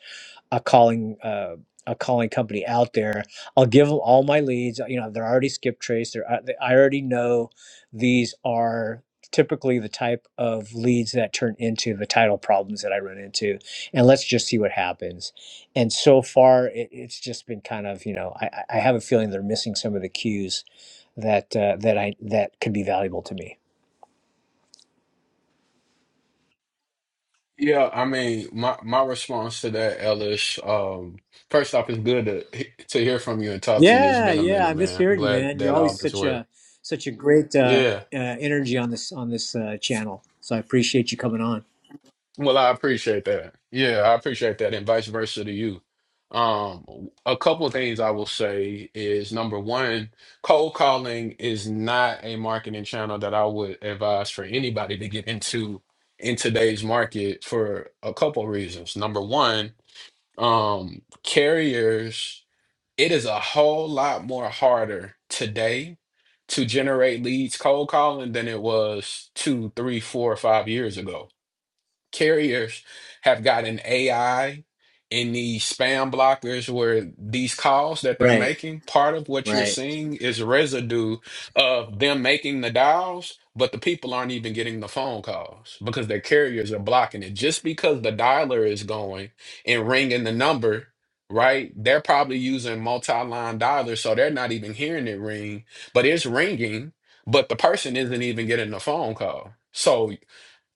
a calling uh, a calling company out there. I'll give them all my leads. You know, they're already skip traced. They're I I already know these are typically the type of leads that turn into the title problems that I run into, and let's just see what happens. And so far, it, it's just been kind of you know I, I I have a feeling they're missing some of the cues that uh, that I that could be valuable to me.
Yeah, I mean, my my response to that, Ellis. Um, first off, it's good to to hear from you and talk to you. It's
Yeah,
been a
yeah,
minute,
I miss
man. I'm
hearing you,
glad
man. You're
that all
always
is
such
well.
a such a great uh,
Yeah.
uh, energy on this on this uh, channel. So I appreciate you coming on.
Well, I appreciate that. Yeah, I appreciate that, and vice versa to you. Um, a couple of things I will say is number one, cold calling is not a marketing channel that I would advise for anybody to get into in today's market for a couple of reasons. Number one, um, carriers, it is a whole lot more harder today to generate leads cold calling than it was two, three, four, five years ago carriers have gotten AI in these spam blockers where these calls that they're
Right,
making, part of what you're
right,
seeing is residue of them making the dials, but the people aren't even getting the phone calls because their carriers are blocking it. Just because the dialer is going and ringing the number, right? They're probably using multi-line dialers, so they're not even hearing it ring, but it's ringing, but the person isn't even getting the phone call. So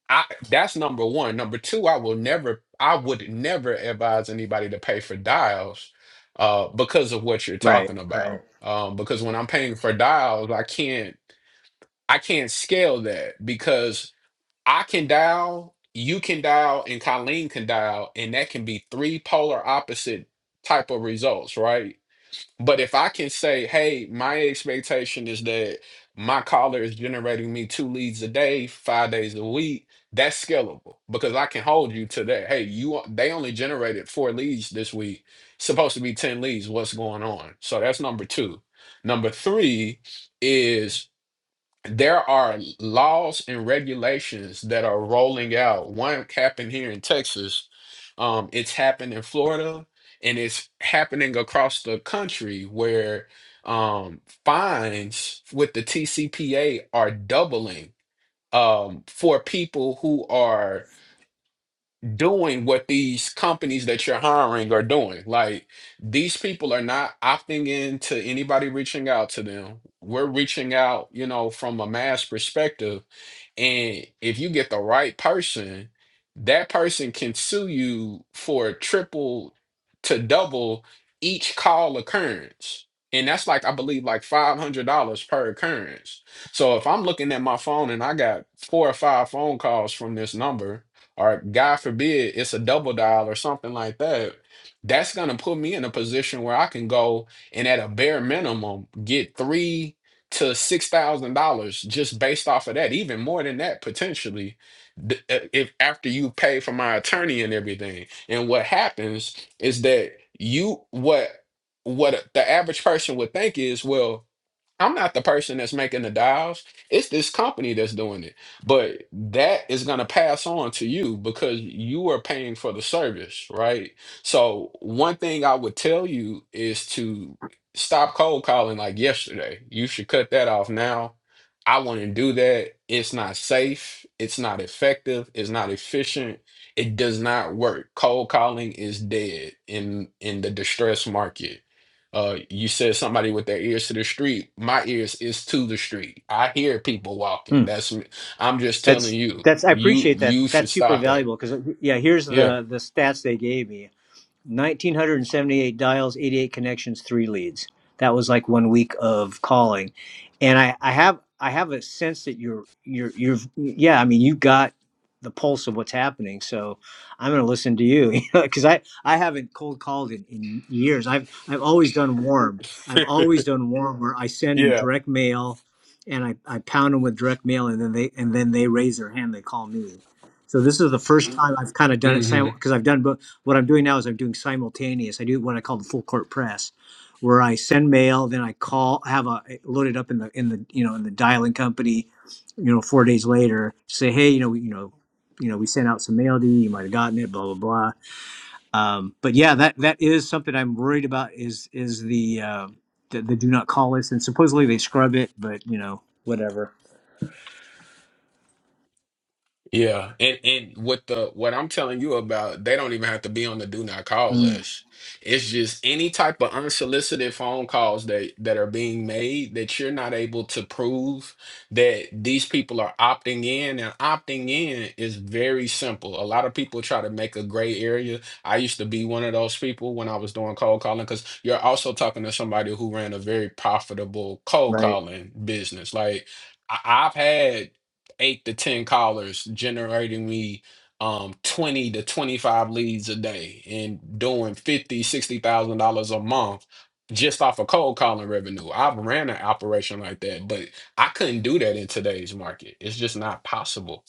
I that's number one. Number two, I will never, I would never advise anybody to pay for dials uh, because of what you're
right,
talking
right.
about. Um, because when I'm paying for dials, I can't, I can't scale that because I can dial, you can dial, and Colleen can dial, and that can be three polar opposite type of results, right? But if I can say, hey, my expectation is that my caller is generating me two leads a day, five days a week, that's scalable because I can hold you to that. Hey, you o- they only generated four leads this week. Supposed to be 10 leads. What's going on? So that's number two. Number three is there are laws and regulations that are rolling out. One happened here in Texas. Um, it's happened in Florida, and it's happening across the country where um, fines with the TCPA are doubling um, for people who are doing what these companies that you're hiring are doing. Like these people are not opting in to anybody reaching out to them. We're reaching out, you know, from a mass perspective and if you get the right person, that person can sue you for triple to double each call occurrence. And that's like, I believe, like $500 per occurrence. So if I'm looking at my phone and I got four or five phone calls from this number, or God forbid it's a double dial or something like that, that's going to put me in a position where I can go and at a bare minimum get three to $6,000 just based off of that, even more than that potentially. d- uh, If after you pay for my attorney and everything, and what happens is that you what what the average person would think is, well, I'm not the person that's making the dials. It's this company that's doing it. But that is going to pass on to you because you are paying for the service, right? So, one thing I would tell you is to stop cold calling like yesterday. You should cut that off now. I wouldn't do that. It's not safe. It's not effective. It's not efficient. It does not work. Cold calling is dead in in the distress market uh, you said somebody with their ears to the street. My ears is to the street. I hear people walking.
Hmm.
That's me. I'm just telling
That's
you.
that's I
You
appreciate that.
you should
That's super
stop that.
valuable because yeah, here's
Yeah.
the the stats they gave me. 1978 dials 88 connections 3 leads that was like one week of calling and i i have i have a sense that you're you're you've yeah i mean you got the pulse of what's happening so i'm going to listen to you you know, because i i haven't cold called in, in years i've i've always done warm i've always done warm where i send
Yeah.
direct mail and i i pound them with direct mail and then they and then they raise their hand they call me so this is the first time i've kind of done it
Mm-hmm.
because i've done both what I'm doing now is I'm doing simultaneous. I do what I call the full court press, where I send mail, then I call, have a loaded up in the in the you know in the dialing company, you know, four days later, say, hey, you know, we, you know, you know, we sent out some mail to you. You might have gotten it, blah blah blah. Um, but yeah, that that is something I'm worried about. Is is the uh, the, the do not call list, and supposedly they scrub it, but you know, whatever.
Yeah, and and what the what I'm telling you about, they don't even have to be on the do not call
Mm,
list. It's just any type of unsolicited phone calls that that are being made that you're not able to prove that these people are opting in, and opting in is very simple. A lot of people try to make a gray area. I used to be one of those people when I was doing cold calling because you're also talking to somebody who ran a very profitable cold
right.
calling business. Like I- I've had eight to ten callers generating me um 20 to 25 leads a day and doing fifty sixty thousand dollars a month just off of cold calling revenue i've ran an operation like that but i couldn't do that in today's market it's just not possible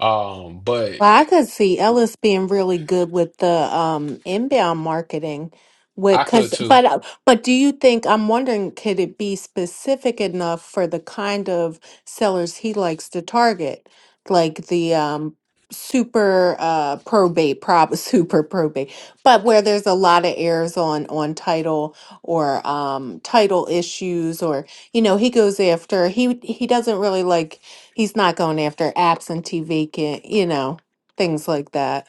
um but
Well, I could see Ellis being really good with the um inbound marketing with
i could
cuz
too
but uh, but do you think I'm wondering could it be specific enough for the kind of sellers he likes to target like the um super uh probate prob super probate but where there's a lot of errors on on title or um title issues or you know he goes after he he doesn't really like he's not going after absentee vacant you know things like that.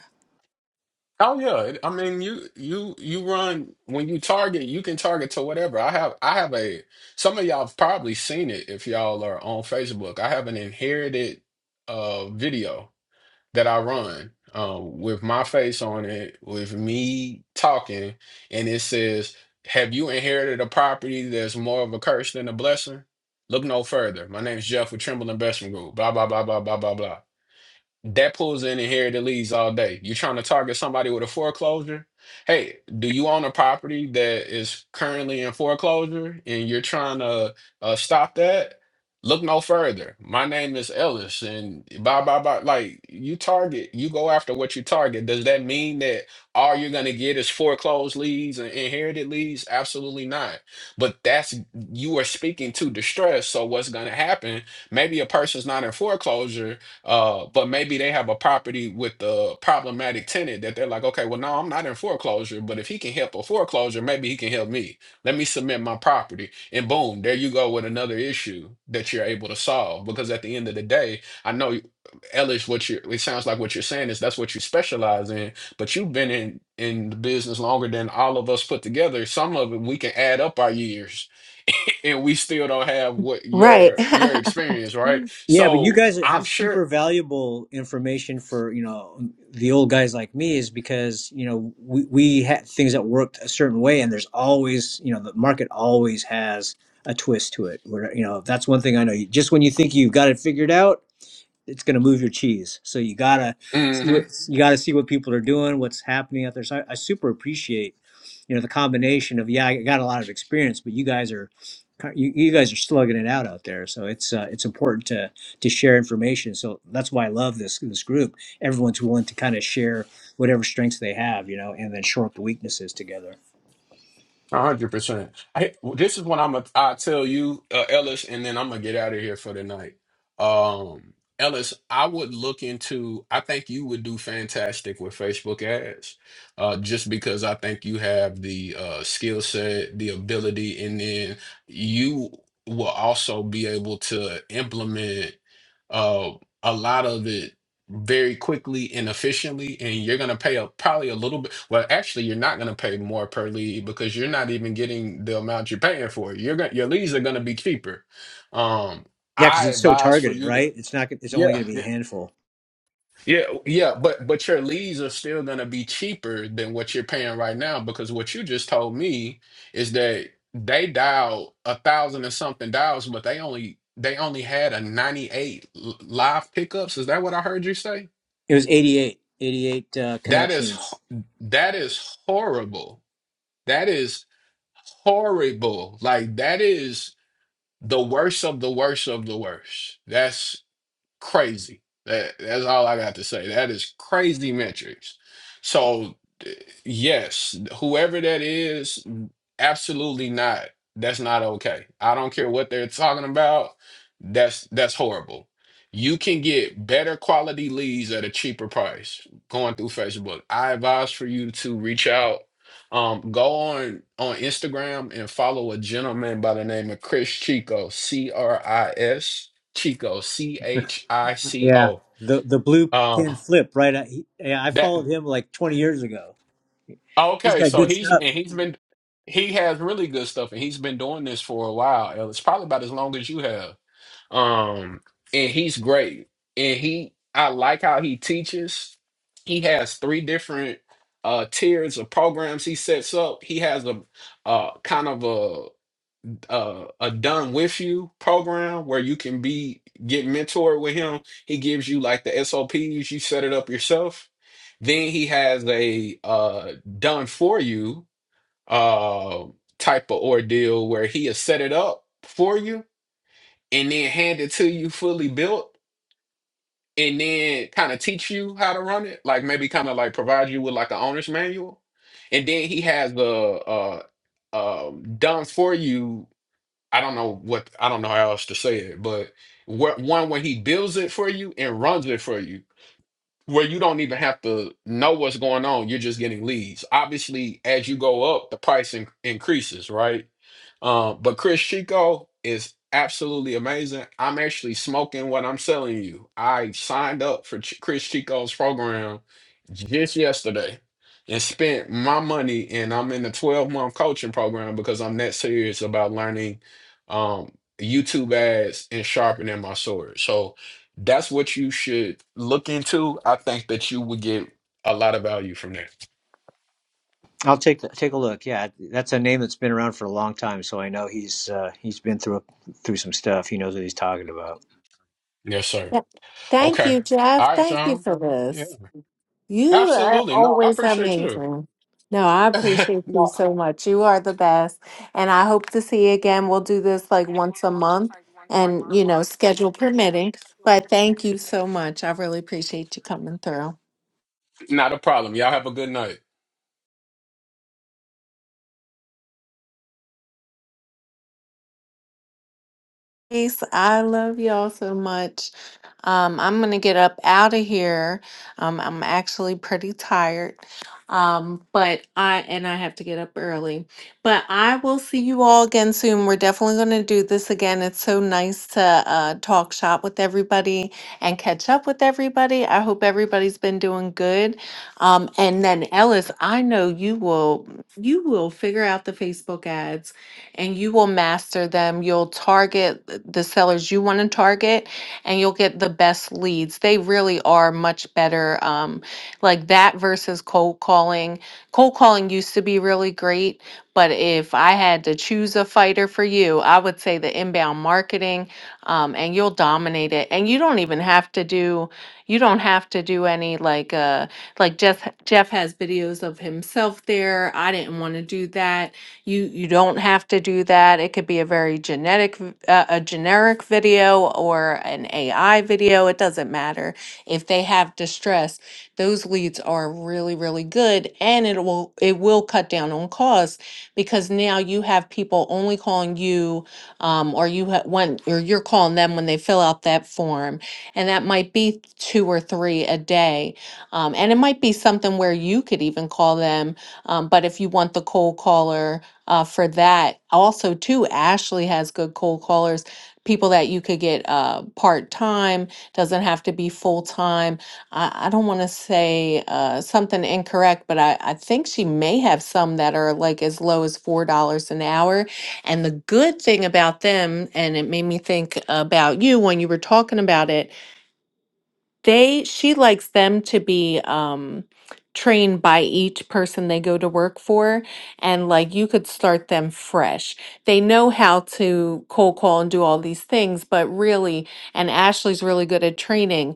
Oh yeah, I mean you you you run when you target, you can target to whatever. I have I have a some of y'all have probably seen it if y'all are on Facebook. I have an inherited uh video that I run um with my face on it, with me talking, and it says, "Have you inherited a property that's more of a curse than a blessing?" Look no further. My name's Jeff with Trimble Investment Group. Blah blah blah blah blah blah blah. That pulls in inherited leads all day. You're trying to target somebody with a foreclosure. Hey, do you own a property that is currently in foreclosure and you're trying to uh, stop that? Look no further. My name is Ellis, and blah blah blah. Like you target, you go after what you target. Does that mean that all you're gonna get is foreclosed leads and inherited leads? Absolutely not. But that's you are speaking to distress. So what's gonna happen? Maybe a person's not in foreclosure, uh, but maybe they have a property with a problematic tenant that they're like, okay, well, no, I'm not in foreclosure, but if he can help a foreclosure, maybe he can help me. Let me submit my property. And boom, there you go with another issue that you're able to solve. Because at the end of the day, I know Ellis, what you it sounds like what you're saying is that's what you specialize in, but you've been in in the business longer than all of us put together. Some of it we can add up our years and we still don't have what
Right.
your your experience, right?
Yeah, but you
So
guys
I'm
have
sure
super valuable information for, you know, the old guys like me is because, you know, we, we had things that worked a certain way and there's always, you know, the market always has a twist to it. Where, you know, that's one thing I know. You, just when you think you've got it figured out, it's going to move your cheese. So you gotta see what
Mm-hmm.
you gotta see what people are doing, what's happening out there. So I, I super appreciate, you know, the combination of yeah, I got a lot of experience, but you guys are, you, you guys are slugging it out out there. So it's uh, it's important to to share information. So that's why I love this this group. Everyone's willing to kind of share whatever strengths they have, you know, and then shore up the weaknesses together.
A hundred percent. I this is what I'm gonna I tell you, uh, Ellis, and then I'm gonna get out of here for the night. Um, Ellis, I would look into. I think you would do fantastic with Facebook ads, uh, just because I think you have the uh, skill set, the ability, and then you will also be able to implement uh, a lot of it very quickly and efficiently and you're going to pay a, probably a little bit well actually you're not going to pay more per lead because you're not even getting the amount you're paying for you're going your leads are going to be cheaper um
Yeah, because
i
it's so
advise for
targeted,
you to
right? It's not. It's
yeah
only going to be a
yeah
handful.
yeah yeah but but your leads are still going to be cheaper than what you're paying right now because what you just told me is that they dialed a thousand and something dials but they only they only had a 98 l- live pickups is that what i heard you say
It was 88, 88 uh,
That is
connections
ho- that is horrible. That is horrible. Like that is the worst of the worst of the worst. That's Crazy. That that's all I got to say. That is crazy metrics. So th- yes, whoever that is, absolutely not. That's not okay. I don't care what they're talking about. That's that's horrible. You can get better quality leads at a cheaper price going through Facebook. I advise for you to reach out. Um, go on on Instagram and follow a gentleman by the name of Chris Chico, C R I S. Chico, C H I C
Yeah,
O.
the the blue
Uh,
pin flip right. At, he, yeah, I
that
followed him like 20 years ago. He's
okay.
got
So
good
he's and
stuff.
he's been he has really good stuff, and he's been doing this for a while. El. It's probably about as long as you have. Um, and he's great, and he I like how he teaches. He has three different uh tiers of programs he sets up. He has a uh kind of uh, a done with you program where you can be get mentored with him. He gives you like the SOPs, you set it up yourself. Then he has a uh, done for you uh, type of ordeal where he has set it up for you and then hand it to you fully built and then kind of teach you how to run it, like maybe kind of like provide you with like an owner's manual. And then he has the uh, um, done for you I don't know what I don't know how else to say it, but wh- one when he builds it for you and runs it for you, where you don't even have to know what's going on. You're just getting leads. Obviously, as you go up, the price in- increases, right? Um, but Chris Chico is absolutely amazing. I'm actually smoking what I'm selling you. I signed up for Ch- Chris Chico's program just yesterday and spent my money, and I'm in the 12 month coaching program because I'm that serious about learning um, YouTube ads and sharpening my sword. So that's what you should look into. I think that you would get a lot of value from that.
I'll take the, take a look. Yeah, that's a name that's been around for a long time, so I know he's uh, he's been through a, through some stuff. He knows what he's talking about.
Yes, sir.
Thank
Okay.
you,
All
Jeff.
right,
Thank you
John.
for
Yeah.
this. You are
Absolutely. No, I
always
appreciate you.
amazing. No, I appreciate you so much. You are the best. And I hope to see you again. We'll do this like once a month and, you know, schedule permitting. But thank you so much. I really appreciate you coming through.
Not a problem. Y'all have a good night.
Peace. I love y'all so much. Um, I'm gonna get up out of here. Um, I'm actually pretty tired. Um, but I and I have to get up early. But I will see you all again soon. We're definitely gonna do this again. It's so nice to uh, talk shop with everybody and catch up with everybody. I hope everybody's been doing good. Um, and then Ellis, I know you will you will figure out the Facebook ads and you will master them. You'll target th- the sellers you want to target and you'll get the best leads. They really are much better. Um, like that versus cold calling. Cold calling used to be really great, but if I had to choose a fighter for you, I would say the inbound marketing um, and you'll dominate it. And you don't even have to do, you don't have to do any like, uh, like Jeff, Jeff has videos of himself there. I didn't want to do that you you don't have to do that. It could be a very genetic v- uh, a generic video or an AI video. It doesn't matter. If they have distress, those leads are really really good and it will it will cut down on costs because now you have people only calling you um, or you ha- when or you're calling them when they fill out that form and that might be two or three a day um, and it might be something where you could even call them um, but if you want the cold caller uh, for that. Also, too, Ashley has good cold callers, people that you could get uh, part time, doesn't have to be full time. I, I don't want to say uh, something incorrect, but I, I think she may have some that are like as low as $4 an hour. And the good thing about them, and it made me think about you when you were talking about it they she likes them to be um trained by each person they go to work for and like you could start them fresh they know how to cold call and do all these things but really and ashley's really good at training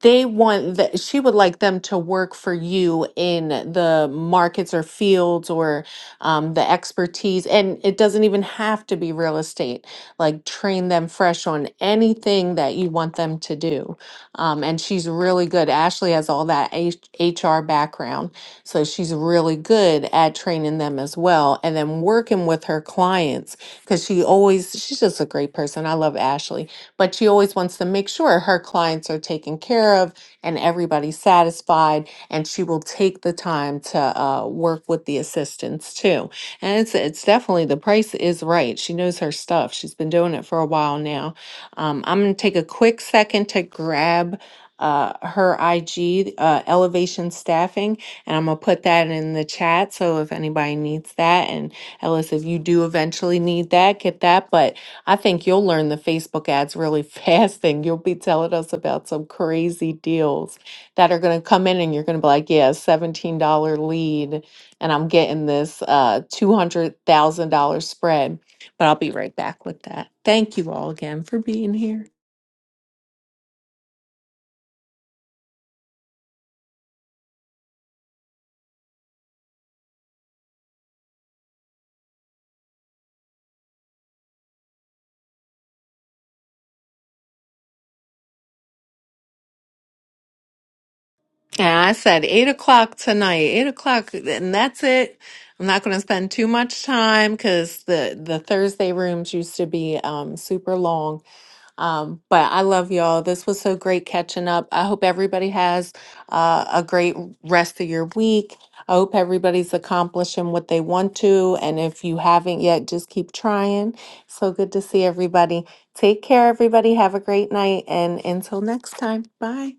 they want that she would like them to work for you in the markets or fields or um, the expertise. And it doesn't even have to be real estate. Like train them fresh on anything that you want them to do. Um, and she's really good. Ashley has all that H- HR background. So she's really good at training them as well. And then working with her clients because she always, she's just a great person. I love Ashley but she always wants to make sure her clients are taken care of and everybody's satisfied. And she will take the time to uh, work with the assistants too. And it's it's definitely the price is right. She knows her stuff. She's been doing it for a while now. Um, I'm gonna take a quick second to grab. Uh, her IG, uh, Elevation Staffing, and I'm gonna put that in the chat. So if anybody needs that, and Ellis, if you do eventually need that, get that. But I think you'll learn the Facebook ads really fast, and you'll be telling us about some crazy deals that are going to come in, and you're going to be like, "Yeah, $17 lead, and I'm getting this uh, $200,000 spread." But I'll be right back with that. Thank you all again for being here. And I said eight o'clock tonight, eight o'clock, and that's it. I'm not going to spend too much time because the the Thursday rooms used to be um, super long. Um, but I love y'all. This was so great catching up. I hope everybody has uh, a great rest of your week. I hope everybody's accomplishing what they want to. And if you haven't yet, just keep trying. So good to see everybody. Take care, everybody. Have a great night. And until next time, bye.